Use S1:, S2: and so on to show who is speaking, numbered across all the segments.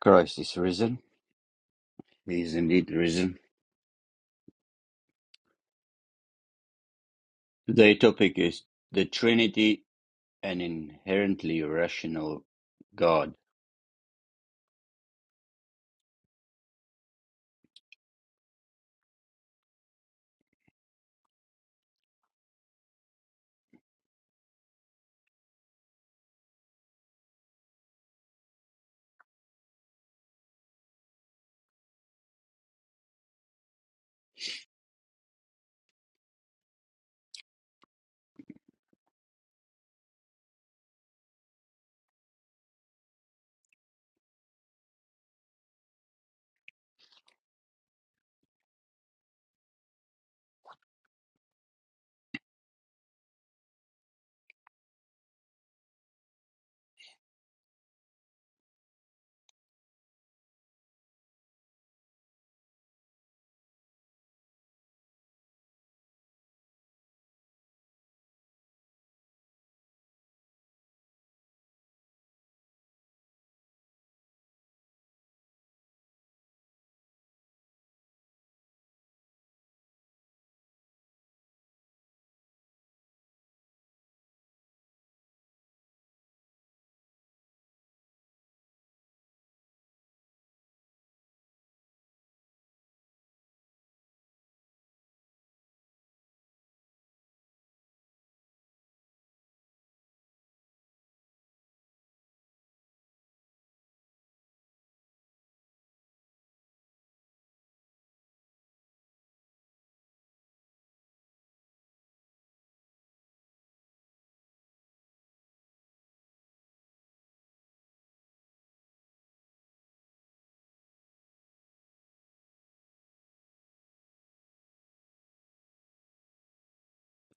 S1: Christ is risen. He is indeed risen. Today's topic is the Trinity, an inherently rational God.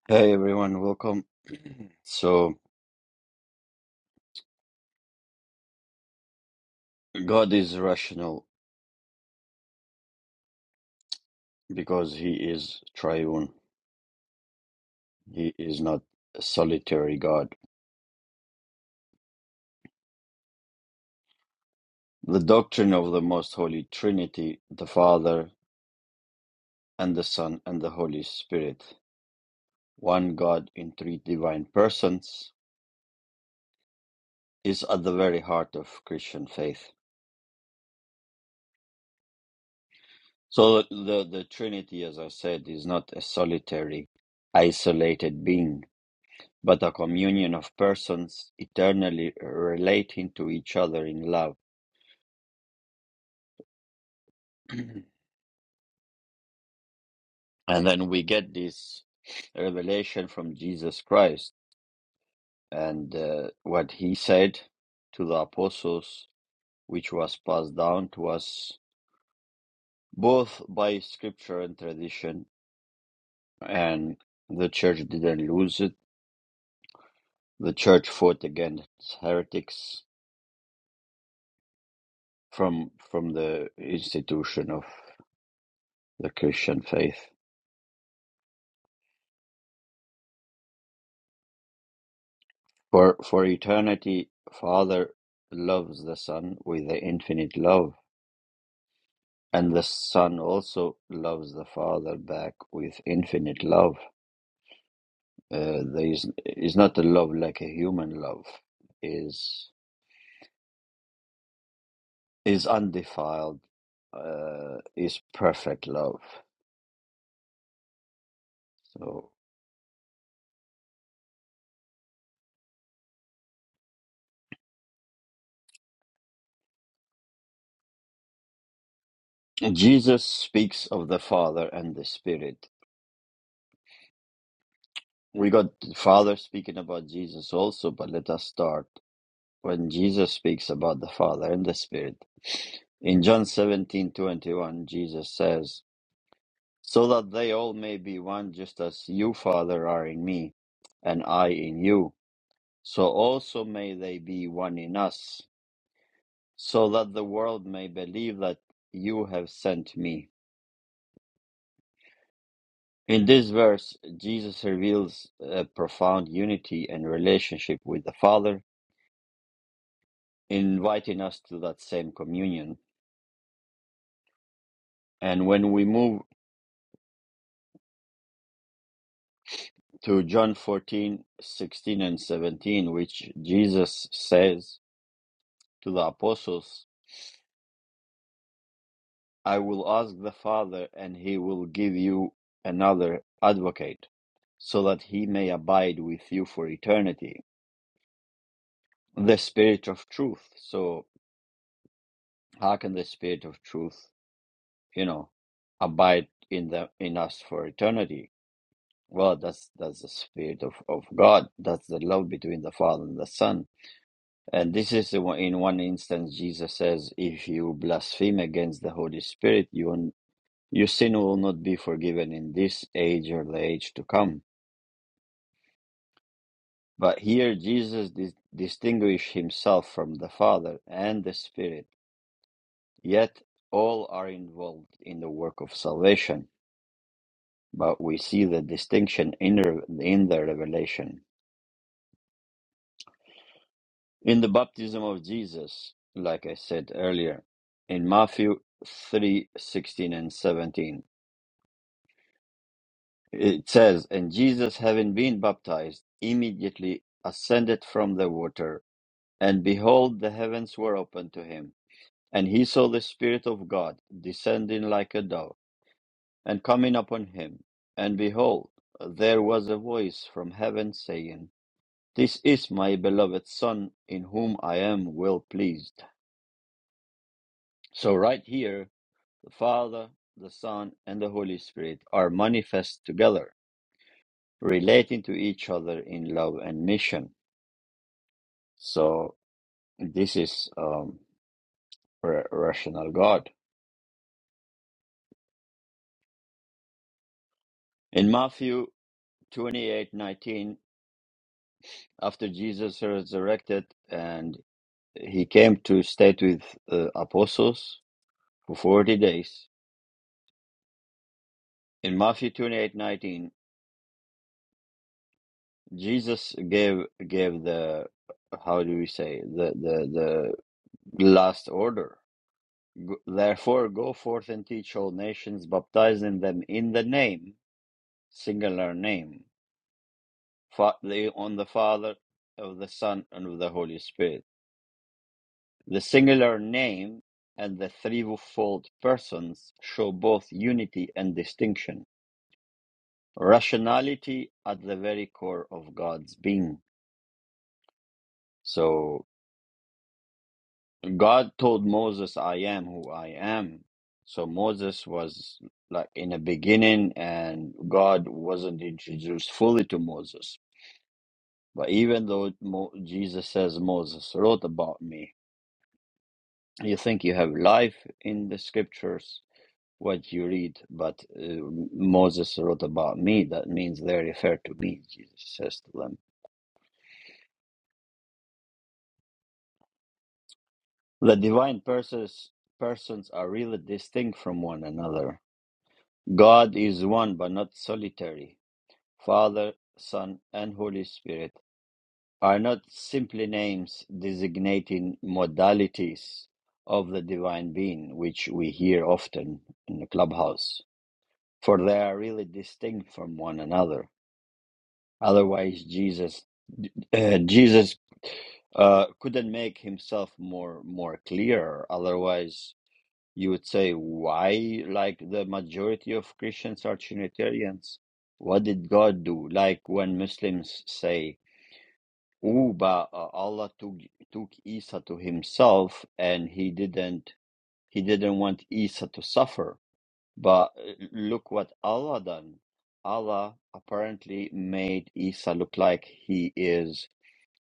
S1: Hey everyone, welcome. So, God is rational because he is triune, he is not a solitary God. The doctrine of the Most Holy Trinity, the Father and the Son and the Holy Spirit, one God in three divine persons, is at the very heart of Christian faith. So the, the Trinity, as I said, is not a solitary, isolated being, but a communion of persons eternally relating to each other in love. and then we get this revelation from Jesus Christ and uh, what he said to the apostles, which was passed down to us both by scripture and tradition. And the church didn't lose it. The church fought against heretics from from the institution of the Christian faith. For for eternity, Father loves the Son with the infinite love, and the Son also loves the Father back with infinite love. Uh, there is is not a love like a human love. is is undefiled. Uh, is perfect love. So Jesus speaks of the Father and the Spirit We got the Father speaking about Jesus also, but let us start when Jesus speaks about the Father and the Spirit. In John seventeen twenty one, Jesus says, So that they all may be one, just as you, Father, are in me, and I in you. So also may they be one in us, so that the world may believe that you have sent me. In this verse, Jesus reveals a profound unity and relationship with the Father inviting us to that same communion. And when we move to John 14 16 and 17, which Jesus says to the apostles, I will ask the Father, and he will give you another advocate, so that he may abide with you for eternity, the Spirit of truth. So, how can the Spirit of truth, you know, abide in the in us for eternity Well, that's that's the spirit of, of God. That's the love between the Father and the Son. And this is the one, in one instance Jesus says, if you blaspheme against the Holy Spirit, you will- your sin will not be forgiven in this age or the age to come. But here Jesus dis- distinguished himself from the Father and the Spirit. Yet all are involved in the work of salvation. But we see the distinction in, re- in the revelation. in the baptism of Jesus, like I said earlier, in Matthew 3 16 and 17. It says, And Jesus, having been baptized, immediately ascended from the water, and behold, the heavens were opened to him. And he saw the Spirit of God descending like a dove and coming upon him. And behold, there was a voice from heaven saying, 'This is my beloved Son, in whom I am well pleased. So, right here, The Father, the Son, and the Holy Spirit are manifest together, relating to each other in love and mission. So this is um, ra- rational God. In Matthew twenty-eight nineteen, after Jesus resurrected and he came to stay with uh, apostles for 40 days. In Matthew twenty-eight nineteen, Jesus gave gave the how do we say the the the last order G- Therefore, go forth and teach all nations, baptizing them in the name, singular name, fa- the- on the Father, of the Son, and of the Holy Spirit. The singular name and the threefold persons show both unity and distinction, rationality at the very core of God's being. So. God told Moses, I am who I am. So Moses was like in the beginning, and God wasn't introduced fully to Moses. But even though Mo- Jesus says Moses wrote about me, you think you have life in the scriptures, what you read, but uh, Moses wrote about me. That means they refer to me, Jesus says to them. The divine persons, persons are really distinct from one another. God is one, but not solitary. Father, Son, and Holy Spirit are not simply names designating modalities of the divine being, which we hear often in the clubhouse, for they are really distinct from one another. Otherwise, Jesus, uh, Jesus uh, couldn't make himself more more clear. Otherwise, you would say why like the majority of christians are trinitarians what did god do like when muslims say oh but uh, allah took took isa to himself and he didn't he didn't want isa to suffer but uh, look what allah done allah apparently made isa look like he is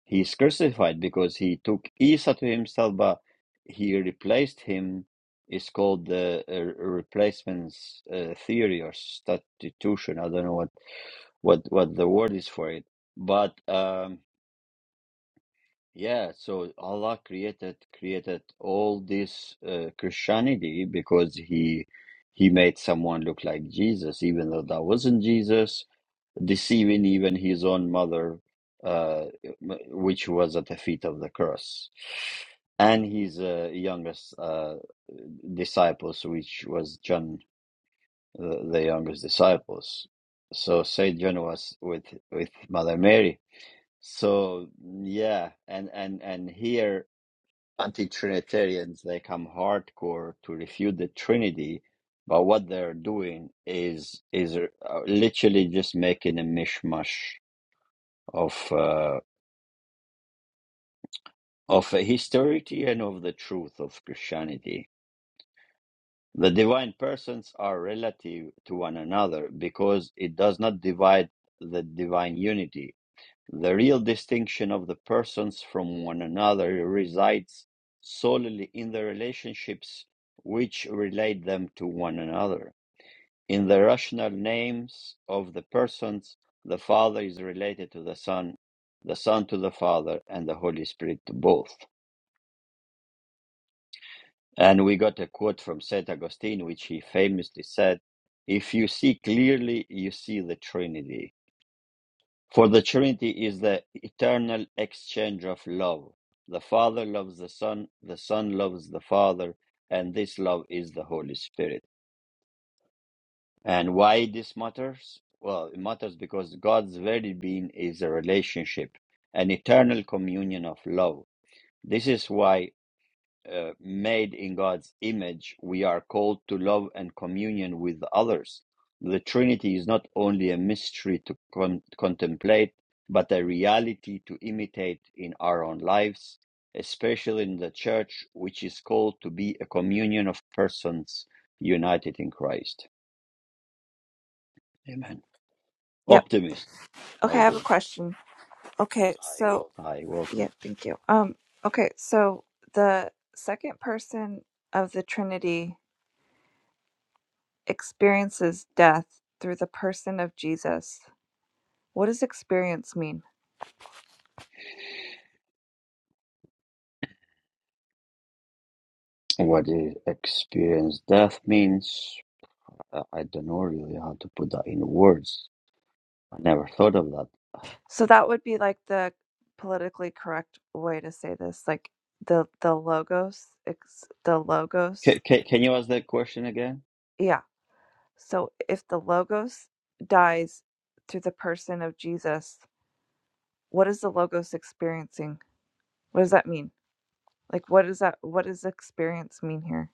S1: he is crucified because he took Isa to himself, but he replaced him. It's called the uh, replacement uh, theory or substitution. I don't know what, what, what the word is for it. But um, yeah, so Allah created created all this uh, Christianity because he he made someone look like Jesus, even though that wasn't Jesus deceiving even his own mother, uh, which was at the feet of the cross, and his uh, youngest uh, disciples, which was John, the, the youngest disciples. So Saint John was with with Mother Mary. So yeah, and and and here anti-Trinitarians they come hardcore to refute the Trinity. But what they're doing is is uh, literally just making a mishmash of uh, of historicity and of the truth of Christianity. The divine persons are relative to one another because it does not divide the divine unity. The real distinction of the persons from one another resides solely in the relationships which relate them to one another. In the rational names of the persons, the Father is related to the Son, the Son to the Father, and the Holy Spirit to both And we got a quote from St. Augustine, which he famously said, If you see clearly, you see the Trinity. For the Trinity is the eternal exchange of love. The Father loves the Son, the Son loves the Father, and this love is the Holy Spirit. And why this matters? Well, it matters because God's very being is a relationship, an eternal communion of love. This is why uh, made in God's image, we are called to love and communion with others. The Trinity is not only a mystery to con- contemplate, but a reality to imitate in our own lives, especially in the church, which is called to be a communion of persons united in Christ. Amen.
S2: Yep.
S1: Optimist.
S2: Okay,
S1: I
S2: I have a
S1: do.
S2: question. Okay, so
S1: Hi,
S2: yeah,
S1: welcome.
S2: thank you. Um, okay, so the second person of the Trinity experiences death through the person of Jesus. What does experience mean?
S1: What is experience death means? I I don't know really how to put that in words I never thought of that.
S2: So that would be like the politically correct way to say this, like the the logos, ex, the logos.
S1: Can, can, can you ask that question again?
S2: Yeah. So if the logos dies through the person of Jesus, what is the logos experiencing? What does that mean? Like, what does that? What does experience mean here?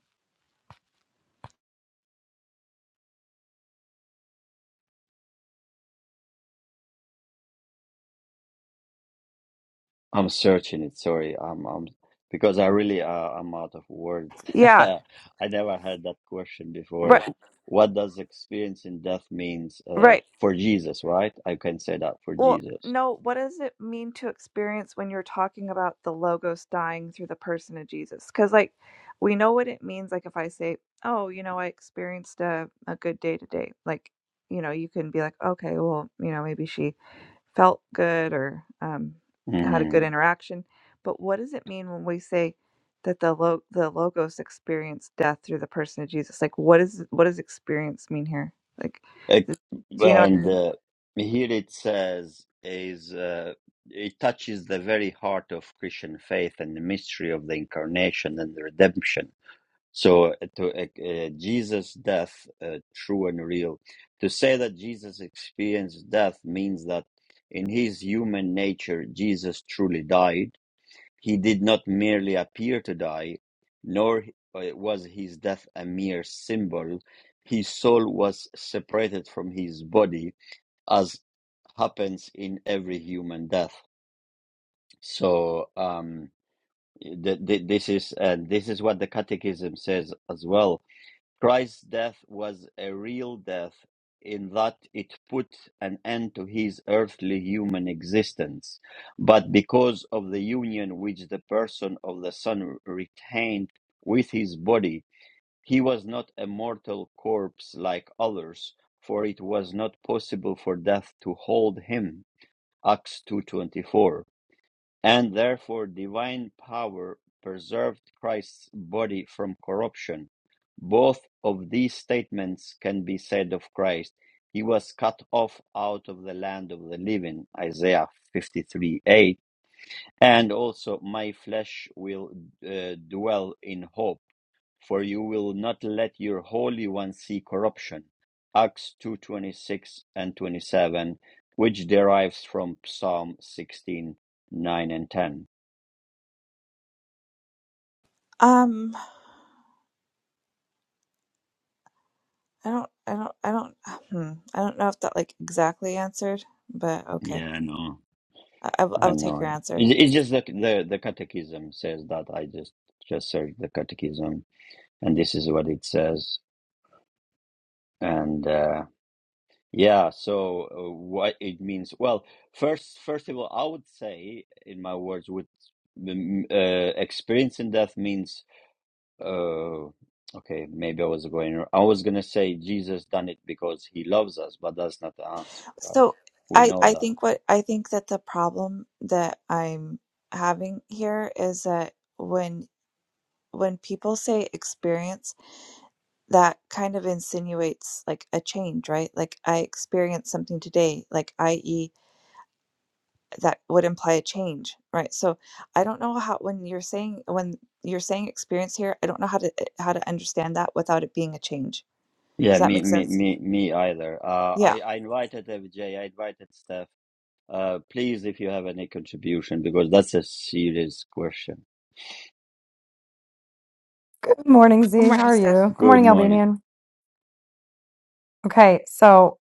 S1: I'm searching it. Sorry, I'm, I'm because I really uh, I'm out of words.
S2: Yeah,
S1: I never had that question before.
S2: right,
S1: What does experiencing death means uh,
S2: right.
S1: for Jesus? Right? I can say that for
S2: Well,
S1: Jesus.
S2: no. What does it mean to experience when you're talking about the logos dying through the person of Jesus? Because like, we know what it means. Like, if I say, "Oh, you know, I experienced a a good day today," like, you know, you can be like, "Okay, well, you know, maybe she felt good or um, had a good
S1: Mm.
S2: interaction. But what does it mean when we say that the lo- the logos experienced death through the person of Jesus? Like, what is what does experience mean here? Like,
S1: It-
S2: th- do you know what I
S1: and
S2: mean?
S1: uh, here it says is uh, it touches the very heart of Christian faith and the mystery of the incarnation and the redemption So uh, to uh, uh, Jesus' death, uh, true and real. To say that Jesus experienced death means that in his human nature, Jesus truly died. He did not merely appear to die, nor uh, was his death a mere symbol. His soul was separated from his body, as happens in every human death. So um, th- th- this is and this is what the Catechism says as well Christ's death was a real death in that it put an end to his earthly human existence. But because of the union which the person of the Son retained with his body, he was not a mortal corpse like others, for it was not possible for death to hold him. Acts 2:24 and therefore divine power preserved Christ's body from corruption. Both of these statements can be said of Christ. He was cut off out of the land of the living, Isaiah 53 8, and also, My flesh will uh, dwell in hope, for you will not let your Holy One see corruption, Acts two twenty six and 27, which derives from Psalm 16:9 and 10.
S2: Um, I don't, I don't, I don't, hmm, I don't know if that like exactly answered, but okay,
S1: Yeah, I know.
S2: I, I will I
S1: I
S2: will take your
S1: know.
S2: answer.
S1: It- It's just the the the catechism says that. I just just searched the catechism, and this is what it says. And uh, yeah, so uh, what it means? Well, first first of all, I would say, in my words, with the, m- uh, experiencing death means. Uh, okay, maybe I was going. I was gonna say Jesus done it because he loves us, but that's not the answer, right?
S2: So
S1: We
S2: I,
S1: know
S2: I
S1: that.
S2: think what I think that the problem that I'm having here is that when when people say experience that kind of insinuates like a change, right? Like I experienced something today, like i.e. that would imply a change, right? So I don't know how when you're saying when you're saying experience here, I don't know how to eh, how to understand that without it being a change.
S1: Yeah,
S2: Does that
S1: me,
S2: make
S1: me,
S2: sense?
S1: me, me either. Uh,
S2: Yeah.
S1: I, I invited FJ, I invited Steph. Uh, please, if you have any contribution, because that's a serious question.
S3: Good morning,
S2: Good
S3: Z. How
S2: morning,
S3: are
S2: Steph.
S3: you? Good
S1: Good
S3: morning,
S1: morning.
S3: Albanian. Okay, so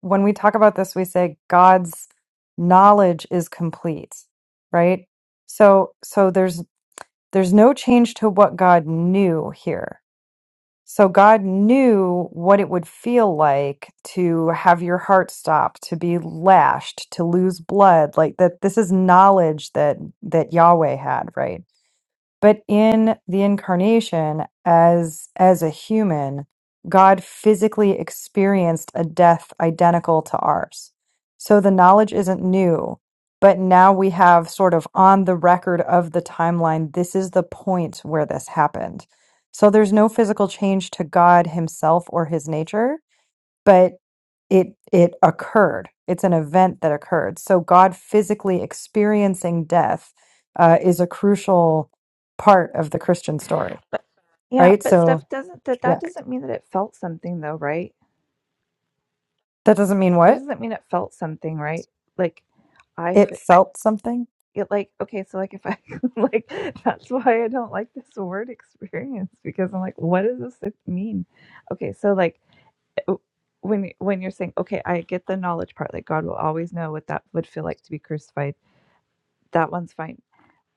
S3: when we talk about this, we say God's knowledge is complete, right? So so there's there's no change to what God knew here. So God knew what it would feel like to have your heart stop, to be lashed, to lose blood, like that this is knowledge that that Yahweh had, right? but in the incarnation as as a human god physically experienced a death identical to ours so the knowledge isn't new but now we have sort of on the record of the timeline this is the point where this happened so there's no physical change to god himself or his nature but it it occurred it's an event that occurred so god physically experiencing death uh, is a crucial part of the christian story
S2: Yeah,
S3: right
S2: but
S3: so
S2: Steph doesn't that that
S3: yeah
S2: doesn't mean that it felt something though, right?
S3: that doesn't mean
S2: That
S3: what
S2: doesn't mean it felt something, right? Like I
S3: it felt something
S2: it like okay so like if i like that's why i don't like this word experience because i'm like what does this mean okay so like w- when when you're saying okay i get the knowledge part like god will always know what that would feel like to be crucified that one's fine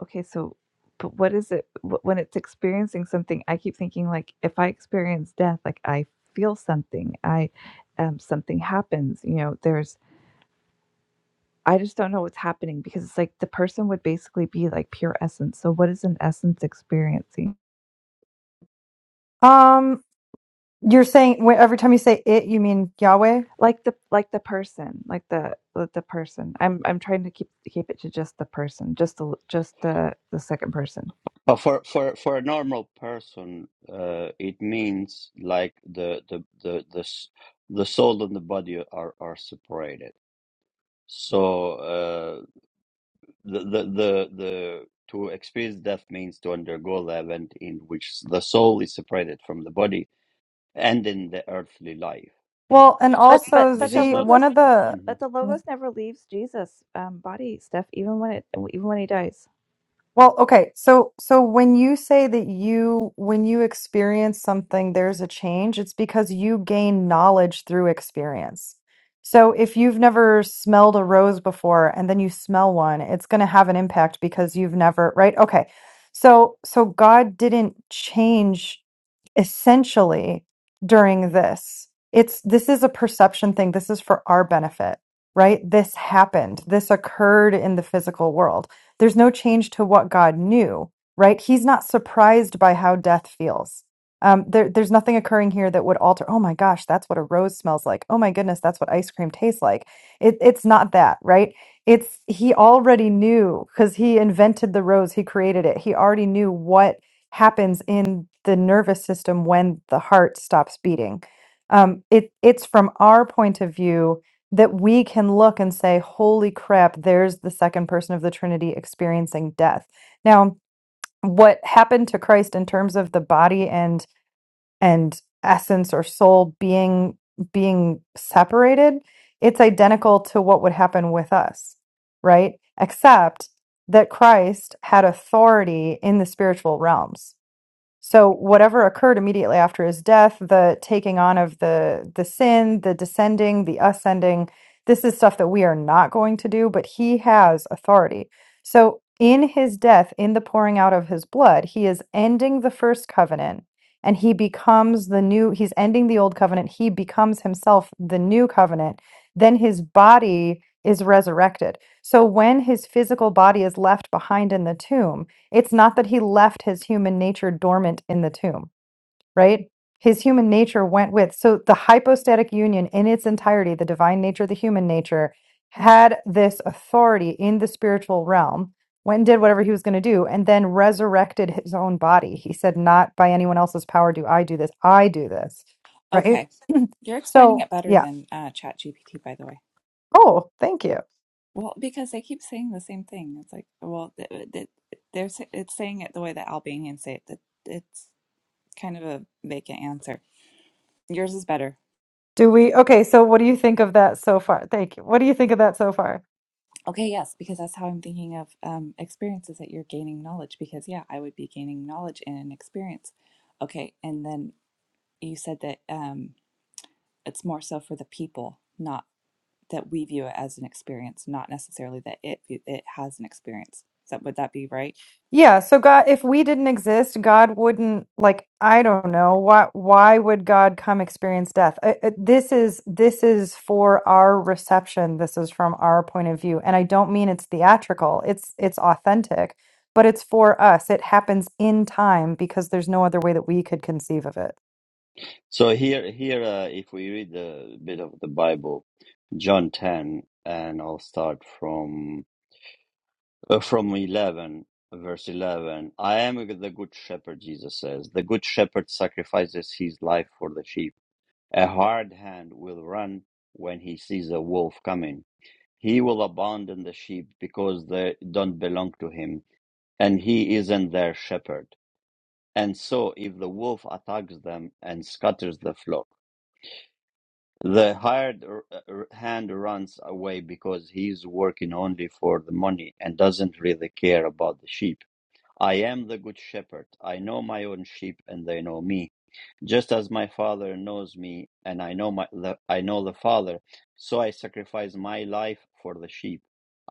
S2: okay so but what is it wh- when it's experiencing something i keep thinking like if i experience death like i feel something i um something happens you know there's I just don't know what's happening because it's like the person would basically be like pure essence. So what is an essence experiencing?
S3: um You're saying wh- every time you say it, you mean Yahweh?
S2: Like the like the person, like the like the person. I'm I'm trying to keep keep it to just the person, just the just the the second person.
S1: But for, for, for a normal person, uh, it means like the, the, the, the, s- the soul and the body are, are separated. So, uh, the, the, the, the, to experience death means to undergo the event in which the soul is separated from the body and in the earthly life.
S3: Well, and
S2: But but
S3: also
S1: This
S2: but the
S1: is
S3: Z,
S1: not.
S3: one
S2: logos
S3: of the
S1: Mhm.
S2: but the logos never leaves Jesus' um, body, Steph. Even when it even when he dies.
S3: Well, okay. So so when you say that you when you experience something there's a change, it's because you gain knowledge through experience. So if you've never smelled a rose before and then you smell one, it's going to have an impact because you've never, right? Okay. So so God didn't change essentially during this it's this is a perception thing this is for our benefit right this happened this occurred in the physical world there's no change to what god knew right he's not surprised by how death feels um, there, there's nothing occurring here that would alter oh my gosh that's what a rose smells like oh my goodness that's what ice cream tastes like it, it's not that right it's he already knew because he invented the rose he created it he already knew what happens in the nervous system when the heart stops beating. Um, it, it's from our point of view that we can look and say, holy crap, there's the second person of the Trinity experiencing death. Now, what happened to Christ in terms of the body and and essence or soul being being separated, it's identical to what would happen with us, right? Except that Christ had authority in the spiritual realms so whatever occurred immediately after his death, the taking on of the the sin, the descending, the ascending, this is stuff that we are not going to do, but he has authority. So in his death, in the pouring out of his blood, he is ending the first covenant and he becomes the new he's ending the old covenant, he becomes himself the new covenant. Then his body is resurrected. So when his physical body is left behind in the tomb, it's not that he left his human nature dormant in the tomb, right? His human nature went with. So the hypostatic union in its entirety, the divine nature, the human nature, had this authority in the spiritual realm, went and did whatever he was going to do, and then resurrected his own body. He said, Not by anyone else's power do I do this. I do this, right?
S2: Okay, you're explaining
S3: So,
S2: it better
S3: yeah.
S2: than uh, ChatGPT, by the way.
S3: Oh, thank you.
S2: Well, because they keep saying the same thing. It's like, well, th uh, th they're sa- it's saying it the way that Albanians say it. That it's kind of a vacant answer. Yours is better.
S3: Do we? Okay. So, what do you think of that so far? Thank you. What do you think of that so far?
S2: Okay, yes, because that's how I'm thinking of um, experiences that you're gaining knowledge. Because yeah, I would be gaining knowledge in an experience. Okay, and then you said that um, it's more so for the people, not that we view it as an experience, not necessarily that it it has an experience. Is that would that be right?
S3: Yeah, so God, if we didn't exist, God wouldn't like I don't know why why would God come experience death? Uh, uh, this is this is for our reception. This is from our point of view, and I don't mean it's theatrical. It's it's authentic, but it's for us. It happens in time because there's no other way that we could conceive of it.
S1: So here, here, uh, if we read a bit of the Bible, John ten, and I'll start from uh, from eleven, verse eleven. I am the good shepherd. Jesus says, the good shepherd sacrifices his life for the sheep. A hard hand will run when he sees a wolf coming. He will abandon the sheep because they don't belong to him, and he isn't their shepherd. And so, if the wolf attacks them and scatters the flock. The hired r- r- hand runs away because he's working only for the money and doesn't really care about the sheep. I am the good shepherd. I know my own sheep and they know me. Just as my Father knows me, and I know my the, I know the Father, so I sacrifice my life for the sheep.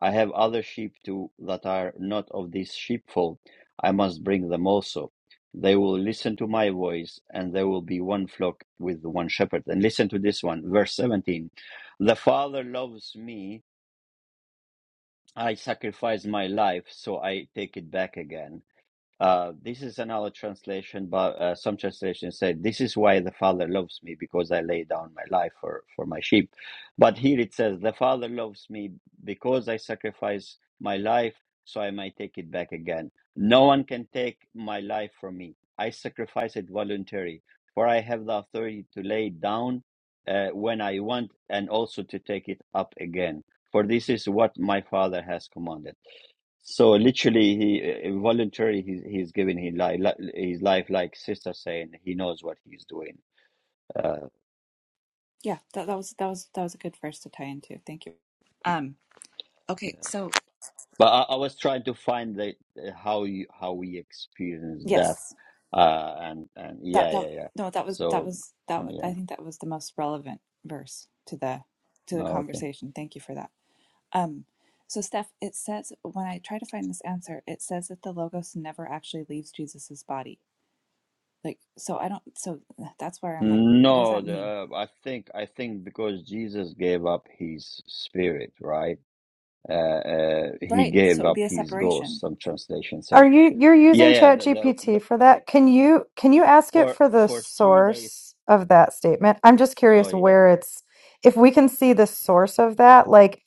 S1: I have other sheep too that are not of this sheepfold. I must bring them also. They will listen to my voice, and there will be one flock with one shepherd. And listen to this one, verse 17. The Father loves me. I sacrifice my life, so I take it back again. Uh, this is another translation, but uh, some translations say, This is why the Father loves me, because I lay down my life for, for my sheep. But here it says, The Father loves me because I sacrifice my life so I might take it back again. No one can take my life from me. I sacrifice it voluntarily, for I have the authority to lay it down uh, when I want and also to take it up again. For this is what my Father has commanded. So literally, he uh, voluntarily he's he's giving his life his life like sister saying he knows what he's doing. Uh,
S2: Yeah, that, that was that was that was a good verse to tie into. Thank you.
S1: you
S2: Um, okay,
S1: know.
S2: so
S1: But I, I was trying to find the how you how we experience death,
S2: yes,
S1: uh, and and
S2: that
S1: yeah
S2: that
S1: yeah yeah.
S2: no, that was that
S1: So
S2: was that wa- I
S1: yeah,
S2: think that was the most relevant verse to the to the
S1: oh, okay.
S2: conversation. Thank you for that. Um, so Steph, it says when I try to find this answer, it says that the logos never actually leaves Jesus's body. Like, so I don't. So that's where I'm like, what does
S1: No,
S2: that mean?
S1: the, I think I think because Jesus gave up his spirit, right? Uh, uh, he
S2: Right.
S1: gave
S2: So it would
S1: up
S2: be a
S1: his ghost.
S2: separation.
S1: Some translation said.
S3: Are you you're
S1: Yeah,
S3: using
S1: yeah. The, the,
S3: ChatGPT for that? Can you can you ask it
S1: For
S3: for the
S1: for three days.
S3: source of that statement? I'm just
S1: Oh
S3: curious
S1: yeah.
S3: where it's if we can see the source of that, like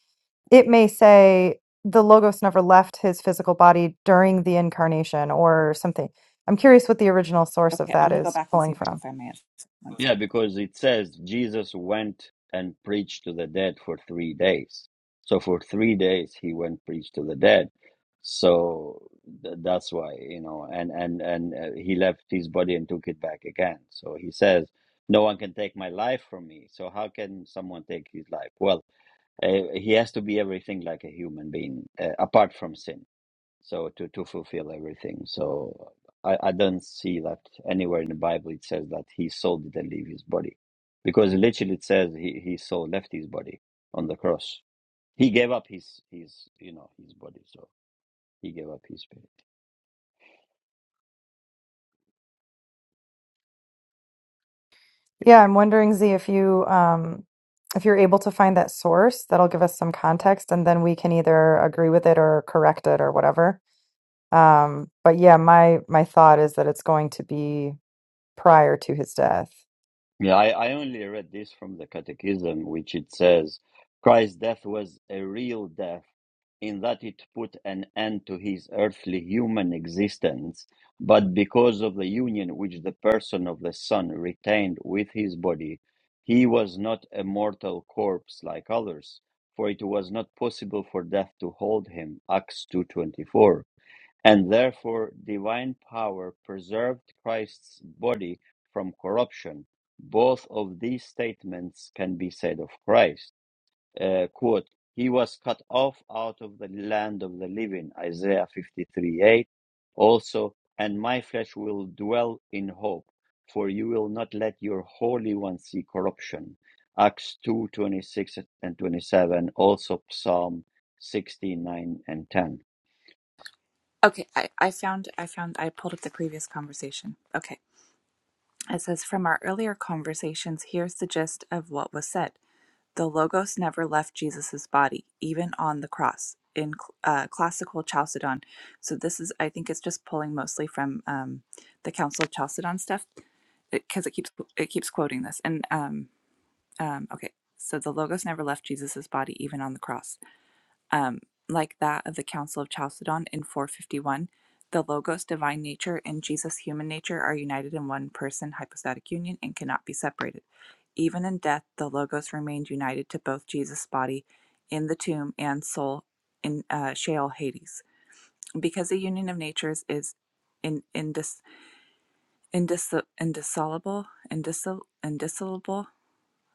S3: it may say the logos never left his physical body during the incarnation or something. I'm curious what the original source of
S2: Okay, I'm
S3: that
S2: gonna go
S3: is
S2: back and see
S3: pulling
S2: if I can
S3: from.
S2: find my answer. One
S1: Yeah,
S2: sec.
S1: because it says Jesus went and preached to the dead for three days. So for three days he went preached to the dead. So th- that's why you know, and and and uh, he left his body and took it back again. So he says, "No one can take my life from me." So how can someone take his life? Well, uh, he has to be everything like a human being, uh, apart from sin so to to fulfill everything. So I, I don't see that anywhere in the Bible it says that he soul didn't leave his body, because literally it says he his soul left his body on the cross. He gave up his his you know his body, so he gave up his spirit.
S3: Yeah, I'm wondering, Z, if you um, if you're able to find that source, that'll give us some context, and then we can either agree with it or correct it or whatever. Um, but yeah, my my thought is that it's going to be. prior to his death.
S1: Yeah, I, I only read this from the Catechism, which it says Christ's death was a real death in that it put an end to his earthly human existence, but because of the union which the person of the Son retained with his body, he was not a mortal corpse like others, for it was not possible for death to hold him. Acts 2.24 and therefore divine power preserved Christ's body from corruption. Both of these statements can be said of Christ. Uh, quote, he was cut off out of the land of the living, Isaiah 53 8. Also, and my flesh will dwell in hope, for you will not let your Holy One see corruption. Acts two twenty six and 27, also Psalm 69 and 10
S2: Okay, I, I found I found I pulled up the previous conversation. Okay. It says from our earlier conversations, here's the gist of what was said. The logos never left Jesus' body, even on the cross in cl- uh, classical Chalcedon. So this is I think it's just pulling mostly from um, the Council of Chalcedon stuff because it, 'cause it keeps it keeps quoting this. And um, um, okay, so the logos never left Jesus' body, even on the cross um, like that of the Council of Chalcedon in 451, the Logos, divine nature, and Jesus, human nature, are united in one person, hypostatic union, and cannot be separated. Even in death, the Logos remained united to both Jesus' body in the tomb and soul in uh, Sheol, Hades. Because the union of natures is in, indis, indis, indissoluble, indissol, indissoluble,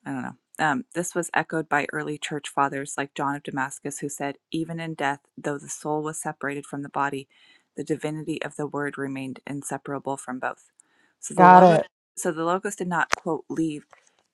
S2: I don't know. Um, this was echoed by early church fathers like John of Damascus, who said, Even in death, though the soul was separated from the body, the divinity of the word remained inseparable from both. So the
S3: Got
S2: logos,
S3: it.
S2: so the logos did not, quote, leave.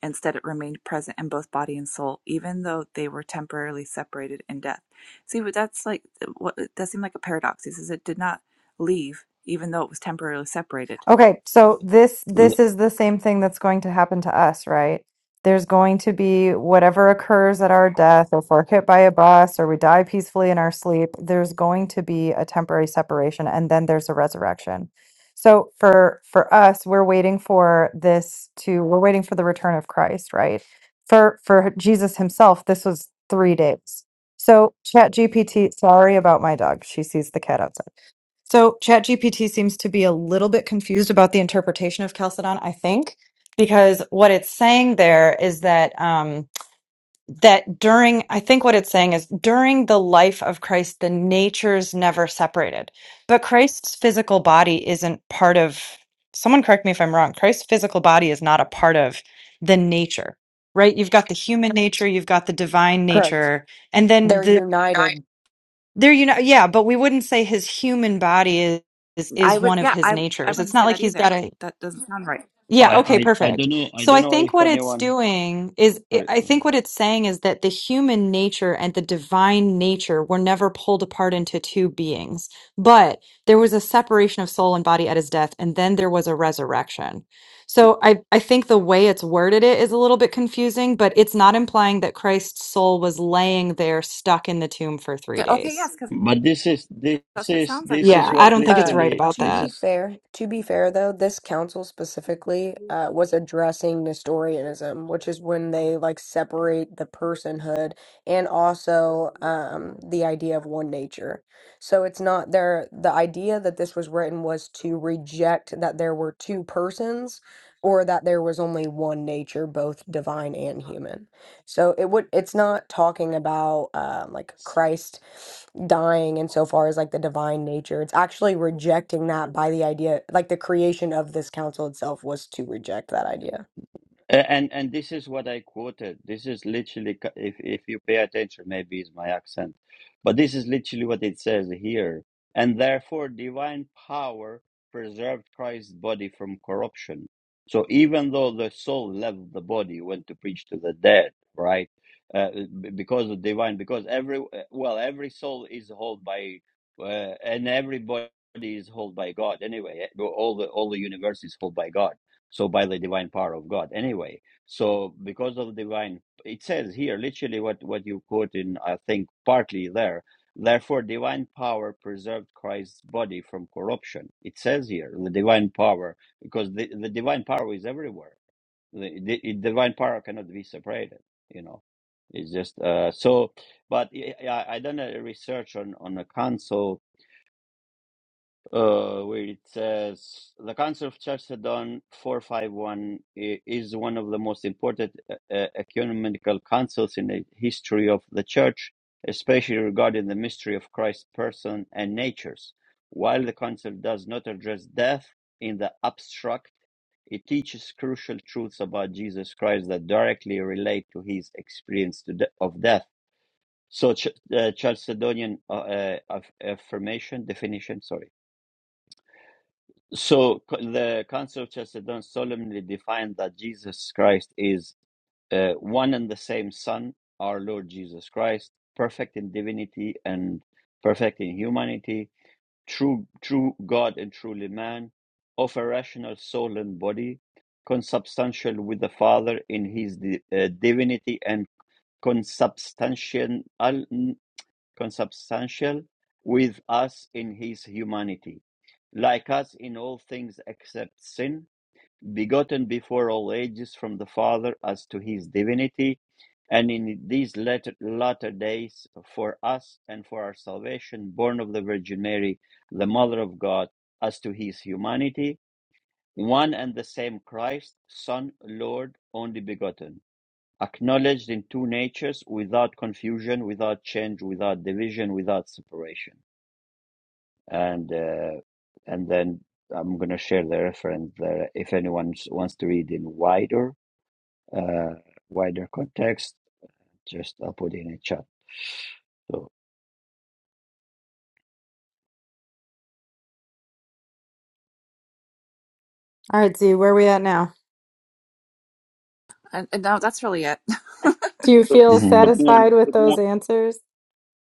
S2: Instead, it remained present in both body and soul, even though they were temporarily separated in death. See, but that's like, what that seemed like a paradox. He says it did not leave, even though it was temporarily separated.
S3: Okay, so this this is the same thing that's going to happen to us, right? There's going to be whatever occurs at our death, if we're hit by a bus or we die peacefully in our sleep, there's going to be a temporary separation and then there's a resurrection. So for for us, we're waiting for this to we're waiting for the return of Christ, right? For for Jesus himself, this was 3 days. So ChatGPT, sorry about my dog. She sees the cat outside. So ChatGPT seems to be a little bit confused about the interpretation of Chalcedon, I think, because what it's saying there is that um, that during I think what it's saying is during the life of Christ, the natures never separated, but Christ's physical body isn't part of. Someone correct me if I'm wrong. Christ's physical body is not a part of the nature, right? You've got the human nature, you've got the divine
S4: Correct.
S3: nature, and then
S4: They're
S3: the Right.
S4: united.
S3: There, you know, yeah, but we wouldn't say his human body is is,
S2: I
S3: is
S2: would,
S3: one of
S2: yeah,
S3: his
S2: I, I
S3: natures. It's
S2: wouldn't say
S3: not like
S2: that
S3: he's
S2: either.
S3: got a
S2: That doesn't sound right.
S3: yeah, okay,
S1: I, I, I
S3: perfect.
S1: don't know. I
S3: So
S1: don't
S3: I
S1: know
S3: think
S1: if
S3: what it's
S1: anyone.
S3: doing is
S1: Sorry,
S3: I
S1: go
S3: think
S1: ahead.
S3: what it's saying is that the human nature and the divine nature were never pulled apart into two beings, but there was a separation of soul and body at his death, and then there was a resurrection. So I, I think the way it's worded it is a little bit confusing, but it's not implying that Christ's soul was laying there stuck in the tomb for three
S2: Okay,
S3: days.
S2: yes, because.
S1: but this is this
S2: That's what it
S1: is
S2: sounds like
S1: this
S2: when I
S1: is
S3: Yeah,
S2: read
S3: I
S1: what
S2: it.
S3: don't think it's
S4: Um,
S3: right
S1: literally
S3: about
S4: to
S1: this
S4: be
S3: that.
S1: is
S4: fair, to be fair though, this council specifically uh, was addressing Nestorianism, which is when they like separate the personhood and also um, the idea of one nature. So it's not there. The idea that this was written was to reject that there were two persons, or that there was only one nature, both divine and human. So it would. It's not talking about uh, like Christ dying insofar as like the divine nature. It's actually rejecting that by the idea, like the creation of this council itself was to reject that idea.
S1: A- And and this is what I quoted. This is literally, c- if if you pay attention, maybe it's my accent, but this is literally what it says here. And therefore, divine power preserved Christ's body from corruption. So even though the soul left the body, went to preach to the dead, right? Uh, b- because of divine, because every well, every soul is held by, uh, and everybody is held by God anyway. All the all the universe is held by God so by the divine power of god anyway so because of divine it says here literally what what you quote in i think partly there therefore divine power preserved christ's body from corruption it says here the divine power because the, the divine power is everywhere the, the the divine power cannot be separated you know it's just uh so but i i I done a research on on a council uh, where it says the Council of Chalcedon 451 i- is one of the most important uh, uh, ecumenical councils in the history of the Church, especially regarding the mystery of Christ's person and natures. While the Council does not address death in the abstract, it teaches crucial truths about Jesus Christ that directly relate to his experience to de- of death. So, Ch- uh, Chalcedonian uh, uh, aff- affirmation definition. Sorry. So co- the Council of Chalcedon solemnly defined that Jesus Christ is uh, one and the same Son, our Lord Jesus Christ, perfect in divinity and perfect in humanity, true true God and truly man, of a rational soul and body, consubstantial with the Father in his di- uh, divinity and consubstantial consubstantial with us in his humanity, like us in all things except sin, begotten before all ages from the Father as to his divinity, and in these latter, latter days for us and for our salvation, born of the Virgin Mary, the Mother of God, as to his humanity, one and the same Christ, Son, Lord, only begotten Acknowledged in two natures, without confusion, without change, without division, without separation. And uh, and then I'm gonna share the reference there if anyone wants to read in wider uh, wider context. Just I'll put it in a chat. So
S3: All right, Z, where are we at now?
S2: And, and no, that's really it.
S3: Do you
S5: Good
S3: feel satisfied
S5: morning.
S3: with
S5: Good
S3: those
S5: morning.
S3: answers?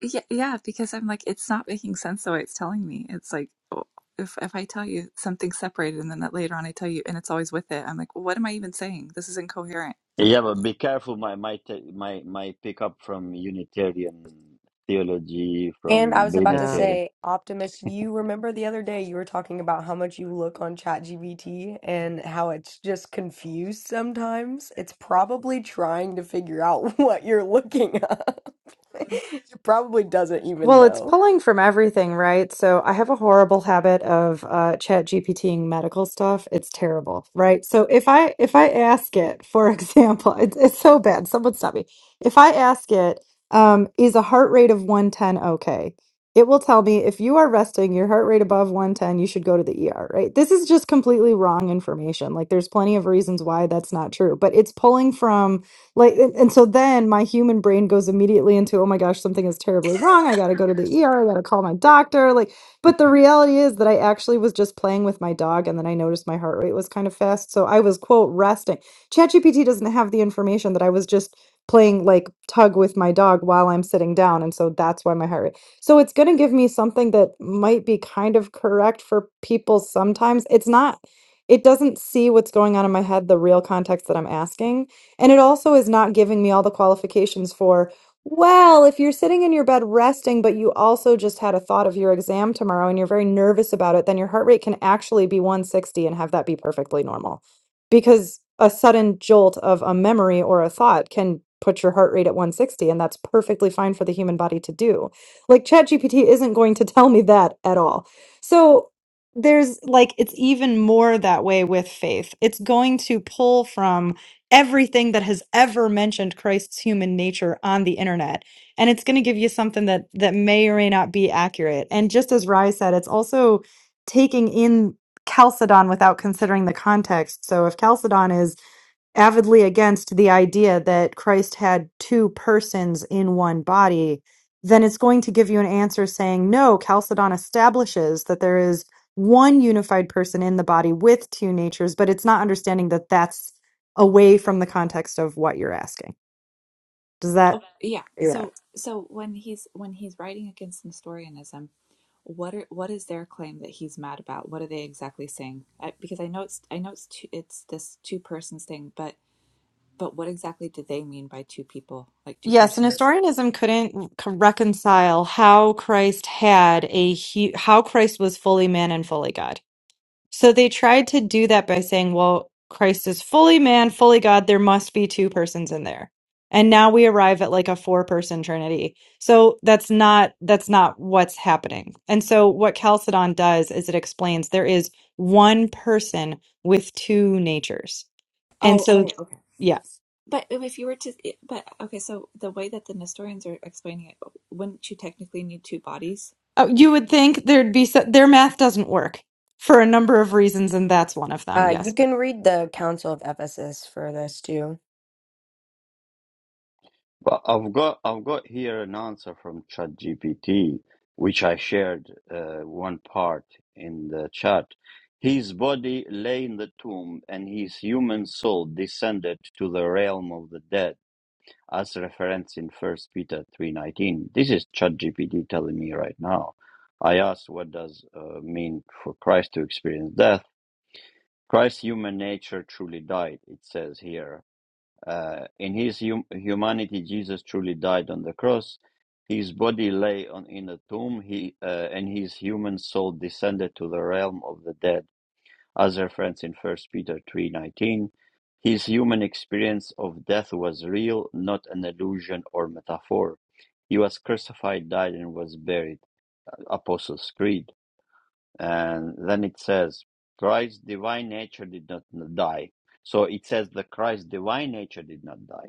S2: yeah, yeah, because I'm like, it's not making sense the way it's telling me. It's like, oh, if if I tell you something separated and then that later on I tell you, and it's always with it, I'm like, well, what am I even saying? This is incoherent.
S1: yeah, but be careful. My my ta- my my pickup from Unitarian theology,
S4: And I
S1: from
S4: was about to
S1: Binitarian
S4: say, Optimus, you remember the other day you were talking about how much you look on ChatGPT and how it's just confused sometimes. It's probably trying to figure out what you're looking up. It probably doesn't even
S3: Well, it's
S4: know.
S3: pulling from everything, right? So I have a horrible habit of uh, chat GPTing medical stuff. It's terrible, right? So if I if I ask it, for example, it's, it's so bad. Someone stop me. If I ask it, um, is a heart rate of 110 okay? It will tell me if you are resting, your heart rate above 110, you should go to the ER, right? This is just completely wrong information. Like there's plenty of reasons why that's not true, but it's pulling from like, and, and so then my human brain goes immediately into, oh my gosh, something is terribly wrong. I got to go to the ER. I got to call my doctor. Like, but the reality is that I actually was just playing with my dog and then I noticed my heart rate was kind of fast. So I was, quote, resting. ChatGPT doesn't have the information that I was just playing like tug with my dog while I'm sitting down. And so that's why my heart rate. So it's going to give me something that might be kind of correct for people sometimes. It's not, it doesn't see what's going on in my head, the real context that I'm asking. And it also is not giving me all the qualifications for, well, if you're sitting in your bed resting, but you also just had a thought of your exam tomorrow and you're very nervous about it, then your heart rate can actually be 160 and have that be perfectly normal. Because a sudden jolt of a memory or a thought can put your heart rate at 160, and that's perfectly fine for the human body to do. Like ChatGPT isn't going to tell me that at all. So there's like, it's even more that way with faith. It's going to pull from everything that has ever mentioned Christ's human nature on the internet. And it's going to give you something that that may or may not be accurate. And just as Rye said, it's also taking in Chalcedon without considering the context. So if Chalcedon is avidly against the idea that Christ had two persons in one body, then it's going to give you an answer saying, no, Chalcedon establishes that there is one unified person in the body with two natures, but it's not understanding that that's away from the context of what you're asking. Does
S2: Oh,
S3: that?
S2: yeah.
S3: Yeah.
S2: So so when he's when he's writing against Nestorianism, what are what is their claim that he's mad about? What are they exactly saying? I, because I know it's I know it's two, it's this two persons thing, but but what exactly do they mean by two people, like two
S3: Yes, and
S2: persons?
S3: historianism couldn't c- reconcile how Christ had a hu- how Christ was fully man and fully God So they tried to do that by saying, well, Christ is fully man, fully God. There must be two persons in there. And now we arrive at like a four person trinity. So that's not that's not what's happening. And so what Chalcedon does is it explains there is one person with two natures. And
S2: Oh,
S3: so
S2: okay, okay.
S3: yes.
S2: But if you were to, but okay, so the way that the Nestorians are explaining it, wouldn't you technically need two bodies?
S3: Oh, you would think there'd be so, their math doesn't work for a number of reasons and that's one of them.
S4: Uh, you
S3: Yes.
S4: can read the Council of Ephesus for this too.
S1: But I've got I've got here an answer from ChatGPT, which I shared uh, one part in the chat. His body lay in the tomb, and his human soul descended to the realm of the dead, as referenced in First Peter three nineteen. This is ChatGPT telling me right now. I asked, "What does uh, mean for Christ to experience death?" Christ's human nature truly died. It says here uh, in his hum- humanity, Jesus truly died on the cross. His body lay on, in a tomb, he, uh, and his human soul descended to the realm of the dead, as referenced in First Peter 3.19. His human experience of death was real, not an illusion or metaphor. He was crucified, died, and was buried. Apostles' Creed. And then it says, Christ's divine nature did not die. So it says that Christ's divine nature did not die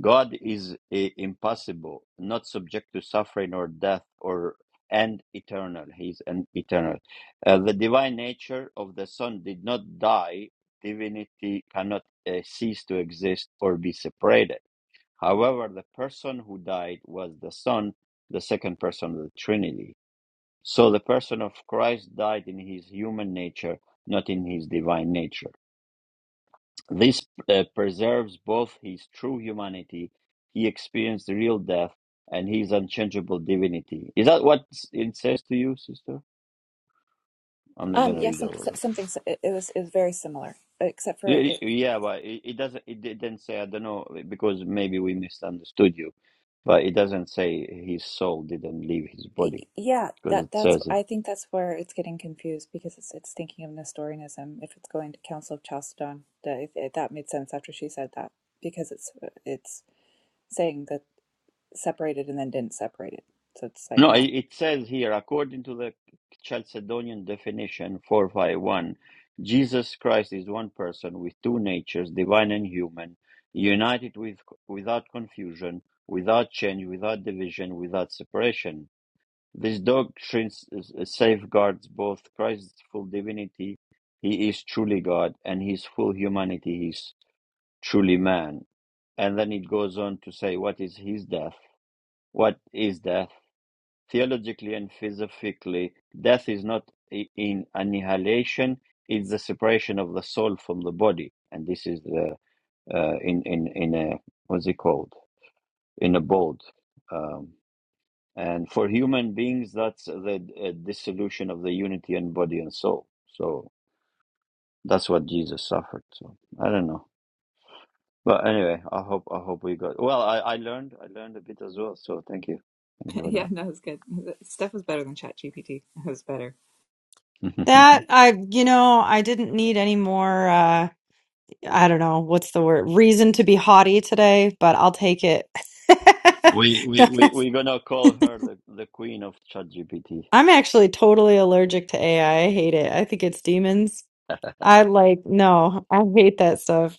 S1: God is i- impassible, not subject to suffering or death, or and eternal. He is an eternal. Uh, the divine nature of the Son did not die. Divinity cannot uh, cease to exist or be separated. However, the person who died was the Son, the second person of the Trinity. So the person of Christ died in his human nature, not in his divine nature. This uh, preserves both his true humanity, he experienced real death, and his unchangeable divinity. Is that what it says to you, sister? I'm not
S2: Um,
S1: gonna
S2: yes, yeah,
S1: read
S2: some,
S1: all
S2: so-
S1: of
S2: something it was is very similar, except for
S1: it.
S2: it,
S1: Y- Yeah, but it, it doesn't. It didn't say. I don't know because maybe we misunderstood you, but it doesn't say his soul didn't leave his
S2: Y-
S1: body
S2: Yeah,
S1: because
S2: that
S1: it
S2: that's
S1: says
S2: I think that's where it's getting confused because it's it's thinking of Nestorianism if it's going to Council of Chalcedon that if- if that made sense after she said that because it's it's saying that separated and then didn't separate it so it's
S1: No,
S2: like
S1: i-
S2: not
S1: it says here, according to the Chalcedonian definition 451, Jesus Christ is one person with two natures, divine and human, united with without confusion, without change, without division, without separation. This doctrine s- s- safeguards both Christ's full divinity, he is truly God, and his full humanity, he is truly man. And then it goes on to say, what is his death? What is death? Theologically and philosophically, death is not in annihilation; it's the separation of the soul from the body, and this is the uh, in in in a what's it called in a bold. Um, and for human beings, that's the uh, dissolution of the unity and body and soul. So that's what Jesus suffered. So I don't know, but anyway, I hope I hope we got well. I I learned I learned a bit as well. So thank you, thank you
S2: yeah
S1: for
S2: no it's good stuff was better than ChatGPT. it was better
S1: that.
S3: That I you know, I didn't need any more uh I don't know what's the word reason to be haughty today, but I'll take it.
S1: We we we
S3: Because
S1: we're gonna call her the the queen of ChatGPT.
S3: I'm actually totally allergic to AI. I I hate it. I think it's demons. I like no, I hate that stuff.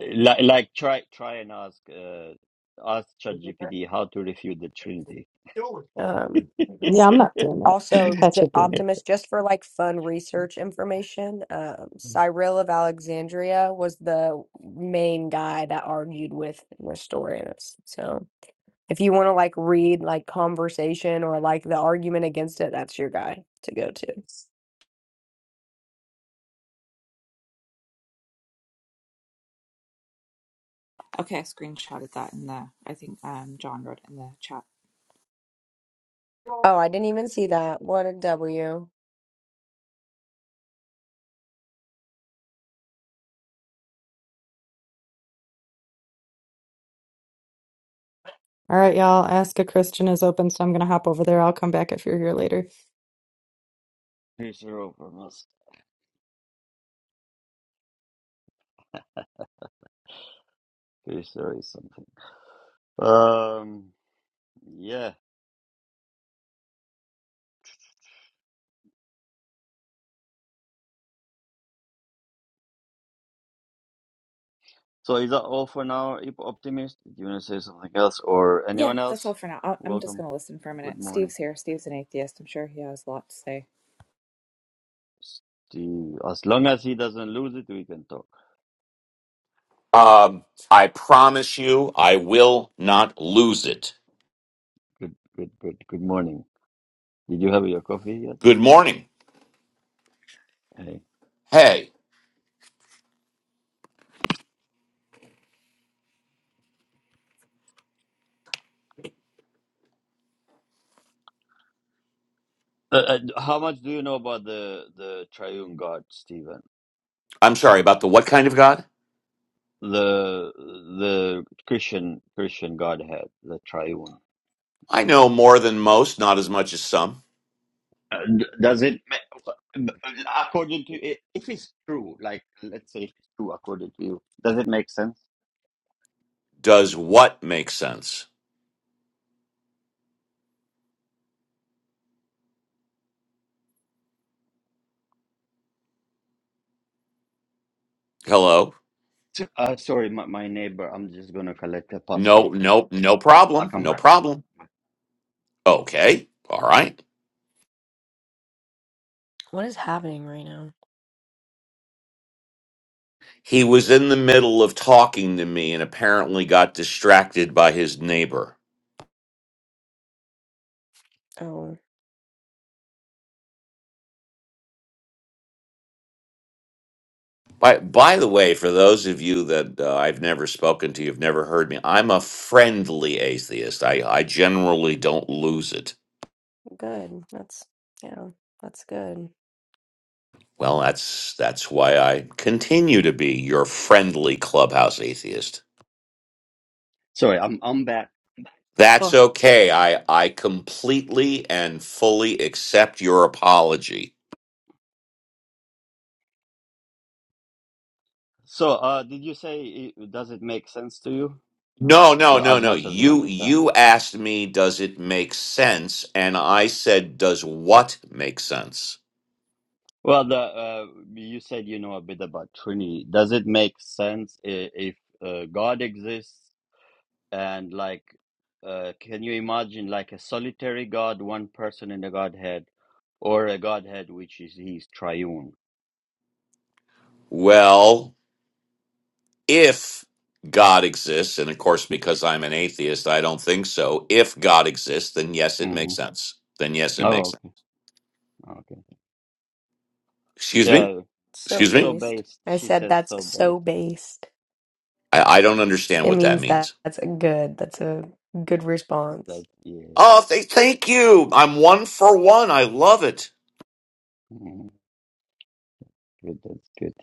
S1: Like like try try and ask uh ask ChatGPT how to refute the Trinity.
S4: Um,
S3: Yeah, I'm not doing that.
S4: Also,
S1: Here's
S4: J-
S3: Catch a demon.
S4: Optimus, just for like fun research information, um, Cyril of Alexandria was the main guy that argued with Nestorius. So, if you want to like read like conversation or like the argument against it, that's your guy to go to.
S2: okay I screenshotted that in the I think um John wrote it in the chat
S4: Oh, I didn't even see that. What a W.
S3: All right, y'all. Ask a Christian is open, so I'm gonna hop over there. I'll come back if you're here later.
S1: your offer, Musk. Here's there is something. Um, yeah. So is that all for now, Ip Optimist? Do you wanna say something else or
S2: yeah
S1: anyone
S2: that's all
S1: else?
S2: for now I'll, I'm just
S1: Welcome.
S2: gonna listen for a minute
S1: Good morning.
S2: Steve's here Steve's an atheist I'm sure he has a lot to say
S1: Steve. As long as he doesn't lose it, we can talk.
S6: Um, I promise you, I will not lose it.
S1: Good good good good morning. Did you have your coffee yet?
S6: Good morning.
S1: Hey.
S6: Hey,
S1: Uh, uh, how much do you know about the the triune God, Stephen?
S6: I'm sorry about the what kind of God?
S1: The the Christian Christian Godhead, the triune.
S6: I know more than most, not as much as some.
S1: Uh, d- does it ma- according to i- if it's true? Like let's say if it's true according to you, does it make sense?
S6: Does what make sense? Hello?
S1: S- Uh, sorry, my, my neighbor. I'm just gonna collect a
S6: No,
S1: parcel.
S6: no, no
S1: I'll
S6: problem.
S1: come
S6: No
S1: back.
S6: problem. Okay. All right.
S4: What is happening right now?
S6: He was in the middle of talking to me and apparently got distracted by his neighbor.
S4: Oh,
S6: By by the way, for those of you that uh, I've never spoken to, you've never heard me. I'm a friendly atheist. I I generally don't lose it.
S4: good. That's, yeah, that's good.
S6: Well, that's that's why I continue to be your friendly clubhouse atheist.
S1: Sorry, I'm I'm back.
S6: That's
S1: Oh,
S6: okay.
S1: yeah.
S6: I I completely and fully accept your apology.
S1: So, uh, did you say it, does it make sense to you
S6: No, no,
S1: uh,
S6: no,
S1: as
S6: no.
S1: much as you
S6: You
S1: understand?
S6: you asked me does it make sense and I said does what make sense?
S1: Well, the uh, you said you know a bit about Trinity. Does it make sense i- if uh, God exists and like uh, can you imagine like a solitary God, one person in the Godhead, or a Godhead which is he's triune?
S6: Well, if God exists, and of course, because I'm an atheist, I don't think so. If God exists, then yes, it
S1: hmm
S6: makes sense. Then yes, it makes
S1: Oh,
S6: sense.
S1: okay, okay,
S6: Excuse me?
S1: yeah.
S4: So
S6: Excuse
S1: So
S6: me?
S4: based.
S1: based,
S4: I
S1: she
S4: said
S1: says.
S4: that's
S1: So based.
S4: so based.
S6: I, I don't understand
S4: It
S6: what that
S4: means that
S6: means.
S4: that's a good. That's a good response.
S1: That yeah,
S6: Oh, th- thank you. I'm one for one. I love it.
S1: Mhm. good. That's good.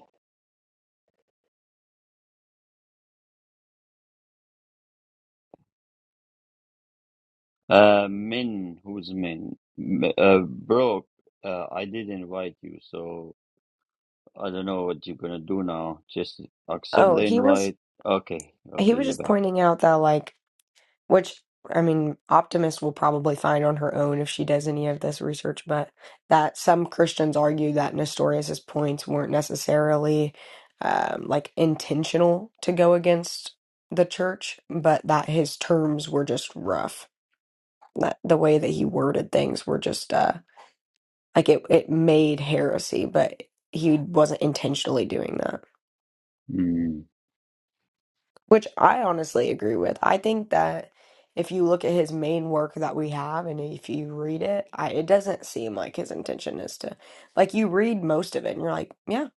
S1: Uh, Min, who's Min? M- Uh, bro, uh, I did invite you, so. I don't know what you're gonna do now. Just accept
S4: Oh,
S1: the
S4: he was
S1: invite. Okay,
S4: he
S1: okay,
S4: was
S1: you're
S4: just
S1: back.
S4: pointing out that like which I mean Optimist will probably find on her own if she does any of this research, but that some Christians argue that Nestorius's points weren't necessarily um like intentional to go against the church, but that his terms were just rough. That the way that he worded things were just uh Like it, it made heresy, but he wasn't intentionally doing that,
S1: Mm.
S4: which I honestly agree with. I think that if you look at his main work that we have and if you read it, I, it doesn't seem like his intention is to, like you read most of it and you're like, yeah,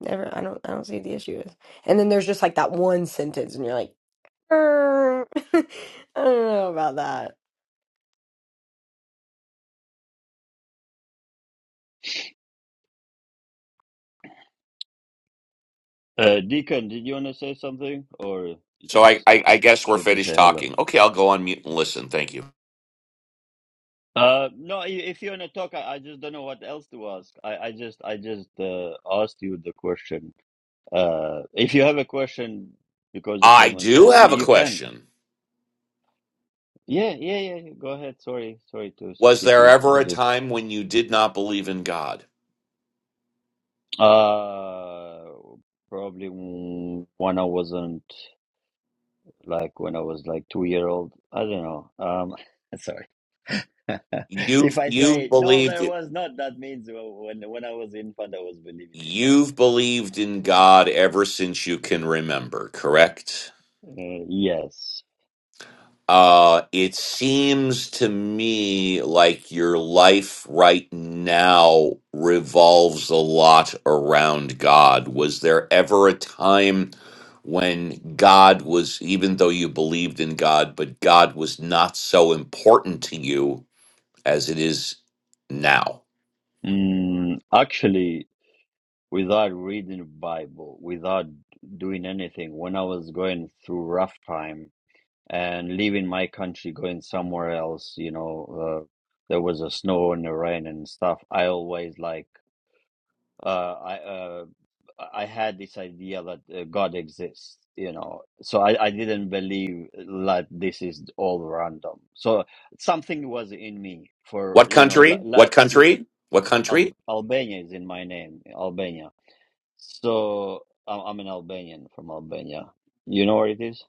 S4: never, I don't, I don't see what the issue is. And then there's just like that one sentence and you're like, "Er, I don't know about that.
S1: Uh, Deacon, did you wanna say something, or you
S6: So I,
S1: just
S6: I, I guess we're
S1: came to say
S6: finished
S1: hello?
S6: talking. Okay, I'll go on mute and listen. Thank you.
S1: Uh, no. i- If you wanna talk, I, I just don't know what else to ask. I, I just, I just uh, asked you the question. Uh, if you have a question because you
S6: I
S1: came on
S6: do
S1: stage, you,
S6: have a
S1: you can.
S6: question.
S1: Yeah, yeah, yeah. yeah, Go ahead. Sorry, sorry to
S6: Was
S1: skip
S6: there
S1: you. I
S6: ever a
S1: just
S6: time when you did not believe in God?
S1: uh probably mm, when I wasn't. like when I was like two year old. I don't know. Um, sorry.
S6: You
S1: if I
S6: you
S1: say no,
S6: believed.
S1: there was not. That means well, when when I was infant, I was believing in God.
S6: You've believed in God ever since you can remember, correct?
S1: Uh, yes.
S6: Uh, it seems to me like your life right now revolves a lot around God. Was there ever a time when God was, even though you believed in God, but God was not so important to you as it is now?
S1: Mm, actually, without reading Bible, without doing anything, when I was going through rough time and leaving my country, going somewhere else, you know, uh, there was a snow and the rain and stuff. I always like uh, I uh, I had this idea that uh, God exists, you know. So I, I didn't believe that this is all random. So something was in me for
S6: What
S1: you know, la,
S6: country?
S1: la,
S6: What country? What country?
S1: Al, Albania is in my name, Albania. So I'm, I'm an Albanian from Albania. You know where it is?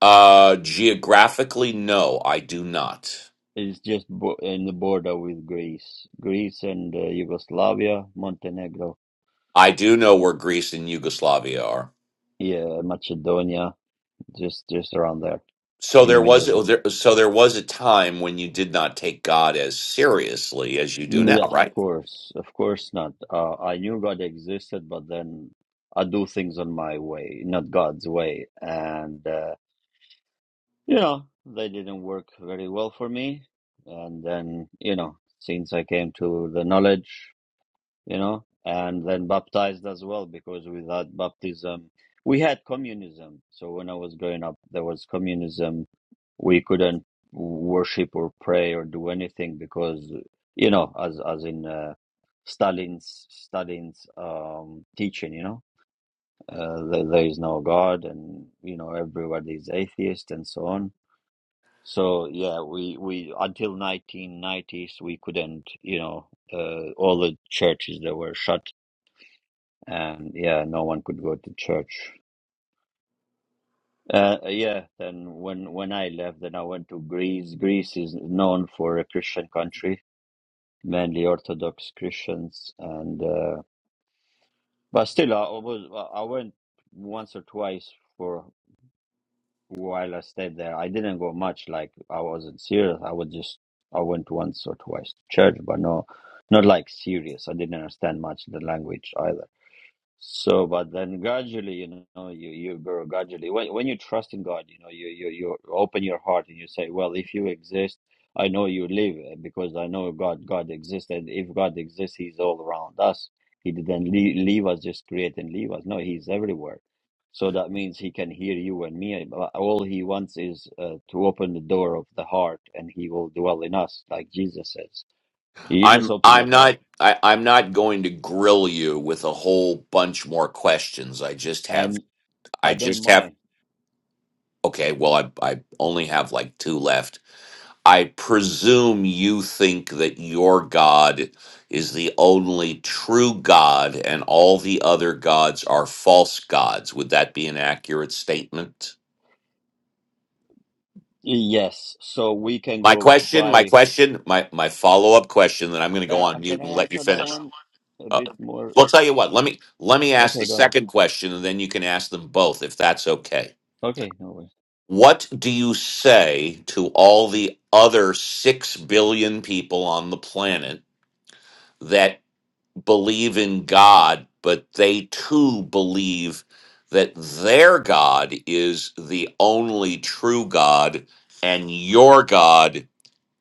S6: Uh, geographically, no, I do not.
S1: It's just bo- in the border with Greece, Greece and uh, Yugoslavia, Montenegro,
S6: I do know where Greece and Yugoslavia are.
S1: yeah, Macedonia, just just around there
S6: So
S1: in the
S6: there was
S1: middle.
S6: oh, there, so there was a time when you did not take God as seriously as you do now,
S1: Yeah, of
S6: right?
S1: course, of course not. Uh, I knew God existed, but then I do things on my way, not God's way, and uh, you know they didn't work very well for me. And then you know, since I came to the knowledge you know, and then baptized as well because without baptism, we had communism. So when I was growing up, there was communism. We couldn't worship or pray or do anything because, you know, as as in uh, Stalin's Stalin's um, teaching, you know, uh, there, there is no God, and you know everybody is atheist and so on. So yeah, we we until 1990s we couldn't, you know, uh, all the churches they were shut and yeah, no one could go to church. Uh, yeah, then when when I left, then I went to Greece. Greece is known for a Christian country, mainly Orthodox Christians, and uh, but still, I was I went once or twice for while I stayed there. I didn't go much, like I wasn't serious. I was just I went once or twice to church, but no, not like serious. I didn't understand much the language either. So, but then gradually, you know, you you grow gradually. When when you trust in God, you know, you you you open your heart and you say, "Well, if you exist, I know you live uh, because I know God. God exists, and if God exists, He's all around us. He didn't leave, leave us, just create and leave us. No, He's everywhere. So that means He can hear you and me. eh, But All He wants is uh, to open the door of the heart, and He will dwell in us, like Jesus says. You just
S6: I'm
S1: open
S6: I'm
S1: your heart,
S6: not I, I'm not going to grill you with a whole bunch more questions. I just have
S1: and
S6: I
S1: I don't
S6: just have
S1: mind.
S6: okay. Well, I I only have like two left. I presume you think that your God is the only true God and all the other gods are false gods. Would that be an accurate statement?
S1: Yes, so we can
S6: My
S1: go
S6: question, my
S1: by.
S6: question, my, my follow up question, then I'm going to go on
S1: Uh, can
S6: mute
S1: I
S6: and let you
S1: answer that
S6: finish.
S1: one a
S6: Uh,
S1: bit more?
S6: well, tell you what, let me, let me ask the
S1: Okay, go ahead.
S6: second question and then you can ask them both if that's okay.
S1: Okay, no worries.
S6: What do you say to all the other 6 billion people on the planet? that? believe in God, but they too believe that their God is the only true God and your God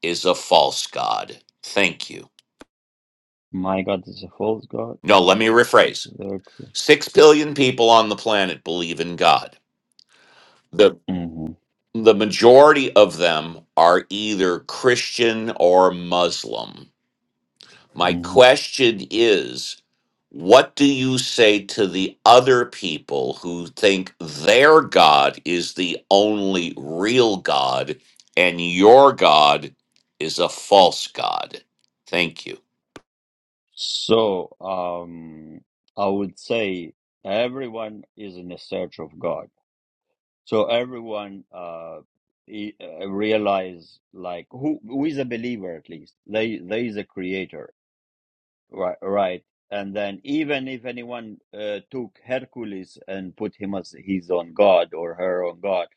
S6: is a false God. Thank you.
S1: My God is a false God.
S6: No, let me rephrase.
S1: They're true.
S6: Six billion people on the planet believe in God. The
S1: hmm
S6: the majority of them are either Christian or Muslim My
S1: hmm
S6: question is what do you say to the other people who think their God is the only real God and your God is a false God? Thank you.
S1: So, um, I would say everyone is in the search of God. So everyone uh, e- uh, realize like who who is a believer at least. There there is a creator Right, right. And then even if anyone uh, took Hercules and put him as his own god or her own god,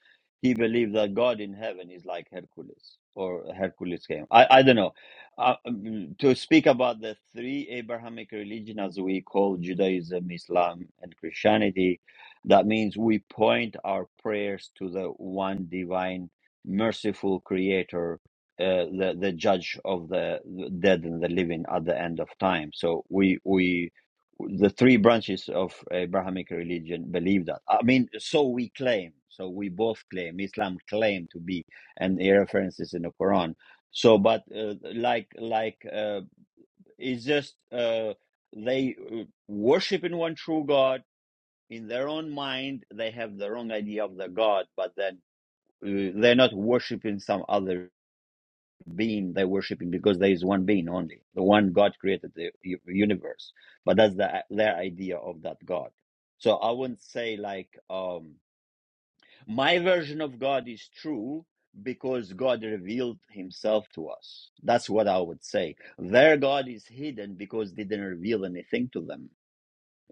S1: he believed that God in heaven is like Hercules or Hercules came. I, I don't know. Uh, um, to speak about the three Abrahamic religion as we call Judaism, Islam, and Christianity, that means we point our prayers to the one divine, merciful creator uh, the the judge of the dead and the living at the end of time. So we we the three branches of Abrahamic religion believe that. I mean, so we claim. So we both claim. Islam claim to be, and the references in the Quran. So, but uh, like like uh, it's just uh, they uh, worship in one true God. In their own mind, they have the wrong idea of the God, but then uh, they're not worshiping some other being they're worshiping because there is one being only, the one God created the universe. But that's the, their idea of that God. So I wouldn't say like um, my version of God is true because God revealed Himself to us. That's what I would say. Their God is hidden because they didn't reveal anything to them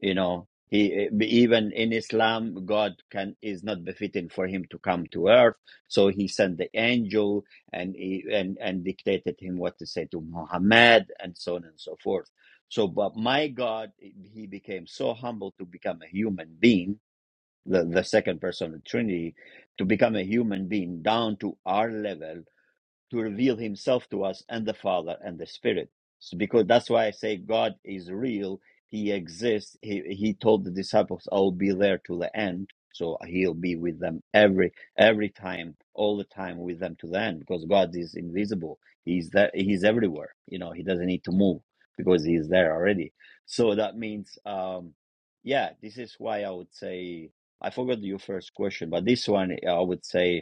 S1: you know he eh, even in islam god can is not befitting for him to come to earth so he sent the angel and he, and and dictated him what to say to muhammad and so on and so forth so but my god he became so humble to become a human being the, the second person of the trinity to become a human being down to our level to reveal himself to us and the Father and the Spirit. So because that's why I say God is real, he exists. He he told the disciples, I'll be there to the end. So he'll be with them every every time, all the time with them to the end, because God is invisible. He's there he's everywhere. You know, he doesn't need to move because he's there already. So that means um yeah, this is why I would say I forgot your first question, but this one I would say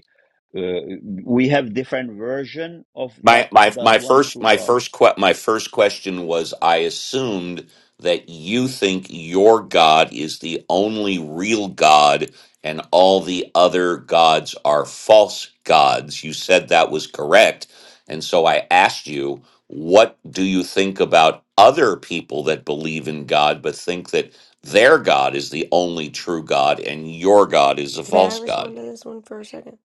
S1: uh, we have different version of that
S6: My my
S1: that
S6: my
S1: one
S6: first
S1: true
S6: my
S1: god
S6: first que- my first question was I assumed that you think your God is the only real God and all the other gods are false gods. You said that was correct. And so I asked you, what do you think about other people that believe in God but think that their God is the only true God and your God is a
S4: May I
S6: false God?
S4: respond to this one for a second?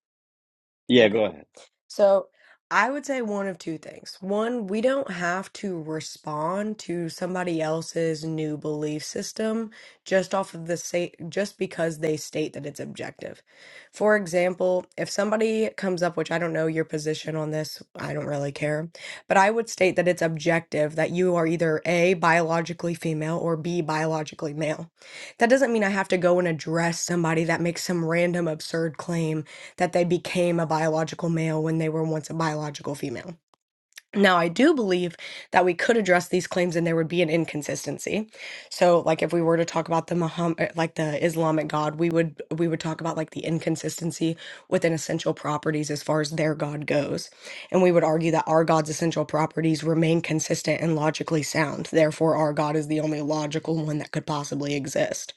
S1: yeah
S4: Okay,
S1: go ahead
S4: So I would say one of two things. One, we don't have to respond to somebody else's new belief system just off of the say just because they state that it's objective. For example, if somebody comes up, which I don't know your position on this, I don't really care, but I would state that it's objective that you are either A, biologically female or B, biologically male. That doesn't mean I have to go and address somebody that makes some random absurd claim that they became a biological male when they were once a biological female. Now, I do believe that we could address these claims and there would be an inconsistency. So, like if we were to talk about the Muhammad, like the Islamic God, we would we would talk about like the inconsistency within essential properties as far as their God goes. And we would argue that our God's essential properties remain consistent and logically sound. Therefore, our God is the only logical one that could possibly exist.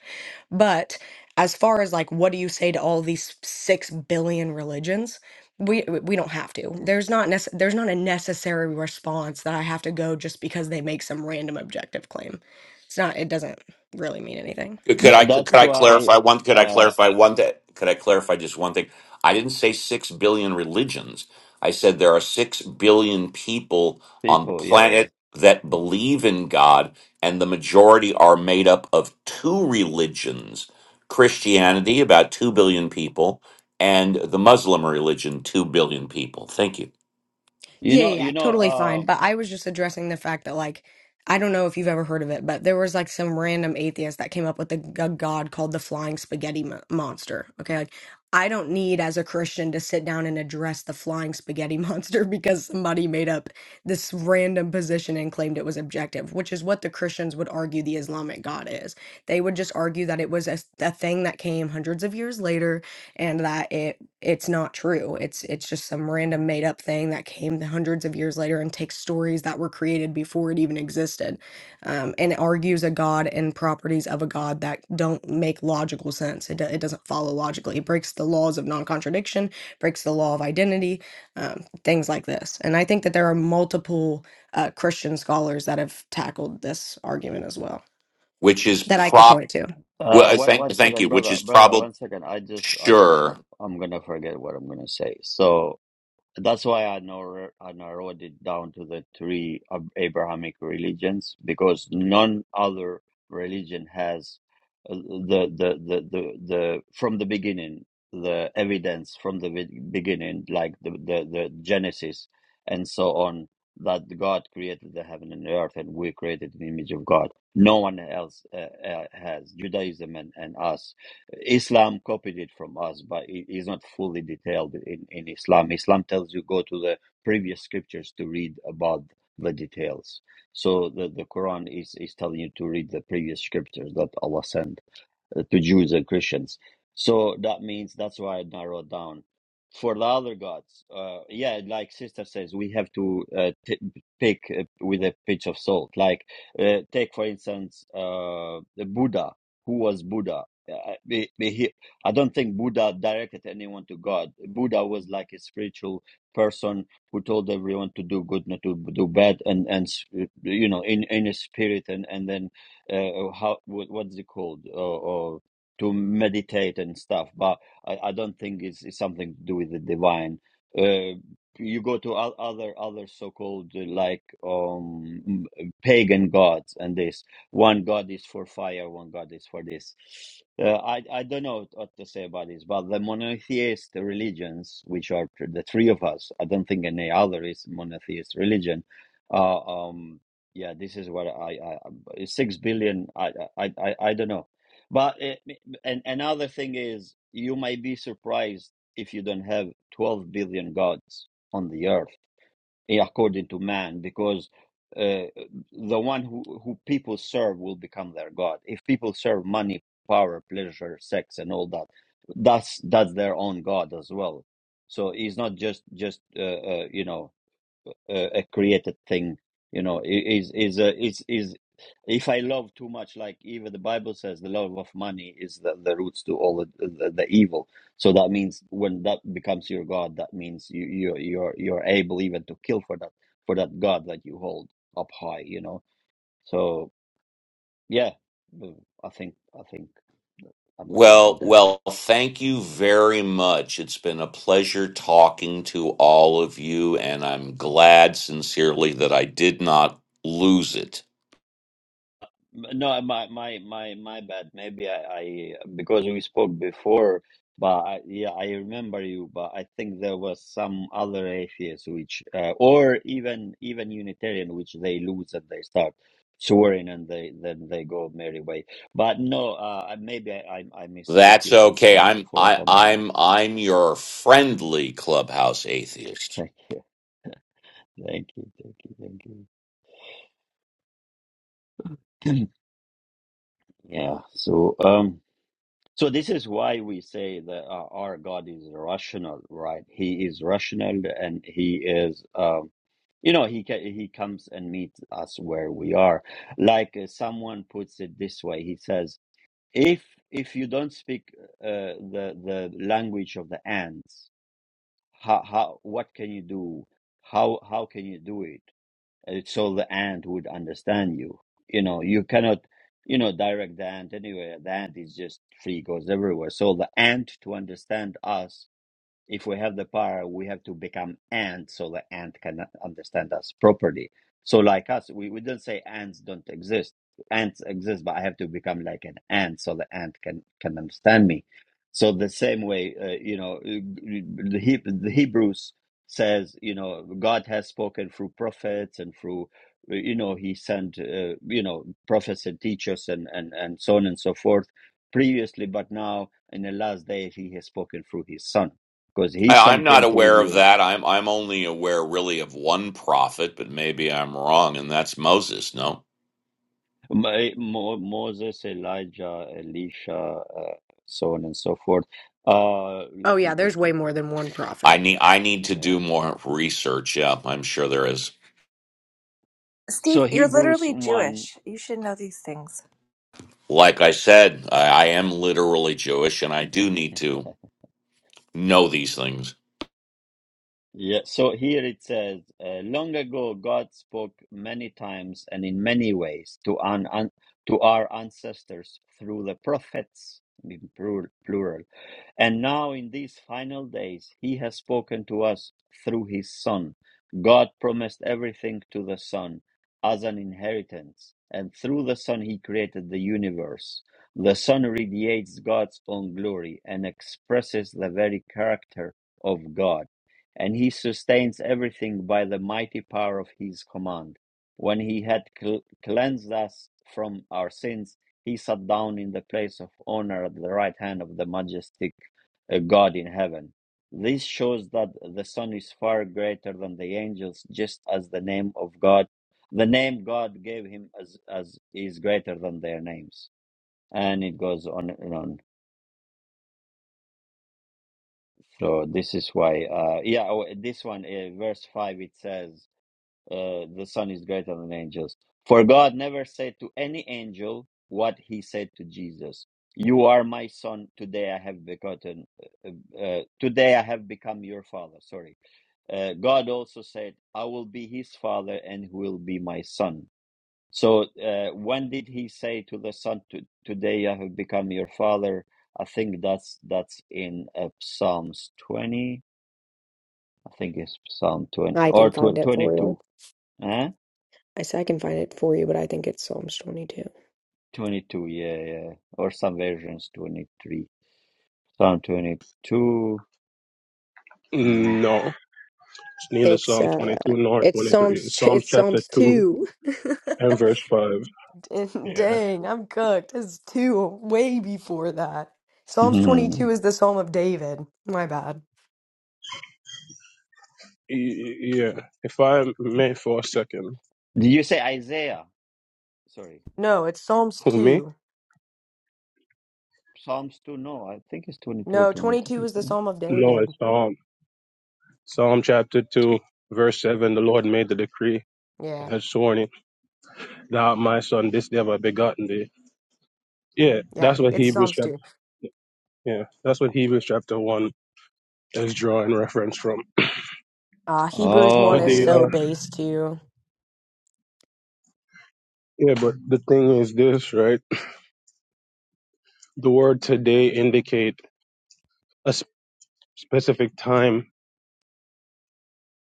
S4: But as far as like what do you say to all these 6 billion religions? We we don't have to. There's not nece- there's not a necessary response that I have to go just because they make some random objective claim. It's not it doesn't really mean anything.
S6: Could could
S1: Th-
S6: I could
S1: that's
S6: I
S1: why
S6: clarify one? Could I
S1: uh
S6: clarify one? That could I clarify just one thing? I didn't say six billion religions. I said there are six billion people on the
S1: people yeah, yeah
S6: planet that believe in God, and the majority are made up of two religions: Christianity, about two billion people, and the Muslim religion, two billion people. Thank you.
S1: you
S4: Yeah, yeah,
S1: know you
S4: yeah,
S1: know
S4: totally fine.
S1: um
S4: But I was just addressing the fact that, like, I don't know if you've ever heard of it, but there was like some random atheist that came up with a, g- a god called the Flying Spaghetti Mo- Monster. Okay, like, I don't need as a Christian to sit down and address the Flying Spaghetti Monster because somebody made up this random position and claimed it was objective, which is what the Christians would argue the Islamic God is. They would just argue that it was a, a thing that came hundreds of years later and that it it's not true. It's it's just some random made up thing that came hundreds of years later and takes stories that were created before it even existed, um, and argues a god and properties of a god that don't make logical sense. It do, it doesn't follow logically. It breaks the laws of non contradiction, breaks the law of identity, um, things like this. And I think that there are multiple uh, Christian scholars that have tackled this argument as well
S6: Which is
S4: that I could
S6: prop.
S4: point to.
S6: Well,
S1: uh
S6: I
S1: one,
S6: thank
S1: one
S6: thank
S1: second
S6: you. Which
S1: brother
S6: is
S1: brother
S6: probably
S1: one second i just I'm,
S6: sure.
S1: I'm I'm gonna forget what i'm gonna say so That's why I narrow, I narrowed it down to the three Ab- Abrahamic religions because none other religion has uh, the the the the, the from the beginning the evidence from the be- beginning like the, the the Genesis and so on that God created the heaven and the earth and we created the image of God. No one else uh, uh, has Judaism and, and us Islam copied it from us, but it is not fully detailed in, in Islam. Islam tells you go to the previous scriptures to read about the details. So the, the Quran is, is telling you to read the previous scriptures that Allah sent uh, to Jews and Christians. So that means that's why I narrowed down. For the other gods, uh, yeah, like sister says, we have to uh, t- pick uh, with a pinch of salt. Like, uh, take for instance, uh, the Buddha. Who was Buddha? Uh, he, he, I don't think Buddha directed anyone to God. Buddha was like a spiritual person who told everyone to do good, not to do bad, and and you know, in in a spirit, and and then uh, how what, what's it called or, or to meditate and stuff but I, I don't think it's, it's something to do with the divine uh, you go to o- other other so-called uh, like um m- pagan gods and this one god is for fire one god is for this uh, I, I don't know what to say about this but the monotheist religions which are th- the three of us i don't think any other is monotheist religion uh, um yeah this is what i i, six billion. I I I, I don't know, but it, and another thing is you might be surprised if you don't have twelve billion gods on the earth eh, according to man, because uh, the one who who people serve will become their god. If people serve money, power, pleasure, sex, and all that, that's that's their own god as well. So he's not just just uh, uh, you know a, a created thing you know is is a is is if i love too much like even the bible says the love of money is the, the roots to all the, the, the evil so that means when that becomes your god that means you you you're you're able even to kill for that for that god that you hold up high you know so yeah i think i think i'm gonna land
S6: Well,
S1: there
S6: well, thank you very much. It's been a pleasure talking to all of you, and I'm glad sincerely that I did not lose it.
S1: No, my my my my bad. Maybe I, I because we spoke before, but I, yeah, I remember you. But I think there was some other atheists, which uh, or even even Unitarian, which they lose and they start swearing and they then they go merry way. But no, uh, maybe I, I I mistook
S6: That's
S1: you from
S6: okay.
S1: someone
S6: I'm
S1: for
S6: I,
S1: someone else.
S6: I'm I'm your friendly clubhouse atheist.
S1: Thank you, thank you, thank you, thank you. Yeah. So um. So this is why we say that uh, our God is rational, right? He is rational, and he is, um, you know, he ca- he comes and meets us where we are. Like uh, someone puts it this way, he says, "If if you don't speak uh, the the language of the ants, how how what can you do? How how can you do it?" uh, so the ant would understand you. You know, you cannot, you know, direct the ant anywhere. The ant is just free, goes everywhere. So the ant to understand us if we have the power, we have to become ant so the ant can understand us properly. So like us, we, we don't say ants don't exist. Ants exist, but I have to become like an ant so the ant can, can understand me. So the same way, uh, you know, uh, the, He the Hebrews says, you know, God has spoken through prophets and through, uh, you know, he sent, uh, you know, prophets and teachers and, and, and so on and so forth previously, but now in the last day, he has spoken through his son because his
S6: I, I'm
S1: son
S6: not
S1: came to
S6: aware of
S1: reveal
S6: that. I'm I'm only aware really of one prophet, but maybe I'm wrong, and that's Moses. No,
S1: Mo- Mo- Moses, Elijah, Elisha, uh, so on and so forth. Uh,
S4: Oh
S1: let me
S4: yeah,
S1: go
S4: there's way
S1: to
S4: more than one
S6: I
S4: prophet.
S6: need I need to
S1: yeah.
S6: do more research. Yeah, I'm sure there is.
S1: So
S2: Steve, you're
S1: Hebrews
S2: literally
S1: one.
S2: Jewish. You should know these things.
S6: Like I said, I, I am literally Jewish, and I do need to know these things.
S1: Yeah. So here it says, uh, long ago God spoke many times and in many ways to an, an to our ancestors through the prophets, in plur- plural, And now, in these final days, he has spoken to us through his Son. God promised everything to the Son as an inheritance, and through the Son, he created the universe. The Son radiates God's own glory and expresses the very character of God, and he sustains everything by the mighty power of his command. When he had cl- cleansed us from our sins, he sat down in the place of honor at the right hand of the majestic a God in heaven. This shows that the Son is far greater than the angels, just as the name of God, the name God gave him, as as is greater than their names. And it goes on and on. So this is why, uh, yeah. oh, This one, uh, verse five, it says. uh, the Son is greater than angels. For God never said to any angel what he said to Jesus. You are my son. Today I have begotten. Uh, uh, today I have become your father. Sorry. Uh, God also said, I will be his father and he will be my son. So uh, when did he say to the son, to, Today I have become your father? I think that's that's in uh, Psalms 20. I think it's Psalm 20
S4: I can
S1: or to
S4: find it for you.
S1: 22. Huh?
S4: I said I can find it for you, but I think it's Psalms 22.
S1: 22, yeah, yeah. Or some versions 23. Psalm 22. Mm.
S7: No, it's neither
S4: It's
S7: Psalm
S4: uh
S7: 22 nor
S4: it's
S7: 23. It's
S4: Psalms
S7: Psalms
S4: it's
S7: chapter
S4: Psalms
S7: 2
S4: 2.
S7: and verse 5. Yeah.
S4: Dang, I'm cooked. It's 2 way before that. Psalms 22
S1: Did
S4: is the Psalm of David. My bad.
S7: Y- Yeah. If I may for a second.
S1: you say Isaiah? Sorry.
S4: No, it's Psalms
S7: Who, me?
S4: 2.
S1: Psalms 2, no. I think it's 22 or
S4: No, 22
S1: 23,
S4: is the
S1: no?
S4: Psalm of
S7: No,
S4: David.
S7: it's Psalm. Psalm chapter 2, verse 7. The Lord made the decree
S4: Yeah.
S7: and had sworn it, Thou, art my son, this day have I begotten thee. Yeah,
S4: Yeah,
S7: that's what
S4: it's
S7: Hebrews
S4: Psalms
S7: chapter
S4: 2.
S7: yeah, that's what Hebrews chapter one is drawing reference from.
S4: Uh Hebrews 1
S7: But
S4: is
S1: Oh,
S7: the
S4: so
S7: uh,
S1: okay.
S4: base too.
S7: yeah, but the thing is this, right? The word today indicate a s- specific time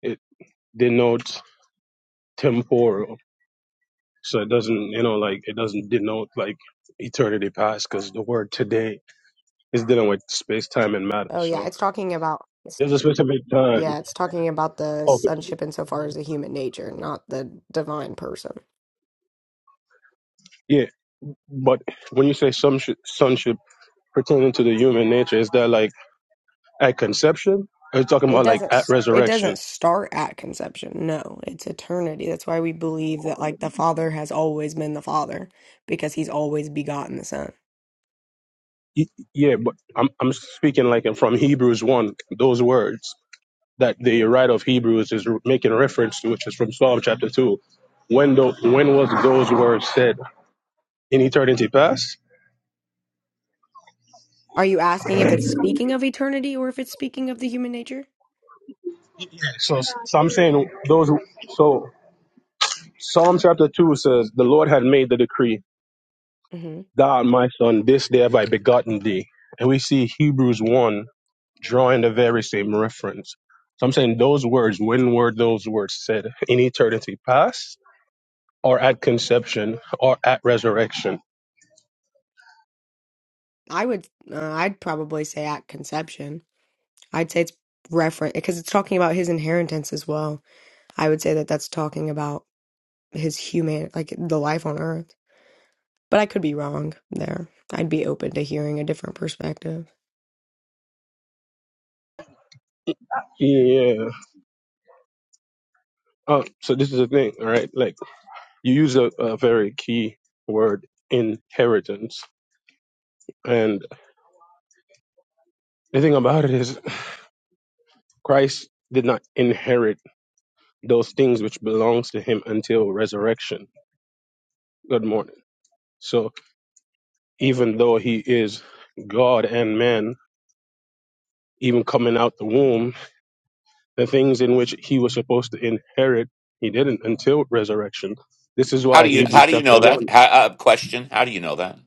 S7: it denotes temporal. So it doesn't, you know, like it doesn't denote like eternity past because the word today is dealing with space, time, and matter.
S4: Oh yeah,
S7: So
S4: it's talking about
S7: there's a specific time.
S4: Yeah, it's talking about the
S7: Of
S4: sonship insofar as the human nature, not the divine person.
S7: Yeah. But when you say sonship, sonship pertaining to the human nature, is that like at conception? Are you talking
S4: It
S7: about like
S4: doesn't
S7: at
S4: s- it
S7: resurrection?
S4: doesn't start at conception. No, it's eternity. That's why we believe that like the father has always been the father because he's always begotten the son.
S7: Y- Yeah, but I'm I'm speaking like from Hebrews one, those words. that the writer of Hebrews is making reference to, which is from Psalm chapter 2. When, tho- when was those words said? In eternity past?
S4: Are you asking if it's speaking of eternity or if it's speaking of the human nature?
S7: Yeah. So, so I'm saying those. So Psalm chapter two says, "The Lord had made the decree,
S4: hmm
S7: Thou art my son, this day have I begotten thee." And we see Hebrews one drawing the very same reference. So I'm saying those words. When were those words said? In eternity past, or at conception, or at resurrection?
S4: I would, uh, I'd probably say at conception. I'd say it's referent because it's talking about his inheritance as well. I would say that that's talking about his human like the life on earth but i could be wrong there i'd be open to hearing a different perspective
S7: Yeah. Oh, so this is the thing, all right? Like you use a, a very key word, inheritance, and the thing about it is Christ did not inherit those things which belongs to him until resurrection. Good morning. So even though he is God and man, even coming out the womb, the things in which he was supposed to inherit, he didn't until resurrection. This is
S6: How
S7: why
S6: do you how
S7: Hebrews
S6: do you
S7: chapter
S6: know that?
S7: one.
S6: How, uh, question: How do you know that?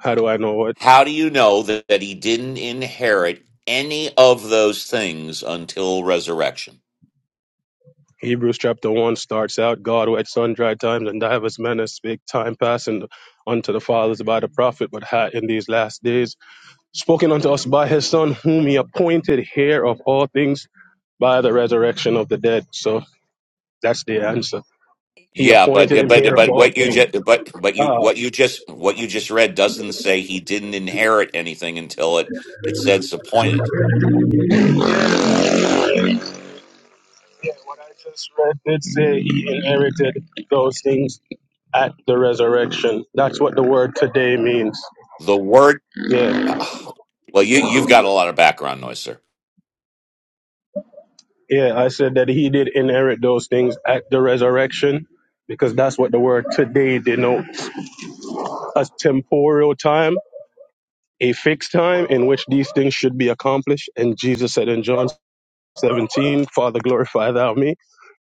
S7: How do I know?
S6: How do you know that, that he didn't inherit any of those things until resurrection?
S7: Hebrews chapter 1 starts out God, who at sundry times and divers manners spake time passing unto the fathers by the prophet, but hath in these last days spoken unto us by his Son, whom he appointed heir of all things by the resurrection of the dead. So that's the answer. He
S6: Yeah, but
S7: appointed
S6: uh,
S7: him
S6: but uh,
S7: heir of
S6: but
S7: all
S6: what you
S7: things.
S6: just but but you
S7: Uh,
S6: what you just what you just read doesn't say he didn't inherit anything until it it says appointed.
S7: yeah, what I just read did say he inherited those things at the resurrection. That's what the word today means.
S6: The word.
S7: Yeah.
S6: Ugh. Well, you you've got a lot of background noise, sir.
S7: Yeah, I said that he did inherit those things at the resurrection because that's what the word today denotes a temporal time, a fixed time in which these things should be accomplished. And Jesus said in John 17, Father, glorify thou me,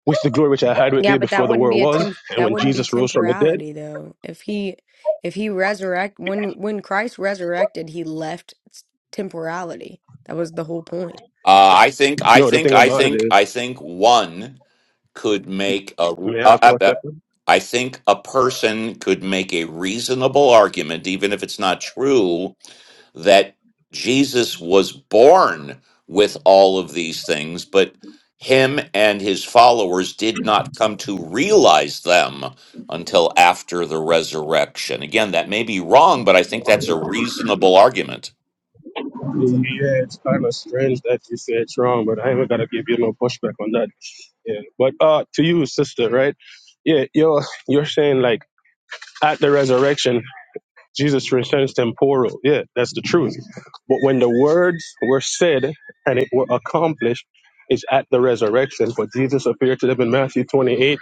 S7: which the glory which I had with
S4: yeah
S7: thee
S4: but that
S7: before the
S4: wouldn't be
S7: world
S4: a
S7: was.
S4: temp
S7: And
S4: that
S7: when
S4: wouldn't be
S7: Jesus rose from the dead,
S4: temporality though if he if he resurrect when when christ resurrected he left s- temporality that was the whole point
S6: Uh, I think, I
S7: no, the
S6: think,
S7: thing
S6: I
S7: about it
S6: think,
S7: is,
S6: I think one could make a. Uh,
S7: may I have
S6: uh,
S7: one
S6: uh,
S7: second?
S6: I think a person could make a reasonable argument, even if it's not true, that Jesus was born with all of these things, but him and his followers did not come to realize them until after the resurrection. Again, that may be wrong, but I think that's a reasonable argument.
S7: Yeah, it's kind of strange that you say it's wrong, but I ain't got to give you no pushback on that. Yeah. But uh, to you, sister, right? Yeah, you're, you're saying like, At the resurrection, Jesus returns temporal. Yeah, that's the truth. But when the words were said and it were accomplished, it's at the resurrection. For Jesus appeared to them in Matthew 28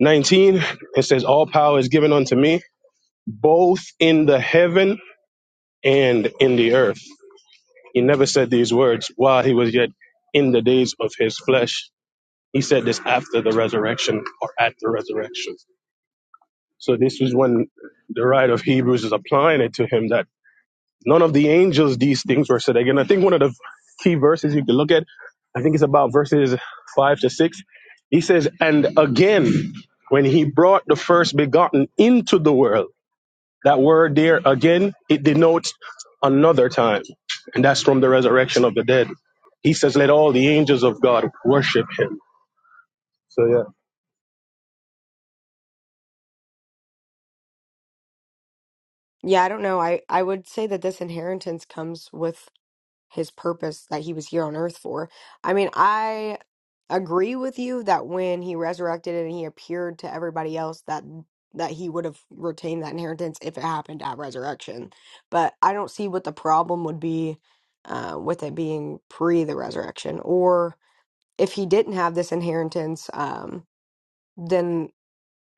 S7: 19. It says, All power is given unto me, both in the heaven and in the earth. He never said these words while he was yet in the days of his flesh. He said this after the resurrection or at the resurrection. So this is when the writer of Hebrews is applying it to him that None of the angels these things were said. Again, I think one of the key verses you can look at, I think it's about verses five to six. He says, And again, when he brought the first begotten into the world, that word there again, it denotes another time. And that's from the resurrection of the dead. He says, Let all the angels of God worship him. So yeah.
S4: Yeah, I don't know. I, I would say that this inheritance comes with his purpose that he was here on earth for. I mean, I agree with you that when he resurrected and he appeared to everybody else that that he would have retained that inheritance if it happened at resurrection. But I don't see what the problem would be uh, with it being pre the resurrection or if he didn't have this inheritance, um,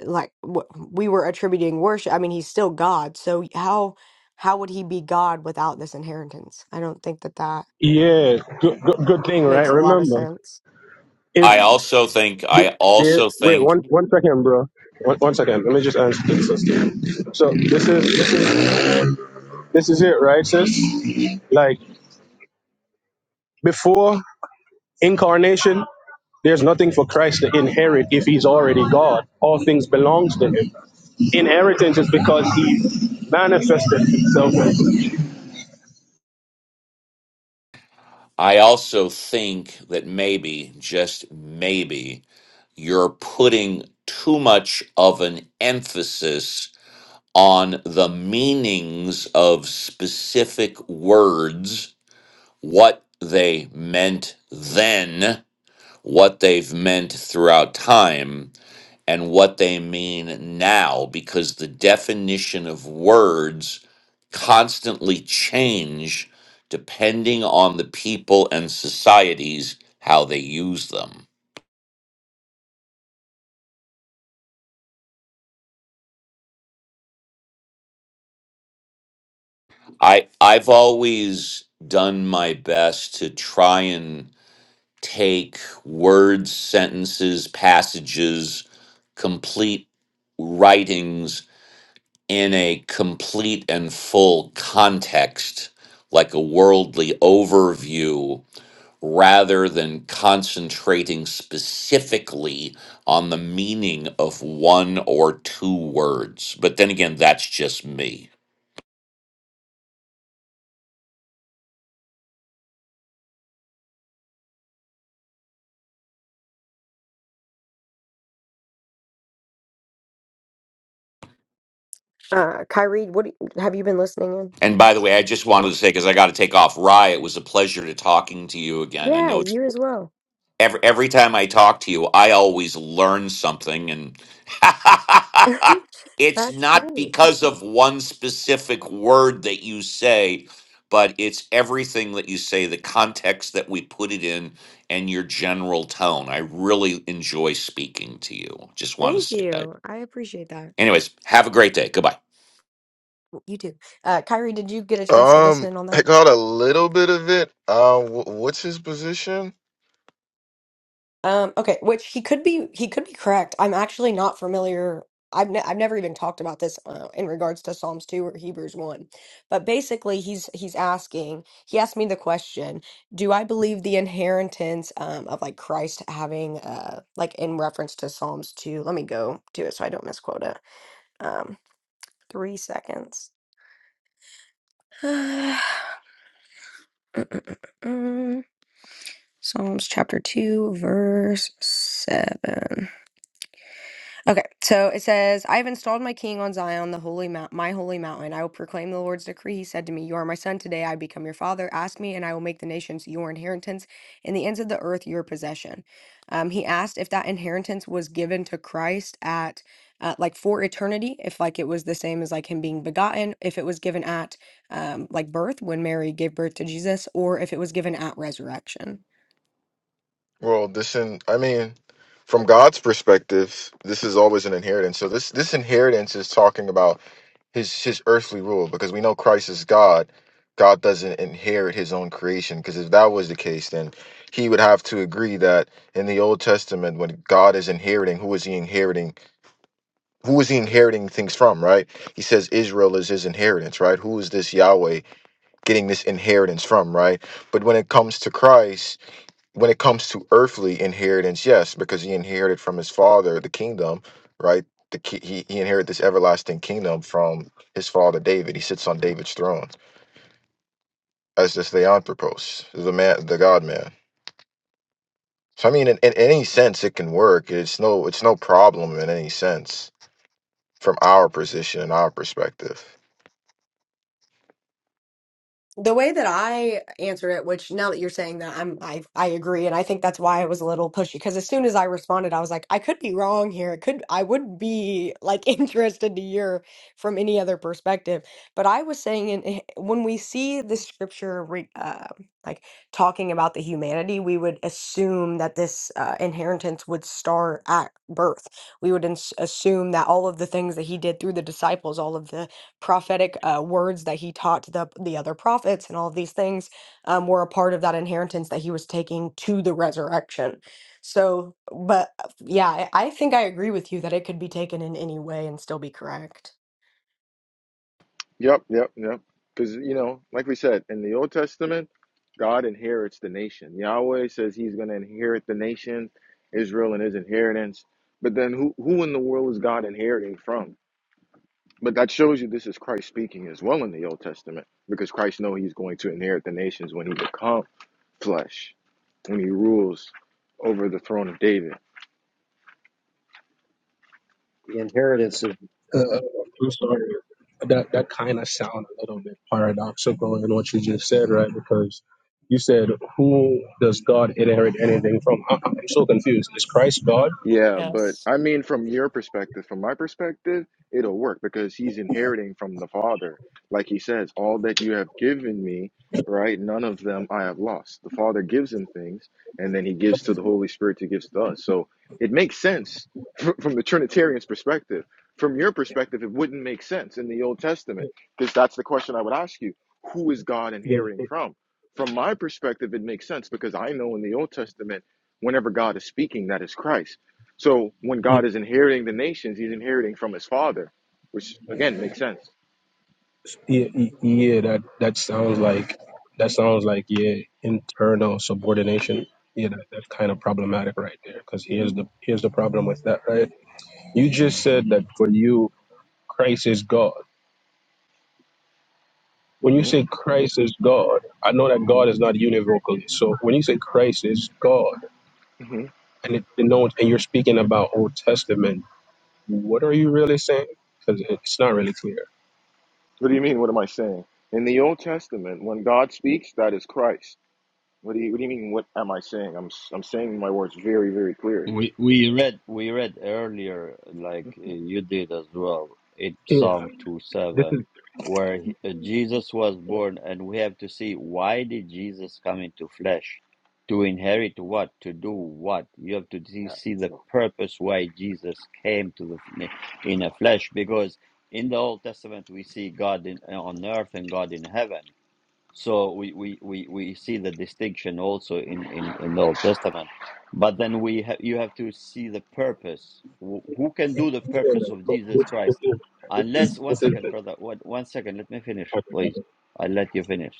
S4: like w- we were attributing worship. I mean, he's still God. So how how would he be God without this inheritance? I don't think that that
S7: Yeah, good, good, good thing, right?
S4: makes a lot of
S7: Remember.
S4: sense.
S7: if
S6: I also think
S7: The-
S6: I
S7: the-
S6: also
S7: wait
S6: think
S7: one one second, bro. One, one second. Let me just answer this. sis. So this is this is this is it, right, sis? Like before incarnation, there's nothing for Christ to inherit if he's already God. All things belongs to him. Inheritance is because he manifested himself.
S6: I also think that maybe, just maybe, you're putting too much of an emphasis on the meanings of specific words, what they meant then, what they've meant throughout time and what they mean now because the definition of words constantly change depending on the people and societies how they use them i i've always done my best to try and take words sentences passages complete writings in a complete and full context like a worldly overview rather than concentrating specifically on the meaning of one or two words. But then again, that's just me.
S4: Uh, Kyrie, what do you- have you been listening in?
S6: And by the way, I just wanted to say because I got to take off. Rye, it was a pleasure to talking to you again. I
S4: Yeah,
S6: know it's
S4: you as well.
S6: every every time I talk to you, I always learn something, and it's
S4: That's
S6: not
S4: great.
S6: because of one specific word that you say, but it's everything that you say, the context that we put it in, and your general tone. I really enjoy speaking to you. Just want to
S4: Thank
S6: say that.
S4: you. I appreciate that.
S6: Anyways, have a great day. Goodbye.
S4: You too. Uh, Kyrie, did you get a chance to listen
S8: Um,
S4: in on
S8: I
S4: that?
S8: caught a little bit of it. Uh, wh- what's his position?
S4: Um, okay, which he could be he could be correct. I'm actually not familiar. I've ne I've never even talked about this uh, in regards to Psalms 2 or Hebrews 1. But basically he's he's asking, he asked me the question, do I believe the inheritance um, of like Christ having uh like in reference to Psalms 2. Let me go to it so I don't misquote it. Um, 3 seconds. Mm-mm. Psalms chapter 2 verse 7. Okay, so it says, I have installed my king on Zion, the holy mount, my holy mountain. I will proclaim the Lord's decree. He said to me, You are my son. Today I become your father. Ask me, and I will make the nations your inheritance, and the ends of the earth your possession. Um, he asked if that inheritance was given to Christ at, uh, like, for eternity, if, like, it was the same as, like, him being begotten, if it was given at, um, like, birth, when Mary gave birth to Jesus, or if it was given at resurrection.
S8: Well, this in I mean, from God's perspective, this is always an inheritance. So this this inheritance is talking about his his earthly rule because we know Christ is God. God doesn't inherit his own creation because if that was the case, then he would have to agree that in the Old Testament, when God is inheriting, who is he inheriting? Who is he inheriting things from? Right? He says Israel is his inheritance. Right? Who is this Yahweh? getting this inheritance from, right? But when it comes to Christ, when it comes to earthly inheritance, yes, because he inherited from his father the kingdom, right? The ki- he he inherited this everlasting kingdom from his father David. He sits on David's throne as this theanthropos, the man, the God man. So I mean, in, in any sense, it can work. It's no it's no problem in any sense from our position and our perspective.
S4: The way that I answer it, which now that you're saying that, I'm I I agree, and I think that's why I was a little pushy because as soon as I responded, I was like, I could be wrong here. It could I would be like interested to hear from any other perspective. But I was saying, in, eh, when we see the scripture re, uh, like talking about the humanity, we would assume that this uh, inheritance would start at birth. We would ins- assume that all of the things that he did through the disciples, all of the prophetic uh, words that he taught the the other prophets and all of these things um, were a part of that inheritance that he was taking to the resurrection. So, but uh, yeah, I I think I agree with you that it could be taken in any way and still be correct.
S8: Yep, yep, yep. Because, you know, like we said, in the Old Testament, God inherits the nation. Yahweh says he's going to inherit the nation, Israel, and his inheritance. But then who, who in the world is God inheriting from? But that shows you this is Christ speaking as well in the Old Testament, because Christ knows he's going to inherit the nations when he becomes flesh, when he rules over the throne of David.
S9: The inheritance of
S7: Uh, I'm sorry. That that kind of sound a little bit paradoxical in what you just said, right? Because you said, "Who does God inherit anything from?" I, I'm so confused. Is Christ God?
S8: Yeah, but I mean, from your perspective, from my perspective, it'll work because he's inheriting from the father. Like he says, all that you have given me, right? None of them I have lost. The father gives him things, and then he gives to the Holy Spirit to gives to us. So it makes sense fr- from the Trinitarian's perspective. From your perspective, it wouldn't make sense in the Old Testament because that's the question I would ask you: Who is God
S7: Yeah,
S8: inheriting from? From my perspective, it makes sense because I know in the Old Testament, whenever God is speaking, that is Christ. So when
S7: yeah,
S8: God is inheriting the nations, he's inheriting from his father, which again makes sense.
S7: yeah, yeah. yeah, That that sounds like that sounds like yeah, internal subordination. Yeah, that, that's kind of problematic right there. Because
S9: yeah,
S7: here's the here's the problem with that, right? You just said that for you, Christ is God. when you
S8: hmm
S7: say Christ is God, I know that
S8: hmm
S7: God is not univocally. So when you say Christ is God,
S8: hmm
S7: and it denotes, and you're speaking about Old Testament, what are you really saying? Because it's not really clear.
S8: What do you mean? What am I saying? In the Old Testament, when God speaks, that is Christ. What do you What do you mean? What am I saying? I'm s- I'm saying my words very very clear.
S1: We we read we read earlier, like uh, you did as well, in
S7: Yeah,
S1: Psalm two
S7: this is
S1: seven, where he- uh, Jesus was born, and we have to see why did Jesus come into flesh, to inherit what, to do what. You have to see
S9: yeah.
S1: see the
S9: So
S1: purpose why Jesus came to the fle- in a flesh, because in the Old Testament we see God in, on earth and God in heaven. So we, we, we, we see the distinction also in, in, in the Old Testament. But then we ha- you have to see the purpose. Wh- Who can do the
S7: yeah,
S1: purpose of
S7: but
S1: Jesus
S7: this, this
S1: Christ?
S7: is this is
S1: Unless, one
S7: this is.
S1: second, brother, one, one second, let me finish, please. I'll let you finish.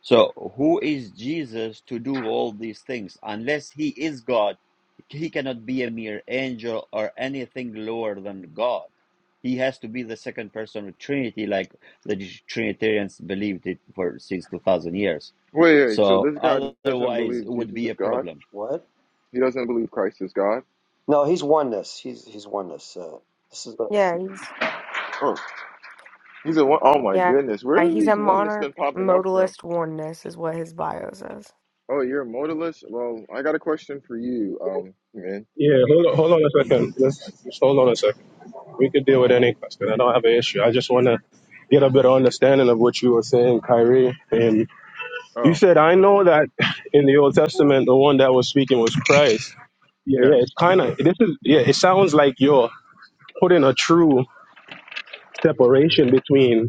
S1: So, who is Jesus to do all these things? Unless he is God, he cannot be a mere angel or anything lower than God. He has to be the second person of Trinity, like the Trinitarians believed it for since two thousand years.
S8: Wait, wait. So
S1: So,
S8: this guy doesn't
S1: otherwise, it
S8: believe
S1: would
S8: Jesus
S1: be
S8: is
S1: a
S8: God.
S1: problem.
S9: what?
S8: He doesn't believe Christ is God.
S9: No, he's oneness. He's he's oneness. Uh, this is a,
S4: Yeah, he's
S8: Oh, he's a one. Oh my
S4: yeah,
S8: goodness, where is
S4: he's a
S8: these oneness
S4: monarch
S8: been popping up from?
S4: modalist oneness is what his bio says.
S8: Oh, you're a modalist. Well, I got a question for you, um, man.
S7: Yeah, hold on, hold on a second. Let's just hold on a second. We could deal with any question. I don't have an issue. I just want to get a better understanding of what you were saying, Kyrie. And you
S8: Oh,
S7: said, I
S8: okay.
S7: know that in the Old Testament, the one that was speaking was Christ. Yeah, yeah, it's
S8: Yes.
S7: kind of this is yeah. It sounds like you're putting a true separation between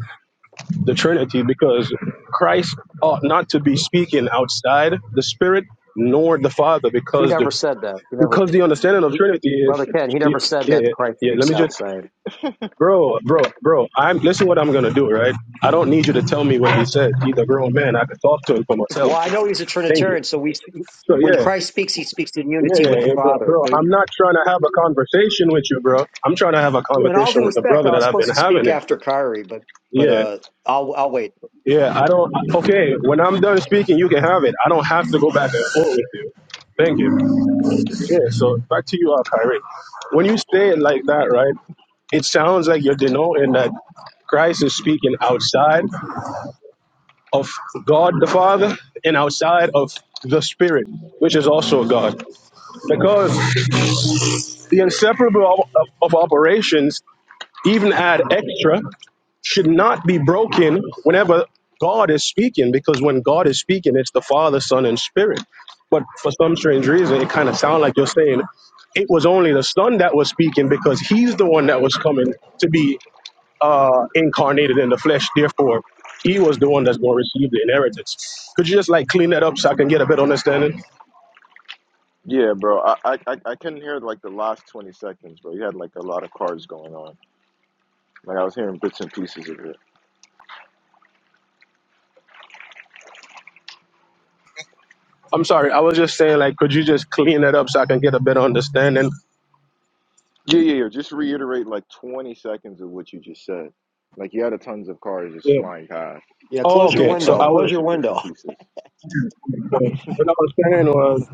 S7: the Trinity because Christ ought not to be speaking outside the Spirit nor the Father
S9: he
S7: because the
S9: never said that. He never,
S7: because the understanding of Trinity is
S9: brother Ken. He
S7: yeah,
S9: never said that
S7: yeah,
S9: Christ
S7: yeah. Let
S9: speaks
S7: me just
S9: outside.
S7: bro, bro, bro. I'm listen what I'm gonna do, right? I don't need you to tell me what he said. He's a grown man. I can talk to him for myself.
S9: Well, I know he's a
S7: Thank you.
S9: Trinitarian, so we
S7: So
S9: when
S7: yeah.
S9: Christ speaks, he speaks in
S7: Yeah,
S9: unity
S7: yeah,
S9: with the
S7: yeah, bro,
S9: Father.
S7: bro.
S9: So,
S7: I'm not trying to have a conversation with you, bro. I'm trying to have a
S9: in all due
S7: conversation with the
S9: respect,
S7: brother
S9: I
S7: that
S9: was
S7: I've
S9: supposed
S7: been
S9: to
S7: having
S9: speak
S7: it.
S9: after Kyrie, but but
S7: Yeah,
S9: uh, I'll I'll wait.
S7: yeah. I don't. Okay, when I'm done speaking, you can have it. I don't have to go back and forth with you. Thank you. Yeah. So back to you, uh, Kyrie. When you say it like that, right? It sounds like you're denoting that Christ is speaking outside of God the Father and outside of the Spirit, which is also God. because the inseparable of, of operations, even add extra, should not be broken whenever God is speaking, because when God is speaking, it's the Father, Son, and Spirit. But for some strange reason, it kind of sounds like you're saying it was only the Son that was speaking because he's the one that was coming to be uh, incarnated in the flesh. Therefore, he was the one that's going to receive the inheritance. Could you just like clean that up so I can get a better understanding?
S8: Yeah, bro. I, I I I couldn't hear like the last twenty seconds, bro. You had like a lot of cars going on. Like I was hearing bits and pieces of it.
S7: I'm sorry. I was just saying, like, could you just clean that up so I can get a better understanding?
S8: Yeah, yeah, yeah. Just reiterate like twenty seconds of what you just said. Like you had a tons of cars just
S7: Yeah.
S8: flying past.
S9: Yeah,
S7: Oh,
S9: close your
S7: okay.
S8: I
S7: So
S8: was
S9: window.
S7: I
S8: only
S7: was
S9: Close your
S8: catching bits and
S9: window.
S8: pieces.
S7: what I was saying was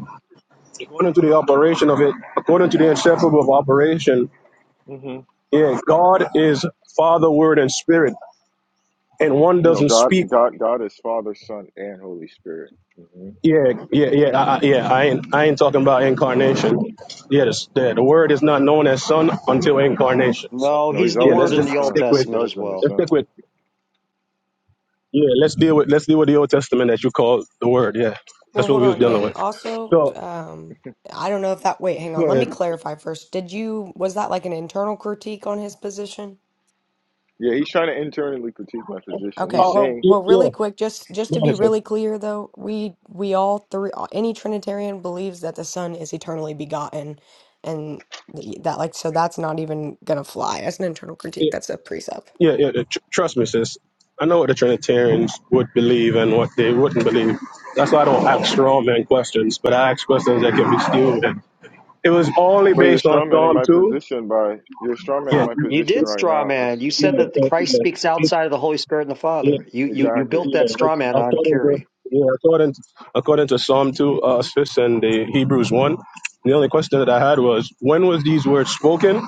S7: according to the operation of it, according to the inseparable of operation,
S8: hmm You
S7: yeah, God is Father, Word, and Spirit, and one
S8: know,
S7: doesn't
S8: God,
S7: speak.
S8: God, God is Father, Son, and Holy Spirit. hmm
S7: Yeah, yeah, yeah, I, I- yeah. I ain't, I ain't talking about incarnation. Yes, the, the Word is not known as Son until incarnation. So,
S9: No,
S8: No, He's
S9: he's the
S7: yeah,
S8: always
S9: Word
S7: let's
S8: been
S9: in
S8: the
S7: just
S9: the Old
S8: Son.
S7: stick with,
S8: He's
S9: Testament
S8: always
S9: as
S8: been the
S9: well.
S7: let's stick
S8: Son.
S7: with Yeah, let's deal with let's deal with the Old Testament that you call the Word. Yeah,
S4: Well,
S7: that's what
S4: hold
S7: we was
S4: on.
S8: Okay.
S7: dealing
S4: And
S7: with.
S4: also,
S7: So
S4: um, I don't know if that, wait, hang on.
S7: go
S4: Let me
S7: ahead.
S4: clarify first. Did you, was that like an internal critique on his position?
S8: Yeah, he's trying to internally critique my position.
S4: Okay,
S8: He's
S7: Oh,
S4: well,
S8: saying
S7: y-
S4: well, really
S7: yeah,
S4: quick, just just
S7: go
S4: to be
S7: ahead, sis.
S4: really clear though, we we all three any Trinitarian believes that the Son is eternally begotten, and the, that like so that's not even gonna fly as an internal critique.
S7: yeah,
S4: That's a precept.
S7: yeah. yeah, yeah. Tr- trust me, sis. I know what the Trinitarians would believe and what they wouldn't believe. That's why I don't ask straw man questions, but I ask questions that can be stewed. It was only
S8: But you're
S7: based on
S8: strawmanning
S7: Psalm
S8: my
S7: two.
S8: position by you're strawmanning
S7: Yeah,
S8: my
S9: You
S8: position
S7: yeah,
S9: did
S8: right
S9: straw
S8: now.
S9: man. You
S8: Listen.
S9: said that the
S7: yeah.
S9: Christ speaks
S7: yeah.
S9: outside of the Holy Spirit and the
S7: Yeah,
S9: Father. You you you
S8: Exactly.
S9: built
S7: yeah.
S9: that straw
S7: that's-
S9: man on
S7: According to
S9: Curie.
S7: yeah, according according to Psalm two, uh, six, and the Hebrews one. The only question that I had was, when was these words spoken,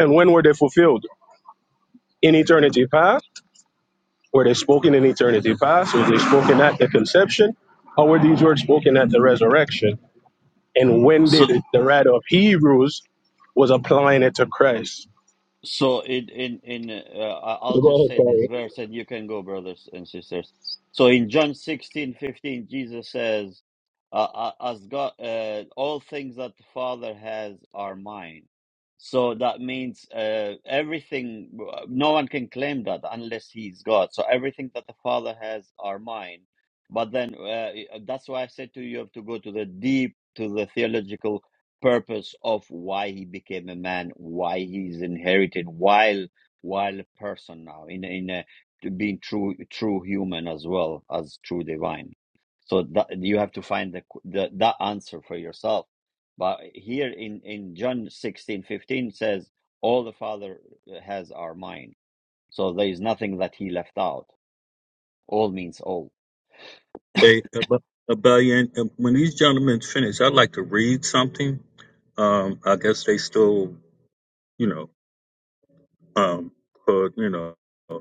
S7: and when were they fulfilled? In eternity past, were they spoken in eternity past? Were they spoken at the conception, or were these words spoken at the resurrection? And when
S1: So.
S7: did it- the writer of Hebrews was applying it to Christ?
S1: So in in in uh, I- I'll
S7: Go
S1: just
S7: ahead,
S1: say
S7: Paul.
S1: this verse, and you can go, brothers and sisters. So in John sixteen fifteen, Jesus says, uh, uh, "As God, uh, all things that the Father has are mine." So that means uh, everything. No one can claim that unless He's God. So everything that the Father has are mine. But then uh, that's why I said to you, you have to go to the deep, to the theological purpose of why he became a man, why he's inherited while while a person now in in a, being true true human as well as true divine. So that you have to find the, the that answer for yourself. But here in in John sixteen fifteen says all the Father has are mine. So there is nothing that he left out. All means all.
S5: Hey, Ab- Abellion, uh, when these gentlemen finish, I'd like to read something. Um, I guess they still, you know, um, uh, you know, uh,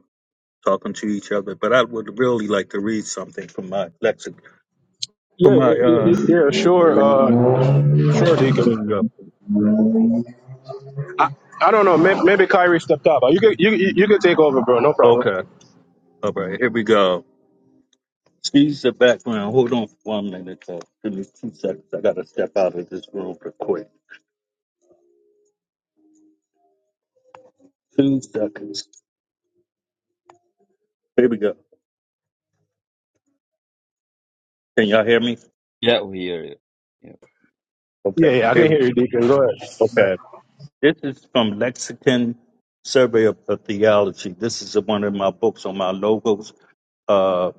S5: talking to each other. But I would really like to read something from my lexic, from
S7: Yeah,
S5: my
S7: yeah,
S5: uh.
S7: yeah, yeah, sure, uh, sure, Deacon.
S5: lexic-
S7: I, I don't know. Maybe, maybe Kyrie stepped up. But You could you you you could take over, bro. No problem.
S5: Okay. All right. Here we go. Excuse the background. Hold on for one minute. Though. Give me two seconds. I gotta step out of this room real quick. Two seconds. Here we go. Can y'all hear me?
S1: Yeah, we hear you. Yeah,
S7: Yeah,
S5: Okay.
S7: yeah. I
S5: Here.
S7: can hear you, Deacon. Go ahead.
S5: Okay. This is from Lexicon Survey of of Theology. This is one of my books on my logos, uh,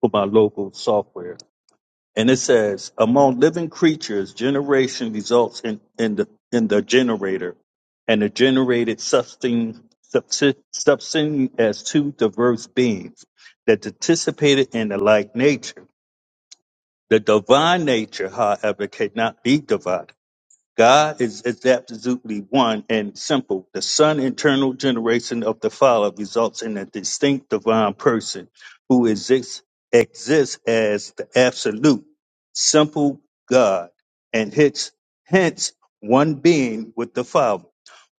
S5: for my logo software. And it says, among living creatures, generation results in, in the in the generator, and the generated substance subsist, subsisting as two diverse beings that participated in the like nature. The divine nature, however, cannot be divided God is is absolutely one and simple. The Son, internal generation of the Father, results in a distinct divine person who exists exists as the absolute, simple God, and hence hence one being with the Father.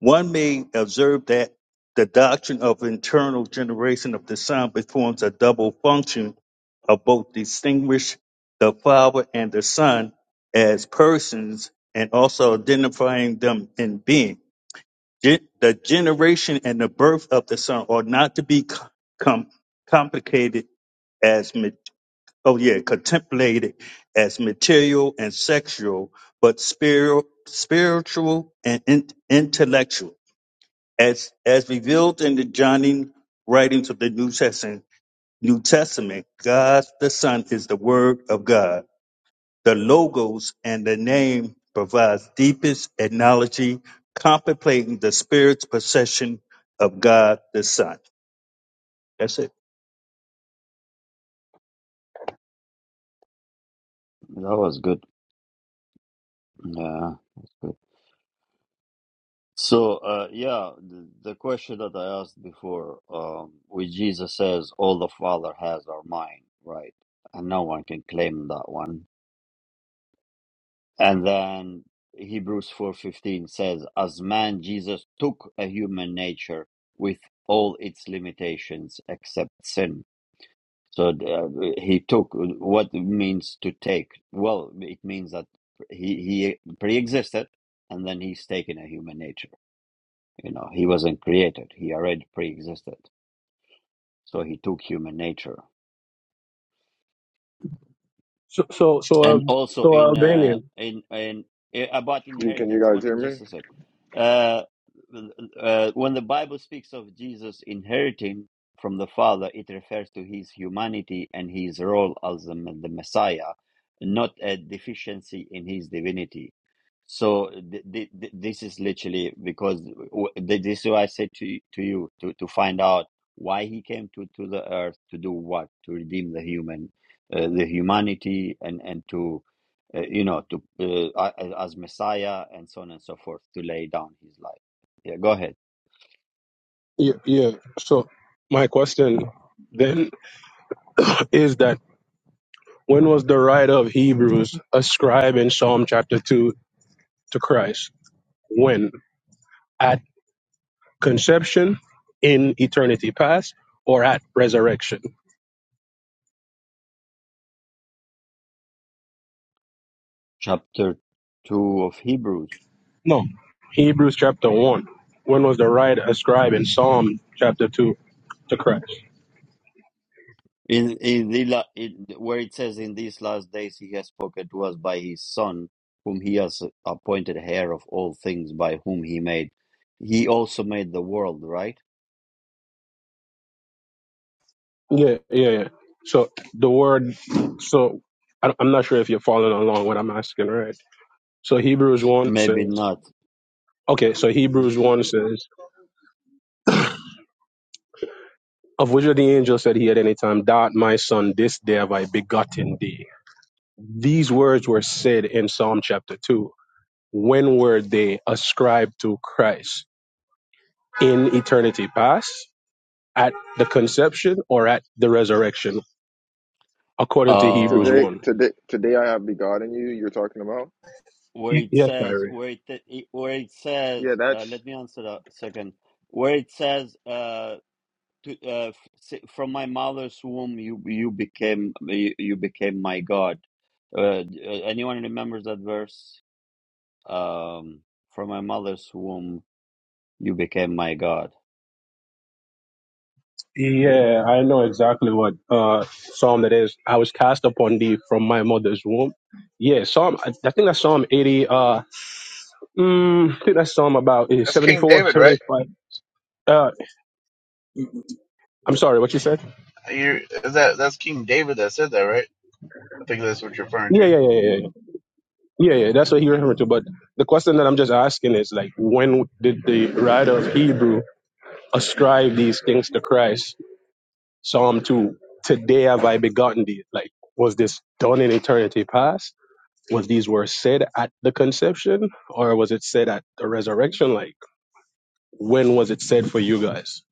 S5: One may observe that the doctrine of internal generation of the Son performs a double function of both distinguish the Father and the Son as persons and also identifying them in being. Gen- The generation and the birth of the son are not to be co- com- complicated as ma- oh yeah contemplated as material and sexual, but spiritual, spiritual and in- intellectual, as as revealed in the Johnny writings of the New Testament. New Testament, God the Son is the Word of God the logos and the name provides deepest analogy contemplating the spirit's possession of God the Son. That's it.
S1: that was good. Yeah, that's good. So, uh, yeah, the, the question that I asked before, um, where Jesus says, All the Father has are mine, right? And no one can claim that one. And then Hebrews 4.15 says, As man, Jesus took a human nature with all its limitations except sin. So uh, he took what it means to take. Well, it means that he, he pre-existed and then he's taken a human nature You know, he wasn't created. He already pre-existed. So he took human nature.
S7: So so so uh,
S1: and also
S7: so
S1: in uh,
S7: Albanian.
S1: in in eh, about
S8: You can you
S1: inheritance.
S8: guys
S1: One
S8: hear me?
S1: just a sec. Uh, uh, when the Bible speaks of Jesus inheriting from the Father, it refers to his humanity and his role as the, the Messiah, not a deficiency in his divinity. So th- th- th- this is literally because w- th- this is why I said to y- to you to to find out why he came to to the earth to do what to redeem the human uh, the humanity and and to uh, you know to uh, a- as messiah and so on and so forth to lay down his life yeah go ahead
S7: Yeah, yeah. So my question then is that when was the writer of Hebrews ascribing Psalm chapter two to Christ? When at conception, in eternity past, or at resurrection?
S1: chapter 2 of hebrews
S7: No, Hebrews chapter one. When was the writer ascribing Psalm chapter two to Christ?
S1: in in the la- in, where it says in these last days he has spoken to us by his son whom he has appointed heir of all things by whom he made he also made the world right
S7: Yeah, yeah, yeah. So the word, so I- I'm not sure if you're following along what I'm asking, right? So Hebrews 1
S1: maybe
S7: says,
S1: not
S7: okay, so
S1: hmm
S7: Hebrews 1 says, of which of the angels said he at any time, That my son, this day have I begotten thee. These words were said in Psalm chapter 2. When were they ascribed to Christ? In eternity past, at the conception, or at the resurrection, according to Hebrews
S8: Today
S7: 1?
S8: today today I have begotten you. You're talking about
S1: where it
S7: Yes,
S1: says
S7: Kyrie.
S1: where it it- where it
S8: yeah.
S1: says uh,
S8: That's
S1: let me answer a second where it says uh, to, uh, f- s- from my mother's womb you you became you, you became my god uh, d- uh, anyone remembers that verse um, from my mother's womb you became my god
S7: Yeah, I know exactly what uh psalm that is. I was cast upon thee from my mother's womb. Yeah, Psalm. I I think that's Psalm eighty. Uh, mm, I think that's Psalm about eh,
S10: That's King
S7: 74,
S10: David, right?
S7: seventy-five. Uh, I'm sorry, what you said?
S10: You is that that's King David that said that, right? I think that's what you're referring
S7: Yeah,
S10: to.
S7: yeah, yeah, yeah, yeah, yeah. yeah, That's what he referred to. But the question that I'm just asking is like, when did the writer of Hebrew ascribe these things to Christ? Psalm two. Today have I begotten thee. Like, was this done in eternity past? was these were said at the conception or was it said at the resurrection like when was it said for you guys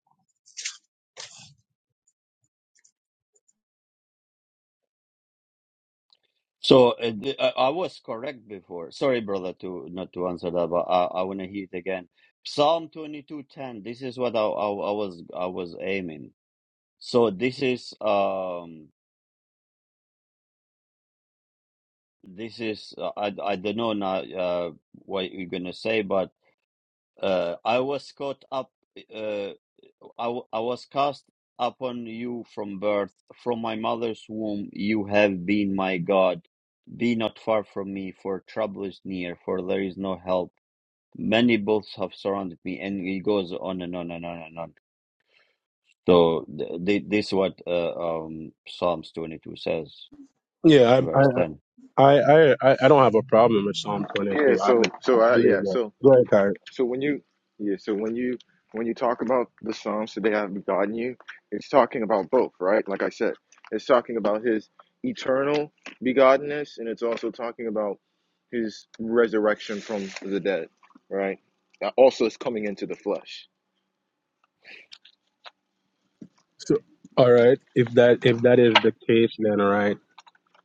S1: so uh, th- I I was correct before sorry brother to not to answer that but I, I want to hear it again Psalm 22:10 this is what I, I I was I was aiming So this is um this is uh, I I don't know now uh what you're gonna say, but uh I was caught up uh I w- I was cast upon you from birth, from my mother's womb you have been my God. Be not far from me, for trouble is near, for there is no help. Many bulls have surrounded me, and it goes on and on and on and on. So th th this is what uh, um Psalms 22 says,
S7: yeah
S1: verse
S7: i
S1: 10.
S7: i i i, I don't have a problem with psalm
S8: yeah.
S7: 22 i
S8: So
S7: believe
S8: so
S7: i
S8: I, yeah.
S7: believe that
S8: So
S7: go ahead Kyrie.
S8: so when you yeah. So when you when you talk about the Psalms today I have begotten you, it's talking about both, right? Like I said, it's talking about His eternal begottenness, and it's also talking about His resurrection from the dead, right? That also is coming into the flesh
S7: so all right if that if that is the case then right,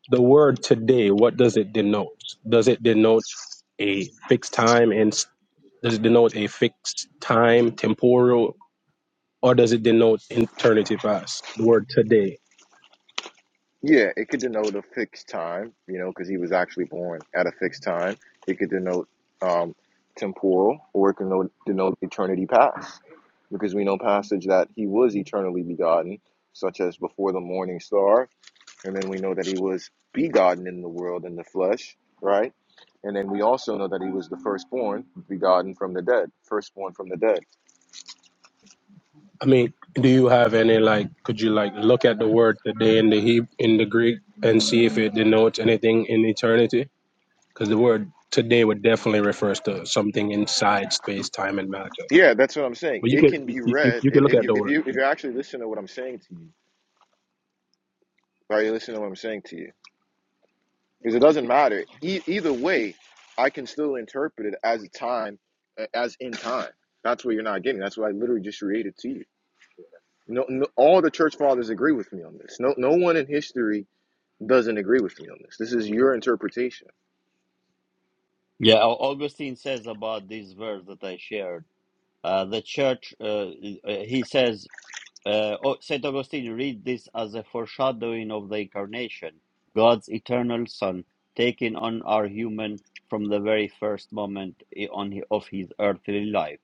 S7: the word today what does it denote does it denote a fixed time and s- does it denote a fixed time temporal or does it denote eternity past the word today
S8: Yeah, it could denote a fixed time, you know, because he was actually born at a fixed time. It could denote um, temporal, or it could denote, denote eternity past, because we know passage that he was eternally begotten, such as before the morning star, and then we know that he was begotten in the world in the flesh, right? And then we also know that he was the firstborn, begotten from the dead, firstborn from the dead.
S7: I mean, do you have any like? Could you like look at the word today in the Hebrew, in the Greek and see if it denotes anything in eternity? Because the word today would definitely refers to something inside space, time, and matter.
S8: Yeah, that's what I'm saying.
S7: But you
S8: It
S7: can
S8: can be
S7: you, you,
S8: read
S7: you can
S8: if,
S7: look
S8: if
S7: at
S8: you
S7: the
S8: if
S7: word.
S8: you if you actually listen to what I'm saying to you, right? You listen to what I'm saying to you because it doesn't matter. E- either way, I can still interpret it as a time, as in time. That's what you're not getting. That's what I literally just read to you. No, no, all the church fathers agree with me on this. No, no one in history doesn't agree with me on this. This is your interpretation.
S1: Yeah, Au- Augustine says about this verse that I shared. Uh, the church, uh, uh, he says, uh, oh, Saint Augustine, read this as a foreshadowing of the incarnation, God's eternal Son, taking on our human from the very first moment i- on hi- of his earthly life.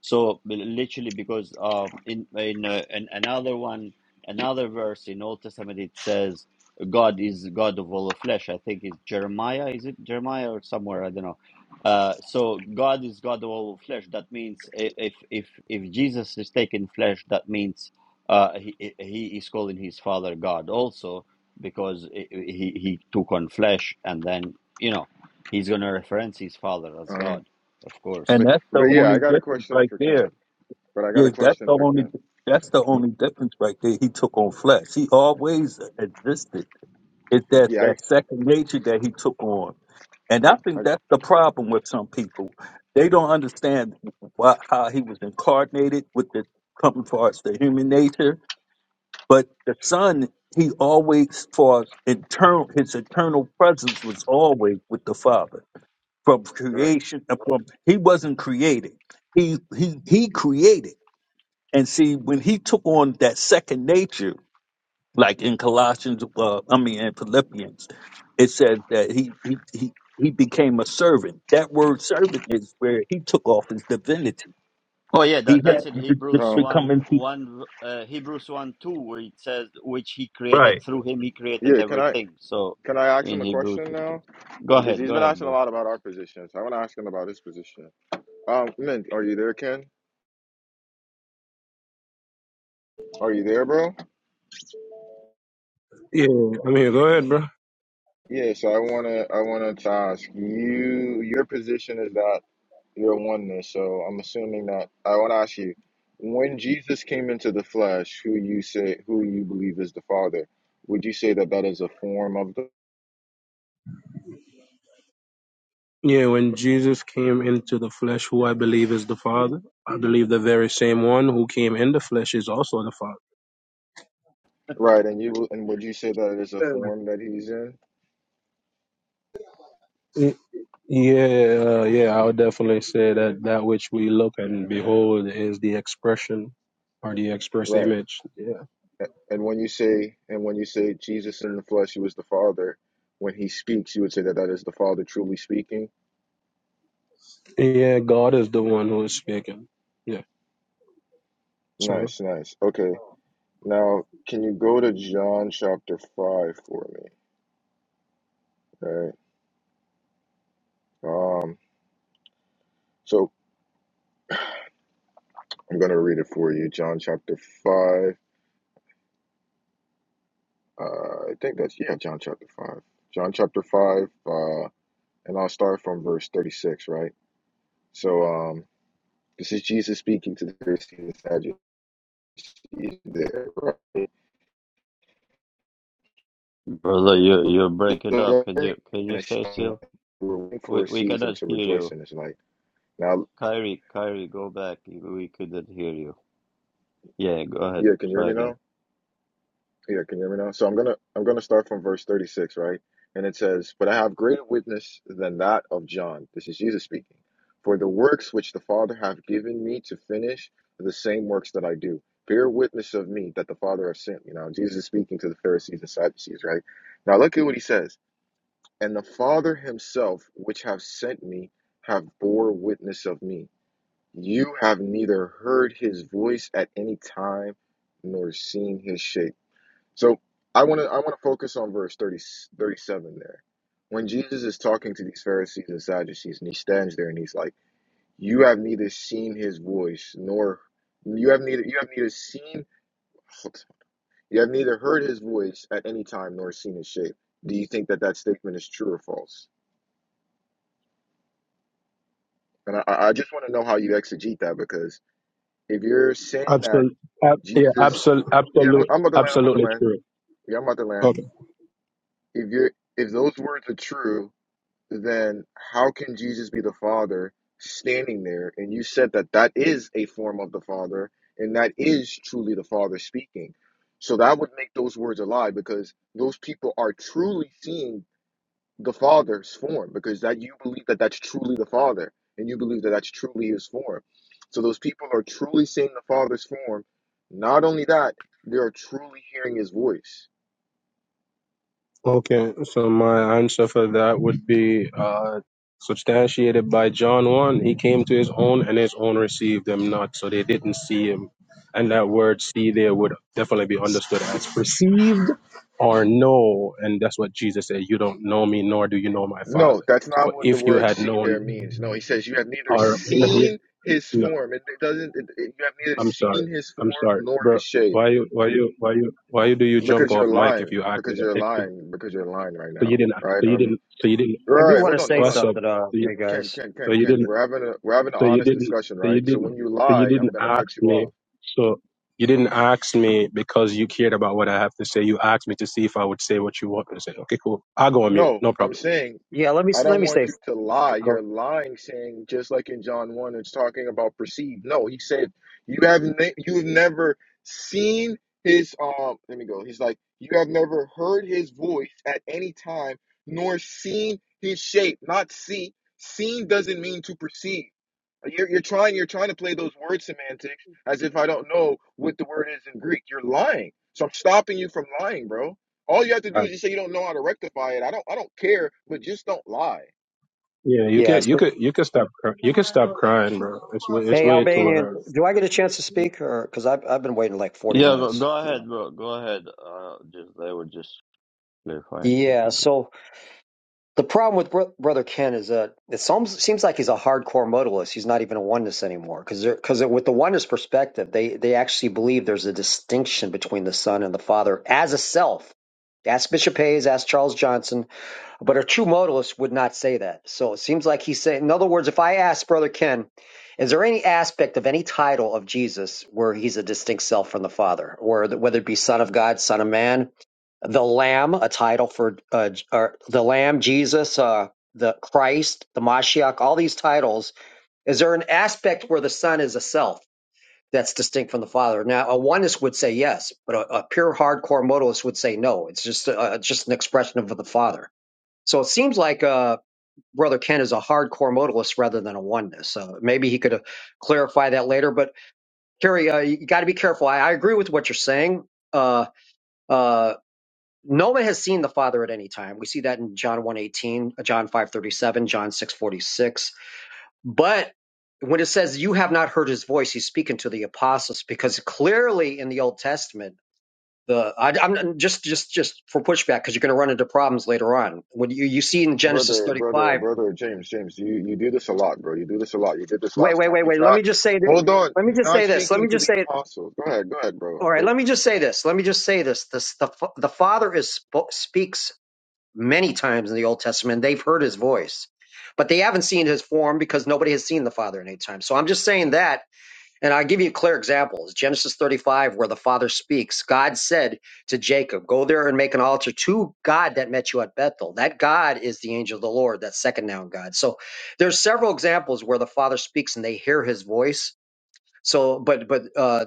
S1: So li- literally, because um, in in, uh, in another one, another verse in Old Testament, it says God is God of all flesh. I think it's Jeremiah. Is it Jeremiah or somewhere? I don't know. Uh, so God is God of all flesh. That means i- if if if Jesus is taking flesh, that means uh, he, he is calling his father God also because he, he he took on flesh and then you know he's gonna reference his father as
S8: Um,
S1: God, of course.
S5: And
S8: but,
S5: that's the
S8: but yeah, I
S5: only
S8: got a
S5: difference
S8: question
S5: right
S8: for Ken.
S5: there.
S8: But I got
S5: Yeah,
S8: a
S5: that's
S8: question
S5: the
S8: for
S5: only
S8: Ken.
S5: that's the only difference right there. He took on flesh. He always existed. It's that,
S8: Yeah,
S5: that
S8: I,
S5: second nature that he took on. And I
S8: I, I
S5: think that's the problem with some people. They don't understand why, how he was incarnated with the coming parts, the human nature But the Son, he always for us internal his eternal presence was always with the Father. From
S8: right.
S5: creation uh, from he wasn't created. He he he created. And see, when he took on that second nature, like in Colossians uh, I mean in Philippians, it says that he he he he became a servant. That word servant is where he took off his divinity.
S1: Oh yeah,
S5: He
S1: that,
S5: had
S1: that's in
S5: to to-
S1: Hebrews
S8: Um,
S5: become
S1: one
S5: into
S1: one uh, Hebrews one two where it says which he
S5: right.
S1: created through him he created
S8: yeah, can I,
S1: everything. So
S8: can I ask
S1: in
S8: him a
S1: Hebrews
S8: question
S1: it says.
S8: now?
S1: Go
S8: Because
S1: ahead,
S8: he's
S1: go
S8: been
S1: ahead,
S8: asking a
S1: bro.
S8: lot about our positions. I want to ask him about his position. Um, Mint, are you there, Ken? Are you there, bro?
S7: Yeah, I mean, go ahead, bro.
S8: Yeah, so I wanna I wanted to ask you your position is that you're oneness, so I'm assuming that I wanna ask you, when Jesus came into the flesh, who you say who you believe is the Father, would you say that that is a form of the
S7: Yeah, when Jesus came into the flesh, who I believe is the Father, I believe the very same one who came in the flesh is also the Father.
S8: right, and you and would you say that it is a
S9: Uh,
S8: form that he's in?
S7: Yeah, uh, yeah, I would definitely say that that which we look and behold is the expression or the express
S8: Right.
S7: image. Yeah,
S8: A- And when you say and when you say Jesus in the flesh, he was the Father, when he speaks, you would say that that is the Father truly speaking?
S7: yeah, God is the one who is speaking. Yeah, so
S8: Nice, nice. Okay. Now, can you go to John chapter 5 for me? Right. Um, so I'm going to read it for you. John chapter 5. Uh, I think that's, yeah, John chapter 5. John chapter 5. Uh, and I'll start from verse 36, right? So um, this is Jesus speaking to the Pharisees and Sadducees there, right?
S1: Brother, you you break it up. Can you can
S8: And
S1: you
S8: a
S1: stay
S8: showing,
S1: still?
S8: like, We're waiting
S1: We
S8: for a
S1: we
S8: season
S1: cannot
S8: to
S1: hear
S8: rejoice
S1: you.
S8: in his light. Now,
S1: Kyrie, Kyrie, go back. We couldn't hear you. Yeah, go ahead.
S8: yeah, can you hear
S1: Try
S8: me now?
S1: again.
S8: Yeah, can you hear me now? So I'm gonna I'm gonna start from verse 36, right? And it says, "But I have greater witness than that of John." This is Jesus speaking. For the works which the Father hath given me to finish, are the same works that I do, bear witness of me that the Father hath sent. me." Now Jesus is speaking to the Pharisees and Sadducees, right? Now look at what he says. And the Father himself, which have sent me, have bore witness of me. You have neither heard his voice at any time, nor seen his shape. So I want to I want to focus on verse 30 37 there. When Jesus is talking to these Pharisees and Sadducees, and he stands there and he's like, "You have neither seen his voice, nor you have neither you have neither seen you have neither heard his voice at any time, nor seen his shape." Do you think that that statement is true or false? And I, I I just want to know how you exegete that because if you're saying that
S7: absolutely, ab- yeah,
S8: Jesus,
S7: absolutely,
S8: yeah,
S7: absolutely,
S8: I'm about to land, I'm about to
S7: absolutely
S8: land,
S7: true.
S8: yeah, I'm about to land. If you're if those words are true, then how can Jesus be the Father standing there? And you said that that is a form of the Father, and that is truly the Father speaking. So that would make those words a lie because those people are truly seeing the Father's form because that you believe that that's truly the Father, and you believe that that's truly His form. So those people are truly seeing the Father's form. Not only that, they are truly hearing His voice
S7: Okay, so my answer for that would be uh, substantiated by John 1. He came to his own, and his own received him not, so they didn't see him. And that word see there would definitely be understood as perceived or know. And that's what Jesus said You don't know me, nor do you know my
S8: No,
S7: Father.
S8: that's not
S7: For
S8: what the
S7: if you
S8: word
S7: had
S8: see there
S7: known,
S8: means. No, he says you have neither
S7: or no,
S8: seen his
S7: no,
S8: form. It, it doesn't. It, it- you have neither
S7: I'm sorry,
S8: seen his form
S7: I'm sorry,
S8: nor
S7: bro.
S8: his shape
S7: Why you, why you, why you, why you do you jump
S8: because you're
S7: off mic if
S8: lying.
S7: you act
S8: Because
S7: with an
S8: you're
S7: expert?
S8: lying. Because you're lying right
S7: So you
S8: now.
S7: didn't, so
S8: Right.
S7: you
S8: Um.
S7: didn't, so you didn't.
S9: I do
S8: Right.
S9: want to
S8: Hold on.
S9: say
S8: Hold on.
S7: What's up? So
S9: something, uh,
S7: you,
S9: hey
S8: Ken.
S9: guys.
S8: Ken.
S7: so
S8: Ken.
S7: you
S8: Ken.
S7: didn't.
S9: Okay.
S8: We're having a we're having an
S7: So you
S8: honest
S7: didn't.
S8: discussion,
S7: So you
S8: right? So
S7: didn't.
S8: when you
S7: So you
S8: lie,
S7: didn't
S8: I'm gonna
S7: ask
S8: cut you
S7: me.
S8: off.
S7: So you didn't ask me because you cared about what I have to say. You asked me to see if I would say what you want me to say. Okay, cool. I'll go on mute.
S8: No,
S7: No
S8: I'm
S7: problem.
S8: saying
S9: Yeah, let me
S8: I
S9: let
S8: don't
S9: me
S8: want
S9: say.
S8: you to
S9: Okay,
S8: lie. You're
S9: go.
S8: lying, saying just like in John one, it's talking about perceived. No, he said you have ne- you have never seen his um. Let me go. He's like you have never heard his voice at any time, nor seen his shape. Not see. Seen doesn't mean to perceive. You're, you're trying you're trying to play those word semantics as if I don't know what the word is in Greek. You're lying. So I'm stopping you from lying, bro. All you have to
S9: all
S8: do
S9: right.
S8: is just say you don't know how to rectify it. I don't I don't care, but just don't lie.
S7: Yeah, you
S9: Yeah.
S7: could. You
S9: So,
S7: could. You could stop. cry- You could stop crying, bro. It's way. It's
S9: hey,
S7: way too
S9: Albanian,
S7: early.
S9: do I get a chance to speak, or because I've I've been waiting like forty
S1: Yeah, go,
S9: minutes?
S1: go
S9: You
S1: ahead,
S9: know.
S1: bro. Go ahead. Uh, just they were just clarifying
S9: Yeah.
S1: something. Good.
S9: So The problem with Bro- Brother Ken is that it almost seems like he's a hardcore modalist. He's not even a oneness anymore because because with the oneness perspective, they they actually believe there's a distinction between the Son and the Father as a self. Ask Bishop Hayes, ask Charles Johnson, but a true modalist would not say that. So it seems like he's saying, in other words, if I ask Brother Ken, is there any aspect of any title of Jesus where he's a distinct self from the Father, or that whether it be Son of God, Son of Man, the Lamb, a title for uh, or the Lamb, Jesus, uh, the Christ, the Mashiach, all these titles, is there an aspect where the Son is a self that's distinct from the Father? Now, a oneness would say yes, but a, a pure hardcore modalist would say no. It's just uh, just an expression of the Father. So it seems like uh, Brother Ken is a hardcore modalist rather than a oneness. So maybe he could uh, clarify that later. But Kerry, uh, you got to be careful. I, I agree with what you're saying. Uh, uh, no one has seen the Father at any time. We see that in John one eighteen, uh, John 5.37, John 6.46. But when it says you have not heard his voice, he's speaking to the apostles because clearly in the Old Testament, the I, I'm just just just for pushback because you're going to run into problems later on. When you you see in Genesis
S8: Brother,
S9: 35
S8: brother, brother James, James, you, you do this a lot, bro. You do this a lot. You did this
S9: Wait,
S8: last
S9: wait,
S8: time.
S9: wait,
S8: He's
S9: wait. Let me
S8: not,
S9: just say this.
S8: hold on.
S9: Let me
S8: He's
S9: just
S8: not
S9: say this. Let
S8: speaking
S9: me
S8: to
S9: just
S8: the
S9: say it.
S8: apostles. Go ahead, go ahead, bro.
S9: All right. Let me just say this. Let me just say this. This the fa- the Father is sp- speaks many times in the Old Testament. They've heard His voice, but they haven't seen His form because nobody has seen the Father in any time. So I'm just saying that, and I'll give you a clear example. It's Genesis 35, where the Father speaks. God said to Jacob, "Go there and make an altar to God that met you at Bethel." That God is the angel of the Lord, that second noun God. So there's several examples where the Father speaks and they hear His voice so, but but uh,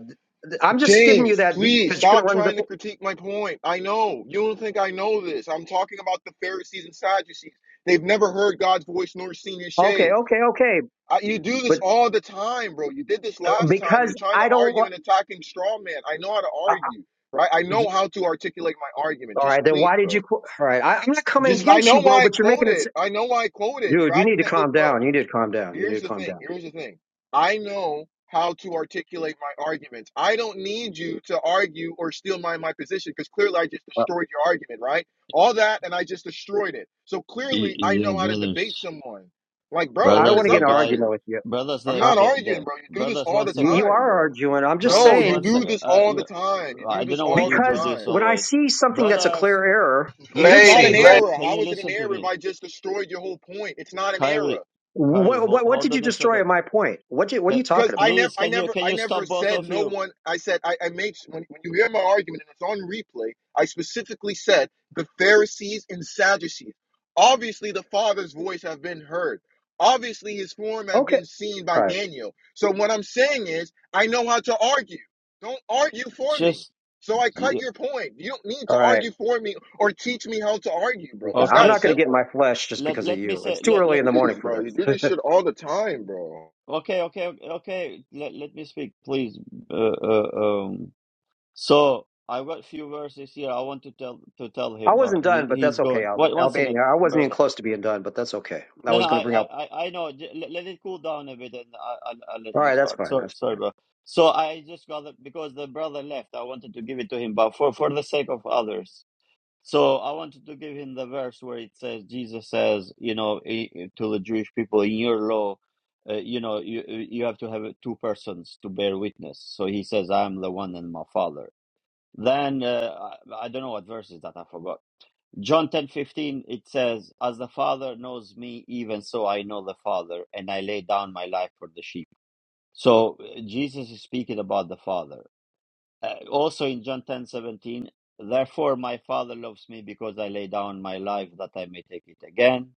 S9: I'm just giving you
S8: James,
S9: that
S8: please
S9: because you're going
S8: stop
S9: to run into.
S8: trying to
S9: the.
S8: critique my point. I know. You don't think I know this. I'm talking about the Pharisees and Sadducees. They've never heard God's voice nor seen his
S9: Okay,
S8: shade.
S9: okay, okay.
S8: I, you do this
S9: But
S8: all the time, bro. You did this
S9: uh,
S8: last time. You're
S9: because
S8: trying to
S9: I don't.
S8: argue
S9: wa-
S8: and attacking straw man. I know how to
S9: Uh,
S8: argue, right? I
S9: uh,
S8: know how to articulate my argument.
S9: all
S8: Just
S9: right, then
S8: please,
S9: why did you?
S8: bro.
S9: qu- All right, I, I'm not coming
S8: Just I
S9: against
S8: know
S9: you, bro.
S8: why I
S9: But you're making it, s-
S8: quoted. I know why I quoted.
S9: dude.
S8: You're
S9: You need
S8: acting
S9: to
S8: as if,
S9: calm
S8: bro.
S9: down. You need to calm down. You need
S8: Here's
S9: to
S8: the
S9: calm
S8: thing.
S9: down.
S8: Here's the thing. I know how to articulate my arguments. I don't need you to argue or steal my my position because clearly I just
S9: Uh,
S8: destroyed your argument, right? All that and I just destroyed it. So
S1: Y-
S8: clearly I
S1: yeah,
S8: know how to debate
S1: brothers.
S8: someone. Like, bro,
S9: I don't
S8: what
S1: Brothers,
S8: is
S9: want to get
S1: the
S8: up
S9: in an
S8: with
S1: guy.
S8: you?
S9: argument with you.
S1: Brothers,
S8: I'm
S1: the
S9: Uh,
S8: not
S1: the, the
S8: arguing, bro. You do this
S1: brothers.
S8: all
S1: One
S8: the
S9: you
S1: second.
S9: you
S8: time,
S9: are
S8: bro.
S9: arguing. I'm just
S8: No,
S1: Brothers,
S8: you
S1: one
S9: saying
S8: do
S1: second.
S8: this
S1: Uh,
S8: all
S1: you,
S8: the time.
S1: uh,
S8: You
S1: I
S8: do
S1: don't
S8: this
S1: know why
S8: all the
S1: you do
S9: because
S1: this
S8: time.
S9: when I
S1: always.
S9: see something that's a
S1: Brothers,
S9: clear error, you
S8: It's
S9: did
S8: not
S9: say.
S8: an
S1: can
S9: in
S10: Ladies,
S9: ju-
S10: ladies,
S1: can
S8: error.
S1: can
S8: How
S1: you
S8: is it an
S1: listen to
S8: error if
S1: me,
S8: I just destroyed your whole point? It's not an error.
S1: Kyrie? Kyrie,
S9: What
S1: hold
S9: what, what
S1: hold
S9: did you
S1: on a
S9: destroy?
S1: second.
S9: At my point, what you, what are
S1: Can,
S9: you
S8: Because
S9: talking
S8: I
S9: about?
S8: never,
S1: please,
S8: I
S1: can you
S8: never,
S1: can
S8: I
S1: you
S8: never
S1: stop both
S8: said
S1: of
S8: no
S1: you?
S8: one. I said I, I made when, when you hear my argument and it's on replay. I specifically said the Pharisees and Sadducees. Obviously, the Father's voice have been heard. Obviously, His form have
S9: Okay,
S8: been seen
S9: all
S8: by
S9: right,
S8: Daniel. So what I'm saying is, I know how to argue. Don't argue for me.
S1: Just
S8: So I cut
S1: y-
S8: your point. You don't need
S9: all
S8: to
S9: right.
S8: argue for me or teach me how to argue, bro. It's
S9: I'm
S8: that
S1: okay.
S9: not going to
S1: Can
S9: get in my
S8: simple.
S9: flesh just
S1: let
S9: because of
S1: let me
S9: you. It's
S1: say
S9: too
S1: let let
S9: early in the morning
S8: Jeez,
S9: for
S8: bro,
S9: this.
S8: you do this shit all the time, bro.
S1: Okay, okay, okay. okay. Let, let me speak, please. Uh, uh, um, so I got few verses here. I want to tell to tell
S9: I
S1: him, but
S9: wasn't
S1: he
S9: done, but
S1: he's
S9: that's okay,
S1: gone.
S9: Alb-
S1: Wait, one second,
S9: Albania. I wasn't even
S1: brother.
S9: close to being done, but that's okay. I
S1: No, no,
S9: was going
S1: I
S9: to bring
S1: I
S9: up.
S1: I I know. J- Let, let it cool down a bit, and I I'll, I'll let
S9: All
S1: you
S9: right, that's
S1: start.
S9: fine.
S1: Sorry,
S9: That's
S1: sorry,
S9: fine.
S1: bro. So I just got it because the brother left. I wanted to give it to him, but for for the sake of others. So I wanted to give him the verse where it says Jesus says, you know, i- to the Jewish people, in your law, uh, you know, you uh, you have to have two persons to bear witness. So he says, I am the one and my Father. Then uh, I, I don't know what verse is that I forgot. John ten fifteen it says, As the Father knows me, even so I know the Father, and I lay down my life for the sheep. So uh, Jesus is speaking about the Father uh, also in John ten seventeen, therefore my Father loves me because I lay down my life that I may take it again.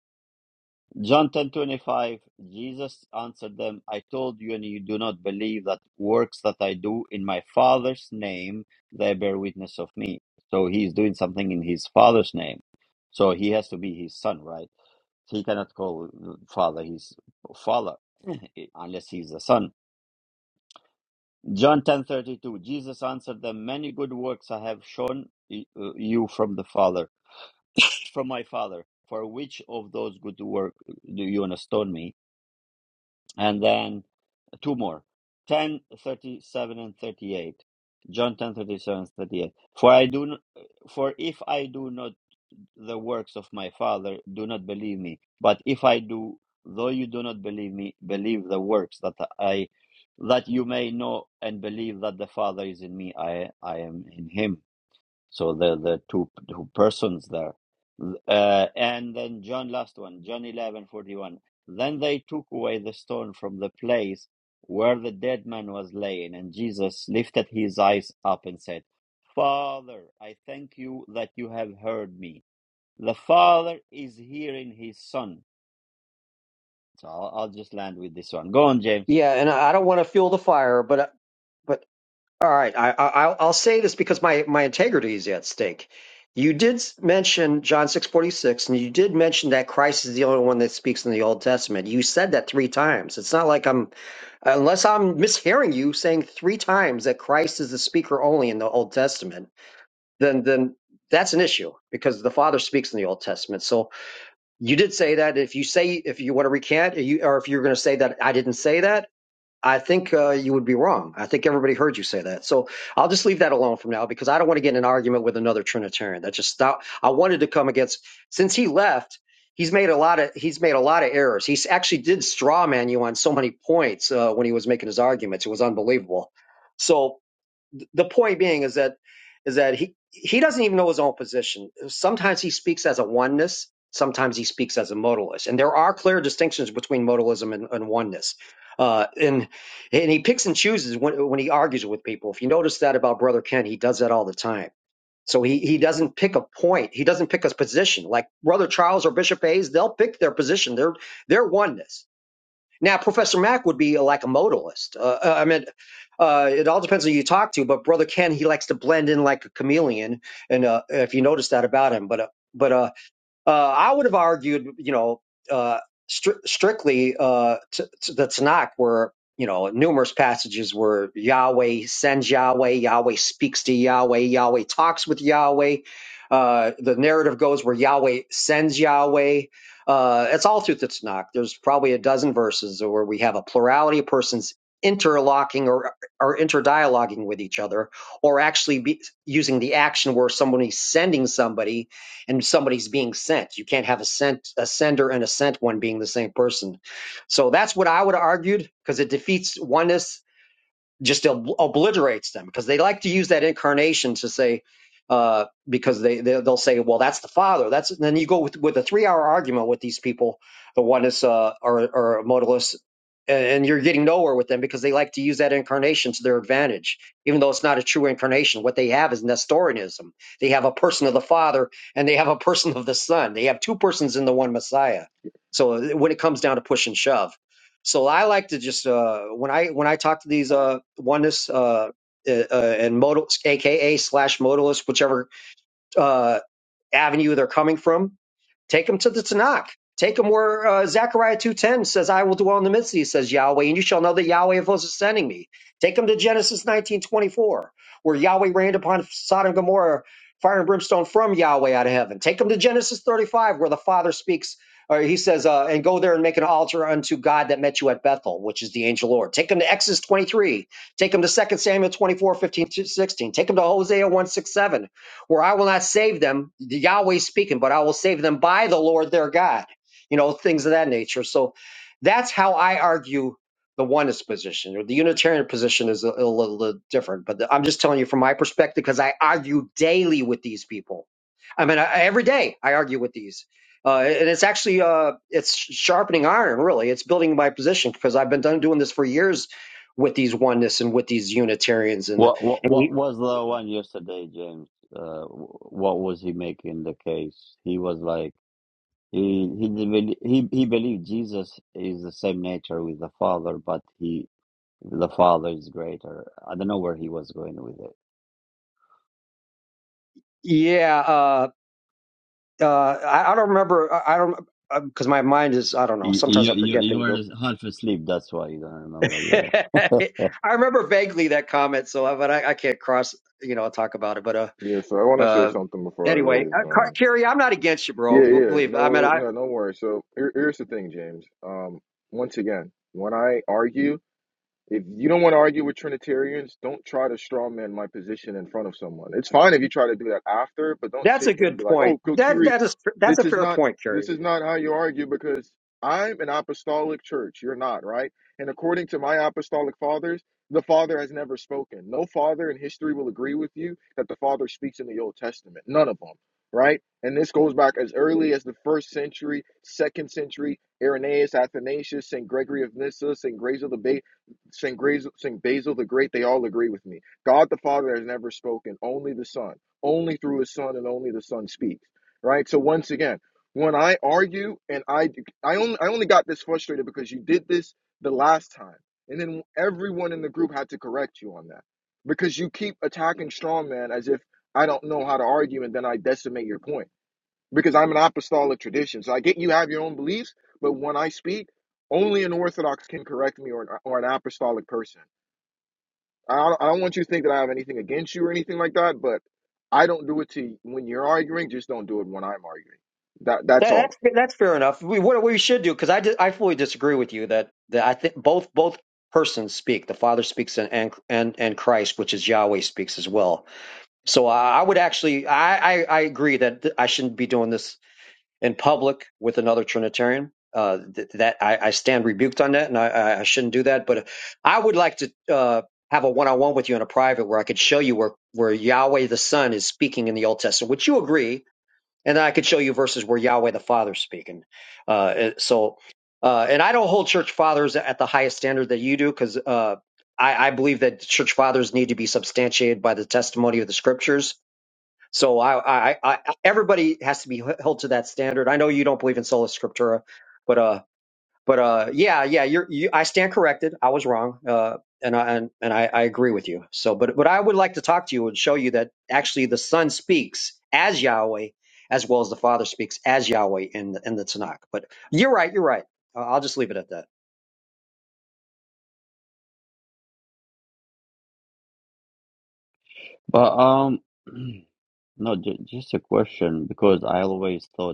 S1: John ten twenty five, Jesus answered them, I told you, and you do not believe that works that I do in my Father's name, they bear witness of me. So he is doing something in his Father's name. So he has to be his son, right? He cannot call Father his Father unless he's the son. John 10:32 Jesus answered them many good works I have shown y- uh, you from the Father from my Father for which of those good work do you want to stone me and then two more 10:37 and 38 John 10:37 and 38 for I do n- for if I do not the works of my Father do not believe me. But if I do, though you do not believe me, believe the works that I that you may know and believe that the Father is in me, I I am in him. So the the two two persons there. Uh, and then John last one, John eleven forty one. Then they took away the stone from the place where the dead man was laying, and Jesus lifted his eyes up and said, Father, I thank you that you have heard me. The Father is here in his Son. So I'll, I'll just land with this one. Go on, James.
S9: Yeah, and I I don't want to fuel the fire, but but all right, I, I I'll I'll say this because my my integrity is at stake. You did s- mention John six forty six, and you did mention that Christ is the only one that speaks in the Old Testament. You said that three times. It's not like I'm Unless I'm mishearing you saying three times that Christ is the speaker only in the Old Testament, then then that's an issue because the Father speaks in the Old Testament. So you did say that. If you say if you want to recant, or you or if you're going to say that I didn't say that, I think uh, you would be wrong. I think everybody heard you say that. So I'll just leave that alone from now because I don't want to get in an argument with another Trinitarian. That just stop. I wanted to come against since he left. He's made a lot of he's made a lot of errors. He actually did straw man you on so many points uh, when he was making his arguments. It was unbelievable. So the point being is that is that he he doesn't even know his own position. Sometimes he speaks as a oneness, sometimes he speaks as a modalist, and there are clear distinctions between modalism and, and oneness. Uh, and and he picks and chooses when when he argues with people. If you notice that about Brother Ken, he does that all the time. So he, he doesn't pick a point. He doesn't pick a position. Like Brother Charles or Bishop Hayes, they'll pick their position. They're they're oneness now, Professor Mack would be like a modalist. Uh, uh, I mean, uh, it all depends on who you talk to, but Brother Ken, he likes to blend in like a chameleon, and uh, if you notice that about him, but uh, but uh, uh, I would have argued, you know, uh, stri- strictly uh, t- t- the Tanakh, where you know numerous passages where Yahweh sends Yahweh, Yahweh speaks to Yahweh, Yahweh talks with Yahweh. Uh, the narrative goes where Yahweh sends Yahweh. Uh, it's all through the Tanakh. There's probably a dozen verses where we have a plurality of persons interlocking or, or interdialoguing with each other, or actually be using the action where somebody's sending somebody and somebody's being sent. You can't have a sent a sender and a sent one being the same person. So that's what I would have argued because it defeats oneness just ob- obliterates them because they like to use that incarnation to say uh, because they, they they'll say well that's the father that's and then you go with with a three hour argument with these people the oneness uh, or or modalists and and you're getting nowhere with them because they like to use that incarnation to their advantage even though it's not a true incarnation what they have is nestorianism they have a person of the father and they have a person of the son they have two persons in the one messiah so uh, when it comes down to push and shove so I like to just uh, when I when I talk to these uh, oneness uh, uh, uh, and modal, aka slash modalists, whichever uh, avenue they're coming from, Take them to the Tanakh. Take them where uh, Zechariah 2.10 says, I will dwell in the midst of you, says Yahweh, and you shall know that Yahweh of hosts is sending me. Take them to Genesis 19.24, where Yahweh rained upon Sodom and Gomorrah fire and brimstone from Yahweh out of heaven. Take them to Genesis 35, where the Father speaks, or he says, uh, and go there and make an altar unto God that met you at Bethel, which is the angel Lord. Take them to Exodus 23. Take them to Second Samuel 24 15 to 16. Take them to Hosea 167 where I will not save them, Yahweh speaking, but I will save them by the Lord their God, you know, things of that nature. So that's how I argue the oneness position or the Unitarian position is a, a little, little different. But I'm just telling you from my perspective because I argue daily with these people. I mean, I, every day I argue with these. Uh, and it's actually uh, it's sharpening iron, really. It's building my position because I've been done doing this for years with these oneness and with these Unitarians and,
S1: What what
S9: and
S1: what was the one yesterday, James? Uh, wh- what was he making the case? He was like he he did bel- he he believed Jesus is the same nature with the Father, but he the Father is greater. I don't know where he was going with it.
S9: yeah. uh, Uh, I, I don't remember. I, I don't because my mind is. I don't know.
S1: You
S9: Sometimes I
S1: you you,
S9: forget
S1: you
S9: things.
S1: were
S9: bro.
S1: half asleep. That's why you don't remember your.
S9: I remember vaguely that comment. So, uh, but I, I can't cross. You know, I'll talk about it. But uh,
S8: Yeah, so I want to say
S9: uh,
S8: something before I
S9: anyway,
S8: leave.
S9: uh, Car-
S8: Um,
S9: Carrie, I'm not against you, bro.
S8: yeah,
S9: B-
S8: yeah,
S9: Believe. I mean,
S8: no,
S9: I.
S8: no, don't worry. So here, here's the thing, James. Um, once again, when I argue, if you don't want to argue with Trinitarians, don't try to strawman my position in front of someone. It's fine if you try to do that after, but don't
S9: That's
S8: sit
S9: a
S8: here and
S9: good
S8: be like,
S9: point.
S8: "Oh,
S9: That
S8: Kokiri,
S9: that is that's
S8: this
S9: a
S8: is
S9: fair
S8: not
S9: point,
S8: this
S9: Carrie.
S8: is not how you argue," because I'm an apostolic church. You're not, right? And according to my apostolic fathers, the Father has never spoken. No father in history will agree with you that the Father speaks in the Old Testament. None of them, right? And this goes back as early as the first century, second century, Irenaeus, Athanasius, St. Gregory of Nyssa, St. Grace of the Bay, St. Grazel, St. Basil the Great, they all agree with me. God the Father has never spoken, only the Son, only through his Son, and only the Son speaks. Right? So once again, when I argue and I I only I only got this frustrated because you did this the last time. And then everyone in the group had to correct you on that. Because you keep attacking strongman as if I don't know how to argue and then I decimate your point because I'm an apostolic tradition. So I get you have your own beliefs, but when I speak, only an Orthodox can correct me or an, or an apostolic person. I don't, I don't want you to think that I have anything against you or anything like that, but I don't do it to when you're arguing. Just don't do it when I'm arguing. That that's
S9: That,
S8: all.
S9: that's that's fair enough. We, what we should do because I di- I fully disagree with you that that I think both both persons speak. The Father speaks and and and and Christ, which is Yahweh, speaks as well So I, I would actually, I, I, I agree that th- I shouldn't be doing this in public with another Trinitarian. Uh, th- that I, I stand rebuked on that, and I, I I shouldn't do that. But I would like to uh, have a one-on-one with you in a private where I could show you where where Yahweh the Son is speaking in the Old Testament. which you agree? And then I could show you verses where Yahweh the Father is speaking. Uh, uh, so, uh, and I don't hold church fathers at the highest standard that you do, because uh, I, I believe that church fathers need to be substantiated by the testimony of the scriptures so I, I, I, everybody has to be held to that standard. I know you don't believe in sola scriptura, but uh, but uh, yeah, yeah, you're, you, I stand corrected. I was wrong, uh, and I and, and I, I agree with you. So, but but I would like to talk to you and show you that actually the Son speaks as Yahweh, as well as the Father speaks as Yahweh in the, in the Tanakh. But you're right, you're right. Uh, I'll just leave it at that.
S1: but um. No, ju- just a question because I always thought.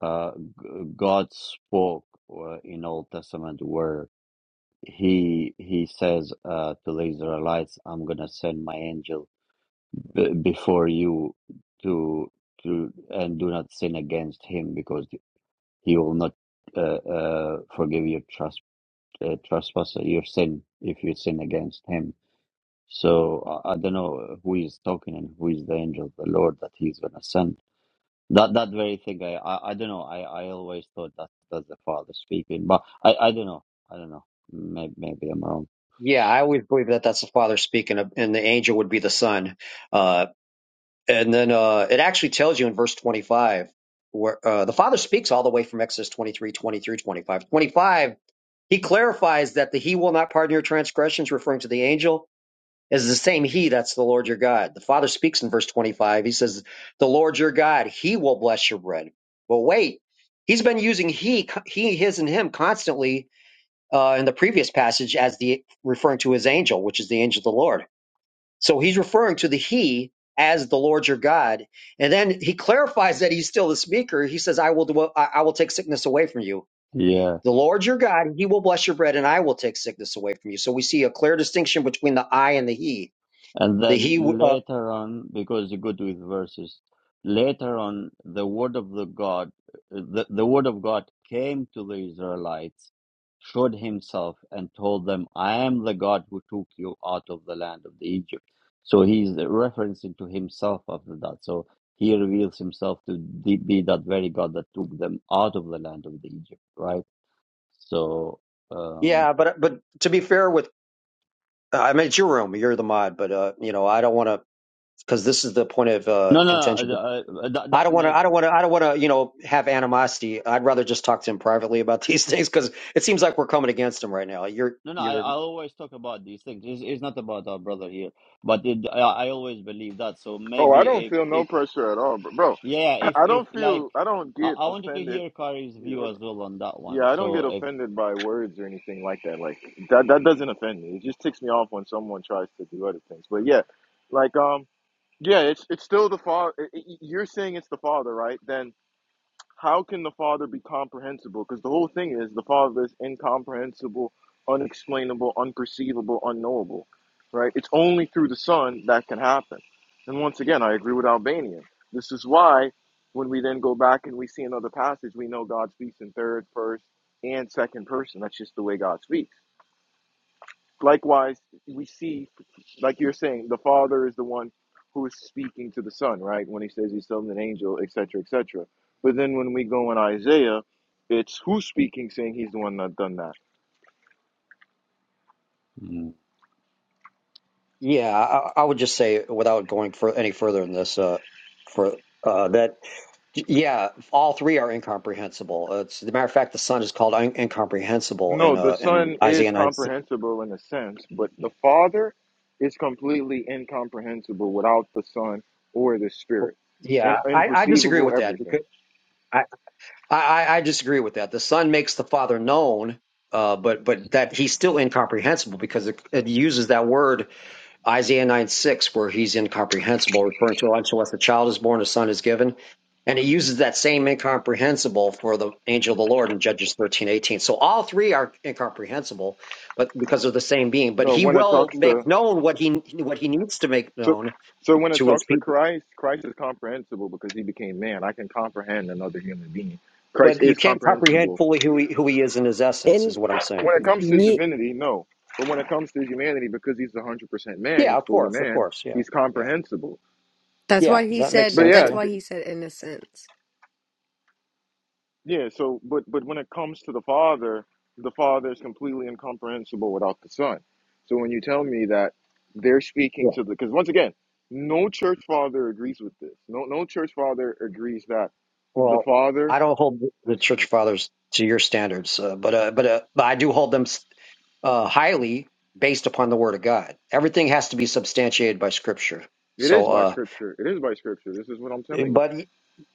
S1: uh, g- God spoke uh, in Old Testament where he he says uh, to the Israelites, "I'm gonna send my angel b- before you to to and do not sin against him because he will not uh, uh, forgive your trust uh, trespass your sin if you sin against him." So I, I don't know who is talking and who is the angel of the Lord that he's gonna send that that very thing, I I, I don't know. I, I always thought that that's the father speaking, but I I don't know. I don't know. Maybe maybe I'm wrong.
S9: Yeah, I always believe that that's the Father speaking, and the angel would be the Son. Uh. And then uh, it actually tells you in verse 25 where uh, the Father speaks all the way from Exodus 23, twenty through 25. 25, he clarifies that the He will not pardon your transgressions, referring to the angel, is the same He that's the Lord your God. The Father speaks in verse 25. He says, The Lord your God, He will bless your bread. But wait, he's been using He, He, His, and Him constantly uh, in the previous passage as the referring to His angel, which is the angel of the Lord. So he's referring to the he as the Lord your God. And then he clarifies that he's still the speaker. He says, I will dwell, I I will take sickness away from you.
S1: Yeah.
S9: The Lord your God, he will bless your bread and I will take sickness away from you. So we see a clear distinction between the I and the he.
S1: And
S9: The he,
S1: then
S9: uh,
S1: later on, because you're good with verses, later on the word of the God, the, the word of God came to the Israelites, showed himself, and told them, "I am the God who took you out of the land of the Egypt." So he's referencing to himself after that. So he reveals himself to be be that very God that took them out of the land of the Egypt, right? So um,
S9: yeah, but, but to be fair with, uh, I mean, it's your room. You're the mod, but, uh, you know, I don't want to, because this is the point of uh,
S1: no, no,
S9: contention.
S1: uh, uh, that
S9: I
S1: that
S9: don't want
S1: makes
S9: to. I don't want to. I don't want to. You know, have animosity. I'd rather just talk to him privately about these things because it seems like we're coming against him right now. You're.
S1: No, no, I, I
S9: You're.
S1: always talk about these things. It's, it's not about our brother here, but it, I, I always believe that. So
S8: Oh, I
S1: maybe
S8: don't feel
S1: if,
S8: no
S1: if
S8: pressure at all, bro. bro
S1: yeah,
S8: I
S1: if,
S8: I
S1: if
S8: don't
S1: like,
S8: feel, I don't
S1: I,
S8: get
S1: I wanted to
S8: offended.
S1: hear Kari's
S8: Here,
S1: view
S8: hold
S1: as
S8: on.
S1: well on that
S8: Yeah,
S1: one.
S8: I don't
S1: So
S8: get
S1: if,
S8: offended by words or anything like that. Like that, that doesn't offend me. It just ticks me off when someone tries to do other things. But yeah, like um. Yeah, it's it's still the father. You're saying it's the father, right? Then how can the father be comprehensible? Because the whole thing is the father is incomprehensible, unexplainable, unperceivable, unknowable, right? It's only through the son that can happen. And once again, I agree with Albanian. This is why when we then go back and we see another passage, we know God speaks in third, first, and second person. That's just the way God speaks. Likewise, we see like you're saying, the Father is the one who is speaking to the Son, right? When he says he's still an angel, etc., etc. But then when we go in Isaiah, it's who's speaking, saying he's the one that done that.
S1: Mm.
S9: Yeah. I, I would just say without going for any further in this. Uh, for uh, that. Yeah, all three are incomprehensible. Uh, It's as a matter of fact, the son is called un- incomprehensible in
S8: No, the
S9: uh in
S8: Son is
S9: Isaiah nine.
S8: comprehensible in a sense, but the Father is completely incomprehensible without the Son or the Spirit,
S9: Yeah,
S8: and
S9: I, I disagree with
S8: unperceivable
S9: that
S8: everything.
S9: because I, I I disagree with that. The son makes the father known. Uh, but but that he's still incomprehensible because it, it uses that word Isaiah 9 6, where he's incomprehensible, referring to unto us a child is born, a son is given. And he uses that same incomprehensible for the angel of the Lord in Judges thirteen eighteen. So all three are incomprehensible, but because of the same being. But
S8: No,
S9: he
S8: when it
S9: will
S8: talks to
S9: make known what he what he needs to make
S8: So,
S9: known
S8: so when it
S9: to his
S8: talks to
S9: people.
S8: Christ, Christ is comprehensible because he became man. I can comprehend another human being. Christ
S9: But you
S8: is
S9: can't comprehend
S8: comprehensible.
S9: fully who he who he is in his essence, is
S4: And
S9: what I'm
S8: When
S9: saying.
S8: it comes to his
S4: ye-
S8: divinity, no. But when it comes to his humanity, because he's 100% man,
S9: Yeah,
S8: he's
S9: of
S8: fully
S9: course, of
S8: man,
S9: course. Yeah.
S8: he's
S9: Yeah.
S8: comprehensible.
S4: that's
S9: Yeah.
S4: why he
S9: That makes
S4: said.
S8: But
S9: sense.
S8: yeah,
S4: That's
S9: Yeah.
S4: why
S8: th-
S4: he said innocence.
S8: yeah. So, but but when it comes to the Father, the Father is completely incomprehensible without the Son. So when you tell me that they're speaking
S9: Yeah.
S8: to the, because once again, no church father agrees with this. No, no church father agrees that the
S9: Well,
S8: Father
S9: I don't hold the the
S8: Let's
S9: church
S8: make
S9: fathers to your standards, uh, but uh, but uh, but I do hold them uh, highly based upon the Word of God. Everything has to be substantiated by Scripture.
S8: it. It is
S9: So,
S8: by
S9: uh,
S8: scripture. It is by scripture. This is what I'm telling you.
S9: but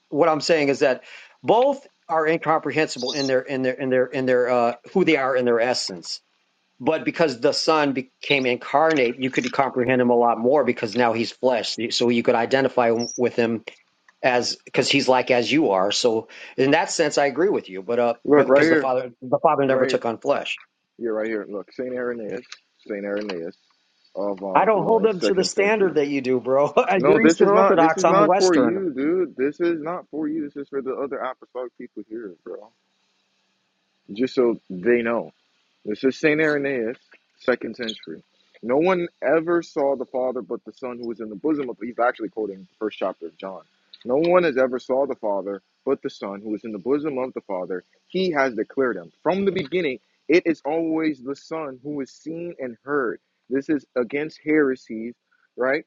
S9: what I'm saying is that both are incomprehensible in their in their in their in their uh, who they are in their essence. But because the Son became incarnate, you could comprehend him a lot more because now he's flesh, so you could identify with him as because he's like as you are. So in that sense, I agree with you. But uh, but
S8: Look right
S9: because the
S8: here,
S9: father the father never
S8: right here.
S9: took on flesh.
S8: Yeah, right here. Look, Saint Irenaeus, Saint Irenaeus of
S9: I
S8: um
S9: don't hold
S8: Lyons,
S9: up to the
S8: second
S9: standard
S8: century.
S9: that you do, bro.
S8: No,
S9: You're
S8: this
S9: Eastern
S8: is not. This
S9: Orthodox.
S8: is
S9: I'm
S8: not for
S9: Western.
S8: you, dude. This is not for you. This is for the other apostolic people here, bro. Just so they know. This is St. Irenaeus, second century. No one ever saw the Father but the Son who is in the bosom of, he's actually quoting the first chapter of John. No one has ever saw the Father but the Son who is in the bosom of the Father. He has declared him. From the beginning, it is always the Son who is seen and heard. This is against heresies, right?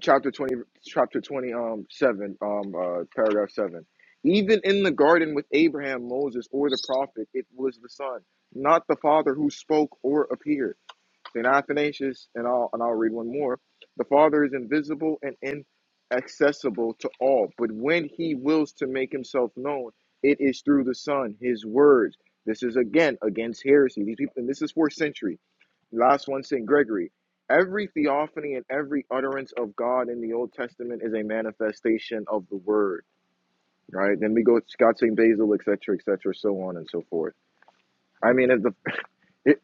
S8: chapter 20 chapter 20 um 7 um uh paragraph 7 even in the garden with abraham moses or the prophet it was the son not the father who spoke or appeared saint athanasius and i'll and i'll read one more the father is invisible and inaccessible to all but when he wills to make himself known it is through the son his words this is again against heresy these people and this is fourth century Last one, St. Gregory. Every theophany and every utterance of God in the Old Testament is a manifestation of the Word, right? Then we go to Scott St. Basil, et cetera, et cetera, so on and so forth. I mean, if the, it,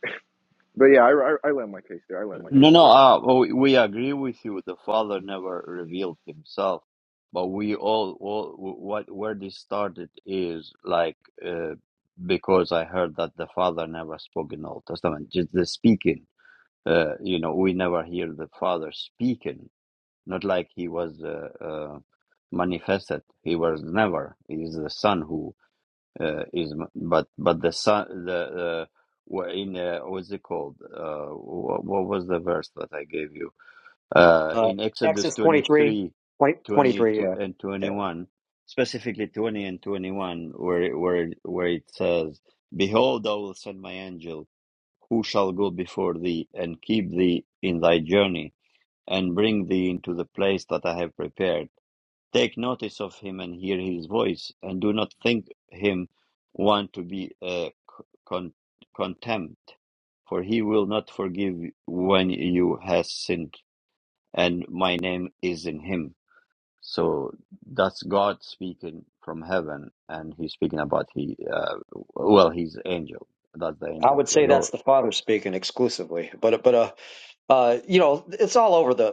S8: but yeah, I, I, I land my case there. I land my
S1: no,
S8: case
S1: no,
S8: there.
S1: uh, we, we agree with you. The Father never revealed himself, but we all, all what, where this started is like, uh, because I heard that the Father never spoke in Old Testament, just the speaking. Uh, you know, we never hear the Father speaking Not like he was uh, uh, manifested. He was never. He is the son who uh, is, but but the son the uh, in uh, what's it called? Uh, what, was the verse that I gave you? Uh,
S9: Uh,
S1: in Exodus
S9: Exodus
S1: twenty
S9: 23,
S1: three,
S9: twenty,
S1: 20
S9: twenty-three. Yeah.
S1: and twenty one, specifically twenty and twenty one, where where where it says, "Behold, I will send my angel." Who shall go before thee and keep thee in thy journey and bring thee into the place that I have prepared? Take notice of him and hear his voice, and do not think him one to be a con- contempt, for he will not forgive when you has sinned, and my name is in him. So that's God speaking from heaven, and he's speaking about he, uh, well, he's angel. That's the
S9: yeah, I
S1: angel
S9: would
S1: of the
S9: say that's
S1: Lord.
S9: the father speaking exclusively. But but uh, uh, you know, it's all over the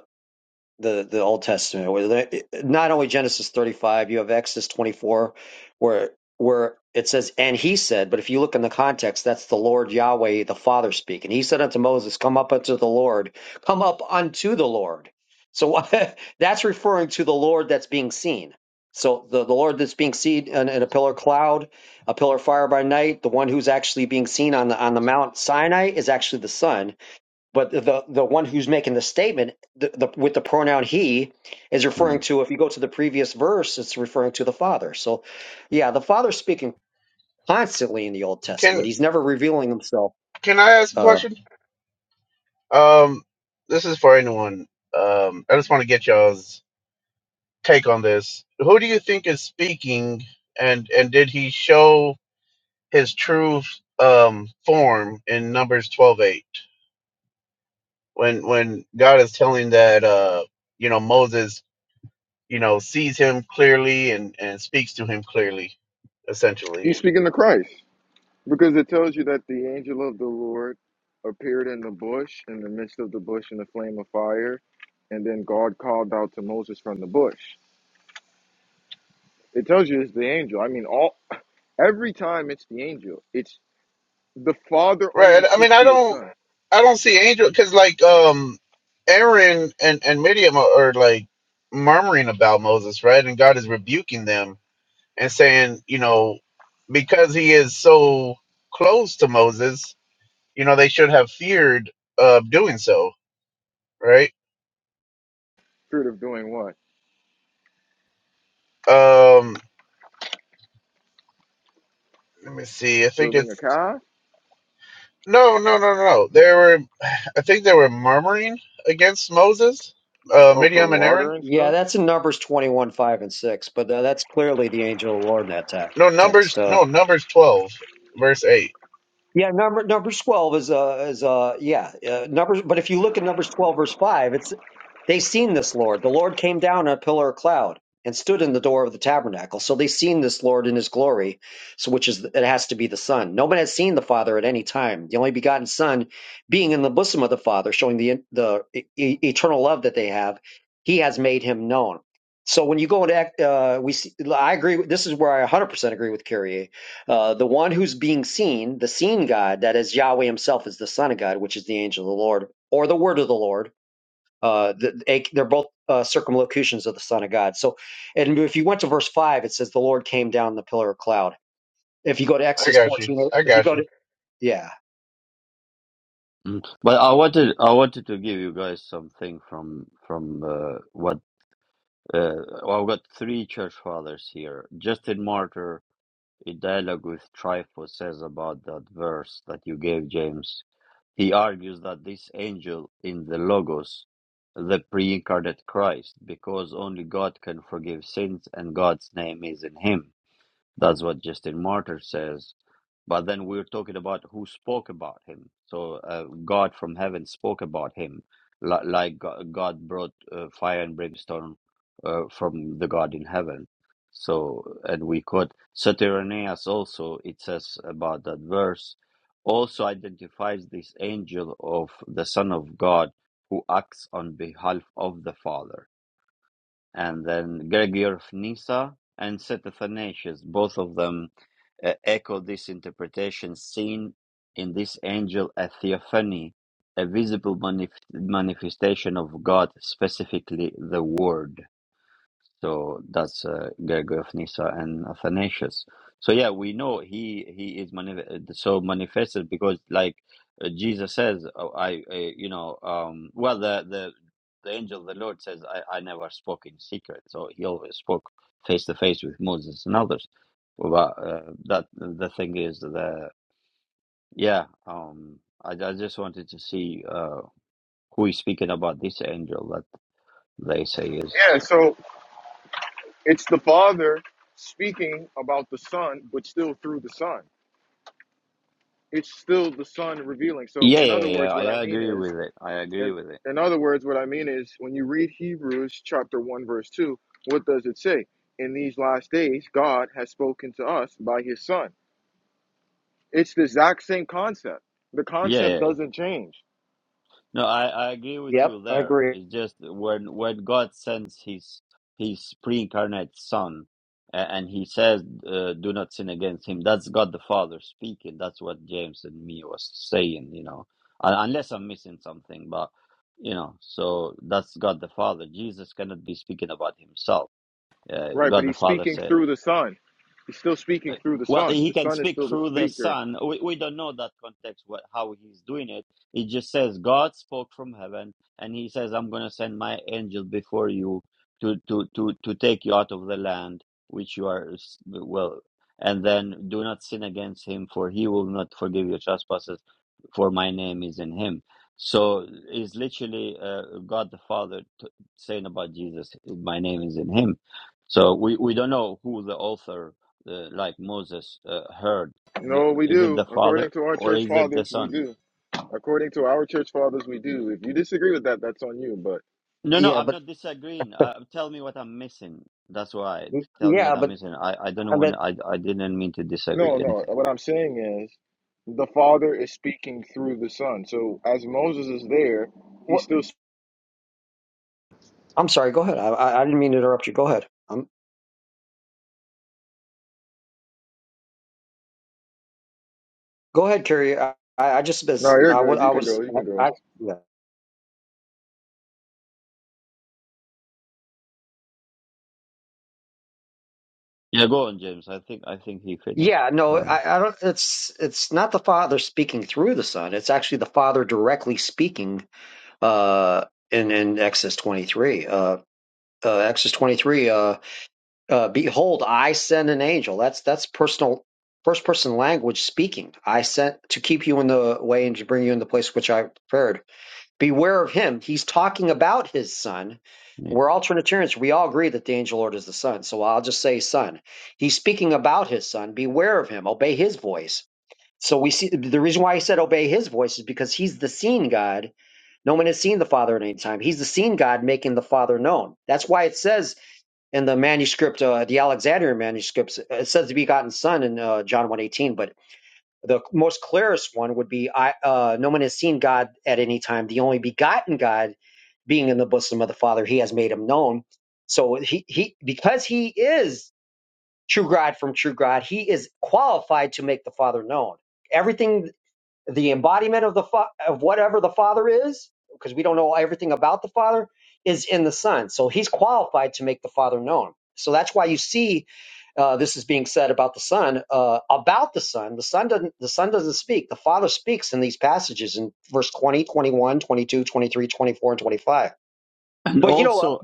S9: the the Old Testament. Where they- not only Genesis 35, you have Exodus 24, where where it says, "And he said," but if you look in the context, that's the Lord Yahweh, the Father speaking. He said unto Moses, "Come up unto the Lord, come up unto the Lord." So that's referring to the Lord that's being seen. So the, the Lord that's being seen in, in a pillar cloud, a pillar of fire by night, the one who's actually being seen on the on the Mount Sinai is actually the Son but the the one who's making the statement the, the, with the pronoun he is referring
S1: Mm,
S9: to if you go to the previous verse it's referring to the father so yeah the father's speaking constantly in the old testament
S10: can
S9: he's never revealing himself
S10: can I ask a
S9: uh
S10: question? Um, this is for anyone. Um, I just want to get y'all's take on this. Who do you think is speaking, and and did he show his true um form in Numbers twelve eight when when God is telling that uh you know Moses you know sees him clearly and and speaks to him clearly essentially
S8: He's speaking to Christ because it tells you that the angel of the Lord appeared in the bush, in the midst of the bush, in the flame of fire, and then God called out to Moses from the bush. It tells you it's the angel. I mean, all every time it's the angel. It's The Father
S10: Right.
S8: only
S10: I
S8: speaks
S10: mean, I
S8: through His
S10: don't,
S8: Son.
S10: I don't see Angel because like, um, Aaron and and Miriam are, are like murmuring about Moses, right? And God is rebuking them and saying, you know, because he is so close to Moses, you know, they should have feared of doing so, right?
S8: Spirit of doing what?
S10: Um, let me see. I think
S8: Building
S10: it's
S8: a calf?
S10: no, no, no, no. no. They were, I think they were murmuring against Moses, uh,
S8: Oh, for
S10: Miriam and
S8: water
S10: Aaron.
S8: and
S9: yeah
S8: stuff?
S9: that's in numbers 21 5 and 6 but uh, that's clearly the angel of the lord in that te-
S10: No, numbers,
S9: text Uh,
S10: no, numbers twelve, verse eight.
S9: Yeah, number numbers twelve is uh is uh yeah uh, numbers. But if you look at numbers twelve verse five, it's they seen this Lord. The Lord came down on a pillar of cloud and stood in the door of the tabernacle. So they seen this Lord in His glory, so which is it has to be the Son. No one has seen the Father at any time. The only begotten Son, being in the bosom of the Father, showing the the e- e- eternal love that they have, He has made Him known. So when you go into Act- uh, we see, I agree. with- This is where I 100% agree with Kyrie uh, the one who's being seen, the seen God, that is Yahweh himself, is the Son of God, which is the angel of the Lord, or the Word of the Lord. Uh, the, they- are both uh, circumlocutions of the Son of God. So, and if you went to verse 5, it says, The Lord came down in the pillar of cloud. If you go to
S10: I
S9: Exodus
S10: got you.
S9: 14,
S10: I
S9: if you
S10: got
S9: go
S10: you.
S9: to, yeah,
S1: mm. But I wanted I wanted to give you guys something from from uh, what Uh, well, I've got three church fathers here. Justin Martyr, in dialogue with Trypho, says about that verse that you gave, James. He argues that this angel in the Logos, the pre incarnate Christ, because only God can forgive sins and God's name is in him. That's what Justin Martyr says. But then we're talking about who spoke about him. So uh, God from heaven spoke about him, li- like Go- God brought uh, fire and brimstone uh, from the God in heaven. So, and we quote Saturnius also, it says about that verse, also identifies this angel of the Son of God who acts on behalf of the Father and then Gregory of Nyssa and St. Athanasius. Both of them uh, echo this interpretation seen in this angel a theophany, a visible manif- manifestation of God, specifically the Word. So that's uh, Gregory of Nyssa and Athanasius. So yeah, we know he he is manif- so manifested because like uh, Jesus says, oh, I, I you know um well the the the angel of the Lord says I I never spoke in secret. So he always spoke face to face with Moses and others. But uh, that the thing is the yeah um I I just wanted to see uh who is speaking about this angel that they say is.
S8: Yeah, so it's the Father speaking about the Son, but still through the Son. It's still the Son revealing. So,
S1: Yeah,
S8: in
S1: yeah,
S8: other words,
S1: yeah.
S8: what
S1: yeah,
S8: I
S1: I
S8: mean
S1: agree
S8: is,
S1: with it. I agree
S8: and
S1: with it.
S8: in other words, what I mean is, when you read Hebrews chapter 1, verse 2, what does it say? In these last days, God has spoken to us by His Son. It's the exact same concept. The
S1: Yeah,
S8: concept
S1: yeah, yeah.
S8: doesn't change
S1: No, I, I agree with
S9: yep,
S1: you
S9: I
S1: there.
S9: agree.
S1: It's just when when God sends his his pre-incarnate son a- and he says uh, do not sin against him that's god the father speaking that's what james and me was saying you know Un- unless i'm missing something but you know so that's god the father jesus cannot be speaking about himself uh,
S8: Right, but
S1: god the
S8: he's
S1: father
S8: speaking
S1: said.
S8: through the Son. He's still speaking
S1: Uh,
S8: through the
S1: Well,
S8: Son.
S1: he
S8: The
S1: can
S8: Son is
S1: speak
S8: still the
S1: through the
S8: speaker.
S1: Son. We, we don't know that context, what, how he's doing it. It just says God spoke from heaven, and he says, I'm going to send my angel before you to, to, to, to take you out of the land which you are, s- well, and then do not sin against him, for he will not forgive your trespasses, for my name is in him. So it's literally uh, God the Father t- saying about Jesus, my name is in him. So we, we don't know who the author uh, like Moses uh, heard.
S8: You know what
S1: The,
S8: we
S1: is it
S8: do.
S1: the
S8: According
S1: Father
S8: to our
S1: or
S8: church
S1: is it the
S8: fathers, we
S1: Son?
S8: do. According to our church fathers, we do. If you disagree with that, that's on you. But
S1: No, no,
S9: Yeah,
S1: I'm
S9: but,
S1: not disagreeing. Uh, tell me what I'm missing. That's why. Tell me what
S9: yeah,
S1: I'm
S9: but,
S1: missing. I, I don't
S9: I mean,
S1: want. I, I didn't mean to
S8: no,
S1: disagree
S8: no.
S1: anything.
S8: What I'm saying is the Father is speaking through the Son. So as Moses is there, he's
S9: what,
S8: still.
S9: I'm sorry, go ahead. I, I I didn't mean to interrupt you. Go ahead. Um, go ahead, Carrie. I, I I just,
S8: No, you're
S9: I, wa-
S8: good.
S9: I
S8: You can
S9: was,
S8: go. You can go.
S9: I, I, yeah.
S1: Yeah, go on, James. I think I think he finished.
S9: Yeah, no,
S1: Uh,
S9: I, I don't. It's it's not the Father speaking through the Son. It's actually the Father directly speaking. Uh, in in Exodus twenty three. Uh, uh, Exodus twenty three. Uh, uh, behold, I send an angel. That's that's personal, first person language speaking. I sent to keep you in the way and to bring you in the place which I prepared. Beware of him. He's talking about his son.
S1: yeah.
S9: We're all Trinitarians. We all agree that the angel Lord is the son. So I'll just say son. He's speaking about his son. Beware of him. Obey his voice. So we see the reason why he said obey his voice is because he's the seen God. No one has seen the Father at any time. He's the seen God making the Father known. That's why it says in the manuscript, uh, the Alexandrian manuscripts, it says the begotten Son in uh, John one eighteen, but the most clearest one would be I, uh, no one has seen God at any time. The only begotten God being in the bosom of the Father, he has made him known. So he, he because he is true God from true God, he is qualified to make the Father known. Everything the embodiment of the fa- of whatever the father is because we don't know everything about the father is in the son so he's qualified to make the father known so that's why you see uh, this is being said about the son uh, about the son the son doesn't the son doesn't speak the father speaks in these passages in verse 20, 21, 22, 23, 24, and 25
S1: And
S9: but you know what
S1: also,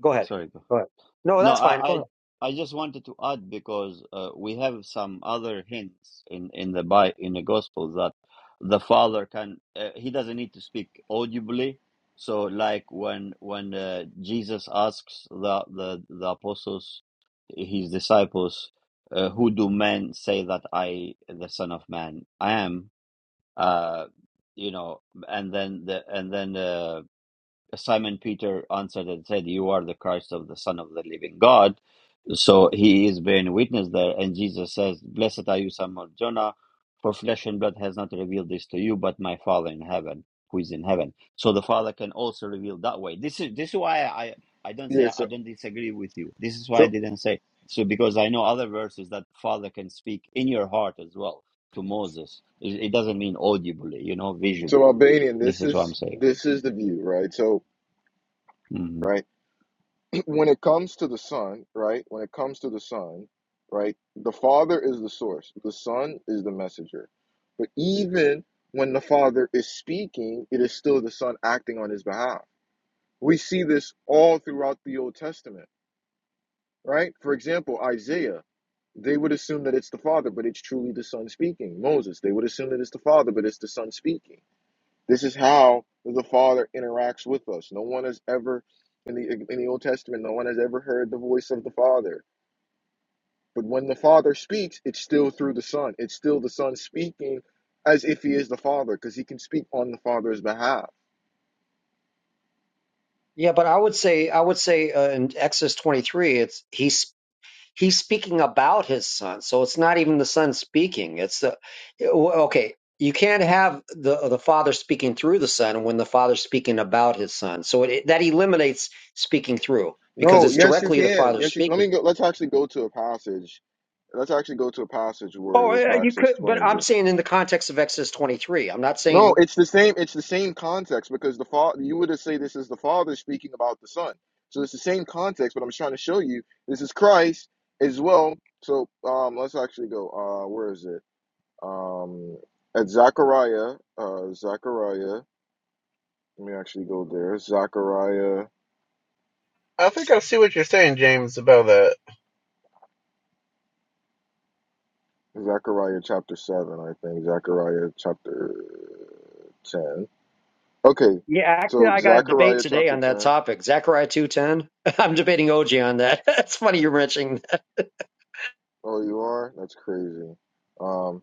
S9: go ahead
S1: sorry. Go.
S9: go ahead no
S1: No,
S9: that's fine
S1: I,
S9: go ahead
S1: I I just wanted to add because uh, we have some other hints in in the Bi in the Gospels that the Father can uh, he doesn't need to speak audibly. So, like when when uh, Jesus asks the the the apostles, his disciples, uh, who do men say that I, the Son of Man, I am? Uh, you know, and then the and then. Uh, Simon Peter answered and said, You are the Christ of the Son of the living God. So he is bearing witness there. And Jesus says, Blessed are you, son of Jonah, for flesh and blood has not revealed this to you, but my Father in heaven, who is in heaven. So the Father can also reveal that way. This is this is why I, I don't
S8: Yeah.
S1: say I
S8: So,
S1: don't disagree with you. This is why I
S8: so,
S1: didn't say so because I know other verses that Father can speak in your heart as well to Moses. It, it doesn't mean audibly, you know,
S8: so
S1: visibly.
S8: Albanian.
S1: This
S8: This
S1: is what I'm
S8: is
S1: saying.
S8: this is the view, right? So,
S1: hmm
S8: right. when it comes to the son, right? When it comes to the son, right? The father is the source. The son is the messenger. But even when the father is speaking, it is still the son acting on his behalf. We see this all throughout the Old Testament, right? For example, Isaiah, they would assume that it's the father, but it's truly the son speaking. Moses, they would assume that it's the father, but it's the son speaking this is how the Father interacts with us. No one has ever, in the in the Old Testament, no one has ever heard the voice of the Father. But when the Father speaks, it's still through the Son. It's still the Son speaking as if he is the Father, because he can speak on the Father's behalf.
S9: yeah but i would say i would say uh, in exodus 23 it's he he's speaking about his son so it's not even the son speaking it's the okay you can't have the the father speaking through the son when the father's speaking about his son so it, that eliminates speaking through because
S8: No,
S9: it's
S8: yes, you
S9: directly the
S8: can.
S9: father
S8: Yes, you, let me
S9: speaking
S8: go. Let's actually go to a passage. Let's actually go to a passage where
S9: oh
S8: this
S9: yeah, you
S8: box
S9: could but
S8: explains
S9: i'm
S8: it.
S9: saying in the context of exodus 23 i'm not
S8: No,
S9: saying
S8: it's the same. It's the same context because the father. You would say this is the father speaking about the son. So it's the same context. But I'm trying to show you this is Christ as well. So um, let's actually go. Uh, where is it? Um, at Zechariah. Uh, Zechariah. Let me actually go there. Zechariah.
S10: I think I see what you're saying, James, about that.
S8: Zechariah chapter seven. I think Zechariah chapter ten. Okay.
S9: yeah actually
S8: So
S9: i got a debate
S8: Zechariah
S9: today
S8: chapter
S9: on that
S8: ten.
S9: topic zechariah 2.10 i'm debating og on that that's funny you're mentioning
S8: Oh, you are. That's crazy. Um,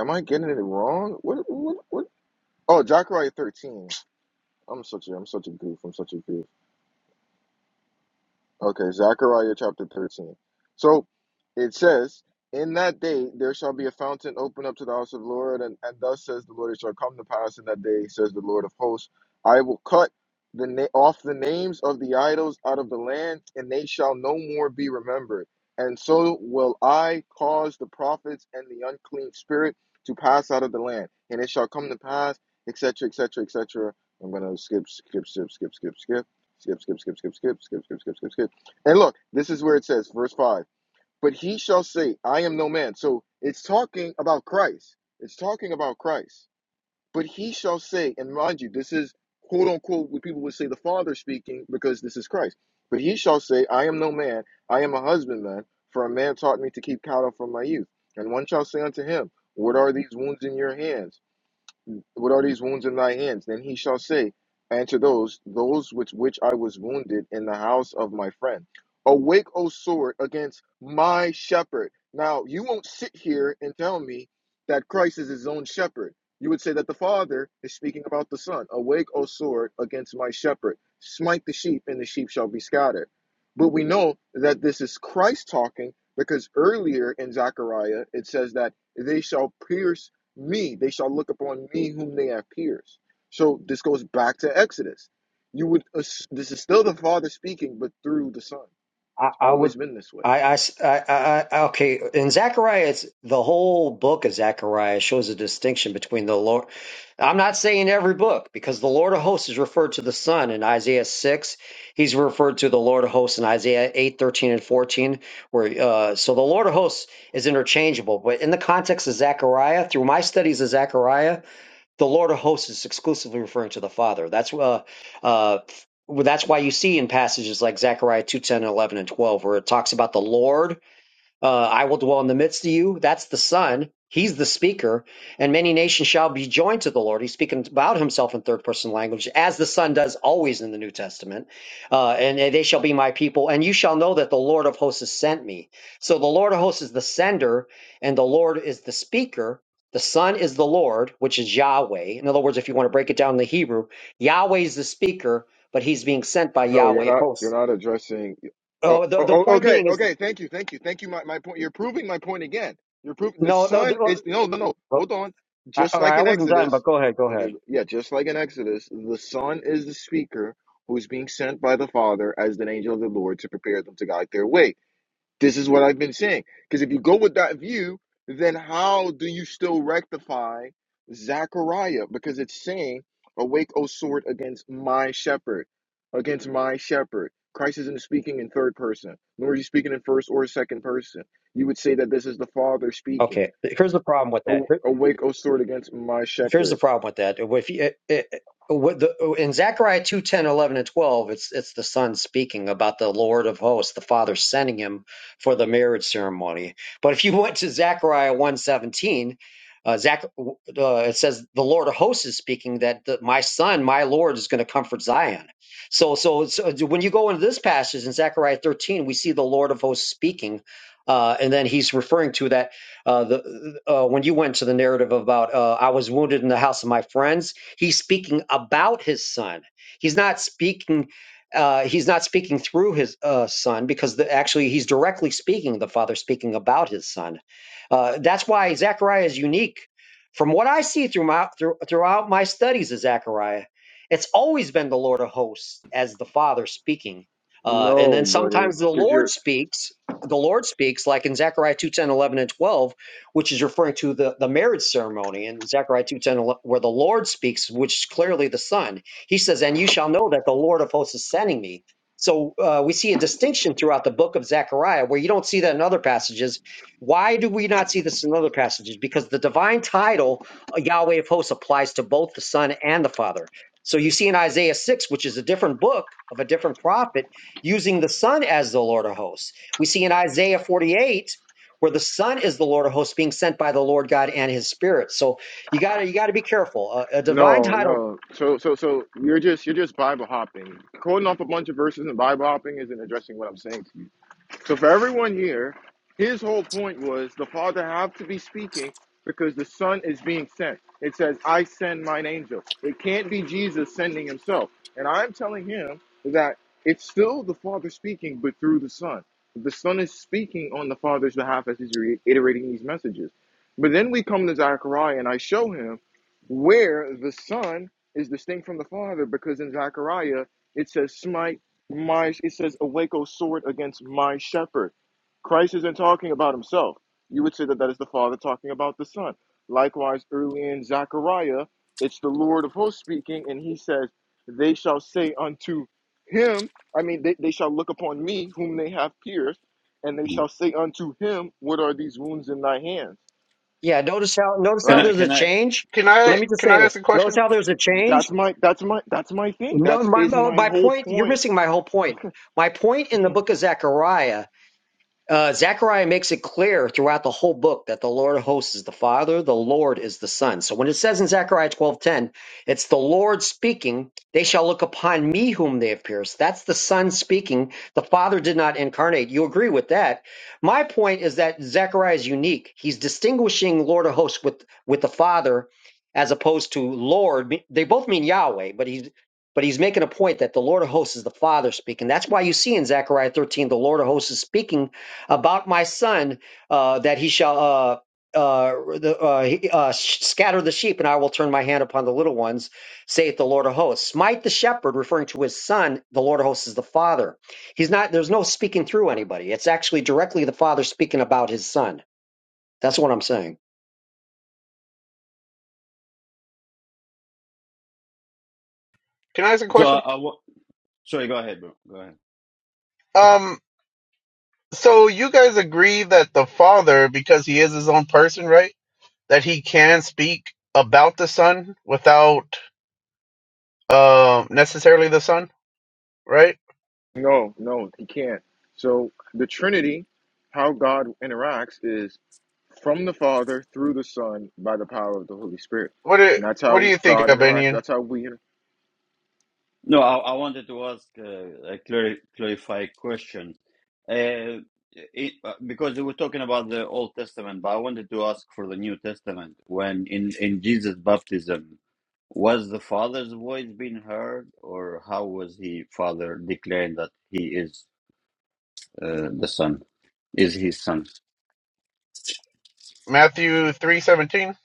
S8: Am I getting it wrong? What? What? what? Oh, Zechariah thirteen. I'm such a I'm such a goof. I'm such a goof. Okay, Zechariah chapter 13. So it says, In that day there shall be a fountain open up to the house of the Lord, and, and thus says the Lord, it shall come to pass in that day, says the Lord of hosts, I will cut the na- off the names of the idols out of the land, and they shall no more be remembered. And so will I cause the prophets and the unclean spirit to pass out of the land, and it shall come to pass, etc., etc., et cetera. I'm gonna skip, skip, skip, skip, skip, skip skip skip skip skip skip skip skip skip skip skip skip and look, this is where it says, verse 5 But he shall say, I am no man. So it's talking about Christ. It's talking about Christ. But he shall say, and mind you, this is quote unquote what people would say the Father speaking because this is Christ. But he shall say, I am no man. I am a husbandman, for a man taught me to keep cattle from my youth. And one shall say unto him, What are these wounds in your hands? What are these wounds in thy hands? Then he shall say unto those, Those with which I was wounded in the house of my friend. Awake, O sword, against my shepherd. Now, you won't sit here and tell me that Christ is his own shepherd. You would say that the Father is speaking about the Son. Awake, O sword, against my shepherd. Smite the sheep, and the sheep shall be scattered. But we know that this is Christ talking because earlier in Zechariah it says that they shall pierce me they shall look upon me whom they have pierced so this goes back to exodus you would ass- this is still the father speaking but through the son it's
S9: I, I would.
S8: always been this way
S9: I, I, I, I, okay. In Zechariah, it's the whole book of Zechariah shows a distinction between the Lord. I'm not saying every book because the Lord of hosts is referred to the Son in Isaiah 6. He's referred to the Lord of hosts in Isaiah 8, 13, and 14. Where uh, so the Lord of hosts is interchangeable, but in the context of Zechariah, through my studies of Zechariah the Lord of hosts is exclusively referring to the Father. That's uh, uh, well, that's why you see in passages like Zechariah 2, 10, 11, and 12, where it talks about the Lord uh, I will dwell in the midst of you. That's the Son. He's the speaker. And many nations shall be joined to the Lord. He's speaking about himself in third person language, as the Son does always in the New Testament. Uh, and they shall be my people. And you shall know that the Lord of hosts has sent me. So the Lord of hosts is the sender, and the Lord is the speaker. The Son is the Lord, which is Yahweh. In other words, if you want to break it down in the Hebrew, Yahweh is the speaker, but he's being sent by
S8: No, you're
S9: Yahweh of
S8: not. You're
S9: hosts.
S8: not addressing. oh,
S9: Oh, the,
S8: oh
S9: the
S8: oh,
S9: point
S8: okay
S9: being is
S8: okay thank you thank you thank you my, my point you're proving my point again you're proving the
S9: no, the.
S8: son
S9: no.
S8: is no no no hold on
S9: I,
S8: just
S9: all
S8: like
S9: right, I
S8: in
S9: wasn't done, but
S8: exodus
S9: go ahead, go
S8: okay
S9: ahead.
S8: yeah just like in exodus the son is the speaker who's being sent by the father as an angel of the lord to prepare them to guide their way This is what I've been saying. Because if you go with that view, then how do you still rectify Zechariah? Because it's saying, Awake, O sword, against my shepherd, against my shepherd. Christ isn't speaking in third person, nor is he speaking in first or second person. You would say that this is the Father speaking.
S9: Okay, here's the problem with
S8: "A-
S9: that.
S8: Awake, O sword, against my
S9: Here's the
S8: shepherd.
S9: problem with that. If you, it, it, with the, in Zechariah 2, 10, 11, and 12, it's, it's the son speaking about the Lord of hosts, the father sending him for the marriage ceremony. But if you went to Zechariah one 17, uh, Zach, uh, it says the Lord of hosts is speaking that the, my son, my Lord is going to comfort Zion. So, so, so when you go into this passage in Zechariah 13, we see the Lord of hosts speaking, uh, and then he's referring to that. Uh, the uh, uh, when you went to the narrative about uh, I was wounded in the house of my friends, he's speaking about his son. He's not speaking. Uh, he's not speaking through his uh, son because the, actually he's directly speaking. The father speaking about his son. Uh, that's why Zechariah is unique. From what I see through my, through, throughout my studies of Zechariah, it's always been the Lord of hosts as the Father speaking. Uh, and then
S8: No, buddy,
S9: sometimes the
S8: because
S9: Lord
S8: you're
S9: speaks, the Lord speaks, like in Zechariah 2, 10, 11, and 12 which is referring to the, the marriage ceremony in Zechariah 2.10, where the Lord speaks, which is clearly the Son. He says, and you shall know that the Lord of hosts is sending me. So uh, we see a distinction throughout the book of Zechariah where you don't see that in other passages. Why do we not see this in other passages? Because the divine title, uh, Yahweh of hosts, applies to both the Son and the Father. So you see in Isaiah 6, which is a different book of a different prophet, using the Son as the Lord of hosts. We see in Isaiah 48 where the son is the lord of hosts being sent by the lord god and his spirit so you got to you got to be careful a, a divine
S8: no,
S9: title
S8: no. So, so, so you're just you're just Bible hopping, quoting off a bunch of verses and Bible hopping isn't addressing what I'm saying So for everyone here, his whole point was the Father had to be speaking because the Son is being sent. It says, I send mine angel. It can't be Jesus sending himself. And I'm telling him that it's still the Father speaking, but through the Son. The Son is speaking on the Father's behalf as he's reiterating these messages. But then we come to Zechariah and I show him where the Son is distinct from the Father because in Zechariah it says, smite my it says awake O sword against my shepherd. Christ isn't talking about himself. You would say that that is the Father talking about the Son. Likewise, early in Zechariah, it's the Lord of hosts speaking, and he says, They shall say unto him, I mean, they, they shall look upon me, whom they have pierced, and they shall say unto him, What are these wounds in thy hands?
S9: yeah notice how notice
S1: Can
S9: how
S8: Right?
S1: I?
S9: there's a
S1: Can I?
S9: change
S10: Can I
S9: let
S8: So
S9: me just
S10: can
S9: say
S10: I ask
S9: this
S10: a
S9: notice
S10: question?
S9: how there's a
S8: that's
S9: change
S8: my that's my that's my thing.
S9: no
S8: That
S9: my,
S8: is
S9: my
S8: my
S9: my
S8: whole
S9: point you're
S8: point.
S9: missing my whole point my point in the book of zechariah Uh, Zechariah makes it clear throughout the whole book that the Lord of hosts is the Father, the Lord is the Son. So when it says in Zechariah 12:10, it's the Lord speaking, they shall look upon me whom they have pierced. That's the Son speaking. The Father did not incarnate. You agree with that. My point is that Zechariah is unique. He's distinguishing Lord of hosts with, with the Father as opposed to Lord. They both mean Yahweh, but he's but he's making a point that the Lord of hosts is the Father speaking. That's why you see in Zechariah 13, the Lord of hosts is speaking about my son uh, that he shall uh, uh, the, uh, he- uh, sh- scatter the sheep, and I will turn my hand upon the little ones, saith the Lord of hosts. Smite the shepherd, referring to his son. The Lord of hosts is the father. He's not. There's no speaking through anybody. It's actually directly the father speaking about his son. That's what I'm saying.
S10: Can I ask a
S1: So I,
S10: question?
S1: I wa- sorry. Go ahead, bro. Go ahead.
S10: Um, so you guys agree that the father, because he is his own person, right? That he can speak about the son without um necessarily the son, right?
S8: No, no, he can't. So the Trinity, how God interacts is from the Father through the Son by the power of the Holy Spirit.
S10: What do
S8: And that's
S10: what do
S8: how
S10: you think,
S8: God interacts.
S10: Albanian?
S8: That's how we inter-
S1: No, I, I wanted to ask uh, a clar- clarify question, uh, it, uh, because we were talking about the Old Testament, but I wanted to ask for the New Testament. When in in Jesus' baptism, was the Father's voice being heard, or how was he Father declaring that he is uh, the Son? Is his son?
S10: Matthew three seventeen?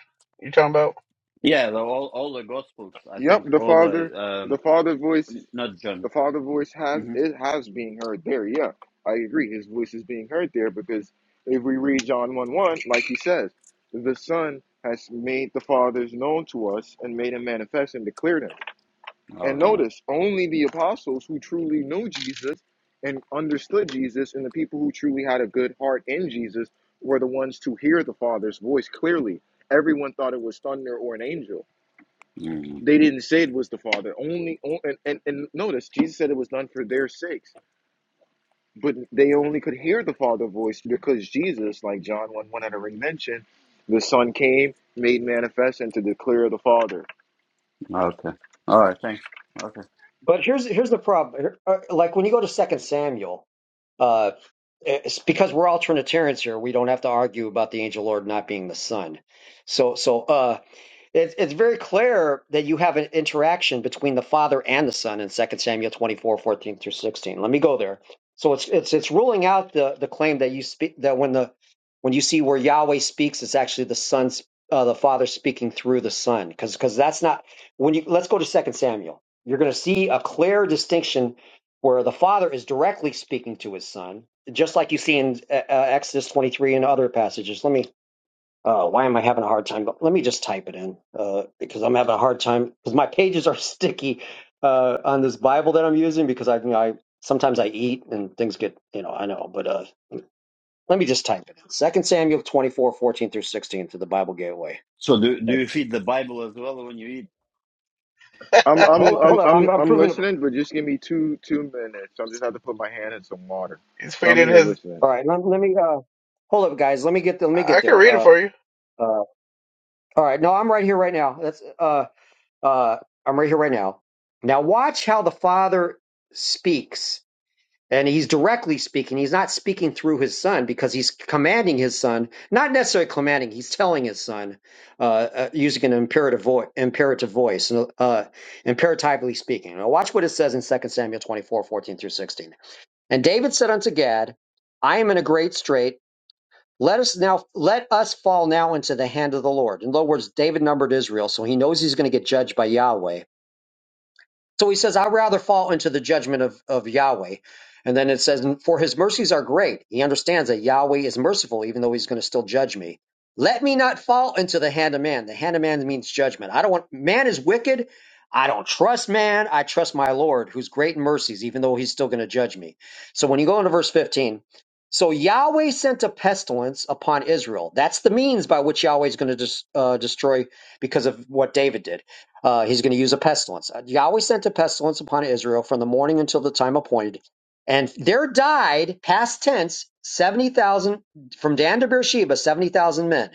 S10: You talking about?
S1: Yeah, the, all all the Gospels. I
S8: Yep,
S1: think
S8: the
S1: all the
S8: Father, the
S1: um,
S8: Father voice,
S1: not
S8: the
S1: John.
S8: Father voice has
S1: hmm
S8: it has being heard there. Yeah. I agree. His voice is being heard there because if we read John 1 1, like he says, the Son has made the Father's known to us and made him manifest and declared him. And notice, only the apostles who truly knew Jesus and understood Jesus and the people who truly had a good heart in Jesus were the ones to hear the Father's voice clearly. Everyone thought it was thunder or an angel.
S1: Mm,
S8: They didn't say it was the Father. Only and, and, and notice Jesus said it was done for their sakes, but they only could hear the Father's voice because Jesus, like John 1 1 had already mentioned, the Son came, made manifest, and to declare the Father.
S1: okay. All right. Thanks. Okay.
S9: But here's here's the problem. Uh, Like when you go to Second Samuel. Uh, eh, it's because we're all Trinitarians here, we don't have to argue about the angel Lord not being the Son. So, so, uh, It's it's very clear that you have an interaction between the Father and the Son in Second Samuel 24 14 through 16. Let me go there. So it's it's it's ruling out the the claim that you speak that when the when you see where Yahweh speaks, it's actually the Son's uh, the Father speaking through the Son. Because because that's not when you let's go to Second Samuel. You're gonna see a clear distinction where the Father is directly speaking to his son, just like you see in uh, uh, Exodus 23 and other passages. Let me uh, why am I having a hard time? But let me just type it in uh, because I'm having a hard time because my pages are sticky uh, on this Bible that I'm using because I, you know, I sometimes I eat and things get, you know, I know. But uh, let me just type it in. Second Samuel 24 14 through 16 to the Bible Gateway.
S1: So do do you feed the Bible as well when you eat?
S8: I'm I'm
S9: Hold,
S8: I'm
S9: hold up,
S8: I'm
S9: I'm, I'm
S8: I'm
S9: proving it.
S8: listening, but just give me two two minutes. I just have to put my hand in some water.
S10: He's
S8: But I'm
S10: faded
S8: here
S10: his.
S8: listening.
S9: All right, let, let me uh, hold up, guys. Let me get let me get
S10: I can
S9: there.
S10: read it
S9: Uh,
S10: for you.
S9: uh, all right, no, I'm right here right now. That's uh, uh, I'm right here right now. Now watch how the Father speaks And he's directly speaking. He's not speaking through his son because he's commanding his son, not necessarily commanding. He's telling his son, uh, uh, using an imperative, vo- imperative voice, uh, imperatively speaking. Now watch what it says in Second Samuel 24, 14 through 16. And David said unto Gad, I am in a great strait. Let us now, let us fall now into the hand of the Lord. In other words, David numbered Israel, so he knows he's going to get judged by Yahweh so he says, I rather fall into the judgment of, of Yahweh. And then it says, For his mercies are great. He understands that Yahweh is merciful, even though he's going to still judge me. Let me not fall into the hand of man. The hand of man means judgment. I don't want, man is wicked. I don't trust man. I trust my Lord, who's great in mercies, even though he's still going to judge me. So when you go into verse 15, so Yahweh sent a pestilence upon Israel. That's the means by which Yahweh is going to des- uh, destroy because of what David did. Uh, he's going to use a pestilence. Uh, Yahweh sent a pestilence upon Israel from the morning until the time appointed. And there died, past tense, 70,000, from Dan to Beersheba, 70,000 men.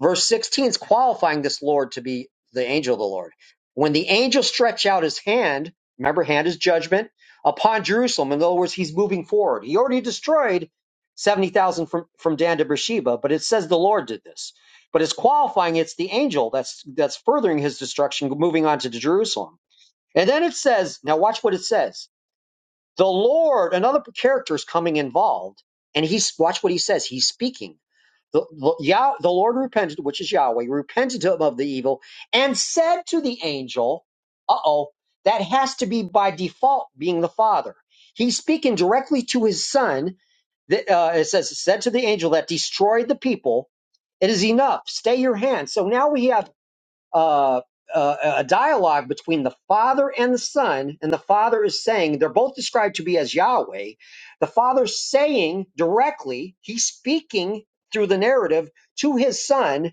S9: Verse 16 is qualifying this Lord to be the angel of the Lord. When the angel stretched out his hand, remember, hand is judgment, upon Jerusalem. In other words, he's moving forward. He already destroyed 70,000 from, from Dan to Beersheba, but it says the Lord did this. But it's qualifying it's the angel that's that's furthering his destruction, moving on to Jerusalem. And then it says, now watch what it says. The Lord, another character is coming involved, and he's watch what he says. He's speaking. The, the, Yah, the Lord repented, which is Yahweh, repented him of the evil and said to the angel, uh oh, that has to be by default being the father. He's speaking directly to his son. That, uh, it says, said to the angel that destroyed the people, it is enough. Stay your hand. So now we have uh, uh, a dialogue between the Father and the Son, and the Father is saying, they're both described to be as Yahweh. The Father's saying directly, he's speaking through the narrative to his Son,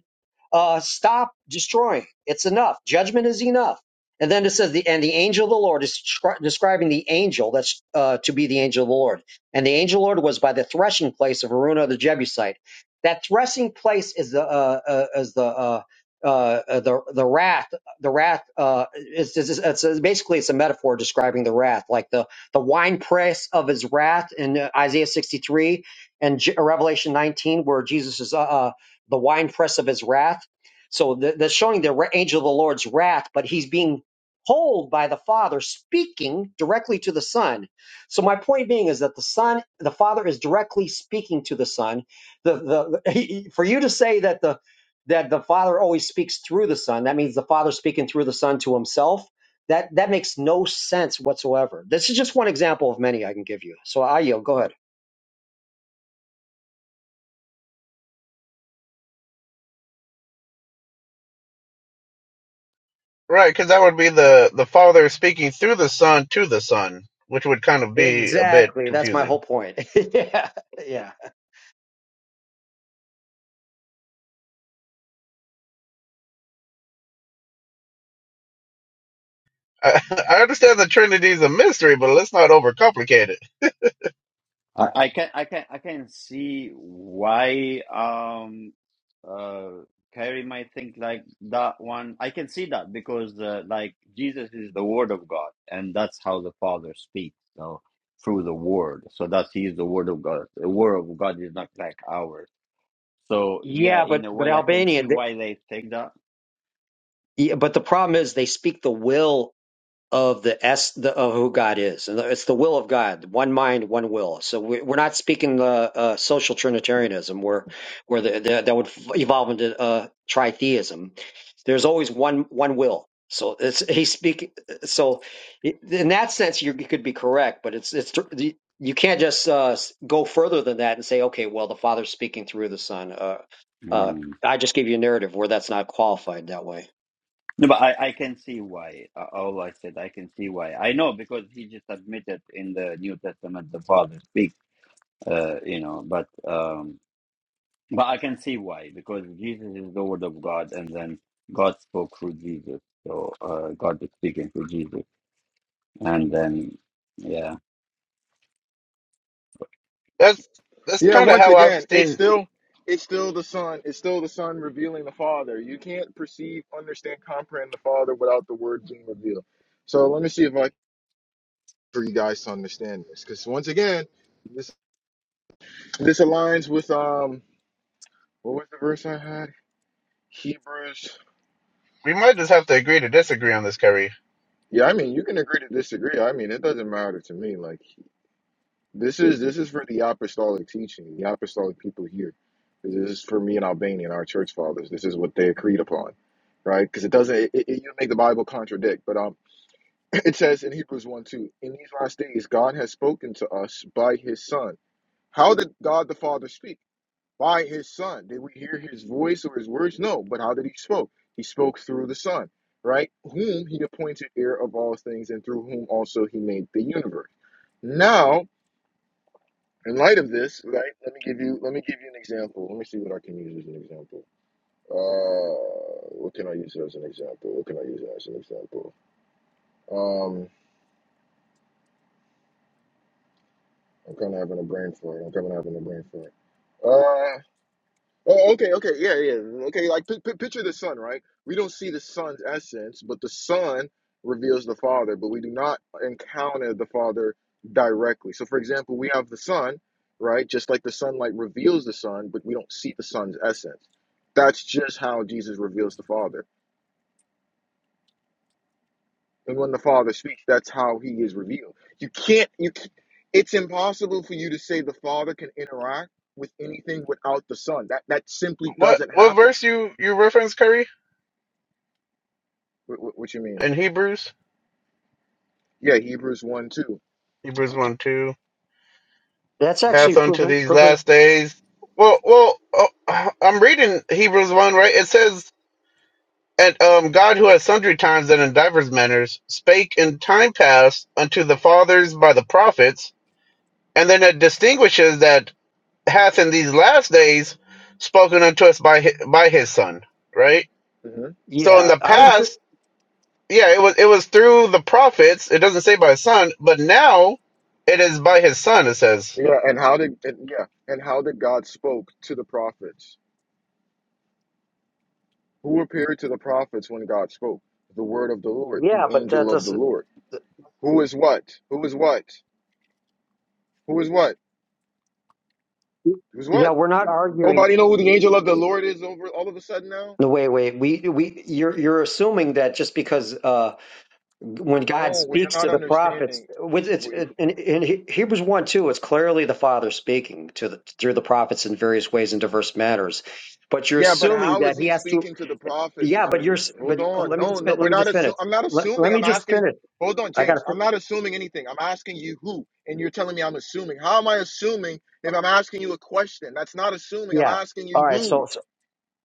S9: uh, stop destroying. It's enough. Judgment is enough. And then it says, the, and the angel of the Lord is descri- describing the angel that's uh, to be the angel of the Lord. And the angel of the Lord was by the threshing place of Aruna the Jebusite. That threshing place is the uh, uh, is the uh, uh, uh, the the wrath. The wrath uh, is, is, is it's it's- basically it's a metaphor describing the wrath, like the the wine press of his wrath in Isaiah 63 and J- Revelation 19, where Jesus is uh, uh, the winepress of his wrath. So th- that's showing the angel of the Lord's wrath, but he's being told by the Father, speaking directly to the Son. So my point being is that the Son, the Father is directly speaking to the Son. The the he, for you to say that the that the Father always speaks through the Son, that means the Father speaking through the Son to Himself. That that makes no sense whatsoever. This is just one example of many I can give you. So I yield. Go ahead.
S10: Right, because that would be the the Father speaking through the Son to the Son, which would kind of be a bit
S9: Exactly. That's my whole
S10: confusing.
S9: point. yeah. Yeah.
S10: I, I understand the Trinity is a mystery, but let's not overcomplicate it.
S1: I, I can I can I can see why um uh Carrie might think like that one. I can see that because uh, like Jesus is the Word of God, and that's how the Father speaks. So through the Word, so that's He is the Word of God. The Word of God is not like ours. So yeah,
S9: Yeah,
S1: in
S9: but
S1: a
S9: but
S1: way, I can see
S9: Albanian. th-
S1: why they think
S9: yeah, but the problem is they speak the will of the s the, of who God is, and it's the will of God, one mind, one will. So we, we're not speaking the uh, social Trinitarianism, where where the, the, that would evolve into uh, tritheism. There's always one one will. So it's he's speaking. So in that sense, you you could be correct, but it's it's you can't just uh, go further than that and say, okay, well, the Father's speaking through the Son. Uh, uh,
S1: that.
S9: I just gave you a narrative where that's not qualified that way.
S1: No, but I, I can see why. Uh, all I said, I can see why. I know because he just admitted in the New Testament the Father speaks, uh, you know. But um, but I can see why because Jesus is the Word of God, and then God spoke through Jesus. So uh, God is speaking through Jesus, and then yeah.
S10: That's that's
S8: Yeah,
S10: kind of
S8: once
S10: how I've
S8: again, it's
S10: seen.
S8: still it's still the Son. It's still the Son revealing the Father. You can't perceive, understand, comprehend the Father without the Word being revealed. So let me see if I can for you guys to understand this. Because once again, this this aligns with um what was the verse I had? Hebrews.
S10: We might just have to agree to disagree on this, Curry.
S8: Yeah, I mean you can agree to disagree. I mean it doesn't matter to me. Like This is this is for the apostolic teaching, the apostolic people here. This is for me and Albania and our church fathers. This is what they agreed upon, right? Because it doesn't it, it, you don't make the Bible contradict, but um, it says in Hebrews one two, in these last days God has spoken to us by His Son. How did God the Father speak? By His Son. Did we hear His voice or His words? No. But how did He spoke? He spoke through the Son, right? Whom He appointed heir of all things, and through whom also He made the universe. Now in light of this, right? Let me give you let me give you an example. Let me see what I can use as an example. Uh, what can I use as an example? What can I use as an example? Um, I'm kind of having a brain fart. I'm kind of having a brain fart. Uh, Oh, okay, okay, yeah, yeah, okay. Like, pi pi picture the sun, right? We don't see the sun's essence, but the sun reveals the Father, but we do not encounter the Father directly. So, for example, we have the sun, right? Just like the sunlight reveals the sun, but we don't see the sun's essence. That's just how Jesus reveals the Father. And when the Father speaks, that's how he is revealed. You can't, you, c- it's impossible for you to say the Father can interact with anything without the Son. That that simply
S10: What
S8: doesn't
S10: what
S8: happen.
S10: verse you you reference, Curry,
S8: What, what what you mean?
S10: in Hebrews?
S8: Yeah, Hebrews one two.
S10: Hebrews one two
S9: That's actually
S10: hath
S8: Mm-hmm.
S10: unto
S9: proven.
S10: these
S9: proven
S10: last days. Well, well, oh, I'm reading Hebrews one right. It says And um, God, who at sundry times and in divers manners spake in time past unto the fathers by the prophets, and then it distinguishes that hath in these last days spoken unto us by his, by his Son, right?
S8: hmm
S10: So in
S9: yeah,
S10: the
S9: I
S10: past, yeah, it was it was through the prophets. It doesn't say by his Son, but now it is by his Son. It says.
S8: Yeah, and how did and, yeah, and how did God spoke to the prophets? Who appeared to the prophets when God spoke? The word of the Lord,
S9: Yeah,
S8: the
S9: but that
S8: angel of the
S9: doesn't.
S8: Lord. Who is what? Who is what? Who is what? Who's
S9: Yeah,
S8: what?
S9: we're not arguing.
S8: Nobody know who the angel of the Lord is over all of a sudden now.
S9: No, wait, wait. We we you're you're assuming that just because uh when God
S8: No, what you're
S9: speaks
S8: not
S9: to the prophets,
S8: understanding.
S9: with it's in, in He- Hebrews one two, it's clearly the Father speaking to the through the prophets in various ways in diverse matters. But you're
S8: Yeah, but
S9: assuming
S8: how
S9: that
S8: is
S9: He
S8: he
S9: has to.
S8: speaking to the prophets?
S9: Yeah,
S8: Is
S9: but
S8: what
S9: you're.
S8: he,
S9: s-
S8: hold
S9: But oh,
S8: on.
S9: let me
S8: No,
S9: just
S8: no,
S9: fin- let
S8: we're
S9: me
S8: not
S9: just finish.
S8: assuming. I'm not
S9: Let, let
S8: assuming.
S9: me
S8: I'm
S9: just
S8: asking.
S9: finish.
S8: Hold on,
S9: I gotta.
S8: James.
S9: fin-
S8: I'm not assuming anything. I'm asking you who, and you're telling me I'm assuming. How am I assuming if I'm asking you a question? That's not assuming. I'm
S9: Yeah.
S8: asking you
S9: All right.
S8: who.
S9: So, so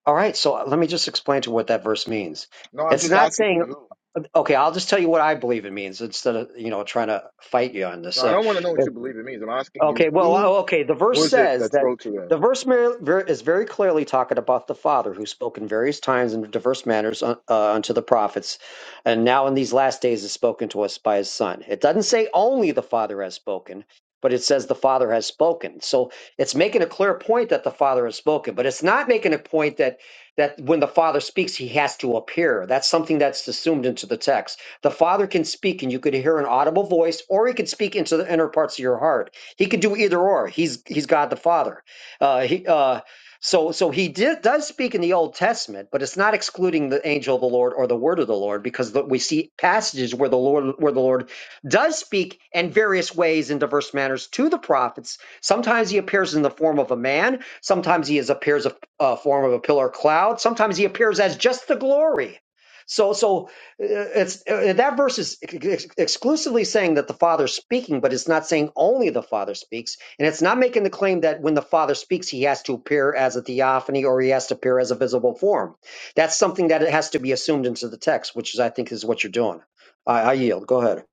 S9: all right. So let me just explain to what that verse means.
S8: No, I'm
S9: It's
S8: just
S9: not
S8: asking
S9: saying
S8: you who.
S9: Okay, I'll just tell you what I believe it means instead of, you know, trying to fight you on this.
S8: No, I
S9: So
S8: don't want to know what
S9: if,
S8: you believe it means. I'm asking you
S9: Okay, well, uh,
S8: who
S9: okay. The verse
S8: was it
S9: says
S8: that
S9: that
S8: spoke to them.
S9: the verse mer- ver- is very clearly talking about the Father who spoke in various times in diverse manners uh, uh, unto the prophets, and now in these last days is spoken to us by his Son. It doesn't say only the Father has spoken, but it says the Father has spoken. So it's making a clear point that the Father has spoken, but it's not making a point that that when the Father speaks, he has to appear. That's something that's assumed into the text. The Father can speak, and you could hear an audible voice, or he could speak into the inner parts of your heart he could do either or. He's he's God the Father. Uh, he uh, so so he did, does speak in the Old Testament, but it's not excluding the angel of the Lord or the word of the Lord because the, we see passages where the Lord where the Lord does speak in various ways in diverse manners to the prophets. Sometimes he appears in the form of a man. Sometimes he is appears a, a form of a pillar of cloud. Sometimes he appears as just the glory. So so it's uh, that verse is ex- exclusively saying that the father's speaking but it's not saying only the father speaks and it's not making the claim that when the father speaks he has to appear as a theophany or he has to appear as a visible form that's something that it has to be assumed into the text which is i think is what you're doing i, I yield go ahead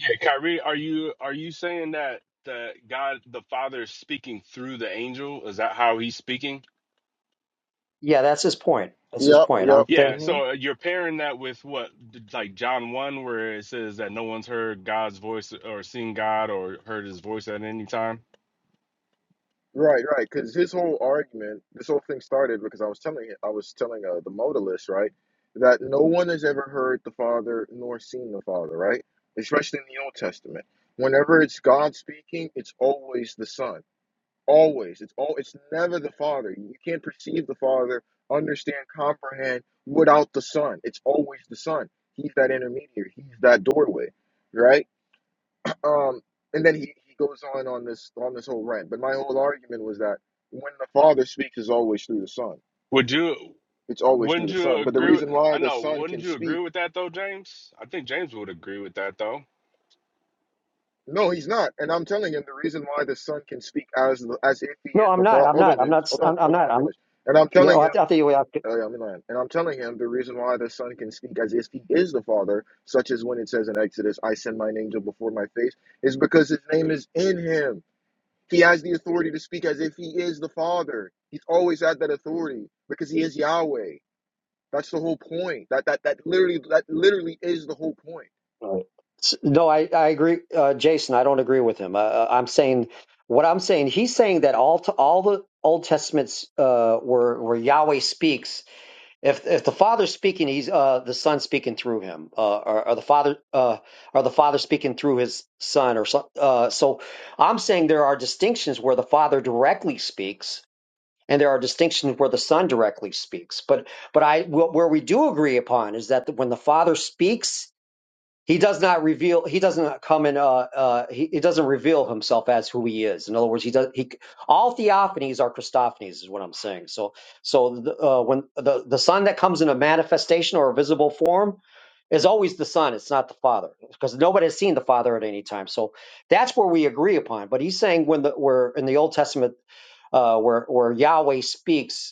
S11: Yeah, Kyrie, are you are you saying that that God the Father is speaking through the angel? Is that how he's speaking?
S9: yeah that's his point that's his
S8: Yep,
S9: point i'm
S8: yep.
S11: Yeah,
S9: saying
S8: Mhm.
S11: so uh, you're pairing that with what like John 1 where it says that no one's heard God's voice or seen God or heard his voice at any time.
S8: Right, right, because his whole argument, this whole thing started because I was telling I was telling uh, the modalist, right, that no one has ever heard the Father nor seen the Father, right? Especially in the Old Testament. Whenever it's God speaking, it's always the Son. Always. It's all it's never the Father. You can't perceive the Father, understand, comprehend without the Son. It's always the Son. He's that intermediary. He's that doorway, right? Um, and then he, he goes on on this on this whole rant. But my whole argument was that when the Father speaks, is always through the Son.
S11: Would you
S8: It's always through
S11: wouldn't
S8: the
S11: you
S8: Son. But the
S11: agree with
S8: reason
S11: I
S8: why the
S11: know,
S8: Son
S11: wouldn't
S8: can
S11: you
S8: speak,
S11: agree with that though, James? I think James would agree with that though.
S8: no, he's not. And I'm telling him the reason why the Son can speak as the- as if he
S9: no
S8: is the
S9: i'm not
S8: Father.
S9: i'm
S8: Hold on,
S9: not i'm
S8: James.
S9: not
S8: Hold on.
S9: i'm, I'm
S8: Hold on.
S9: not
S8: Let me
S9: i'm
S8: finish. And I'm
S9: yeah
S8: telling
S9: well, I,
S8: him.
S9: th- I think you
S8: Oh yeah, I'm in line. And I'm telling him the reason why the Son can speak as if he is the Father, such as when it says in Exodus, "I send mine angel before my face," is because his name is in him. He has the authority to speak as if he is the Father. He's always had that authority because he is Yahweh. That's the whole point. That that that literally that literally is the whole point.
S9: Right. S- No, I, I agree, uh, Jason. I don't agree with him. Uh, uh, I'm saying what I'm saying. He's saying that all t all the Old Testaments uh, where where Yahweh speaks. If if the Father's speaking, he's uh, the Son speaking through him, uh, or, or the Father uh, or the Father speaking through his Son, or so. Uh, so I'm saying there are distinctions where the Father directly speaks. And there are distinctions where the Son directly speaks, but but I wh- where we do agree upon is that when the Father speaks, he does not reveal. He doesn't come in. Uh, uh, he, he doesn't reveal himself as who he is. In other words, he does. He all theophanies are Christophanies, is what I'm saying. So, so the, uh, when the the Son that comes in a manifestation or a visible form is always the Son. It's not the Father because nobody has seen the Father at any time. So that's where we agree upon. But he's saying when the where in the Old Testament uh, where where Yahweh speaks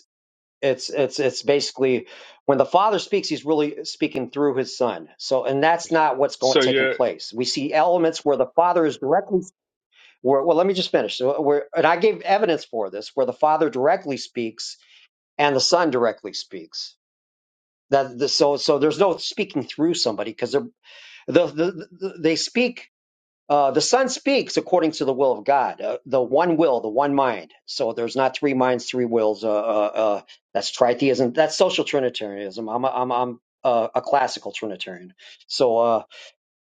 S9: it's it's it's basically when the father speaks he's really speaking through his son so and that's not what's going
S11: So
S9: taking
S11: you're
S9: place we see elements where the father is directly where, well let me just finish so where and i gave evidence for this where the father directly speaks and the son directly speaks that the, so so there's no speaking through somebody because they're the, the, the, they speak uh, the Son speaks according to the will of God, uh, the one will, the one mind. So there's not three minds, three wills. Uh, uh, uh, that's tritheism. That's social Trinitarianism. I'm a, I'm I'm uh, a classical Trinitarian. So uh,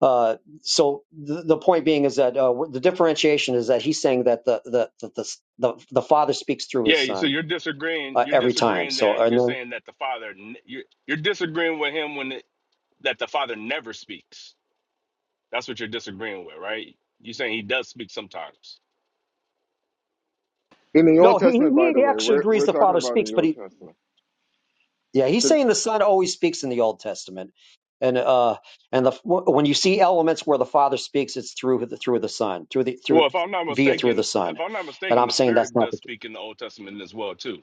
S9: uh, so the, the point being is that uh, the differentiation is that he's saying that the the the the, the, the Father speaks through his
S11: yeah, so
S9: Son
S11: you're disagreeing.
S9: uh,
S11: You're
S9: every time.
S11: disagreeing
S9: So
S11: that
S9: and
S11: you're
S9: then,
S11: saying that the father. n- You're, you're disagreeing with him when that the Father never speaks. That's what you're disagreeing with, right? You're saying he does speak sometimes.
S8: In the Old
S9: no, he
S8: Testament, by
S9: he
S8: the
S9: he
S8: way,
S9: actually
S8: we're
S9: agrees
S8: we're
S9: the
S8: talking
S9: Father
S8: about in
S9: speaks,
S8: the
S9: but
S8: Old
S9: he
S8: Testament.
S9: Yeah, he's
S8: Because
S9: saying the Son always speaks in the Old Testament, and uh, and the when you see elements where the Father speaks, it's through the through the Son, through the
S11: Well,
S9: through
S11: if I'm not
S9: via through the
S11: mistaken, if
S9: Son,
S11: I'm not
S9: and
S11: mistaken,
S9: I'm
S11: the
S9: saying that's
S11: Spirit
S9: not
S11: does
S9: the,
S11: speak in the Old Testament as well too.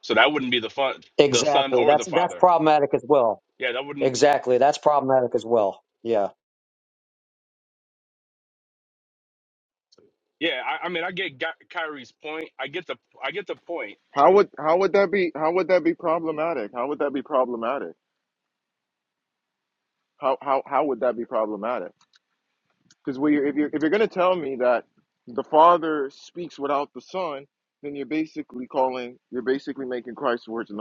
S11: So that wouldn't be the fun, the Son
S9: exactly
S11: or the
S9: that's that's
S11: Father.
S9: problematic as well.
S11: Yeah, that wouldn't.
S9: Exactly, that's problematic as well. Yeah,
S11: Yeah, I, I mean, I get Gy- Kyrie's point. I get the, I get the point.
S8: how would how would that be how would that be problematic? How would that be problematic? How how how would that be problematic? Because if you're if you're gonna tell me that the Father speaks without the Son, then you're basically calling you're basically making Christ's words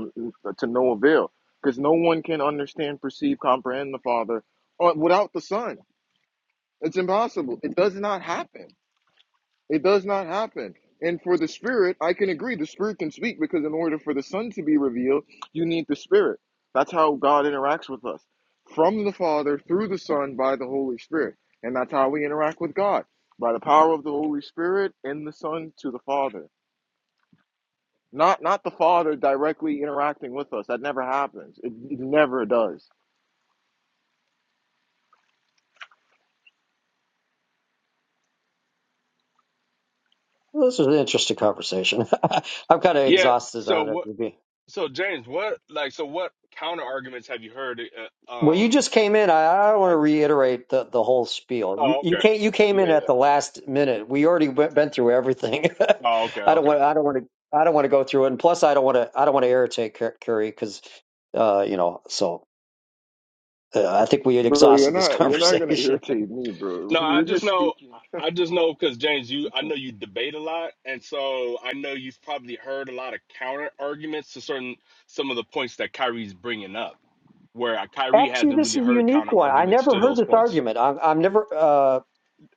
S8: to no avail. Because no one can understand, perceive, comprehend the Father uh, without the Son. It's impossible. It does not happen. It does not happen. And for the spirit, I can agree. The spirit can speak because in order for the son to be revealed, you need the spirit. That's how God interacts with us from the Father through the Son by the Holy Spirit. And that's how we interact with God by the power of the Holy Spirit in the Son to the Father. Not not the Father directly interacting with us. That never happens. It, it never does.
S9: Well, this is an interesting conversation. I'm kind of
S11: Yeah.
S9: exhausted
S11: So
S9: on
S11: what?
S9: it.
S11: So James, what like? So what counter arguments have you heard? Uh,
S9: Well, you
S11: um,
S9: just came in. I, I don't want to
S11: like,
S9: reiterate the, the whole spiel. You,
S11: oh,
S9: you
S11: okay.
S9: can't. You came
S11: Yeah,
S9: in at
S11: yeah.
S9: the last minute. We already went, been through everything.
S11: Oh, okay,
S9: I don't
S11: okay.
S9: want. I don't want to. I don't want to go through it. And plus, I don't want to. I don't want to irritate Cur- Curry because, uh, you know. So uh, I think we had
S8: Bro, you're
S9: exhausted this
S8: not you're not gonna
S9: conversation.
S8: irritate me, bro.
S11: No, I
S8: We're
S11: just
S8: just
S11: know,
S8: speaking.
S11: I just know because James, you, I know you debate a lot, and so I know you've probably heard a lot of counter arguments to certain some of the points that Kyrie's bringing up, where uh, Kyrie
S9: Actually,
S11: hasn't
S9: this
S11: really
S9: is a
S11: heard counter
S9: unique one. I
S11: arguments
S9: never
S11: to
S9: heard
S11: those
S9: this
S11: points.
S9: argument. I'm, I'm never uh,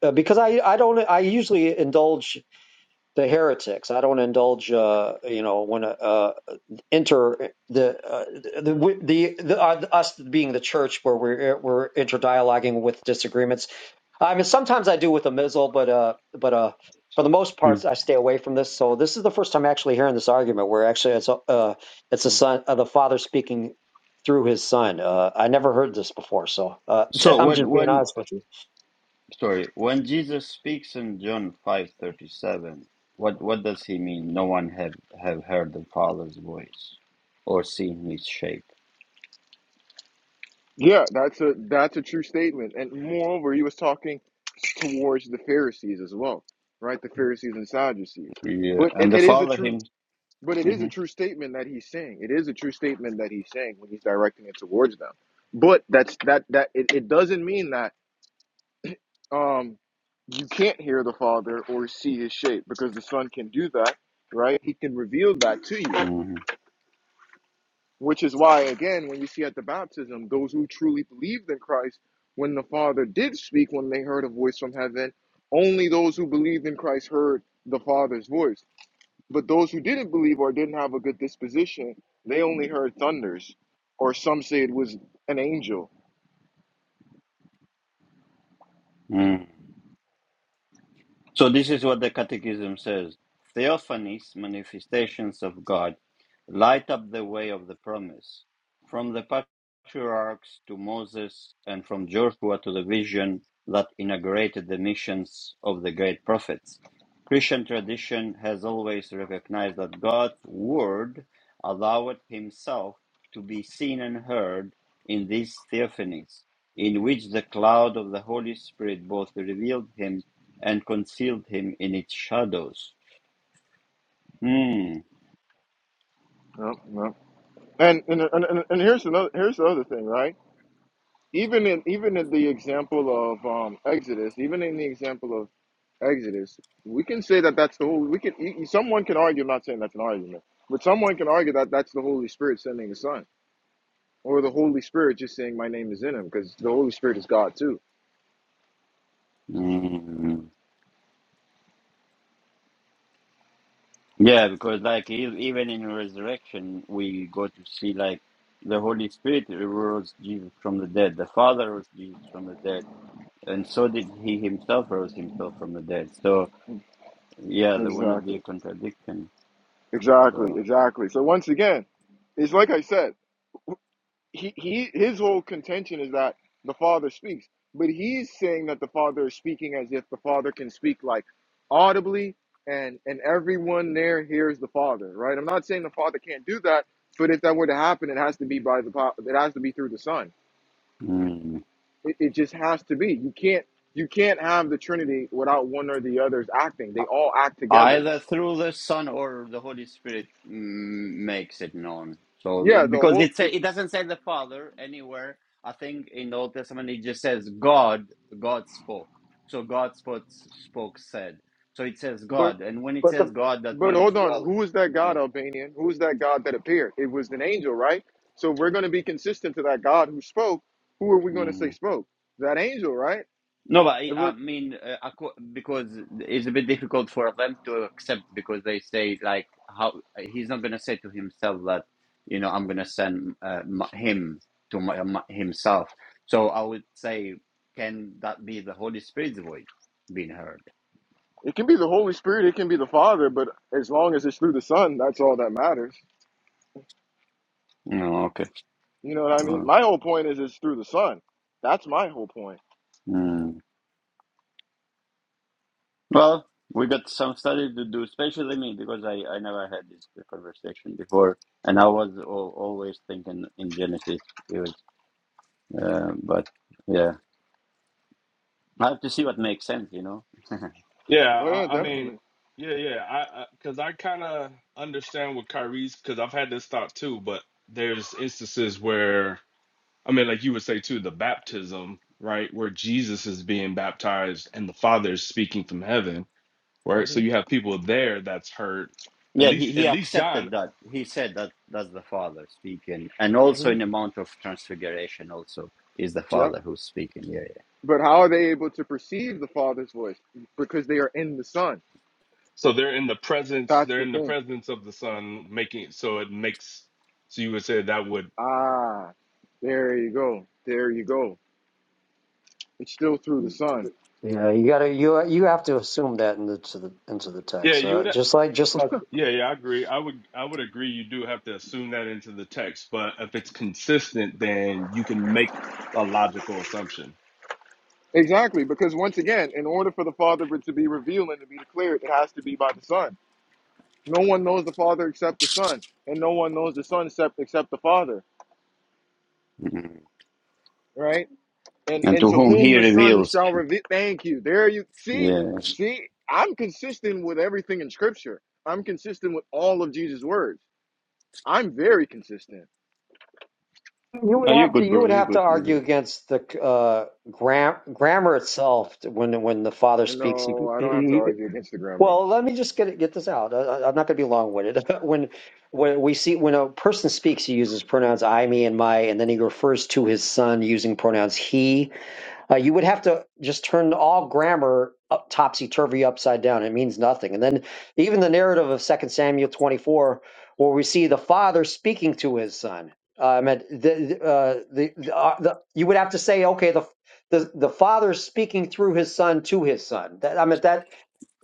S9: uh, because I I don't. I usually indulge the heretics. I don't indulge. Uh, you know when. Uh, inter the uh, the the, the uh, us being the church where we're we're interdialoguing with disagreements. I mean, sometimes I do with a mizzle, but uh, but uh, for the most
S1: Hmm.
S9: parts, I stay away from this. So this is the first time actually hearing this argument, where actually it's a uh, it's the son, uh, the father speaking through his son. Uh, I never heard this before, so uh,
S1: So
S9: I'm
S1: when
S9: just being
S1: when
S9: honest with you.
S1: Sorry, when Jesus speaks in John 5:37, what what does he mean? No one have have heard the Father's voice or seen his shape.
S8: Yeah, that's a that's a true statement. And moreover, he was talking towards the Pharisees as well, right? The Pharisees and Sadducees.
S1: Yeah,
S8: But it,
S1: and the
S8: it is a
S1: Father
S8: true
S1: him.
S8: but it is a true statement that he's saying. It is a true statement that he's saying when he's directing it towards them. But that's that that it, it doesn't mean that um you can't hear the Father or see his shape because the Son can do that, right? He can reveal that to you.
S1: hmm
S8: Which is why, again, when you see at the baptism, those who truly believed in Christ, when the Father did speak, when they heard a voice from heaven, only those who believed in Christ heard the Father's voice. But those who didn't believe or didn't have a good disposition, they only heard thunders, or some say it was an angel.
S1: hmm So this is what the Catechism says. Theophanies, manifestations of God, light up the way of the promise. From the patriarchs to Moses and from Joshua to the vision that inaugurated the missions of the great prophets. Christian tradition has always recognized that God's word allowed himself to be seen and heard in these theophanies, in which the cloud of the Holy Spirit both revealed him and concealed him in its shadows. Mm.
S8: No, no. And and, and, and here's another here's the other thing, right? Even in even in the example of um, Exodus, even in the example of Exodus. We can say that that's the whole. We can. y- y- Someone can argue. I'm not saying that's an argument, but someone can argue that that's the Holy Spirit sending the Son, or the Holy Spirit just saying, "My name is in Him," because the Holy Spirit is God too.
S1: Mm. Yeah, because like e- even in resurrection, we go to see like the Holy Spirit rose Jesus from the dead, the Father rose Jesus from the dead, and so did He Himself rose Himself from the dead. So yeah, there will not be a
S8: Exactly.
S1: contradiction.
S8: Exactly.
S1: So.
S8: Exactly. So once again, it's like I said. he, he his whole contention is that the father speaks but he's saying that the father is speaking as if the father can speak like audibly and and everyone there hears the father right i'm not saying the father can't do that but if that were to happen it has to be by the po- it has to be through the son it, it just has to be you can't you can't have the trinity without one or the other's acting they all act together
S1: Either through the Son or the Holy Spirit mm, makes it known. So
S8: yeah the
S1: because
S8: whole
S1: it say,
S8: it's
S1: it doesn't say the Father anywhere. I think in the Old Testament it just says God. God spoke. So God spoke. Spoke said. So it says
S8: but.
S1: God, and when it
S9: But
S1: says
S9: the
S1: God, that
S8: But
S1: means
S8: hold on,
S1: well.
S8: who is that God,
S1: Yeah.
S8: Albanian? Who is that God that appeared? It was an angel, right? So if we're going to be consistent to that God who spoke. Who are we going to
S1: mm-hmm.
S8: say spoke? That angel, right?
S1: No, but I,
S8: If
S1: I
S8: we're,
S1: mean, uh, acco- because it's a bit difficult for them to accept because they say like how he's not going to say to himself that you know I'm going to send uh, m- him to my, my- himself. So I would say, can that be the Holy Spirit's voice being heard?
S8: it can be the Holy Spirit, it can be the Father, but as long as it's through the Son, that's all that matters.
S1: No, okay.
S8: You know what I mean?
S1: Uh,
S8: My whole point is it's through the Son. That's my whole point.
S1: mm. Well, we got some study to do, especially me because I I never had this conversation before, and I was al always thinking in Genesis. It was, uh, but. yeah. I have to see what makes sense, you know.
S11: Yeah,
S8: Oh yeah,
S11: I, I
S1: so,
S11: mean,
S8: definitely.
S11: yeah, yeah. I because I, kind of understand what Kyrie's because I've had this thought too. But there's instances where I mean, like you would say too, the baptism, right, where Jesus is being baptized and the Father is speaking from heaven. right?
S8: hmm
S11: So you have people there that's hurt. At
S1: yeah, he,
S11: least, at
S1: he
S11: least John.
S1: accepted that. He said that that's the Father speaking, and
S8: hmm
S1: also in the Mount of Transfiguration, also is the
S8: Yeah.
S1: Father who's speaking. Yeah,
S8: But how are they able to perceive the Father's voice? Because they are in the Son.
S11: So they're in the presence.
S8: That's
S11: They're
S8: the
S11: in the
S8: thing.
S11: presence of the Son, making. So it makes. So you would say that would.
S8: Ah, there you go. There you go. It's still through the Son.
S9: yeah, you gotta you you have to assume that into the into the
S11: Yeah,
S9: text.
S11: you
S9: Uh,
S11: would.
S9: just like just like
S11: Yeah, yeah, I agree. I would. I would agree. You do have to assume that into the text, but if it's consistent, then you can make a logical assumption.
S8: Exactly, because once again, in order for the Father to be revealed and to be declared, it has to be by the Son. No one knows the Father except the Son, and no one knows the Son except except the Father,
S1: yeah. Mhm.
S8: right? And
S1: And
S8: and
S1: to
S8: to
S1: whom
S8: whom
S1: he
S8: the Son
S1: reveals
S8: shall
S1: him.
S8: reveal. Thank you. There you see,
S1: Yeah.
S8: see, I'm consistent with everything in Scripture. I'm consistent with all of Jesus' words. I'm very consistent.
S9: You would
S1: Are you
S9: have to
S1: good,
S9: you
S1: bro?
S9: would
S1: You
S9: have to
S1: good? You
S9: argue
S1: good?
S9: against the uh, gram, grammar itself when when the father
S8: And
S9: speaks. You,
S8: no, I don't have to
S9: you-
S8: argue against the grammar.
S9: well, let me just get get this out. I, I- I'm not going to be long winded. when when we see when a person speaks, he uses pronouns I, me, and my, and then he refers to his son using pronouns he uh, you would have to just turn all grammar up, topsy-turvy upside down. It means nothing. And then even the narrative of Second Samuel 24, where we see the father speaking to his son. Uh, I meant the, the, uh, the, the, uh, the you would have to say, okay, the the the father speaking through his son to his son. That, I mean that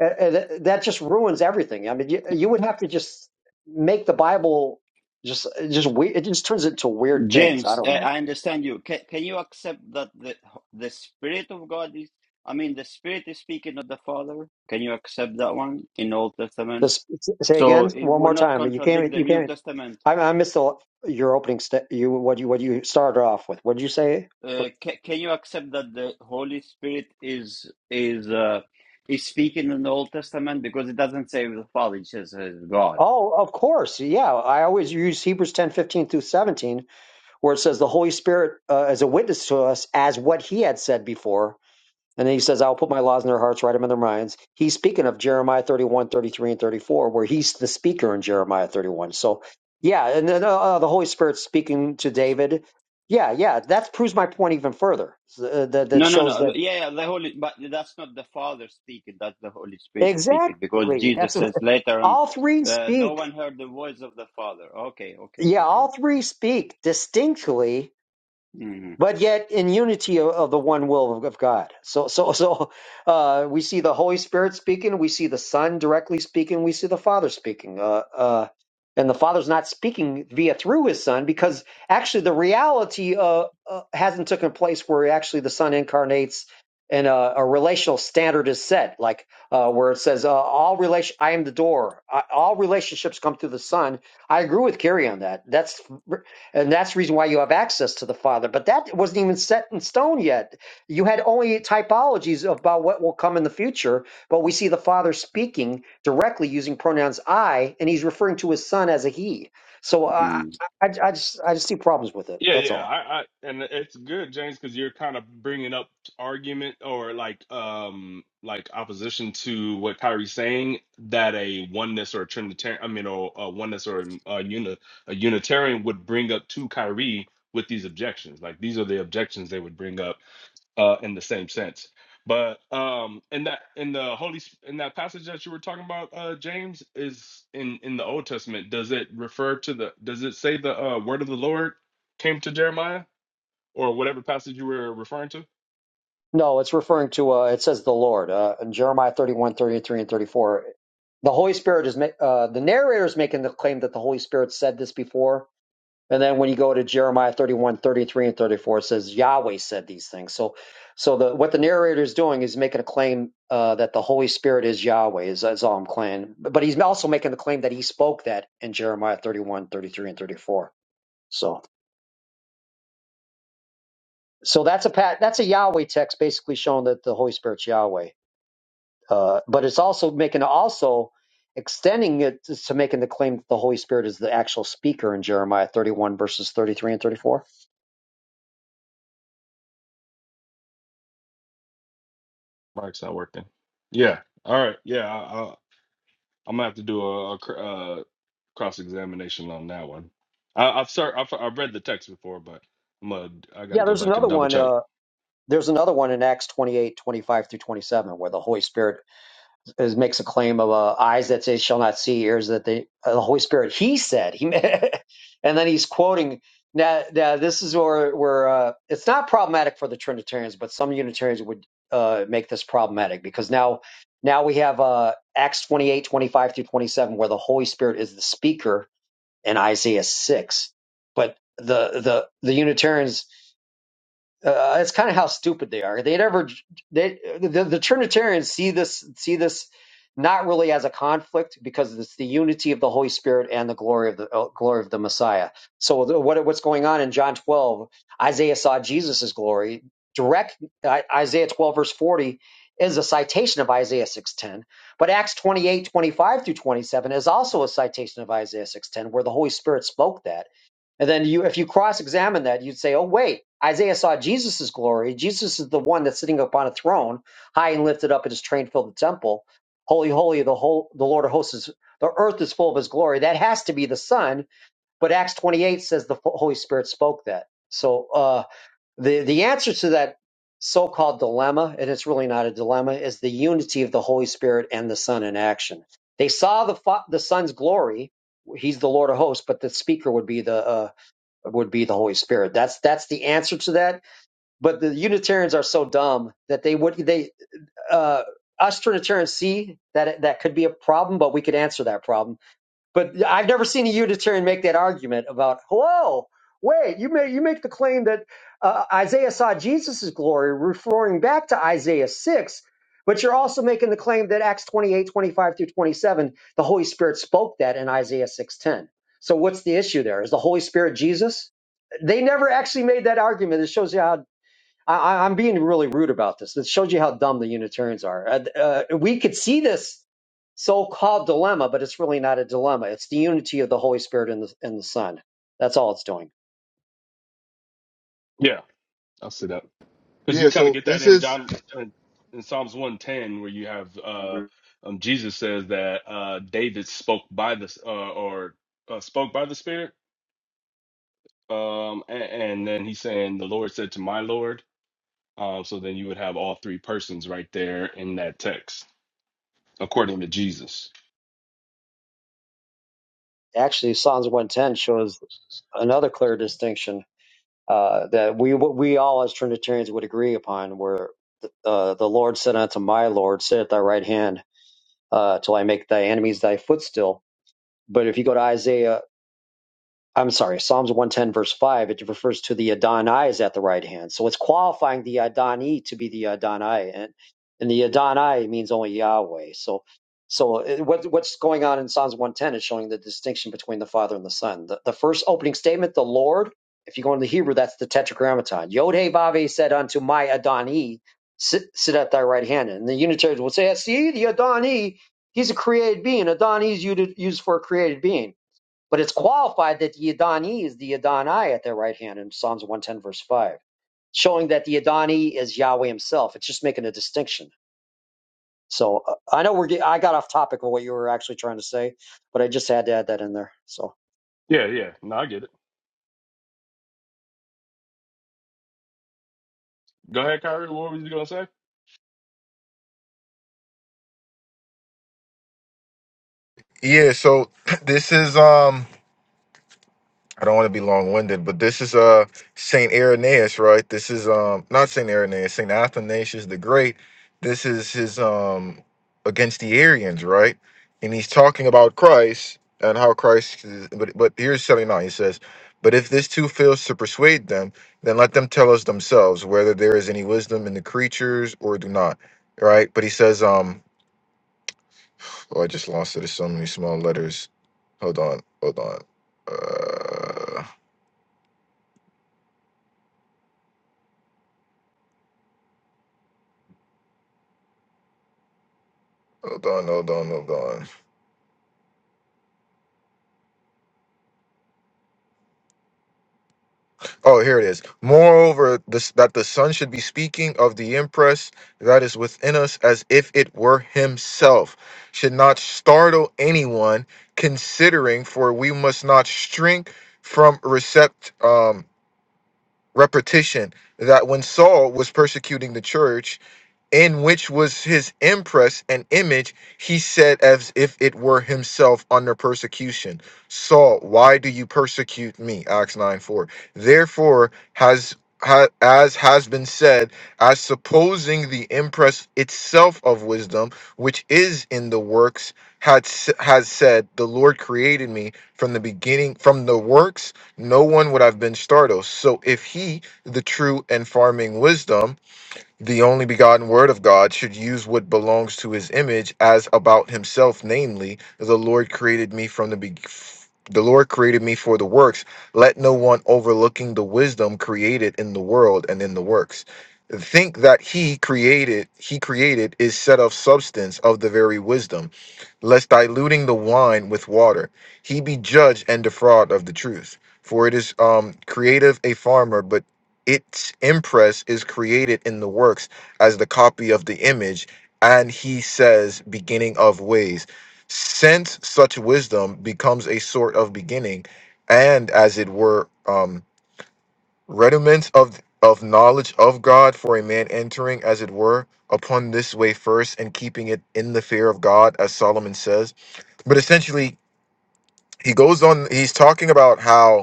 S9: uh, uh, that just ruins everything. I mean you, you would have to just make the Bible just just weird. It just turns it into weird things. I
S1: James,
S9: don't
S1: uh,
S9: know.
S1: I understand you. Can can you accept that the the Spirit of God is? I mean, the Spirit is speaking of the Father. Can you accept that one in Old Testament?
S9: This say
S1: So
S9: again
S1: it
S9: one
S1: would
S9: more
S1: not
S9: time. You
S1: contradict
S9: can't.
S1: the
S9: You
S1: New
S9: can't.
S1: Testament
S9: I, I missed the, your opening. St- you what you what you started off with? What did you say?
S1: Uh, ca can you accept that the Holy Spirit is is uh, is speaking in the Old Testament because it doesn't say the Father; it just says uh, God.
S9: Oh, of course. Yeah, I always use Hebrews ten fifteen through seventeen, where it says the Holy Spirit uh, is a witness to us as what He had said before, and then He says, "I'll put my laws in their hearts, write them in their minds." He's speaking of Jeremiah 31 33 and thirty four, where He's the speaker in Jeremiah thirty one. So, yeah, and then uh, uh, the Holy Spirit's speaking to David. Yeah, yeah, that proves my point even further. Uh, that that
S1: No, no,
S9: shows
S1: no.
S9: that
S1: Yeah, yeah, the Holy, but that's not the Father speaking. That's the Holy Spirit speaking because
S9: exactly. That's
S1: Jesus says later on,
S9: All three
S1: uh, "No
S9: speak.
S1: one heard the voice of the Father." Okay, okay,
S9: Yeah,
S1: okay.
S9: all three speak distinctly
S1: Mm-hmm.
S9: but yet in unity of, of the one will of, of God. So, so, so uh, we see the Holy Spirit speaking, we see the Son directly speaking, we see the Father speaking. Uh, uh, and the Father's not speaking via through His Son because actually the reality uh, uh, hasn't taken place where actually the Son incarnates and uh, a relational standard is set, like uh, where it says uh, all relation. I am the door. I, all relationships come through the Son. I agree with Carrie on that. That's and that's the reason why you have access to the Father. But that wasn't even set in stone yet. You had only typologies about what will come in the future, but we see the Father speaking directly using pronouns I, and he's referring to his son as a he. So uh, I, I, just I just see problems with it.
S11: Yeah,
S9: That's
S11: yeah,
S9: all.
S11: I, I and it's good, James, because you're kind of bringing up argument or like um like opposition to what Kyrie's saying that a oneness or a Trinitarian, I mean, or a oneness or a, uni, a Unitarian would bring up to Kyrie with these objections. Like these are the objections they would bring up uh, in the same sense. But um, in that in the Holy Sp- in that passage that you were talking about, uh, James is in in the Old Testament. Does it refer to the? Does it say the uh, word of the Lord came to Jeremiah or whatever passage you were referring to?
S9: No, it's referring to uh, it says the Lord uh, in Jeremiah 31, 33, and 34. The Holy Spirit is ma- uh, the narrator is making the claim that the Holy Spirit said this before, And then when you go to Jeremiah 31, 33, and 34, it says Yahweh said these things. So, so the what the narrator is doing is making a claim uh, that the Holy Spirit is Yahweh, is, is all I'm claiming. But but he's also making the claim that he spoke that in Jeremiah 31, 33, and 34. So, so that's a pat, that's a Yahweh text basically showing that the Holy Spirit's Yahweh. Uh, but it's also making also extending it to to making the claim that the Holy Spirit is the actual speaker in Jeremiah 31, verses 33 and 34.
S11: Mike's not working. Yeah. All right. Yeah. I, I, I'm gonna have to do a, a cr- uh, cross examination on that one. I, I've, ser- I've I've read the text before, but I'm gonna, I gotta
S9: Yeah,
S11: go
S9: there's
S11: back and
S9: another
S11: double
S9: one.
S11: check.
S9: Uh, There's another one in Acts 28:25 through 27, where the Holy Spirit is, makes a claim of uh, eyes that they shall not see, ears that they, uh, the Holy Spirit, he said, he, and then he's quoting. Now, now this is where, where uh, it's not problematic for the Trinitarians, but some Unitarians would uh, make this problematic because now, now we have uh, Acts 28:25 through 27, where the Holy Spirit is the speaker in Isaiah 6. But the, the, the Unitarians uh, it's kind of how stupid they are. They never they the, the Trinitarians see this see this not really as a conflict because it's the unity of the Holy Spirit and the glory of the uh, glory of the Messiah. So the, what what's going on in John 12? Isaiah saw Jesus' glory. Direct I, Isaiah 12 verse 40 is a citation of Isaiah 6:10, but Acts 28:25 through 27 is also a citation of Isaiah 6:10 where the Holy Spirit spoke that. And then you, if you cross-examine that, you'd say, "Oh, wait, Isaiah saw Jesus' glory. Jesus is the one that's sitting upon a throne, high and lifted up, and his train filled the temple. Holy, holy, the whole, the Lord of hosts is. The earth is full of his glory. That has to be the Son. But Acts 28 says the Holy Spirit spoke that. So uh, the the answer to that so-called dilemma, and it's really not a dilemma, is the unity of the Holy Spirit and the Son in action. They saw the fa- the Son's glory. He's the Lord of hosts, but the speaker would be the uh, would be the Holy Spirit. That's that's the answer to that. But the Unitarians are so dumb that they would they uh, us Trinitarians see that it, that could be a problem, but we could answer that problem but I've never seen a Unitarian make that argument about, whoa, wait, you make, you make the claim that uh, Isaiah saw Jesus' glory, referring back to Isaiah 6, but you're also making the claim that Acts 28 25 through 27, the Holy Spirit spoke that in Isaiah 6.10. So what's the issue there? Is the Holy Spirit Jesus? They never actually made that argument. It shows you how I, I- I'm being really rude about this. It shows you how dumb the Unitarians are. Uh, uh, we could see this so-called dilemma, but it's really not a dilemma. It's the unity of the Holy Spirit and the and the Son. That's all it's doing.
S11: Yeah, I'll see that. because
S8: Yeah.
S11: you kind of
S8: So
S11: get that
S8: this
S11: in
S8: is
S11: John in, in Psalms one ten where you have uh, um, Jesus says that uh, David spoke by the uh, or uh, spoke by the Spirit, um, and, and then he's saying the Lord said to my Lord. Um, so then you would have all three persons right there in that text according to Jesus.
S9: Actually, Psalms 110 shows another clear distinction uh, that we we all as Trinitarians would agree upon, where uh, the Lord said unto my Lord, "Sit at thy right hand uh, till I make thy enemies thy footstool." But if you go to Isaiah I'm sorry, Psalms 110, verse 5, it refers to the Adonai is at the right hand. So it's qualifying the Adonai to be the Adonai. And, and the Adonai means only Yahweh. So so it- what, what's going on in Psalms 110 is showing the distinction between the Father and the Son. The, the first opening statement, the Lord, if you go into Hebrew, that's the Tetragrammaton. Yod He Vav He said unto my Adonai, sit, sit at thy right hand. And the Unitarians will say, see, the Adonai, he's a created being. Adonai is used used for a created being but it's qualified that the Adani is the Adonai at their right hand in Psalms 110, verse 5, showing that the Adani is Yahweh himself. It's just making a distinction. So uh, I know we're get, I got off topic of what you were actually trying to say, but I just had to add that in there. So,
S11: Yeah, yeah. No, I get it. Go ahead, Kyrie. What were you gonna say?
S8: Yeah, so this is um I don't want to be long-winded, but this is uh Saint Irenaeus, right? This is um not Saint Irenaeus, Saint Athanasius the Great. This is his um against the Arians, right? And he's talking about Christ and how Christ. Is, but but here's seventy nine. He says, "But if this too fails to persuade them, then let them tell us themselves whether there is any wisdom in the creatures or do not." Right? But he says, um, oh, I just lost it. There's so many small letters. Hold on, hold on. Uh, Hold on, hold on, hold on. Oh, here it is. Moreover, this, that the Son should be speaking of the impress that is within us as if it were Himself, should not startle anyone, considering, for we must not shrink from recept, um, repetition. That when Saul was persecuting the church, in which was his impress and image, he said as if it were himself under persecution. Saul, why do you persecute me? Acts 9 4. Therefore, has ha, as has been said, as supposing the impress itself of wisdom, which is in the works, had s- has said, The Lord created me from the beginning, from the works, no one would have been startled. So if he, the true and farming wisdom, the only begotten word of God should use what belongs to his image as about himself, namely, the Lord created me from the be- the Lord created me for the works. Let no one overlooking the wisdom created in the world and in the works. Think that he created, he created is set of substance of the very wisdom, lest diluting the wine with water, he be judged and defraud of the truth. For it is um creative a farmer, but its impress is created in the works as the copy of the image and he says beginning of ways since such wisdom becomes a sort of beginning and as it were um rudiments of of knowledge of god for a man entering as it were upon this way first and keeping it in the fear of god as solomon says but essentially he goes on he's talking about how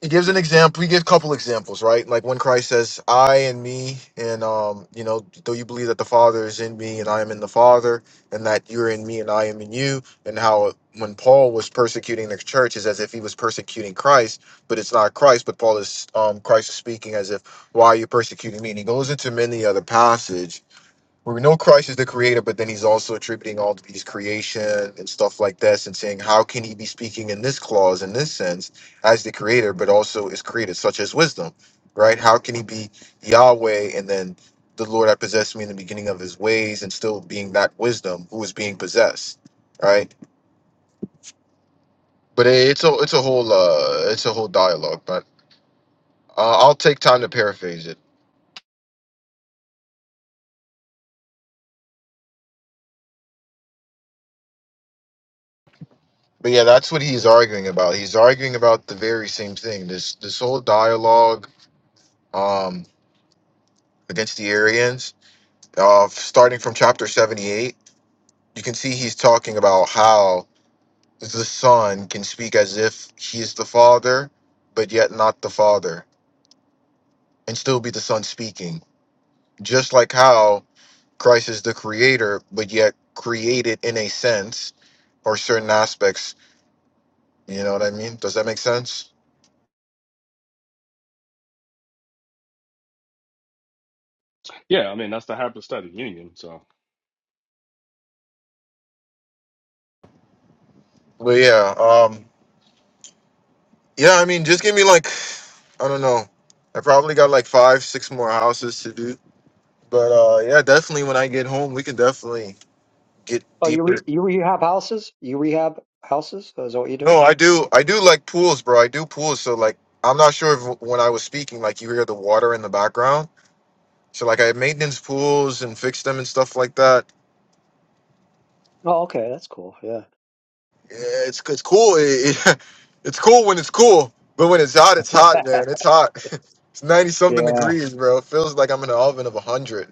S8: he gives an example. He gives a couple examples, right? Like when Christ says, "I and me," and um, you know, though you believe that the Father is in me and I am in the Father, and that you're in me and I am in you, and how when Paul was persecuting the church is as if he was persecuting Christ, but it's not Christ, but Paul is um, Christ is speaking as if, "Why are you persecuting me?" And he goes into many other passage where we know Christ is the creator, but then he's also attributing all of these creation and stuff like this and saying, how can he be speaking in this clause, in this sense, as the creator, but also is created, such as wisdom, right? How can he be Yahweh and then the Lord that possessed me in the beginning of his ways and still being that wisdom who is being possessed, right? But it's a, it's a whole, uh, it's a whole dialogue, but uh, I'll take time to paraphrase it. But yeah, that's what he's arguing about. He's arguing about the very same thing. This this whole dialogue um, against the Arians. Uh, starting from chapter 78, you can see he's talking about how the Son can speak as if he is the Father, but yet not the Father, and still be the Son speaking. Just like how Christ is the Creator, but yet created in a sense or certain aspects. You know what I mean? Does that make sense?
S11: Yeah, I mean that's the hypostatic union. So
S8: But yeah, um, yeah, I mean, just give me like, I don't know. I probably got like five, six more houses to do But uh, yeah, definitely when I get home, we can definitely get
S9: oh, you
S8: deeper.
S9: re, you rehab houses? You rehab houses? Is that what you do?
S8: No, I do. I do like pools, bro. I do pools. So like, I'm not sure if when I was speaking, like you hear the water in the background. So like, I maintenance pools and fix them and stuff like that.
S9: Oh, okay, that's cool. Yeah.
S8: Yeah, it's it's cool. It, it- it's cool when it's cool, but when it's hot, it's hot, man. It's hot. it's ninety something
S9: Yeah.
S8: degrees, bro. It feels like I'm in an oven of a hundred.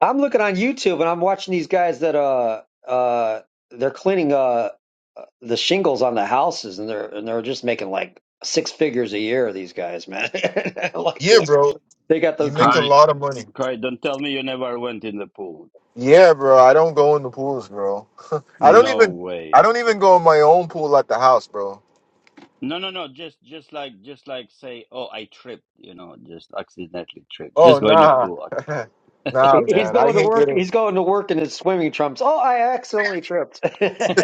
S9: I'm looking on YouTube and I'm watching these guys that uh uh they're cleaning uh uh, the shingles on the houses and they're and they're just making like six figures a year. These guys, man, I'm like
S8: Yeah,
S9: what
S8: bro.
S9: they got
S8: You
S9: those.
S8: make a
S1: Carrie,
S8: lot of money.
S1: Carrie, don't tell me you never went in the pool.
S8: Yeah, bro. I don't go in the pools, bro. I don't
S1: No
S8: even I
S1: way.
S8: don't even go in my own pool at the house, bro.
S1: No, no, no. Just, just like, just like, say, oh, I tripped. You know, just accidentally tripped.
S8: Oh
S1: Just going to
S8: nah.
S1: pool.
S8: nah,
S9: He's
S8: man. I
S9: going to
S8: hate
S9: work.
S8: getting
S9: He's going to work in his swimming trunks. Oh, I accidentally tripped.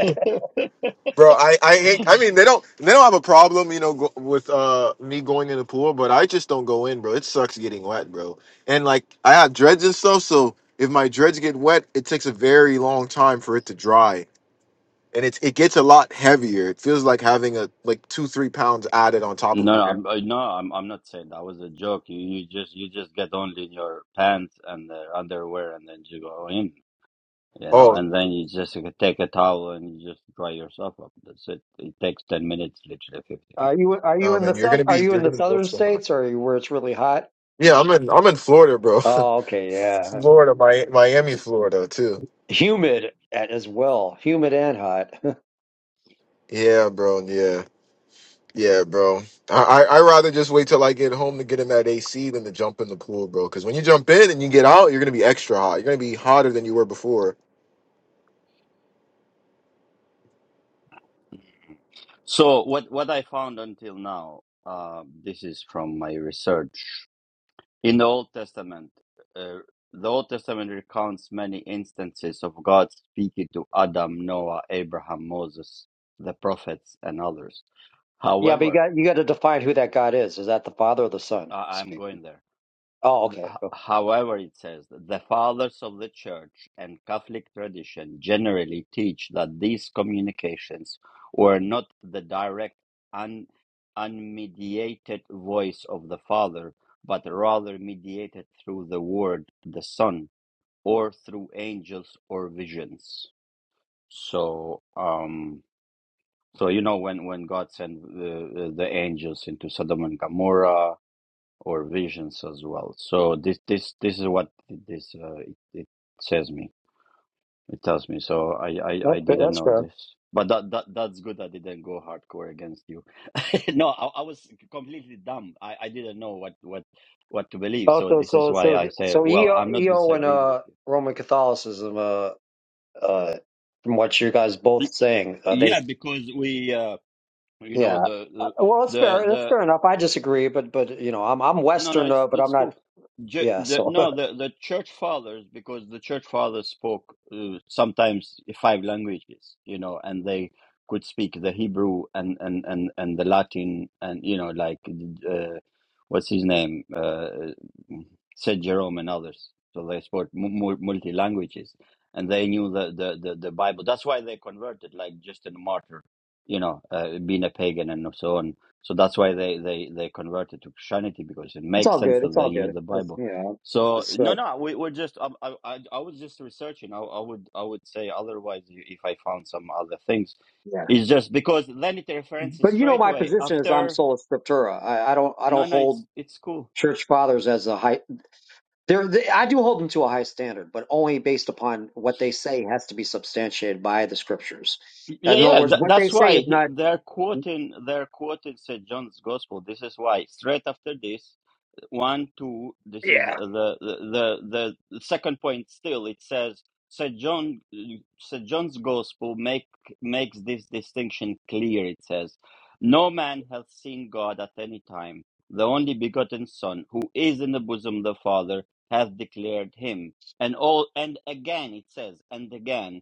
S1: Accident.
S8: Bro, I, I hate I mean they don't they don't have a problem, you know, go, with uh me going in the pool, but I just don't go in, bro. It sucks getting wet, bro. And like I have dreads and stuff, so if my dreads get wet, it takes a very long time for it to dry. And it's it gets a lot heavier. It feels like having a like two, three pounds added on top of
S1: No,
S8: your hair.
S1: I'm, I- no, I'm, I'm not saying that was a joke. You, you just, you just get only in your pants and the underwear, and then you go in. You know,
S8: Oh
S1: and then you just uh, take a towel and you just dry yourself up. That's it. It takes ten minutes, literally fifteen
S9: are
S1: minutes.
S9: you are you
S8: No
S9: in the
S8: man, you're
S9: south?
S8: gonna
S9: Are
S8: be
S9: you
S8: you're
S9: in the
S8: gonna be up
S9: southern
S8: so high.
S9: states or are you where it's really hot?
S8: Yeah, I'm in I'm in Florida, bro.
S9: Oh, okay, yeah,
S8: Florida, Mi- Miami, Florida too.
S9: humid a- as well, humid and hot.
S8: Yeah, bro. Yeah, yeah, bro. I I I rather just wait till I get home to get in that AC than to jump in the pool, bro. Because when you jump in and you get out, you're gonna be extra hot. You're gonna be hotter than you were before.
S1: So what, what I found until now, uh, this is from my research. In the Old Testament, uh, the Old Testament recounts many instances of God speaking to Adam, Noah, Abraham, Moses, the prophets, and others.
S9: Yeah, but you
S1: However,
S9: got you got to define who that God is. Is that the Father or the Son
S1: I- I'm
S9: speaking?
S1: going there.
S9: Oh, okay.
S1: H-
S9: Cool.
S1: However, it says that the fathers of the church and Catholic tradition generally teach that these communications were not the direct, un- unmediated voice of the Father, but rather mediated through the Word, the Son or through angels or visions. So, um, so you know when when God sent the, the angels into Sodom and Gomorrah or visions as well. So this this this is what this uh, it, it says me. It tells me. So I I, I
S9: That's fair-
S1: didn't
S9: that's
S1: know
S9: fair.
S1: this. But that, that that's good. I didn't go hardcore against you. no, I, I was completely dumb. I, I didn't know what, what what to believe.
S9: Oh,
S1: So
S9: so
S1: this is
S9: so
S1: why
S9: so
S1: I
S9: th-
S1: say,
S9: so
S1: well,
S9: EO,
S1: I'm not
S9: EO and
S1: disagreeing with
S9: uh, Roman Catholicism, uh, uh, from what you guys
S1: you.
S9: both saying, uh, they
S1: Yeah, because we uh, you know
S9: yeah.
S1: the
S9: uh,
S1: the
S9: Well, that's
S1: the,
S9: fair. That's
S1: the
S9: fair enough. I disagree, but but you know, I'm I'm
S1: no no
S9: Western,
S1: it's
S9: uh, but
S1: it's
S9: I'm
S1: cool
S9: not.
S1: Ju-
S9: Yeah,
S1: the,
S9: so
S1: no the the church fathers because the church fathers spoke uh, sometimes five languages you know and they could speak the hebrew and and and, and the latin and you know like uh, what's his name uh, saint jerome and others so they spoke mu- multi languages and they knew the, the the the bible that's why they converted like justin martyr you know uh, being a pagan and so on so that's why they, they, they converted to Christianity because it
S9: it's
S1: makes
S9: all
S1: sense
S9: good.
S1: that
S9: It's
S1: they
S9: all
S1: knew
S9: good.
S1: the
S9: It's
S1: Bible.
S9: you know,
S1: So
S9: it's
S1: no,
S9: uh,
S1: no, we were just I, I, I I was just researching. I, I would I would say otherwise if I found some other things.
S9: yeah.
S1: It's just because then it references
S9: But you know,
S1: straight
S9: my
S1: away
S9: position is I'm
S1: after.
S9: sola scriptura. I, I don't I
S1: No,
S9: don't
S1: no,
S9: hold
S1: it's it's cool.
S9: church fathers as a high They're, they, I do hold them to a high standard, but only based upon what they say has to be substantiated by the scriptures.
S1: Yeah,
S9: In other
S1: yeah,
S9: words,
S1: tha
S9: what they
S1: that's
S9: say
S1: why
S9: is
S1: he,
S9: not.
S1: they're quoting they're quoting St. John's Gospel. This is why straight after this, one, two, this is
S9: Yeah.
S1: the the the, the second point. Still, it says St. John St. John's Gospel make makes this distinction clear. It says, "No man hath seen God at any time. The only begotten Son, who is in the bosom of the Father, hath declared him." And all and again it says, and again.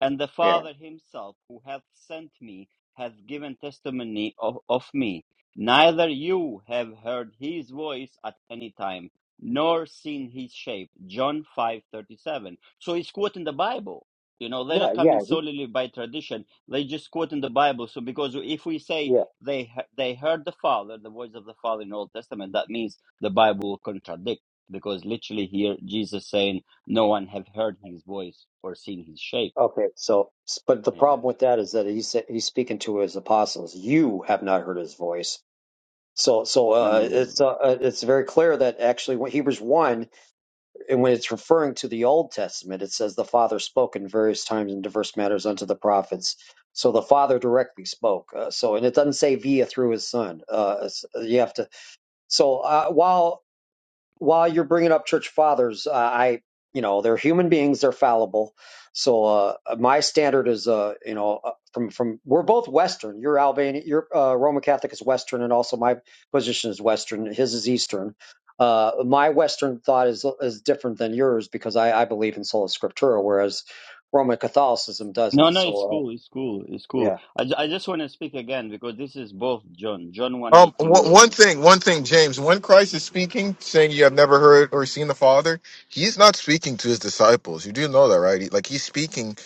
S1: And the
S9: Yeah.
S1: Father himself, who hath sent me, hath given testimony of, of me. Neither you have heard his voice at any time, nor seen his shape. John five thirty seven. So he's quoting the Bible. You know, they're
S9: Yeah.
S1: not coming
S9: Yeah.
S1: solely by tradition. They just quote in the Bible. So because if we say
S9: Yeah.
S1: they he- they heard the Father, the voice of the Father in Old Testament, that means the Bible will contradict. Because literally here Jesus saying, "No one have heard his voice or seen his shape."
S9: Okay. So, s- but the
S1: Yeah.
S9: problem with that is that he said he's speaking to his apostles. You have not heard his voice. So, so uh,
S1: Mm.
S9: it's uh, uh, it's very clear that actually, when Hebrews one And when it's referring to the Old Testament, it says the Father spoke in various times in diverse matters unto the prophets. So the Father directly spoke. Uh, so, and it doesn't say via through His Son. Uh, it's- you have to. So uh, while while you're bringing up church fathers, uh, I, you know, they're human beings, they're fallible. So uh, my standard is, uh, you know, uh, from from we're both Western. You're Albanian, you're uh, Roman Catholic is Western, and also my position is Western. His is Eastern. Uh, my Western thought is is different than yours because I, I believe in sola scriptura, whereas Roman Catholicism
S1: No,
S9: doesn't.
S1: no, it's
S9: So
S1: cool. It's cool. It's
S9: uh,
S1: cool.
S9: yeah,
S1: I, ju- I just want to speak again because this is both John, John
S8: Um,
S1: 118.
S8: w- one thing, one thing, James. When Christ is speaking, saying you have never heard or seen the Father, he's not speaking to his disciples. You do know that, right? He- Like he's speaking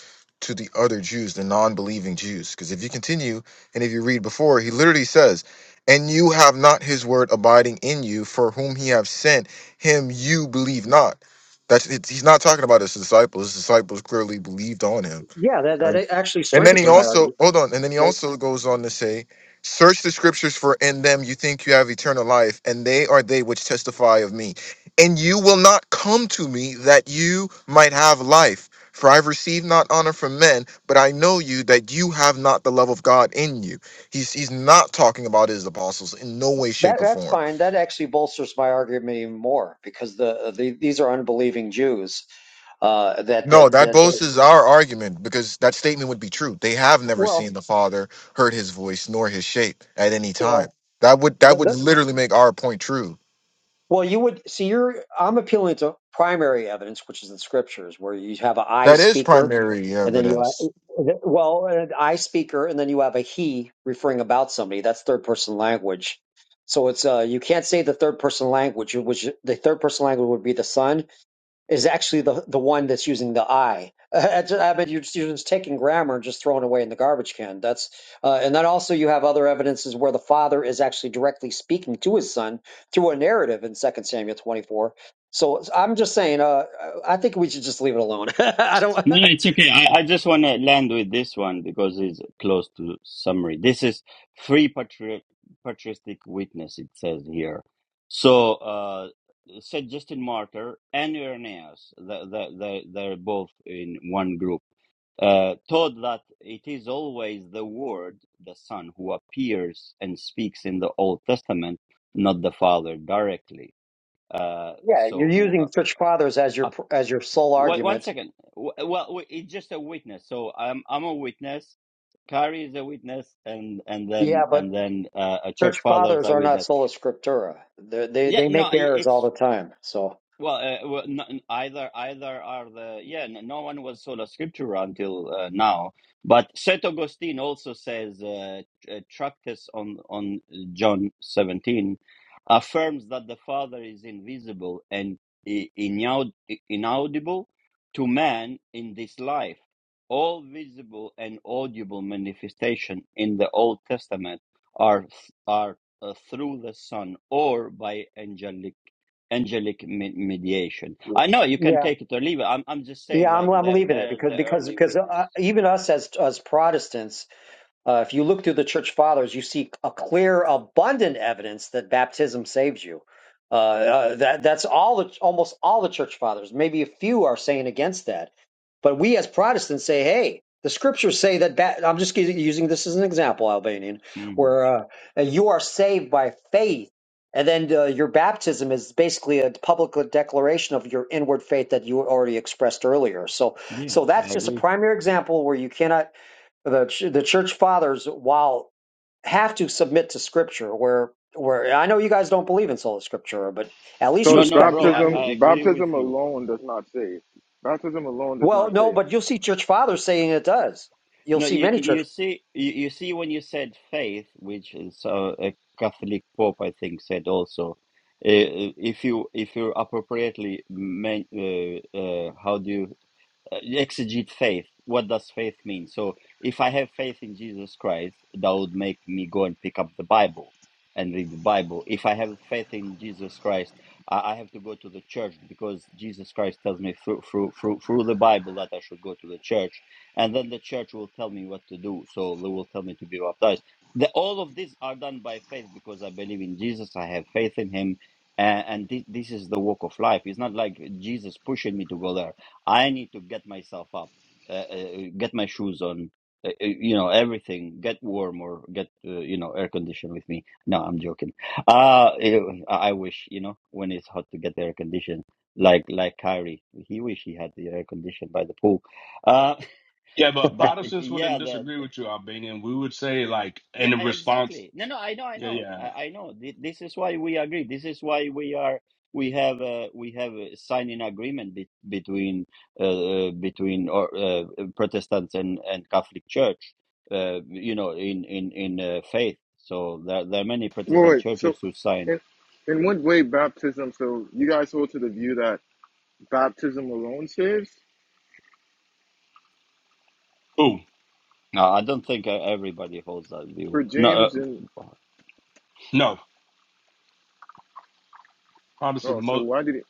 S8: to the other Jews, the non-believing Jews. Because if you continue and if you read before, he literally says, "And you have not his word abiding in you, for whom he have sent him, you believe not." That's it's, he's not talking about his disciples. His disciples clearly believed on him.
S9: yeah, that that actually
S8: And then
S9: strengthens
S8: he
S9: my
S8: also
S9: argument.
S8: hold on, and then he also goes on to say, "Search the scriptures for in them you think you have eternal life, and they are they which testify of me. And you will not come to me that you might have life. For I've received not honor from men, but I know you that you have not the love of God in you." He's he's not talking about his apostles in no way,
S9: That
S8: shape, or
S9: that's
S8: form
S9: fine. That actually bolsters my argument even more because the, the these are unbelieving Jews. Uh, that
S8: No,
S9: that
S8: that
S9: that.
S8: boses our argument because that statement would be true. They have never
S9: Well,
S8: seen the Father, heard his voice, nor his shape at any time.
S9: well,
S8: That would
S9: the,
S8: that would
S9: the,
S8: literally make our point true.
S9: well. You would see. You're. I'm appealing to primary evidence, which is the scriptures, where you have a I
S8: That is
S9: speaker,
S8: primary
S9: and then you
S8: evidence.
S9: have well an I speaker, and then you have a he referring about somebody. That's third person language. So it's uh you can't say the third person language, which the third person language would be the son is actually the the one that's using the I. I mean, you're just, you're just taking grammar and just throwing it away in the garbage can. That's uh, and then also you have other evidences where the father is actually directly speaking to his son through a narrative in Second Samuel 24. So I'm just saying, uh, I think we should just leave it alone. I don't.
S1: No, no, it's okay. I, I just want to land with this one because it's close to summary. This is free patri- patristic witness, it says here. So, uh, said Justin Martyr and Irenaeus, they, they, they, they're both in one group. uh, taught that it is always the Word, the Son, who appears and speaks in the Old Testament, not the Father directly. Uh,
S9: Yeah, you're
S1: so who? Uh,
S9: using church fathers as your
S1: uh,
S9: as your sole
S1: wait, one
S9: argument.
S1: second. W- Well, w- it's just a witness. So I'm I'm a witness. Kari is a witness, and and
S9: Yeah,
S1: then and
S9: but
S1: then uh, a
S9: church
S1: church fathers
S9: fathers
S1: are
S9: are not
S1: witness.
S9: sola scriptura. They're, they
S1: Yeah,
S9: they
S1: no,
S9: make
S1: i-
S9: errors
S1: it's
S9: all the time. So.
S1: Well, uh, well n- either either are the yeah. n- No one was sola scriptura until uh, now. But Saint Augustine also says uh, a Tractus on on John seventeen affirms that the Father is invisible and i- inaud- inaudible to man in this life. All visible and audible manifestation in the Old Testament are are uh, through the Son or by angelic angelic me- mediation. I know you can
S9: yeah.
S1: take it or leave it. I'm I'm just saying
S9: Yeah, I'm,
S1: like
S9: I'm
S1: they're
S9: leaving it
S1: they're
S9: because
S1: the
S9: because
S1: early
S9: because
S1: witness.
S9: uh, even us as as Protestants, uh, if you look through the church fathers, you see a clear, abundant evidence that baptism saves you. Uh, uh, that that's all the almost all the church fathers. Maybe a few are saying against that, but we as Protestants say, hey, the scriptures say that. Ba- I'm just using using this as an example, Albanian,
S1: Mm.
S9: where uh, you are saved by faith, and then uh, your baptism is basically a public declaration of your inward faith that you already expressed earlier. So,
S1: Yeah,
S9: so that's
S1: I
S9: just a
S1: agree.
S9: primary example where you cannot the ch- the church fathers while have to submit to scripture where where I know you guys don't believe in sola scriptura but at least
S8: So
S1: No,
S8: it's
S1: no,
S9: respect
S1: bro,
S9: the
S1: I,
S9: avenue.
S1: I
S8: baptism.
S1: agree with
S8: Baptism
S1: you.
S8: alone does not save. Baptism alone does
S9: well
S8: not
S9: no
S8: save.
S9: but you'll see church fathers saying it does you'll
S1: No,
S9: see
S1: you
S9: many church
S1: you see you, you see when you said faith, which is uh, a Catholic Pope I think said also, uh, if you if you appropriately men, uh, uh, how do you uh, exegete faith. What does faith mean? So, if I have faith in Jesus Christ, that would make me go and pick up the Bible and read the Bible. If I have faith in Jesus Christ, I, I have to go to the church because Jesus Christ tells me through, through through through the Bible that I should go to the church, and then the church will tell me what to do. So they will tell me to be baptized. The, all of these are done by faith because I believe in Jesus. I have faith in Him. And, and this, this is the walk of life. It's not like Jesus pushing me to go there I need to get myself up, uh, uh, get my shoes on, uh, uh, you know, everything, get warm or get, uh, you know, air conditioned with me. No, I'm joking. Uh, ew, I wish, you know, when it's hot to get air conditioned, like, like Kyrie, he wish he had the air conditioned by the pool. Uh,
S11: yeah, but
S1: but
S11: Protestants wouldn't
S1: yeah, the.
S11: disagree with you, Albanian. We would say like
S1: Yeah,
S11: in
S1: e-
S11: response.
S1: exactly. No, no, I know, I
S11: Yeah,
S1: know,
S11: yeah.
S1: I, I know. Th- This is why we agree. This is why we are we have uh, we have a signing agreement be- between uh, uh, between or uh, Protestants and and Catholic Church. Uh, you know, in in in uh, faith. So there there are many
S8: Wait,
S1: Protestant
S8: wait, so
S1: churches who sign.
S8: in in what way baptism? So you guys hold to the view that baptism alone saves
S11: Who?
S1: No, I don't think uh, everybody holds that view.
S8: for
S1: No,
S8: James and
S1: uh,
S11: No, Protestant.
S8: oh, so
S11: Mo-
S8: why did he?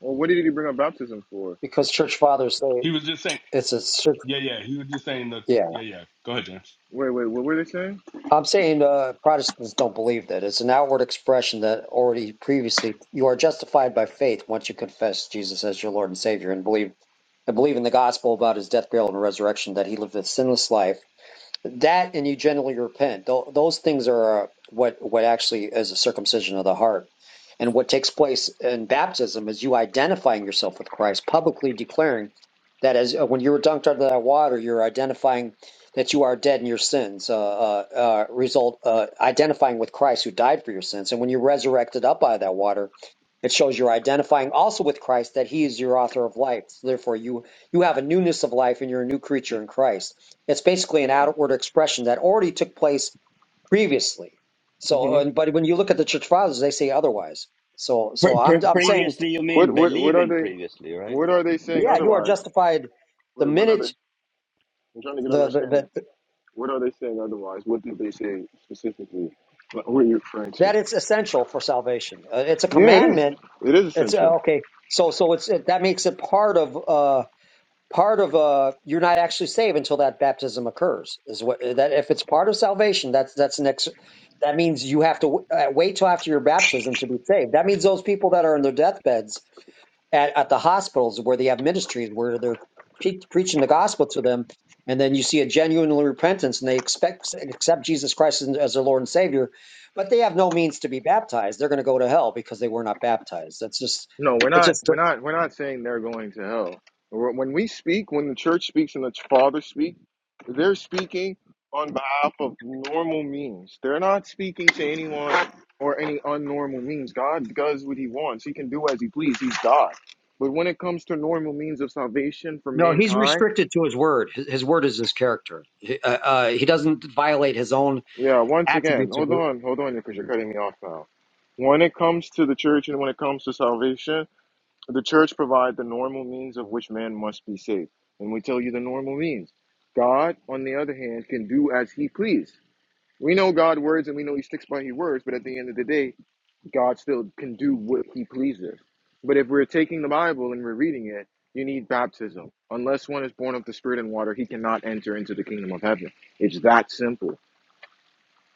S8: Well, what did he bring up baptism for?
S9: because church fathers say
S11: he was just saying,
S9: it's a cer-
S11: yeah, yeah. He was just saying that,
S9: yeah
S11: yeah, yeah. Go ahead, James.
S8: Wait, wait, what were they saying?
S9: I'm saying uh, Protestants don't believe that it's an outward expression that already previously you are justified by faith once you confess Jesus as your Lord and Savior and believe and believe in the gospel about his death burial and resurrection that he lived a sinless life That and you generally repent. Tho- Those things are uh, what what actually is a circumcision of the heart. And what takes place in baptism is you identifying yourself with Christ, publicly declaring that as uh, when you were dunked under that water, you're identifying that you are dead in your sins. Uh, uh, uh, result uh, identifying with Christ who died for your sins. And when you're resurrected up out of that water, it shows you're identifying also with Christ that He is your author of life. So therefore, you you have a newness of life and you're a new creature in Christ it's basically an outward expression that already took place previously. So,
S8: hmm
S9: and, but when you look at the church fathers, they say otherwise. So, so
S1: pre-
S9: I'm
S1: pre-
S9: I'm saying,
S1: previously you
S8: What
S1: mean
S8: what what are
S1: believing
S8: they
S1: previously, right?
S8: what are they saying
S9: yeah, you are
S8: otherwise?
S9: justified the
S8: Wait, what are they?
S9: minute
S8: I'm trying to get an
S9: the the,
S8: understanding.
S9: the
S8: What are they saying otherwise? What did they say specifically? Like, Who are you referring to?
S9: that it's essential for salvation. Uh, it's a
S8: Yeah, it is.
S9: commandment.
S8: It is
S9: It's
S8: essential.
S9: uh, okay. So, so it's it, that makes it part of. Uh, part of uh you're not actually saved until that baptism occurs is what that if it's part of salvation that's that's an ex that means you have to w- uh, wait till after your baptism to be saved that means those people that are in their deathbeds at, at the hospitals where they have ministries where they're pre- preaching the gospel to them and then you see a genuine repentance and they expect accept jesus christ as as their lord and savior but they have no means to be baptized they're going to go to hell because they were not baptized that's just
S8: No, we're
S9: it's
S8: not.
S9: just
S8: We're not. We're not saying they're going to hell. Wh- When we speak, when the church speaks and the Father speaks, they're speaking on behalf of normal means. They're not speaking to anyone or any unnormal means. God does what He wants. He can do as He please. He's God. But when it comes to normal means of salvation for
S9: No, he's
S8: mankind,
S9: restricted to his word. His, his word is his character. He, uh, uh, he doesn't violate his own
S8: yeah. Once again,
S9: attributes of.
S8: hold on, hold on, because you're cutting me off now. When it comes to the church and when it comes to salvation. The church provides the normal means of which man must be saved. And we tell you the normal means. God, on the other hand, can do as he please. We know God's words and we know he sticks by his words, but at the end of the day, God still can do what he pleases. But if we're taking the Bible and we're reading it, you need baptism. Unless one is born of the Spirit and water, he cannot enter into the kingdom of heaven. It's that simple.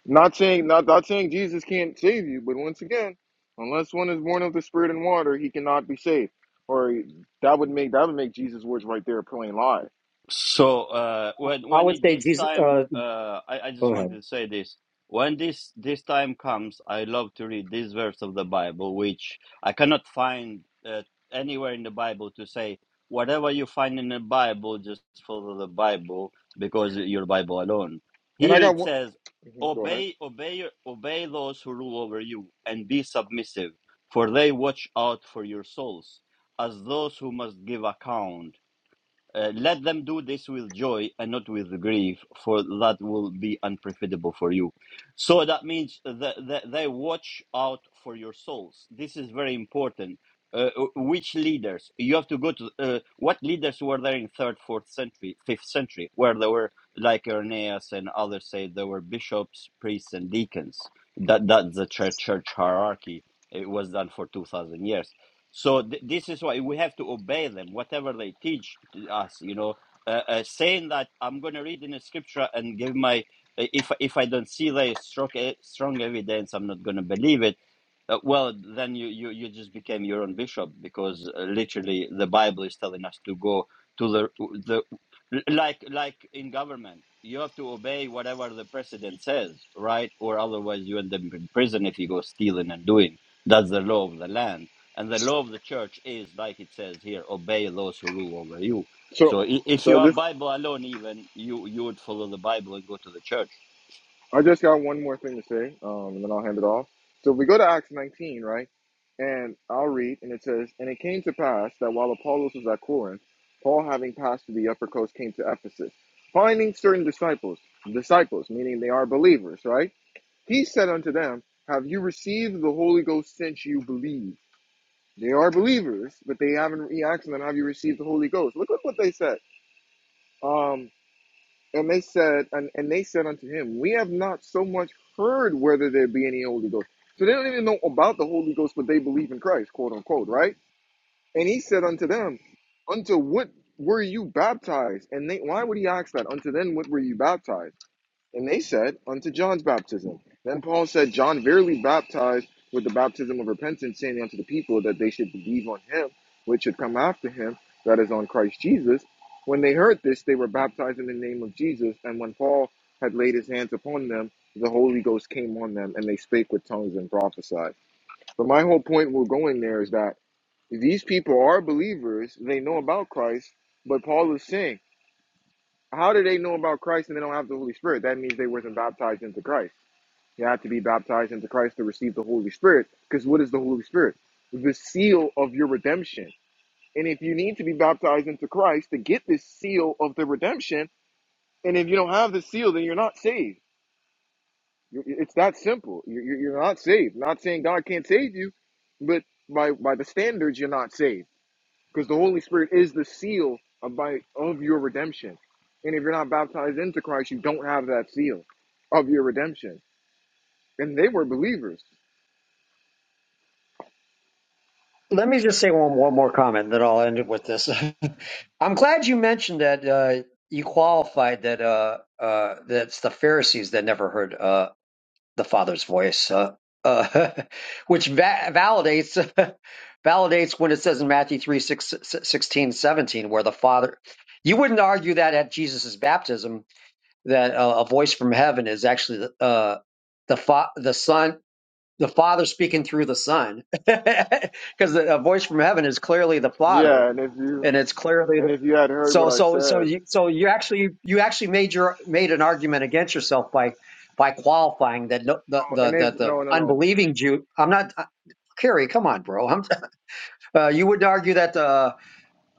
S8: Not saying not not saying Jesus can't save you, but once again, unless one is born of the Spirit and water, he cannot be saved. Or that would make that would make Jesus' words right there a plain lie.
S1: So uh, when
S9: I
S1: when
S9: would
S1: it
S9: say
S1: this
S9: Jesus.
S1: time,
S9: Uh,
S1: uh, I I just
S9: go
S1: wanted
S9: ahead.
S1: to say this. When this this time comes, I love to read this verse of the Bible, which I cannot find uh, anywhere in the Bible to say whatever you find in the Bible, just follow the Bible because your Bible alone.
S8: And I
S1: Here
S8: got
S1: it
S8: one.
S1: says,
S8: mhm, go ahead.
S1: "Obey, obey, your- obey those who rule over you, and be submissive, for they watch out for your souls, as those who must give account." Uh, let them do this with joy and not with grief, for that will be unprofitable for you. So that means that, that they watch out for your souls. This is very important. Uh, uh, which leaders? You have to go to uh, what leaders were there in third, fourth century, fifth century, where there were like Irenaeus and others say there were bishops, priests, and deacons. That that's the church, church hierarchy. It was done for two thousand years so th- this is why we have to obey them, whatever they teach to us. You know, uh, uh, saying that I'm going to read in the scripture and give my uh, if if I don't see the strong e- strong evidence, I'm not going to believe it. Uh, well, then you, you you just became your own bishop because uh, literally the Bible is telling us to go to the the like like in government you have to obey whatever the president says, right? Or otherwise you end up in prison if you go stealing and doing. That's the law of the land and the law of the church is, like it says here, obey those who rule over you.
S8: So,
S1: So i- if
S8: so
S1: you
S8: I
S1: are
S8: just
S1: Bible alone, even you you would follow the Bible and go to the church.
S8: I just got one more thing to say, um, and then I'll hand it off. So if we go to Acts 19, right, and I'll read, and it says, "And it came to pass that while Apollos was at Corinth, Paul, having passed through the upper coast, came to Ephesus, finding certain disciples, disciples meaning they are believers, right." He said unto them, Have you received the Holy Ghost since you believe? They are believers, but they haven't. He asked them, Have you received the Holy Ghost? Look, at what they said. Um, and they said, and, and they said unto him, We have not so much heard whether there be any Holy Ghost. So they don't even know about the Holy Ghost, but they believe in Christ, quote unquote, right? And he said unto them, Unto what were you baptized? And they, why would he ask that? Unto then, what were you baptized? And they said, Unto John's baptism. Then Paul said, John verily baptized with the baptism of repentance, saying unto the people that they should believe on him, which should come after him, that is on Christ Jesus. When they heard this, they were baptized in the name of Jesus. And when Paul had laid his hands upon them, the Holy Ghost came on them, and they spake with tongues and prophesied. But my whole point we're going there is that these people are believers, they know about Christ, but Paul is saying, how do they know about Christ and they don't have the Holy Spirit? That means they were not baptized into Christ you have to be baptized into Christ to receive the Holy Spirit. Because what is the Holy Spirit? The seal of your redemption. And if you need to be baptized into Christ to get this seal of the redemption, and if you don't have the seal, then you're not saved. You- It's that simple. You- you- You're not saved. Not saying God can't save you, but by by the standards, you're not saved because the Holy Spirit is the seal of by of your redemption. And if you're not baptized into Christ, you don't have that seal of your redemption. And they were believers.
S9: Let me just say one, one more comment, and then I'll end it with this. I'm glad you mentioned that uh, you qualified that uh, uh, that's the Pharisees that never heard uh, the Father's voice, uh, uh, which va- validates validates when it says in Matthew 3, 6, sixteen, seventeen, where the Father. You wouldn't argue that at Jesus' baptism that uh, a voice from heaven is actually the uh, the fa- the son the father speaking through the son because a voice from heaven is clearly the father
S8: Yeah, and if you
S9: and it's clearly
S8: and if you had heard what
S9: so
S8: I
S9: so so
S8: said,
S9: you so you actually you actually made your made an argument against yourself by by qualifying that no, the
S8: and
S9: the that
S8: if
S9: the
S8: no, no, no,
S9: unbelieving Jew I'm not Carrie come on bro I'm uh, you would argue that Uh,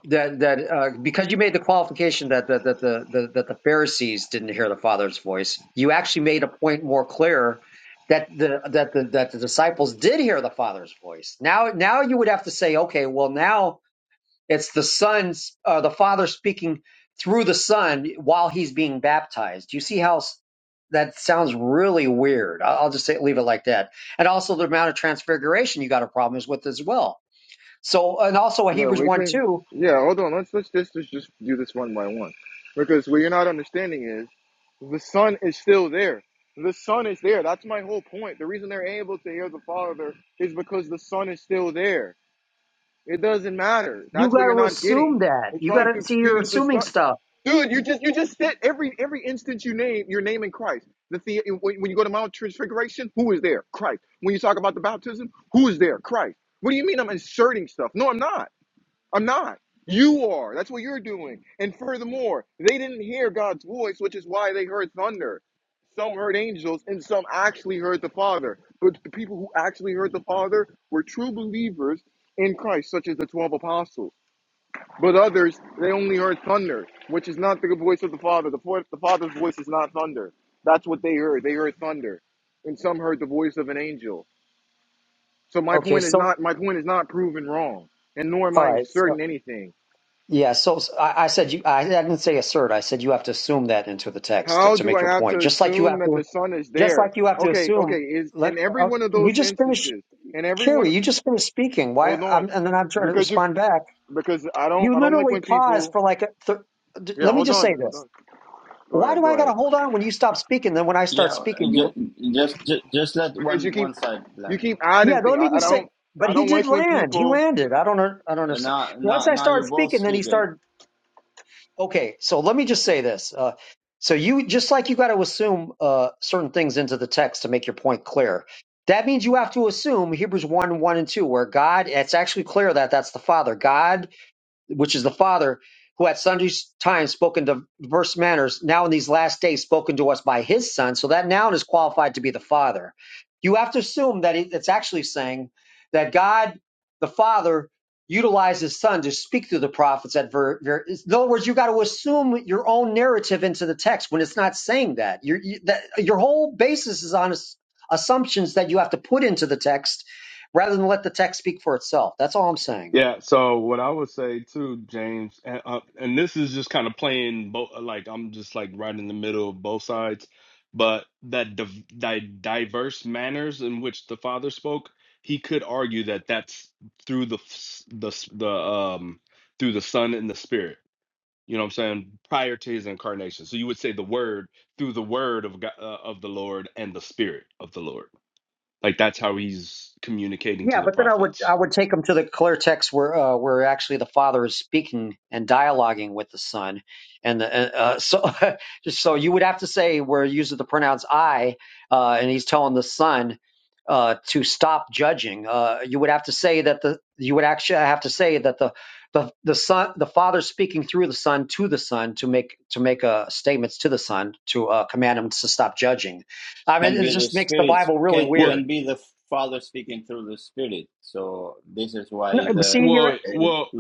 S9: that that uh, because you made the qualification that that that the, the that the Pharisees didn't hear the Father's voice, you actually made a point more clear that the that the that the disciples did hear the Father's voice. Now now you would have to say, okay, well now it's the Son's uh, the Father speaking through the Son while he's being baptized. You see how s- that sounds really weird. I'll I'll just say, leave it like that. And also the amount of transfiguration you got a problem is with as well. So and also
S8: yeah,
S9: Hebrews
S8: we
S9: one
S8: can.
S9: two.
S8: Yeah, hold on. Let's let's just let's just do this one by one, because what you're not understanding is the son is still there. The son is there. That's my whole point. The reason they're able to hear the father is because the son is still there. It doesn't matter.
S9: You
S8: That's what
S9: got
S8: you're
S9: to
S8: not
S9: assume
S8: getting.
S9: that.
S8: They're
S9: You got
S8: trying to
S9: to see. You're
S8: excuse the
S9: assuming
S8: stuff,
S9: stuff.
S8: Dude, you just you just said every every instance you name you're naming Christ. The, the when, when you go to Mount Transfiguration, who is there? Christ. When you talk about the baptism, who is there? Christ. What do you mean I'm inserting stuff? No, I'm not. I'm not. You are. That's what you're doing. And furthermore, they didn't hear God's voice, which is why they heard thunder. Some heard angels, and some actually heard the Father. But the people who actually heard the Father were true believers in Christ, such as the 12 apostles. But others, they only heard thunder, which is not the voice of the Father. The, fo- the Father's voice is not thunder. That's what they heard. They heard thunder. And some heard the voice of an angel. So my
S9: Okay,
S8: point is
S9: so
S8: not my point is not proven wrong, and nor am
S9: all
S8: I
S9: right,
S8: inserting
S9: so,
S8: anything.
S9: yeah. So, so I, I said you. I, I didn't say assert. I said you have to assume that into the text to,
S8: How
S9: to
S8: do
S9: make
S8: I
S9: your
S8: have to
S9: point. Just like you
S8: assume
S9: have
S8: that
S9: to.
S8: the son is
S9: Just
S8: there?
S9: like you have to
S8: Okay, okay,
S9: assume.
S8: is
S9: Let
S8: in every
S9: uh,
S8: one of
S9: you
S8: those
S9: just finish,
S8: instances, in every one
S9: Carrie. You just finished speaking. Why?
S8: hold
S9: I'm,
S8: on.
S9: and then I'm trying to
S8: Because you
S9: respond back.
S8: because I don't
S9: You
S8: I don't like
S9: literally
S8: when
S9: paused
S8: people
S9: for like. A th-
S8: Yeah,
S9: let me
S8: hold
S9: just say
S8: on, hold
S9: this.
S8: on. Go
S9: Why
S8: ahead,
S9: do I
S8: go
S9: got
S8: ahead.
S9: to hold on when you stop speaking? Then when I start
S1: Yeah,
S9: speaking, you
S1: just just ju- just let
S8: Because you
S1: one
S8: keep
S1: one side
S8: you
S1: land.
S8: keep adding
S9: Yeah,
S1: Uh,
S8: things.
S9: let me
S8: I, I
S9: just say,
S8: don't
S9: but
S8: I
S9: he
S8: don't
S9: did
S8: like when
S9: land. He
S8: people
S9: landed. I don't. un- I don't
S1: and
S9: understand.
S1: now
S9: Once
S1: now
S9: I
S1: now
S9: started
S1: you're both
S9: speaking, then he
S1: speaking.
S9: started. Okay, so let me just say this. Uh, so you just like you got to assume uh, certain things into the text to make your point clear. That means you have to assume Hebrews one, one and two, where God. It's actually clear that that's the Father. God which is the Father, who at sundry times spoken to diverse manners, now in these last days spoken to us by his Son. So that noun is qualified to be the Father. You have to assume that it- it's actually saying that God, the Father, utilized his Son to speak through the prophets at ver- ver- in other words, you got to assume your own narrative into the text when it's not saying that. Your you, that your whole basis is on ass- assumptions that you have to put into the text rather than let the text speak for itself. That's all I'm saying.
S11: Yeah. So what I would say too, James, and, uh, and this is just kind of playing both. Like I'm just like right in the middle of both sides, but that div- di- diverse manners in which the father spoke, he could argue that that's through the f- the s- the um through the son and the spirit you know what I'm saying, prior to his incarnation. So you would say the word through the word of God, uh, of the Lord and the spirit of the Lord. Like that's how he's communicating
S9: Yeah,
S11: to the
S9: but then I would I
S11: prophets.
S9: would take them to the clear text where uh, where actually the father is speaking and dialoguing with the son, and the, uh, uh, so just so you would have to say where it uses the pronouns I, uh, and he's telling the son uh, to stop judging. Uh, you would have to say that the you would actually have to say that the the the son the father speaking through the son to the son to make to make uh, statements to the son to uh, command him to stop judging. I mean,
S1: Can
S9: it
S1: be the
S9: just makes the
S1: spirit
S9: Bible really
S1: can
S11: Well,
S9: weird.
S1: can be the Father
S11: y-
S1: speaking through the Spirit. So this is
S9: No,
S1: why
S11: y-
S9: but see,
S1: the
S9: you're
S11: well, well,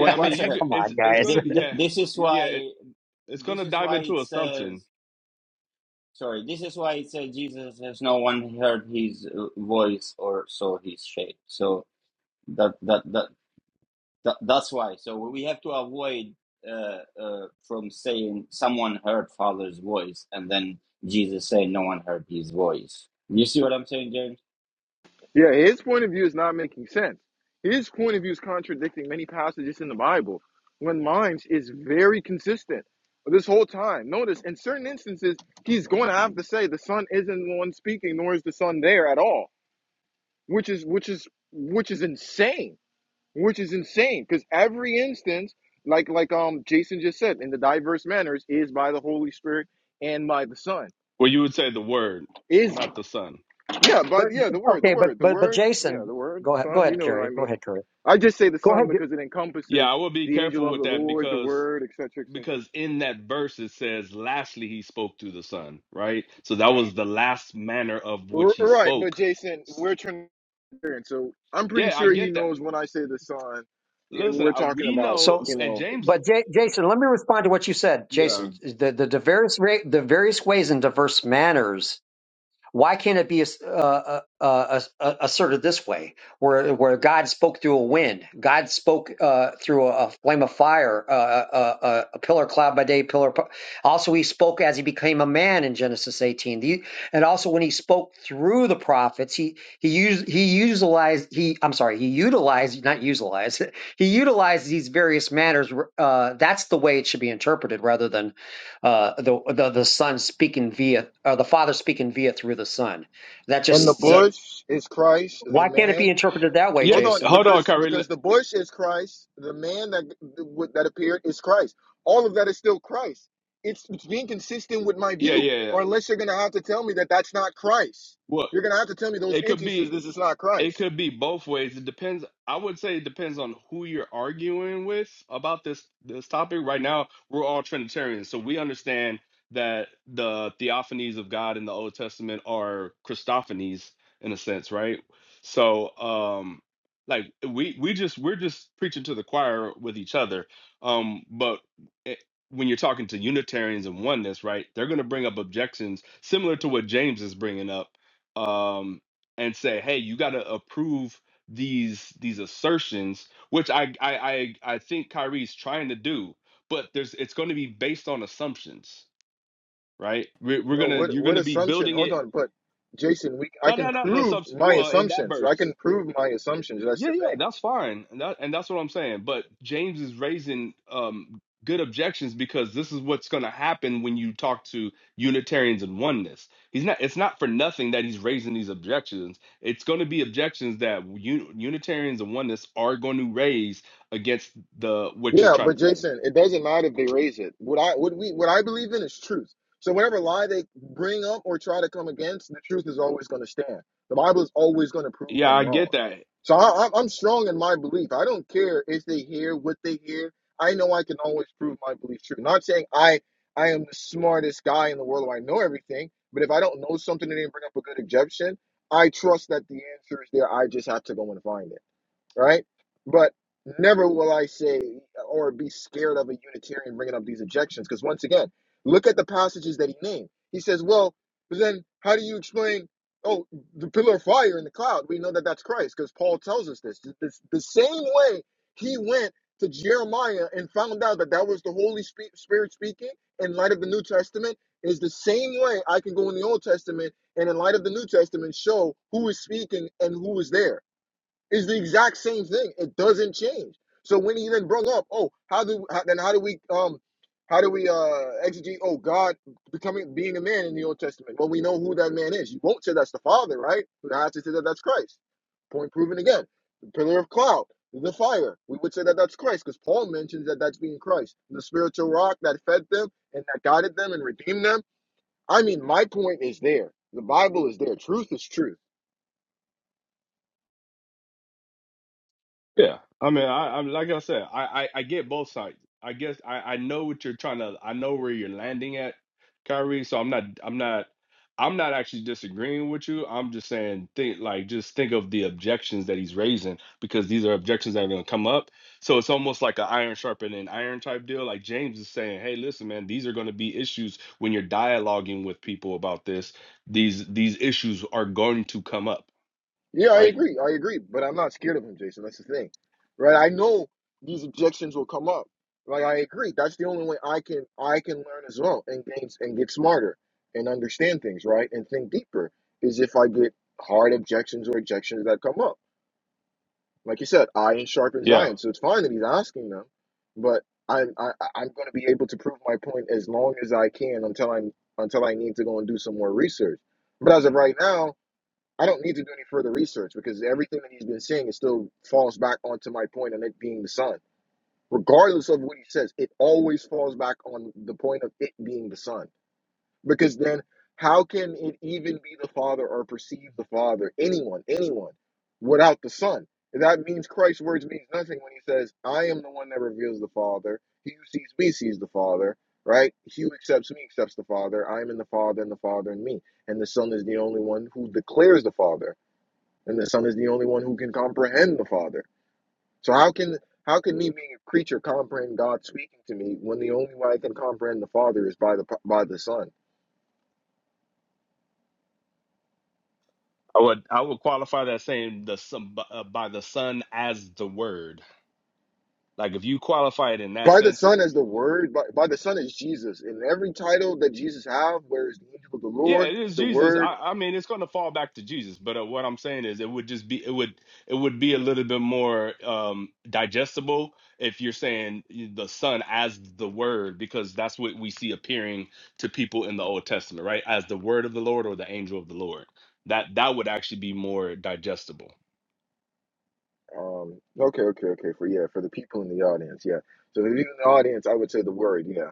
S11: I
S1: one
S11: mean, you
S1: second.
S11: could-
S9: Come
S11: it's
S9: on,
S11: it's going
S9: guys.
S11: to
S1: Th-
S11: be
S1: th-
S11: yeah.
S1: This is
S11: Yeah, yeah, it,
S1: why
S11: it's going
S1: this
S11: to
S1: is
S11: dive
S1: why it
S11: into assumption
S1: says. Sorry, this is why it says Jesus has no one heard his uh, voice or saw his shape. So that that that, that that's why. So we have to avoid uh, uh, from saying someone heard Father's voice and then Jesus saying no one heard his voice. You see what I'm saying, James?
S8: Yeah, his point of view is not making sense. His point of view is contradicting many passages in the Bible when mine's is very consistent this whole time. Notice in certain instances, he's going to have to say the son isn't the one speaking, nor is the son there at all, which is which is which is insane, which is insane because every instance, like like um Jason just said, in the diverse manners is by the Holy Spirit and by the son
S11: where you would say the word,
S8: is
S11: not the son.
S8: yeah
S9: But
S8: by the yeah the word the
S9: okay, but
S8: word the
S9: but but
S8: word yeah
S9: Jason,
S8: the word
S9: go
S8: the
S9: ahead. Go
S8: son you
S9: ahead,
S8: know what I
S9: Kerry. Go
S8: mean
S9: ahead, Kerry.
S8: I just say the
S9: Go ahead.
S8: Son because it encompasses
S11: Yeah, I would be
S8: the angel
S11: careful
S8: of
S11: with
S8: the
S11: that
S8: Lord, the
S11: because
S8: Word, et etc. etc.
S11: because in that verse it says lastly he spoke through the son right so that was the last manner of which
S8: R-
S11: he
S8: Right, but
S11: spoke
S8: Jason, we're Trinitarian, so I'm pretty
S11: yeah i
S8: sure he
S11: get that
S8: knows when I say the Son, yeah,
S11: listen
S8: we're
S11: I,
S8: talking
S11: we
S8: about
S11: know
S9: So,
S8: you
S11: and
S8: know.
S11: james
S9: but J- Jason, let me respond to what you said,
S11: yeah
S9: Jason. The the, the various ra- the various ways and diverse manners Why can't it be uh, uh, uh, asserted this way, where where God spoke through a wind, God spoke uh, through a, a flame of fire, uh, uh, uh, a pillar of cloud by day, pillar. p- Also, He spoke as He became a man in Genesis 18. The, and also, when He spoke through the prophets, He He used He utilized He I'm sorry He utilized not utilized He utilized these various manners. Uh, that's the way it should be interpreted, rather than uh, the, the the son speaking via uh, the father speaking via through the son. That
S8: And the
S9: just uh,
S8: bush is Christ, the
S9: why can't it be
S8: man.
S9: interpreted that way,
S11: yeah
S8: Hold on,
S9: Jason?
S11: hold on
S8: because
S11: Kyrie.
S8: because the bush is Christ, the man that that appeared is Christ. All of that is still Christ. It's it's being consistent with my
S11: yeah
S8: view,
S11: yeah yeah
S8: or unless you're gonna have to tell me that that's not Christ.
S11: well
S8: You're gonna have to tell me those
S11: it could be
S8: instances. This is not
S11: It
S8: Christ.
S11: could be both ways. It depends. I would say it depends on who you're arguing with about this this topic. Right now, we're all Trinitarians, so we understand that the theophanies of God in the Old Testament are Christophanies in a sense, right? So, um, like we we just we're just preaching to the choir with each other. Um, but it, when you're talking to Unitarians and oneness, right, they're going to bring up objections similar to what James is bringing up. Um, and say, "Hey, you got to approve these these assertions," which I I I, I think Kyrie's trying to do, but there's it's going to be based on assumptions, right? We're, we're
S8: No,
S11: gonna
S8: what
S11: you're
S8: what
S11: gonna be
S8: assumption?
S11: building
S8: Hold
S11: it.
S8: on, but Jason, we I
S11: No,
S8: can
S11: no, not an
S8: prove
S11: assumption.
S8: my
S11: Well, in that
S8: assumptions. I
S11: verse,
S8: can prove my assumptions. That's
S11: yeah,
S8: the
S11: yeah,
S8: thing.
S11: that's fine. And that and that's what I'm saying. But James is raising um good objections because this is what's going to happen when you talk to Unitarians and oneness. He's not it's not for nothing that he's raising these objections. It's going to be objections that un, Unitarians and oneness are going to raise against the what you're
S8: Yeah,
S11: trying
S8: but
S11: to say.
S8: Jason, it doesn't matter if they raise it. What I what we what I believe in is truth. So whatever lie they bring up or try to come against, the truth is always going to stand. The Bible is always going to prove
S11: Yeah,
S8: them
S11: I
S8: wrong.
S11: get that.
S8: So I, I'm I'm strong in my belief. I don't care if they hear what they hear. I know I can always prove my belief true. Not saying I I am the smartest guy in the world or I know everything, but if I don't know something and they bring up a good objection, I trust that the answer is there. I just have to go and find it right? But never will I say or be scared of a Unitarian bringing up these objections, because once again, look at the passages that he named. He says, "Well, but then how do you explain? Oh, the pillar of fire in the cloud. We know that that's Christ, because Paul tells us this. This the same way he went." To Jeremiah and found out that that was the Holy Spe- Spirit speaking in light of the New Testament is the same way I can go in the Old Testament and in light of the New Testament show who is speaking and who is there it's the exact same thing. It doesn't change. So when he then brought up, oh, how do how, then how do we um how do we uh exegete? Oh, God becoming being a man in the Old Testament. Well, we know who that man is. You won't say that's the Father, right? But I have to say that that's Christ. Point proven again. The pillar of cloud, the fire. We would say that that's Christ because Paul mentions that that's being Christ, the spiritual rock that fed them and that guided them and redeemed them. I mean, my point is there. The Bible is there. Truth is truth.
S11: Yeah, I mean, I, I'm like I said, I, I, I get both sides. I guess I, I know what you're trying to. I know where you're landing at, Kyrie. So I'm not, I'm not, I'm not actually disagreeing with you. I'm just saying, think like just think of the objections that he's raising because these are objections that are going to come up. So it's almost like an iron sharpening iron type deal. Like James is saying, hey, listen, man, these are going to be issues when you're dialoguing with people about this. These these issues are going to come up,
S8: Yeah, I
S11: right?
S8: agree. I agree. But I'm not scared of him, Jason. That's the thing. Right? I know these objections will come up. Like I agree. That's the only way I can I can learn as well and gain and get smarter and understand things, right? And think deeper is if I get hard objections or objections that come up. Like you said, iron sharpens
S11: Yeah,
S8: iron. So it's fine that he's asking them, but I'm I, I- I'm gonna be able to prove my point as long as I can until I'm until I need to go and do some more research. But as of right now, I don't need to do any further research because everything that he's been saying is still falls back onto my point on it being the sun. Regardless of what he says, it always falls back on the point of it being the sun. Because then how can it even be the Father or perceive the Father, anyone, anyone, without the Son? That means Christ's words means nothing when he says, I am the one that reveals the Father. He who sees me sees the Father, right? He who accepts me accepts the Father. I am in the Father and the Father in me. And the Son is the only one who declares the Father and the Son is the only one who can comprehend the Father. So how can how can me being a creature comprehend God speaking to me when the only way I can comprehend the Father is by the by the Son?
S11: I would I would qualify that saying the son, b- uh, by the Son as the Word. Like if you qualify it in that
S8: By the
S11: sense,
S8: Son as the Word, by, by the Son is Jesus. In every title that Jesus have, where is the angel of the
S11: yeah,
S8: Lord,
S11: it is
S8: the
S11: Jesus.
S8: Word.
S11: I, I mean, it's going to fall back to Jesus. But uh, what I'm saying is, it would just be it would it would be a little bit more um, digestible if you're saying the Son as the Word, because that's what we see appearing to people in the Old Testament, right? As the Word of the Lord or the Angel of the Lord. That that would actually be more digestible.
S8: Um, okay, okay, okay. For yeah, for the people in the audience, yeah. So if you're in the audience, I would say the Word, yeah.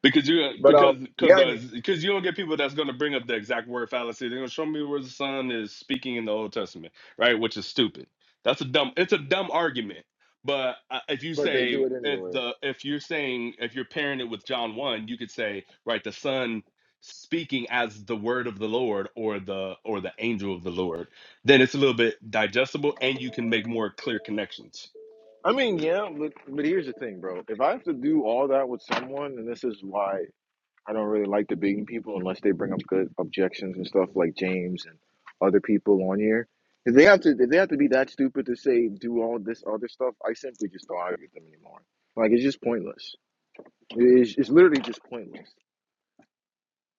S11: Because you
S8: But
S11: because
S8: um, yeah, I mean,
S11: because because you don't get people that's gonna bring up the exact word fallacy. They're gonna show me where the son is speaking in the Old Testament, right? Which is stupid. That's a dumb. It's a dumb argument. But uh, if you
S8: but they do
S11: say
S8: it
S11: if
S8: anyway.
S11: the if you're saying if you're pairing it with John one, you could say right the son speaking as the word of the Lord or the or the angel of the Lord. Then it's a little bit digestible and you can make more clear connections.
S8: I mean, yeah, but but here's the thing, bro. If I have to do all that with someone, and this is why I don't really like debating people unless they bring up good objections and stuff like James and other people on here. If they have to, if they have to be that stupid to say do all this other stuff, I simply just don't argue with them anymore. Like it's just pointless. It's, it's literally just pointless.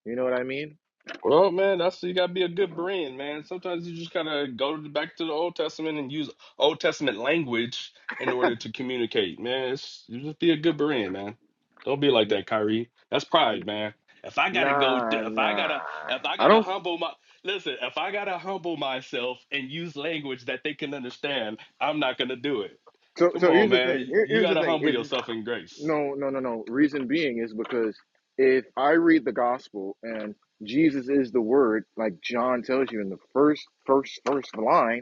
S8: You know what I mean?
S11: Well, man, that's you gotta be a good brand, man. Sometimes you just gotta go to the, back to the Old Testament and use Old Testament language in order to communicate, man. It's, you just be a good brand, man. Don't be like that, Kyrie. That's pride, man. If I gotta go, th-
S8: Nah,
S11: if I
S8: nah.
S11: gotta, if I
S8: I
S11: gotta
S8: don't.
S11: humble my, listen, if I gotta humble myself and use language that they can understand, I'm not gonna do it.
S8: So,
S11: Come
S8: so
S11: on,
S8: here's the thing.
S11: man.
S8: Here-
S11: You
S8: here's the
S11: gotta
S8: thing.
S11: humble
S8: If
S11: yourself in grace.
S8: No, no, no, no. Reason being is because if I read the gospel and Jesus is the word, like John tells you in the first, first, first line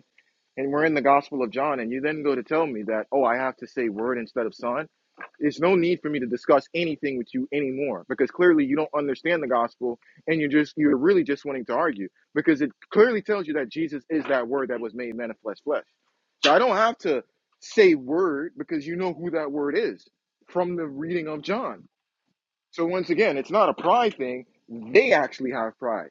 S8: and we're in the Gospel of John, and you then go to tell me that, oh, I have to say word instead of son, there's no need for me to discuss anything with you anymore because clearly you don't understand the gospel and you're just, you're really just wanting to argue because it clearly tells you that Jesus is that word that was made manifest flesh. So I don't have to say word because you know who that word is from the reading of John. So once again, it's not a pride thing. They actually have pride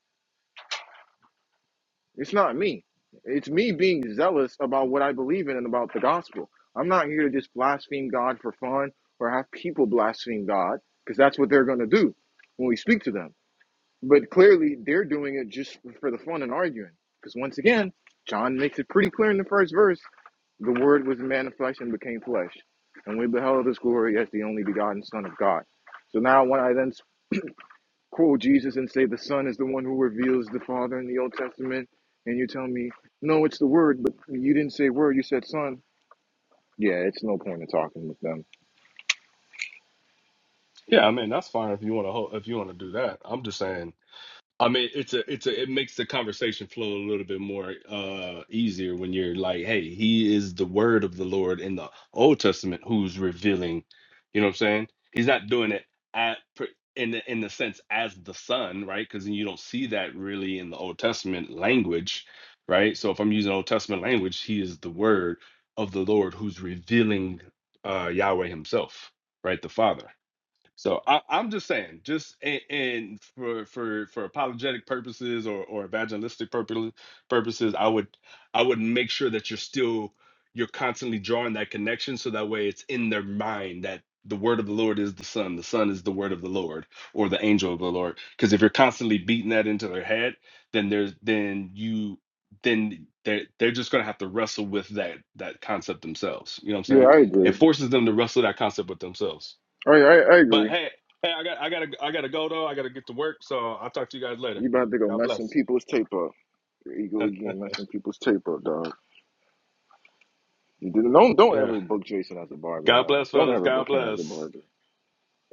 S8: it's not me. It's me being zealous about what I believe in and about the gospel. I'm not here to just blaspheme God for fun or have people blaspheme God because that's what they're going to do when we speak to them. But clearly, they're doing it just for the fun and arguing. Because once again, John makes it pretty clear in the first verse the Word was man of flesh and became flesh. And we beheld his glory as the only begotten Son of God. So now, when I then quote Jesus and say the Son is the one who reveals the Father in the Old Testament, and you tell me, no, it's the Word, but you didn't say Word, you said Son. Yeah, it's no point in talking with them.
S11: Yeah, I mean that's fine if you wanna, ho- if you wanna do that. I'm just saying I mean, it's a, it's a, it makes the conversation flow a little bit more uh easier when you're like, hey, he is the word of the Lord in the Old Testament who's revealing, you know what I'm saying? He's not doing it at per- in the, in the sense as the son, right? Because you don't see that really in the Old Testament language, right? So if I'm using Old Testament language, he is the word of the Lord who's revealing uh Yahweh himself, right? The Father so I, I'm just saying, just and, and for for for apologetic purposes or or evangelistic purposes, purposes, I would I would make sure that you're still you're constantly drawing that connection, so that way it's in their mind that the word of the Lord is the Son, the Son is the word of the Lord or the angel of the Lord. Because if you're constantly beating that into their head, then there's then you then they're they're just gonna have to wrestle with that that concept themselves. You know what I'm
S8: Yeah,
S11: saying?
S8: I
S11: It
S8: agree.
S11: forces them to wrestle that concept with themselves.
S8: I I, I
S11: But
S8: agree.
S11: hey, hey, I got I gotta I gotta go though. I gotta get to work. So I'll talk to you guys later.
S8: You about to go
S11: God
S8: mess some
S11: bless.
S8: people's tape up. There you go again, messing people's tape up, dog. You didn't- Don't don't
S11: Yeah.
S8: ever book Jason as a barber,
S11: God
S8: man.
S11: bless,
S8: Don't
S11: fellas.
S8: ever
S11: God
S8: book him as a
S11: bless.
S8: barber.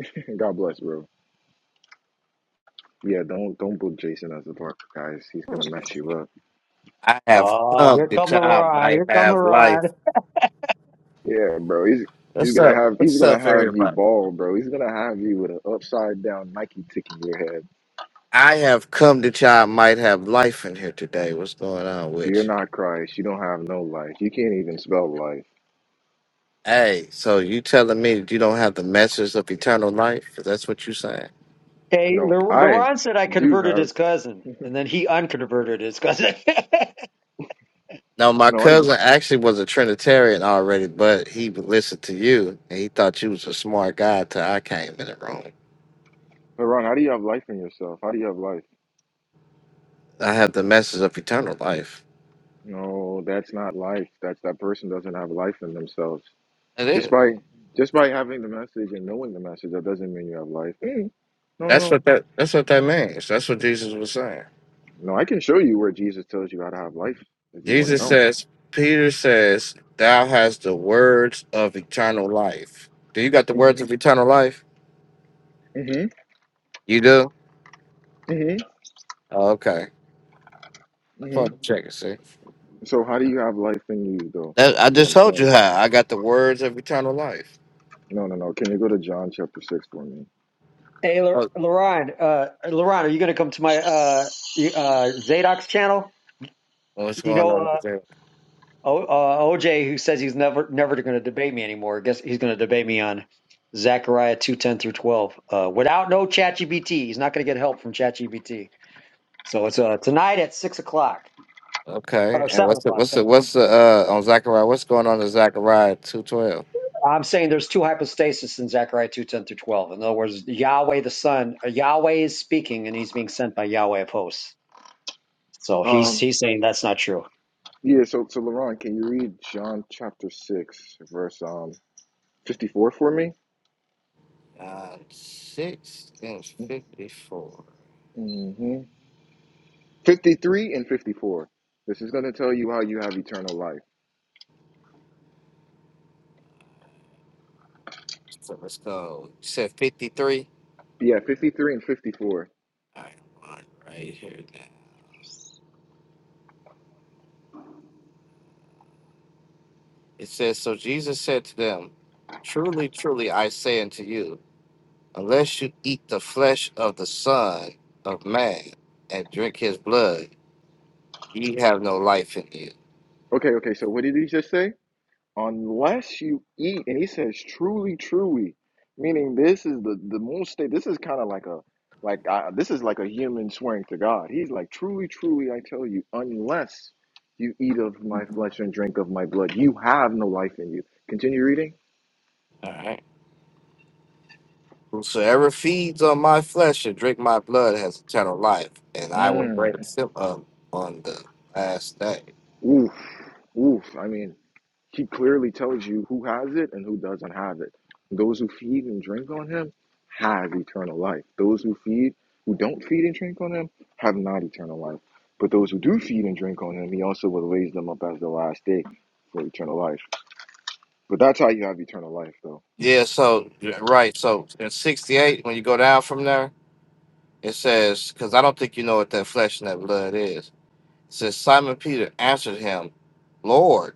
S8: God bless, bro. Yeah, don't don't book Jason as a barber, guys. He's gonna mess you up.
S12: I have
S9: Oh,
S12: come
S9: here
S12: that
S9: come the
S12: y'all
S9: rod.
S12: might
S9: Here come the
S12: have life.
S9: rod.
S8: Yeah, bro. He's he's
S12: What's
S8: gonna
S12: up?
S8: have he's
S12: What's
S8: gonna
S12: up,
S8: have you
S12: everybody?
S8: bald, bro. He's gonna have you with an upside down Nike tick in your head.
S12: I have come that y'all might have life in here today. What's going on with
S8: You're
S12: you?
S8: not Christ. You don't have no life. You can't even spell life.
S12: Hey, so you telling me that you don't have the message of eternal life? That's what you saying?
S9: Hey,
S8: No,
S9: the the
S8: I
S9: Ron said I
S8: do
S9: converted
S8: have
S9: his cousin, and then he unconverted his cousin.
S12: No, my
S8: no. I do.
S12: cousin actually was a Trinitarian already, but he listened to you and he thought you was a smart guy till I came in the room.
S8: Haran, how do you have life in yourself? How do you have life?
S12: I have the message of eternal life.
S8: No, that's not life. That's that person doesn't have life in themselves.
S12: It
S8: Just
S12: is.
S8: by just by having the message and knowing the message, that doesn't mean you have life. Mm. No, no,
S12: That's
S8: no.
S12: what that. That's what that means. That's what Jesus was saying.
S8: No, I can show you where Jesus tells you how to have life if you want to
S12: Jesus
S8: know.
S12: says, Peter says, Thou hast the words of eternal life. Do you got the words
S8: hmm
S12: of eternal life?
S8: hmm
S12: You do?
S8: hmm
S12: Oh, okay. Just
S8: hmm
S12: wanted to check and see.
S8: So how do you have life in you though?
S12: That- I
S8: Is what
S12: just
S8: I'm
S12: told you
S8: saying.
S12: how I got the words of eternal life.
S8: No, no, no. Can you go to John chapter six for me?
S9: hey, Le-
S12: Oh,
S9: Leron, uh, Leron, are you going to come to my uh, y- uh, Zadok's channel?
S12: what's
S9: You
S12: going on
S9: know,
S12: over there?
S9: O, uh, OJ, who says he's never never going to debate me anymore, I guess he's going to debate me on Zechariah two ten through twelve. Uh, without no ChatGPT, he's not going to get help from ChatGPT. So it's uh, tonight at six o'clock
S12: Okay.
S9: or
S12: And
S9: seven
S12: what's the
S9: o'clock.
S12: what's the
S9: 7 o'clock.
S12: what's the uh on Zechariah? What's going on in Zechariah two twelve?
S9: I'm saying there's two hypostases in Zechariah two ten through twelve. In other words, Yahweh the Son, uh, Yahweh is speaking, and he's being sent by Yahweh of hosts. So he's
S8: Um,
S9: he's saying that's not true.
S8: yeah. So, so Laurent, can you read John chapter six, verse um fifty four for me?
S12: Uh six and fifty four.
S8: Mm-hmm. Fifty three and fifty four. This is gonna tell you how you have eternal life.
S12: So let's go. You said fifty three?
S8: Yeah, fifty three and fifty four.
S12: All right, one right here It says, So Jesus said to them, Truly, truly, I say unto you, unless you eat the flesh of the Son of Man and drink his blood, ye have no life in you.
S8: Okay, okay. So what did he just say? unless you eat and he says truly truly meaning this is the the most state this is kind of like a like uh, this is like a human swearing to god he's like truly truly i tell you unless you eat of my flesh and drink of my blood you have no life in you continue reading
S12: All right. Whosoever feeds on my flesh and drink my blood has eternal life, and I will
S8: mm.
S12: raise him up on the last day.
S8: oof oof i mean He clearly tells you who has it and who doesn't have it. Those who feed and drink on him have eternal life. Those who feed, who don't feed and drink on him, have not eternal life. But those who do feed and drink on him, he also will raise them up as the last day for eternal life. But that's how you have eternal life, though.
S12: Yeah, so, right. So in 68, when you go down from there, it says, Because I don't think you know what that flesh and that blood is. It says, Simon Peter answered him, Lord.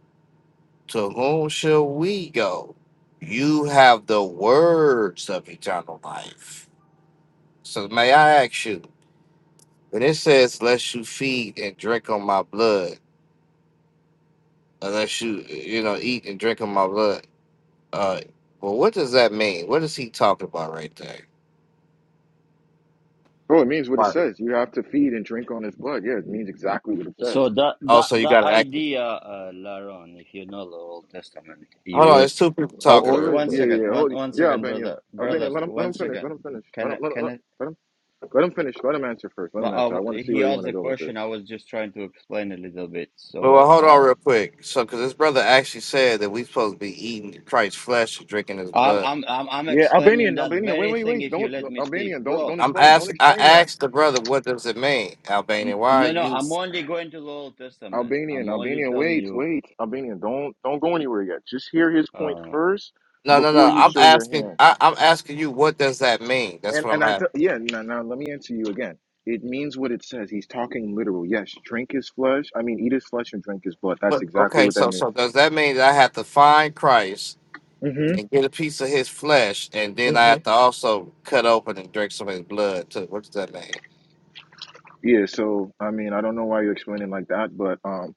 S12: To whom shall we go? You have the words of eternal life. So may I ask you, when it says, "Lest you feed and drink on my blood," unless you, you know, eat and drink on my blood, uh, well, what does that mean? What is he talking about right there?
S8: Bro, it means what it
S12: Right.
S8: says. You have to feed and drink on his blood. Yeah, it means exactly what it says.
S1: So that
S12: Oh,
S1: that
S12: so you
S1: that
S12: got to act.
S1: idea, uh, Laron, if you know the Old Testament, you
S12: Hold on,
S1: will.
S12: it's two people talking
S1: Oh, oh,
S8: Wait,
S12: real
S8: wait,
S1: one
S12: quick.
S8: yeah, yeah,
S1: second,
S8: yeah.
S1: one
S8: hold, it.
S1: one
S8: yeah,
S1: second,
S8: Albanian,
S1: brother,
S8: Albanian,
S1: brothers,
S8: let him, let
S1: one
S8: him finish,
S1: second.
S8: let him finish, let
S1: Can
S8: him,
S1: I
S8: let him,
S1: can I?
S8: let him, let him finish, let him answer first, let
S1: But
S8: him
S1: uh,
S8: answer. I want to see
S1: he
S8: where you
S1: asked
S8: want
S1: the
S8: to go with this.
S1: question. I was just trying to explain a little bit.
S12: Well, well,
S1: So
S12: hold on
S1: um,
S12: real quick. So, because this brother actually said that we supposed to be eating Christ's flesh and drinking his
S1: I'm
S12: blood.
S1: I'm I'm I'm
S8: Yeah,
S1: explaining
S8: Albanian,
S1: that
S8: Albanian. Wait,
S1: very
S8: wait,
S1: thing.
S8: wait.
S1: If you
S8: Don't
S1: let me speak,
S8: Albanian. Don't don't
S1: bro.
S12: I'm
S8: explain.
S12: ask
S8: Don't
S12: I
S8: explain yet.
S12: asked the brother what does it mean, Albanian?
S1: N-
S12: Why are
S1: No, no.
S12: you
S1: I'm only going to the Old Testament.
S8: Albanian,
S1: I'm only
S8: Albanian.
S1: telling
S8: Wait,
S1: you.
S8: wait. Albanian. Don't don't go anywhere yet. Just hear his point
S1: Uh,
S8: first
S12: no no
S8: before
S12: no
S8: you
S12: I'm
S8: show your
S12: asking
S8: hand.
S12: I, I'm asking you what does that mean? That's
S8: And
S12: what I'm
S8: and I tell
S12: asking.
S8: yeah. Now, now let me answer you again. It means what it says. He's talking literal. Yes, drink his flesh. I mean, eat his flesh and drink his blood. That's
S12: What,
S8: exactly
S12: okay,
S8: what that
S12: so so
S8: means.
S12: does that mean that I have to find Christ
S8: hmm
S12: and get a piece of his flesh and then I
S8: hmm
S12: have to also cut open and drink some of his blood too? What does that mean?
S8: Yeah. So I mean, I don't know why you explain it like that, but um,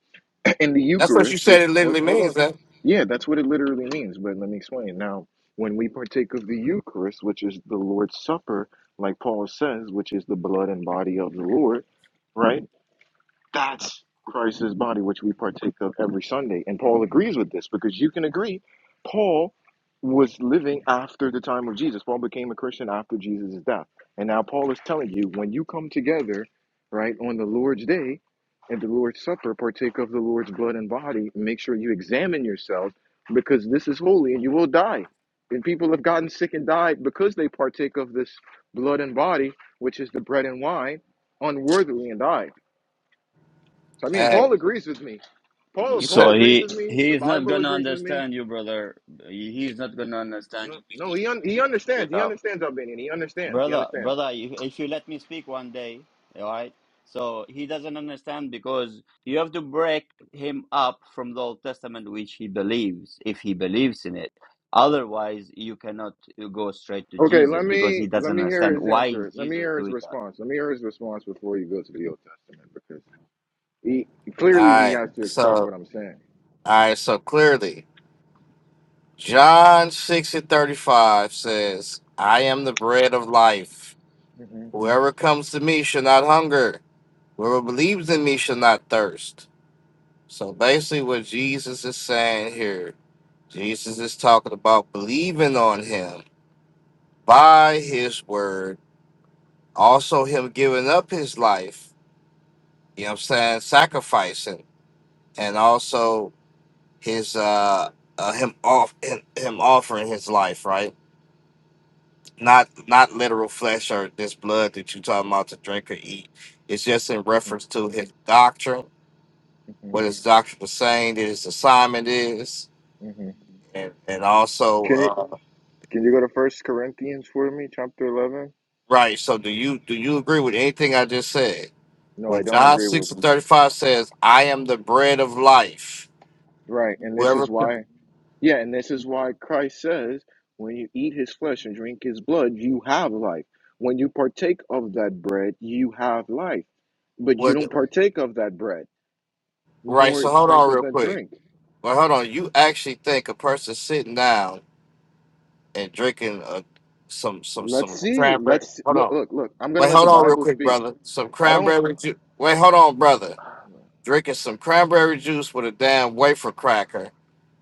S8: in the
S12: That's what you
S8: Eucharist,
S12: said
S8: which
S12: it
S8: hold,
S12: literally
S8: hold on,
S12: means that.
S8: yeah, that's what it literally means. But let me explain. Now, when we partake of the Eucharist, which is the Lord's Supper, like Paul says, which is the blood and body of the Lord, right? That's Christ's body, which we partake of every Sunday. And Paul agrees with this because you can agree, Paul was living after the time of Jesus. Paul became a Christian after Jesus' death. And now Paul is telling you when you come together, right, on the Lord's day and the Lord's supper, partake of the Lord's blood and body, make sure you examine yourselves because this is holy and you will die. And people have gotten sick and died because they partake of this blood and body, which is the bread and wine, unworthily and die. So I mean,
S12: Hey,
S8: Paul agrees with me. Paul
S12: you
S8: Paul
S12: said
S1: so
S8: agrees with
S1: he
S8: me.
S1: he
S8: The
S1: is not
S8: Bible
S1: gonna
S8: agrees with me.
S1: understand you, brother. He- He's not gonna understand
S8: No,
S1: you. Because
S8: no,
S1: you
S8: he un- he understands.
S1: Get
S8: He
S1: up.
S8: understands Albanian. He understands. He
S1: Brother,
S8: understands.
S1: brother, if if you let me speak one day, all right? So he doesn't understand because you have to break him up from the Old Testament, which he believes, if he believes in it. Otherwise, you cannot go straight to
S8: Okay, let
S1: Jesus because
S8: me
S1: he
S8: let
S1: doesn't
S8: me hear
S1: understand
S8: his
S1: why is
S8: answer. Let me
S1: Jesus
S8: hear his
S1: doing that.
S8: response. Let me hear his response before you go to the Old Testament because he
S12: all
S8: clearly he
S12: right,
S8: has to accept what
S12: so
S8: I'm saying.
S12: all right, so clearly John six and thirty five says, I am the bread of life.
S8: hmm
S12: Whoever comes to me shall not hunger. Whoever believes in me shall not thirst. So basically, what Jesus is saying here, Jesus is talking about believing on him by his word, also him giving up his life, you know what I'm saying, sacrificing, and also his, uh, uh, him off him, him offering his life right not not literal flesh or this blood that you talking about to drink or eat it's just in reference to his doctrine
S8: hmm
S12: what his doctor was saying, that his assignment is,
S8: hmm
S12: and and also
S8: Can you
S12: uh,
S8: can you go to First Corinthians for me, chapter eleven?
S12: right. So do you do you agree with anything I just said?
S8: No, I
S12: When
S8: don't
S12: John
S8: agree with
S12: six
S8: him.
S12: and thirty five says, "I am the bread of life,"
S8: Right, and this
S12: whoever
S8: is why. Yeah, and this is why Christ says, when you eat his flesh and drink his blood, you have life. When you partake of that bread, you have life. But you
S12: what
S8: don't partake of that bread,
S12: right.
S8: nor
S12: So hold
S8: drink
S12: on
S8: of
S12: real
S8: that
S12: quick.
S8: drink.
S12: Well, hold on. You actually think a person sitting down and drinking uh some some
S8: Let's
S12: some
S8: see.
S12: cranberry?
S8: Let's
S12: Hold
S8: look,
S12: on.
S8: look, look. I'm going to
S12: Wait,
S8: let the
S12: hold on real
S8: Bible
S12: quick,
S8: speak.
S12: brother. Some
S8: I don't,
S12: cranberry juice. Wait, hold on, brother. drinking some cranberry juice with a damn wafer cracker,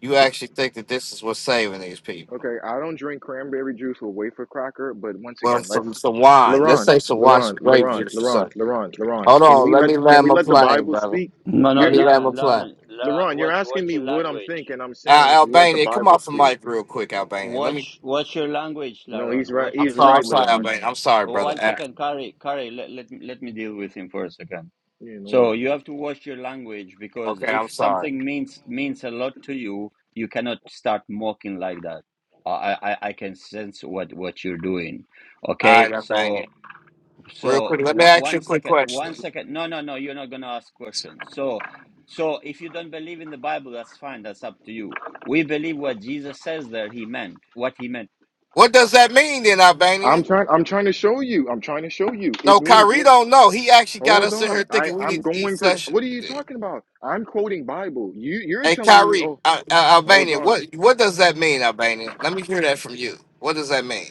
S12: you actually think that this is what's saving these people.
S8: okay, I don't drink cranberry juice or wafer cracker, but once
S12: Well,
S8: again, let's,
S12: some some wine. Let's
S8: Laron,
S12: say some wine, some
S8: Laron,
S12: grape
S8: Laron,
S12: juice or something.
S8: Laron, Laron, Laron,
S12: Hold
S8: can
S12: on,
S8: we
S12: let
S8: let,
S12: me
S8: can
S12: land
S8: we
S12: my
S8: let the
S12: plane,
S8: Bible
S12: brother.
S8: speak?
S1: No, no,
S12: Let me
S8: You're.
S12: land
S1: Laron,
S12: my plane.
S1: Laron, Laron,
S8: Laron, you're
S1: Watch,
S8: asking
S1: watch
S8: me
S1: your
S8: what I'm
S1: language.
S8: thinking. I'm saying
S12: Al-
S8: let the
S12: Albania, come
S8: Bible
S12: off the
S8: speak.
S12: mic real quick, Albania. Let me.
S1: Watch, watch your language,
S8: No,
S1: Laron.
S8: he's right.
S1: Watch
S12: I'm
S1: your
S8: He's
S12: sorry, I'm
S8: right,
S12: sorry,
S1: language.
S8: Laron.
S12: Albania. I'm sorry,
S1: Oh,
S12: brother.
S1: One
S12: Uh,
S1: second, Kari, Kari, let, let, me- let me deal with him for a second.
S8: Yeah, no
S1: So
S8: worries.
S1: you have to watch your language because
S12: Okay, I'm
S1: if
S12: sorry.
S1: something means means a lot to you, you cannot start mocking like that. I I, I can sense what what you're doing.
S12: All right,
S1: Okay,
S12: Albania.
S1: so
S12: Real
S1: so
S12: quick, let me
S1: one,
S12: ask you
S1: one
S12: a quick
S1: second, one
S12: question.
S1: second. No, no, no. You're not gonna ask questions. So so if you don't believe in the Bible, that's fine. That's up to you. We believe what Jesus says there. He meant what he meant.
S12: What does that mean then, Albania?
S8: I'm trying. I'm trying to show you. I'm trying to show you. It
S12: No,
S8: means.
S12: Kyrie
S8: li-
S12: don't know. He actually got
S8: Hold
S12: us in
S8: on.
S12: here
S8: I
S12: thinking we
S8: I'm
S12: need to eat
S8: going to.
S12: flesh.
S8: What are you talking about? I'm quoting Bible. You you're
S12: Hey,
S8: telling me.
S12: Kyrie,
S8: Oh,
S12: uh, uh,
S8: hold
S12: Albania,
S8: on.
S12: what what does that mean, Albania? Let me hear that from you. What does that mean?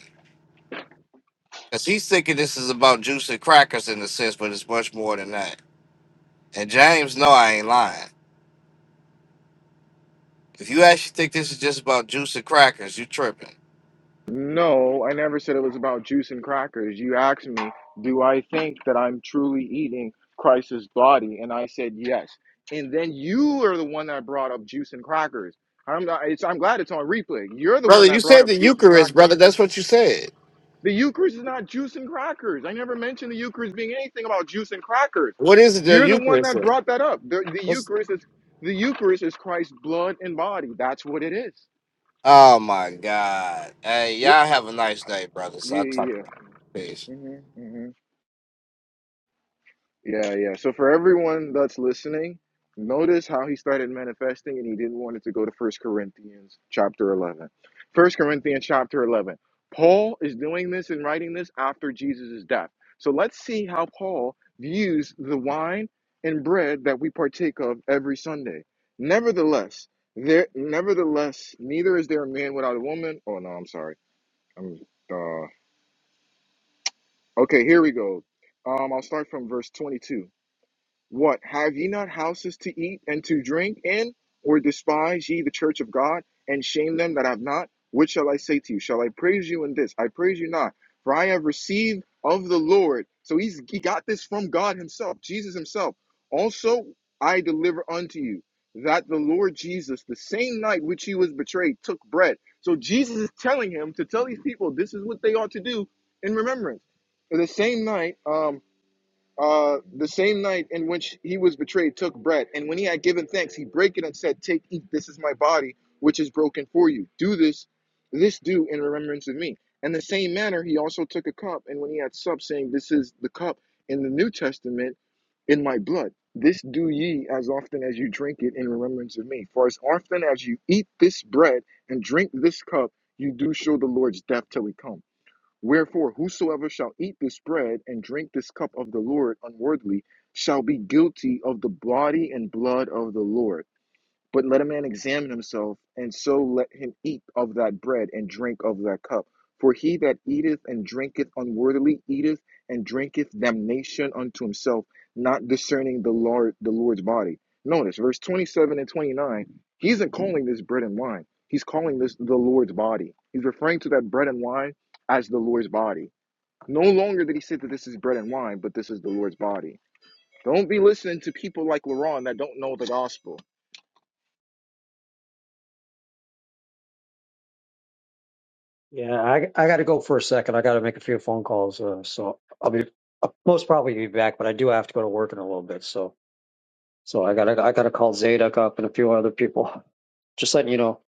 S12: Because he's thinking this is about juice and crackers in a sense, but it's much more than that. And James, no, I ain't lying. If you actually think this is just about juice and crackers, you tripping.
S8: No, I never said it was about juice and crackers. You asked me, do I think that I'm truly eating Christ's body? And I said yes. And then you are the one that brought up juice and crackers. I'm not, it's, I'm glad it's on replay. You're the
S12: Brother,
S8: one
S12: you
S8: that brought
S12: said the
S8: up juice and
S12: Eucharist,
S8: crackers.
S12: brother. That's what you said.
S8: The Eucharist is not juice and crackers. I never mentioned the Eucharist being anything about juice and crackers.
S12: What is it the
S8: You're the one
S12: Eucharist?
S8: that
S12: is?
S8: brought that up. The, the
S12: What's,
S8: Eucharist is the Eucharist is Christ's blood and body. That's what it is.
S12: oh, my God. Hey,
S8: Wo-
S12: y'all have a nice day, brothers. I'll
S8: Yeah,
S12: talk to
S8: yeah,
S12: you. Peace.
S8: yeah. hmm Yeah, yeah. So for everyone that's listening, notice how he started manifesting and he didn't want it to go to First Corinthians chapter 11. First Corinthians chapter 11. Paul is doing this and writing this after Jesus' death. So let's see how Paul views the wine and bread that we partake of every Sunday. Nevertheless, there nevertheless, neither is there a man without a woman. Oh no, I'm sorry. I'm uh okay, here we go. Um I'll start from verse 22. What have ye not houses to eat and to drink in, or despise ye the church of God, and shame them that have not? What shall I say to you? Shall I praise you in this? I praise you not, for I have received of the Lord. So he's he got this from God Himself, Jesus Himself. Also I deliver unto you that the Lord Jesus, the same night which he was betrayed, took bread. So Jesus is telling him to tell these people this is what they ought to do in remembrance. The same night, um, uh, the same night in which he was betrayed, took bread, and when he had given thanks, he brake it and said, "Take, eat. This is my body, which is broken for you. Do this, this do in remembrance of me." In the same manner, he also took a cup, and when he had supped, saying, "This is the cup in the New Testament in my blood. This do ye as often as you drink it in remembrance of me. For as often as you eat this bread and drink this cup, you do show the Lord's death till he come." Wherefore, whosoever shall eat this bread and drink this cup of the Lord unworthily shall be guilty of the body and blood of the Lord. But let a man examine himself, and so let him eat of that bread and drink of that cup. For he that eateth and drinketh unworthily eateth and drinketh damnation unto himself, not discerning the Lord the Lord's body. Notice verse 27 and 29, he isn't calling this bread and wine. He's calling this the Lord's body. He's referring to that bread and wine as the Lord's body. No longer did he say that this is bread and wine, but this is the Lord's body. Don't be listening to people like LaRon that don't know the gospel
S9: Yeah, I I got to go for a second. I got to make a few phone calls, uh, so I'll be I'll most probably be back, but I do have to go to work in a little bit. So so I got to I got to call Zadok up and a few other people. Just letting you know.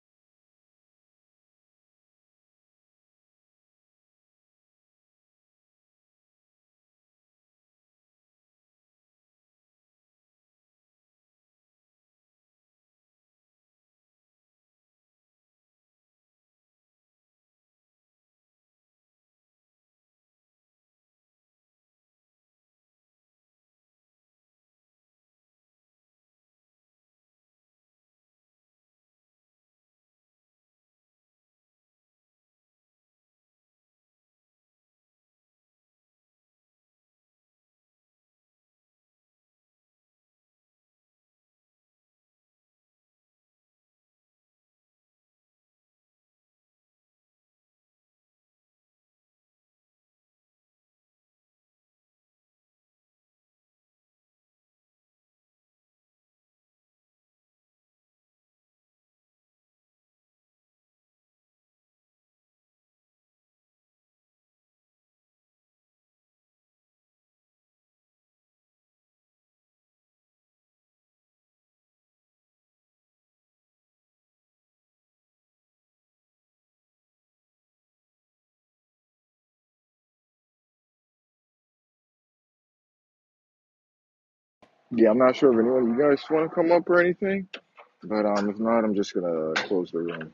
S8: Yeah, I'm not sure if anyone you guys want to come up or anything, but um, if not, I'm just gonna close the room.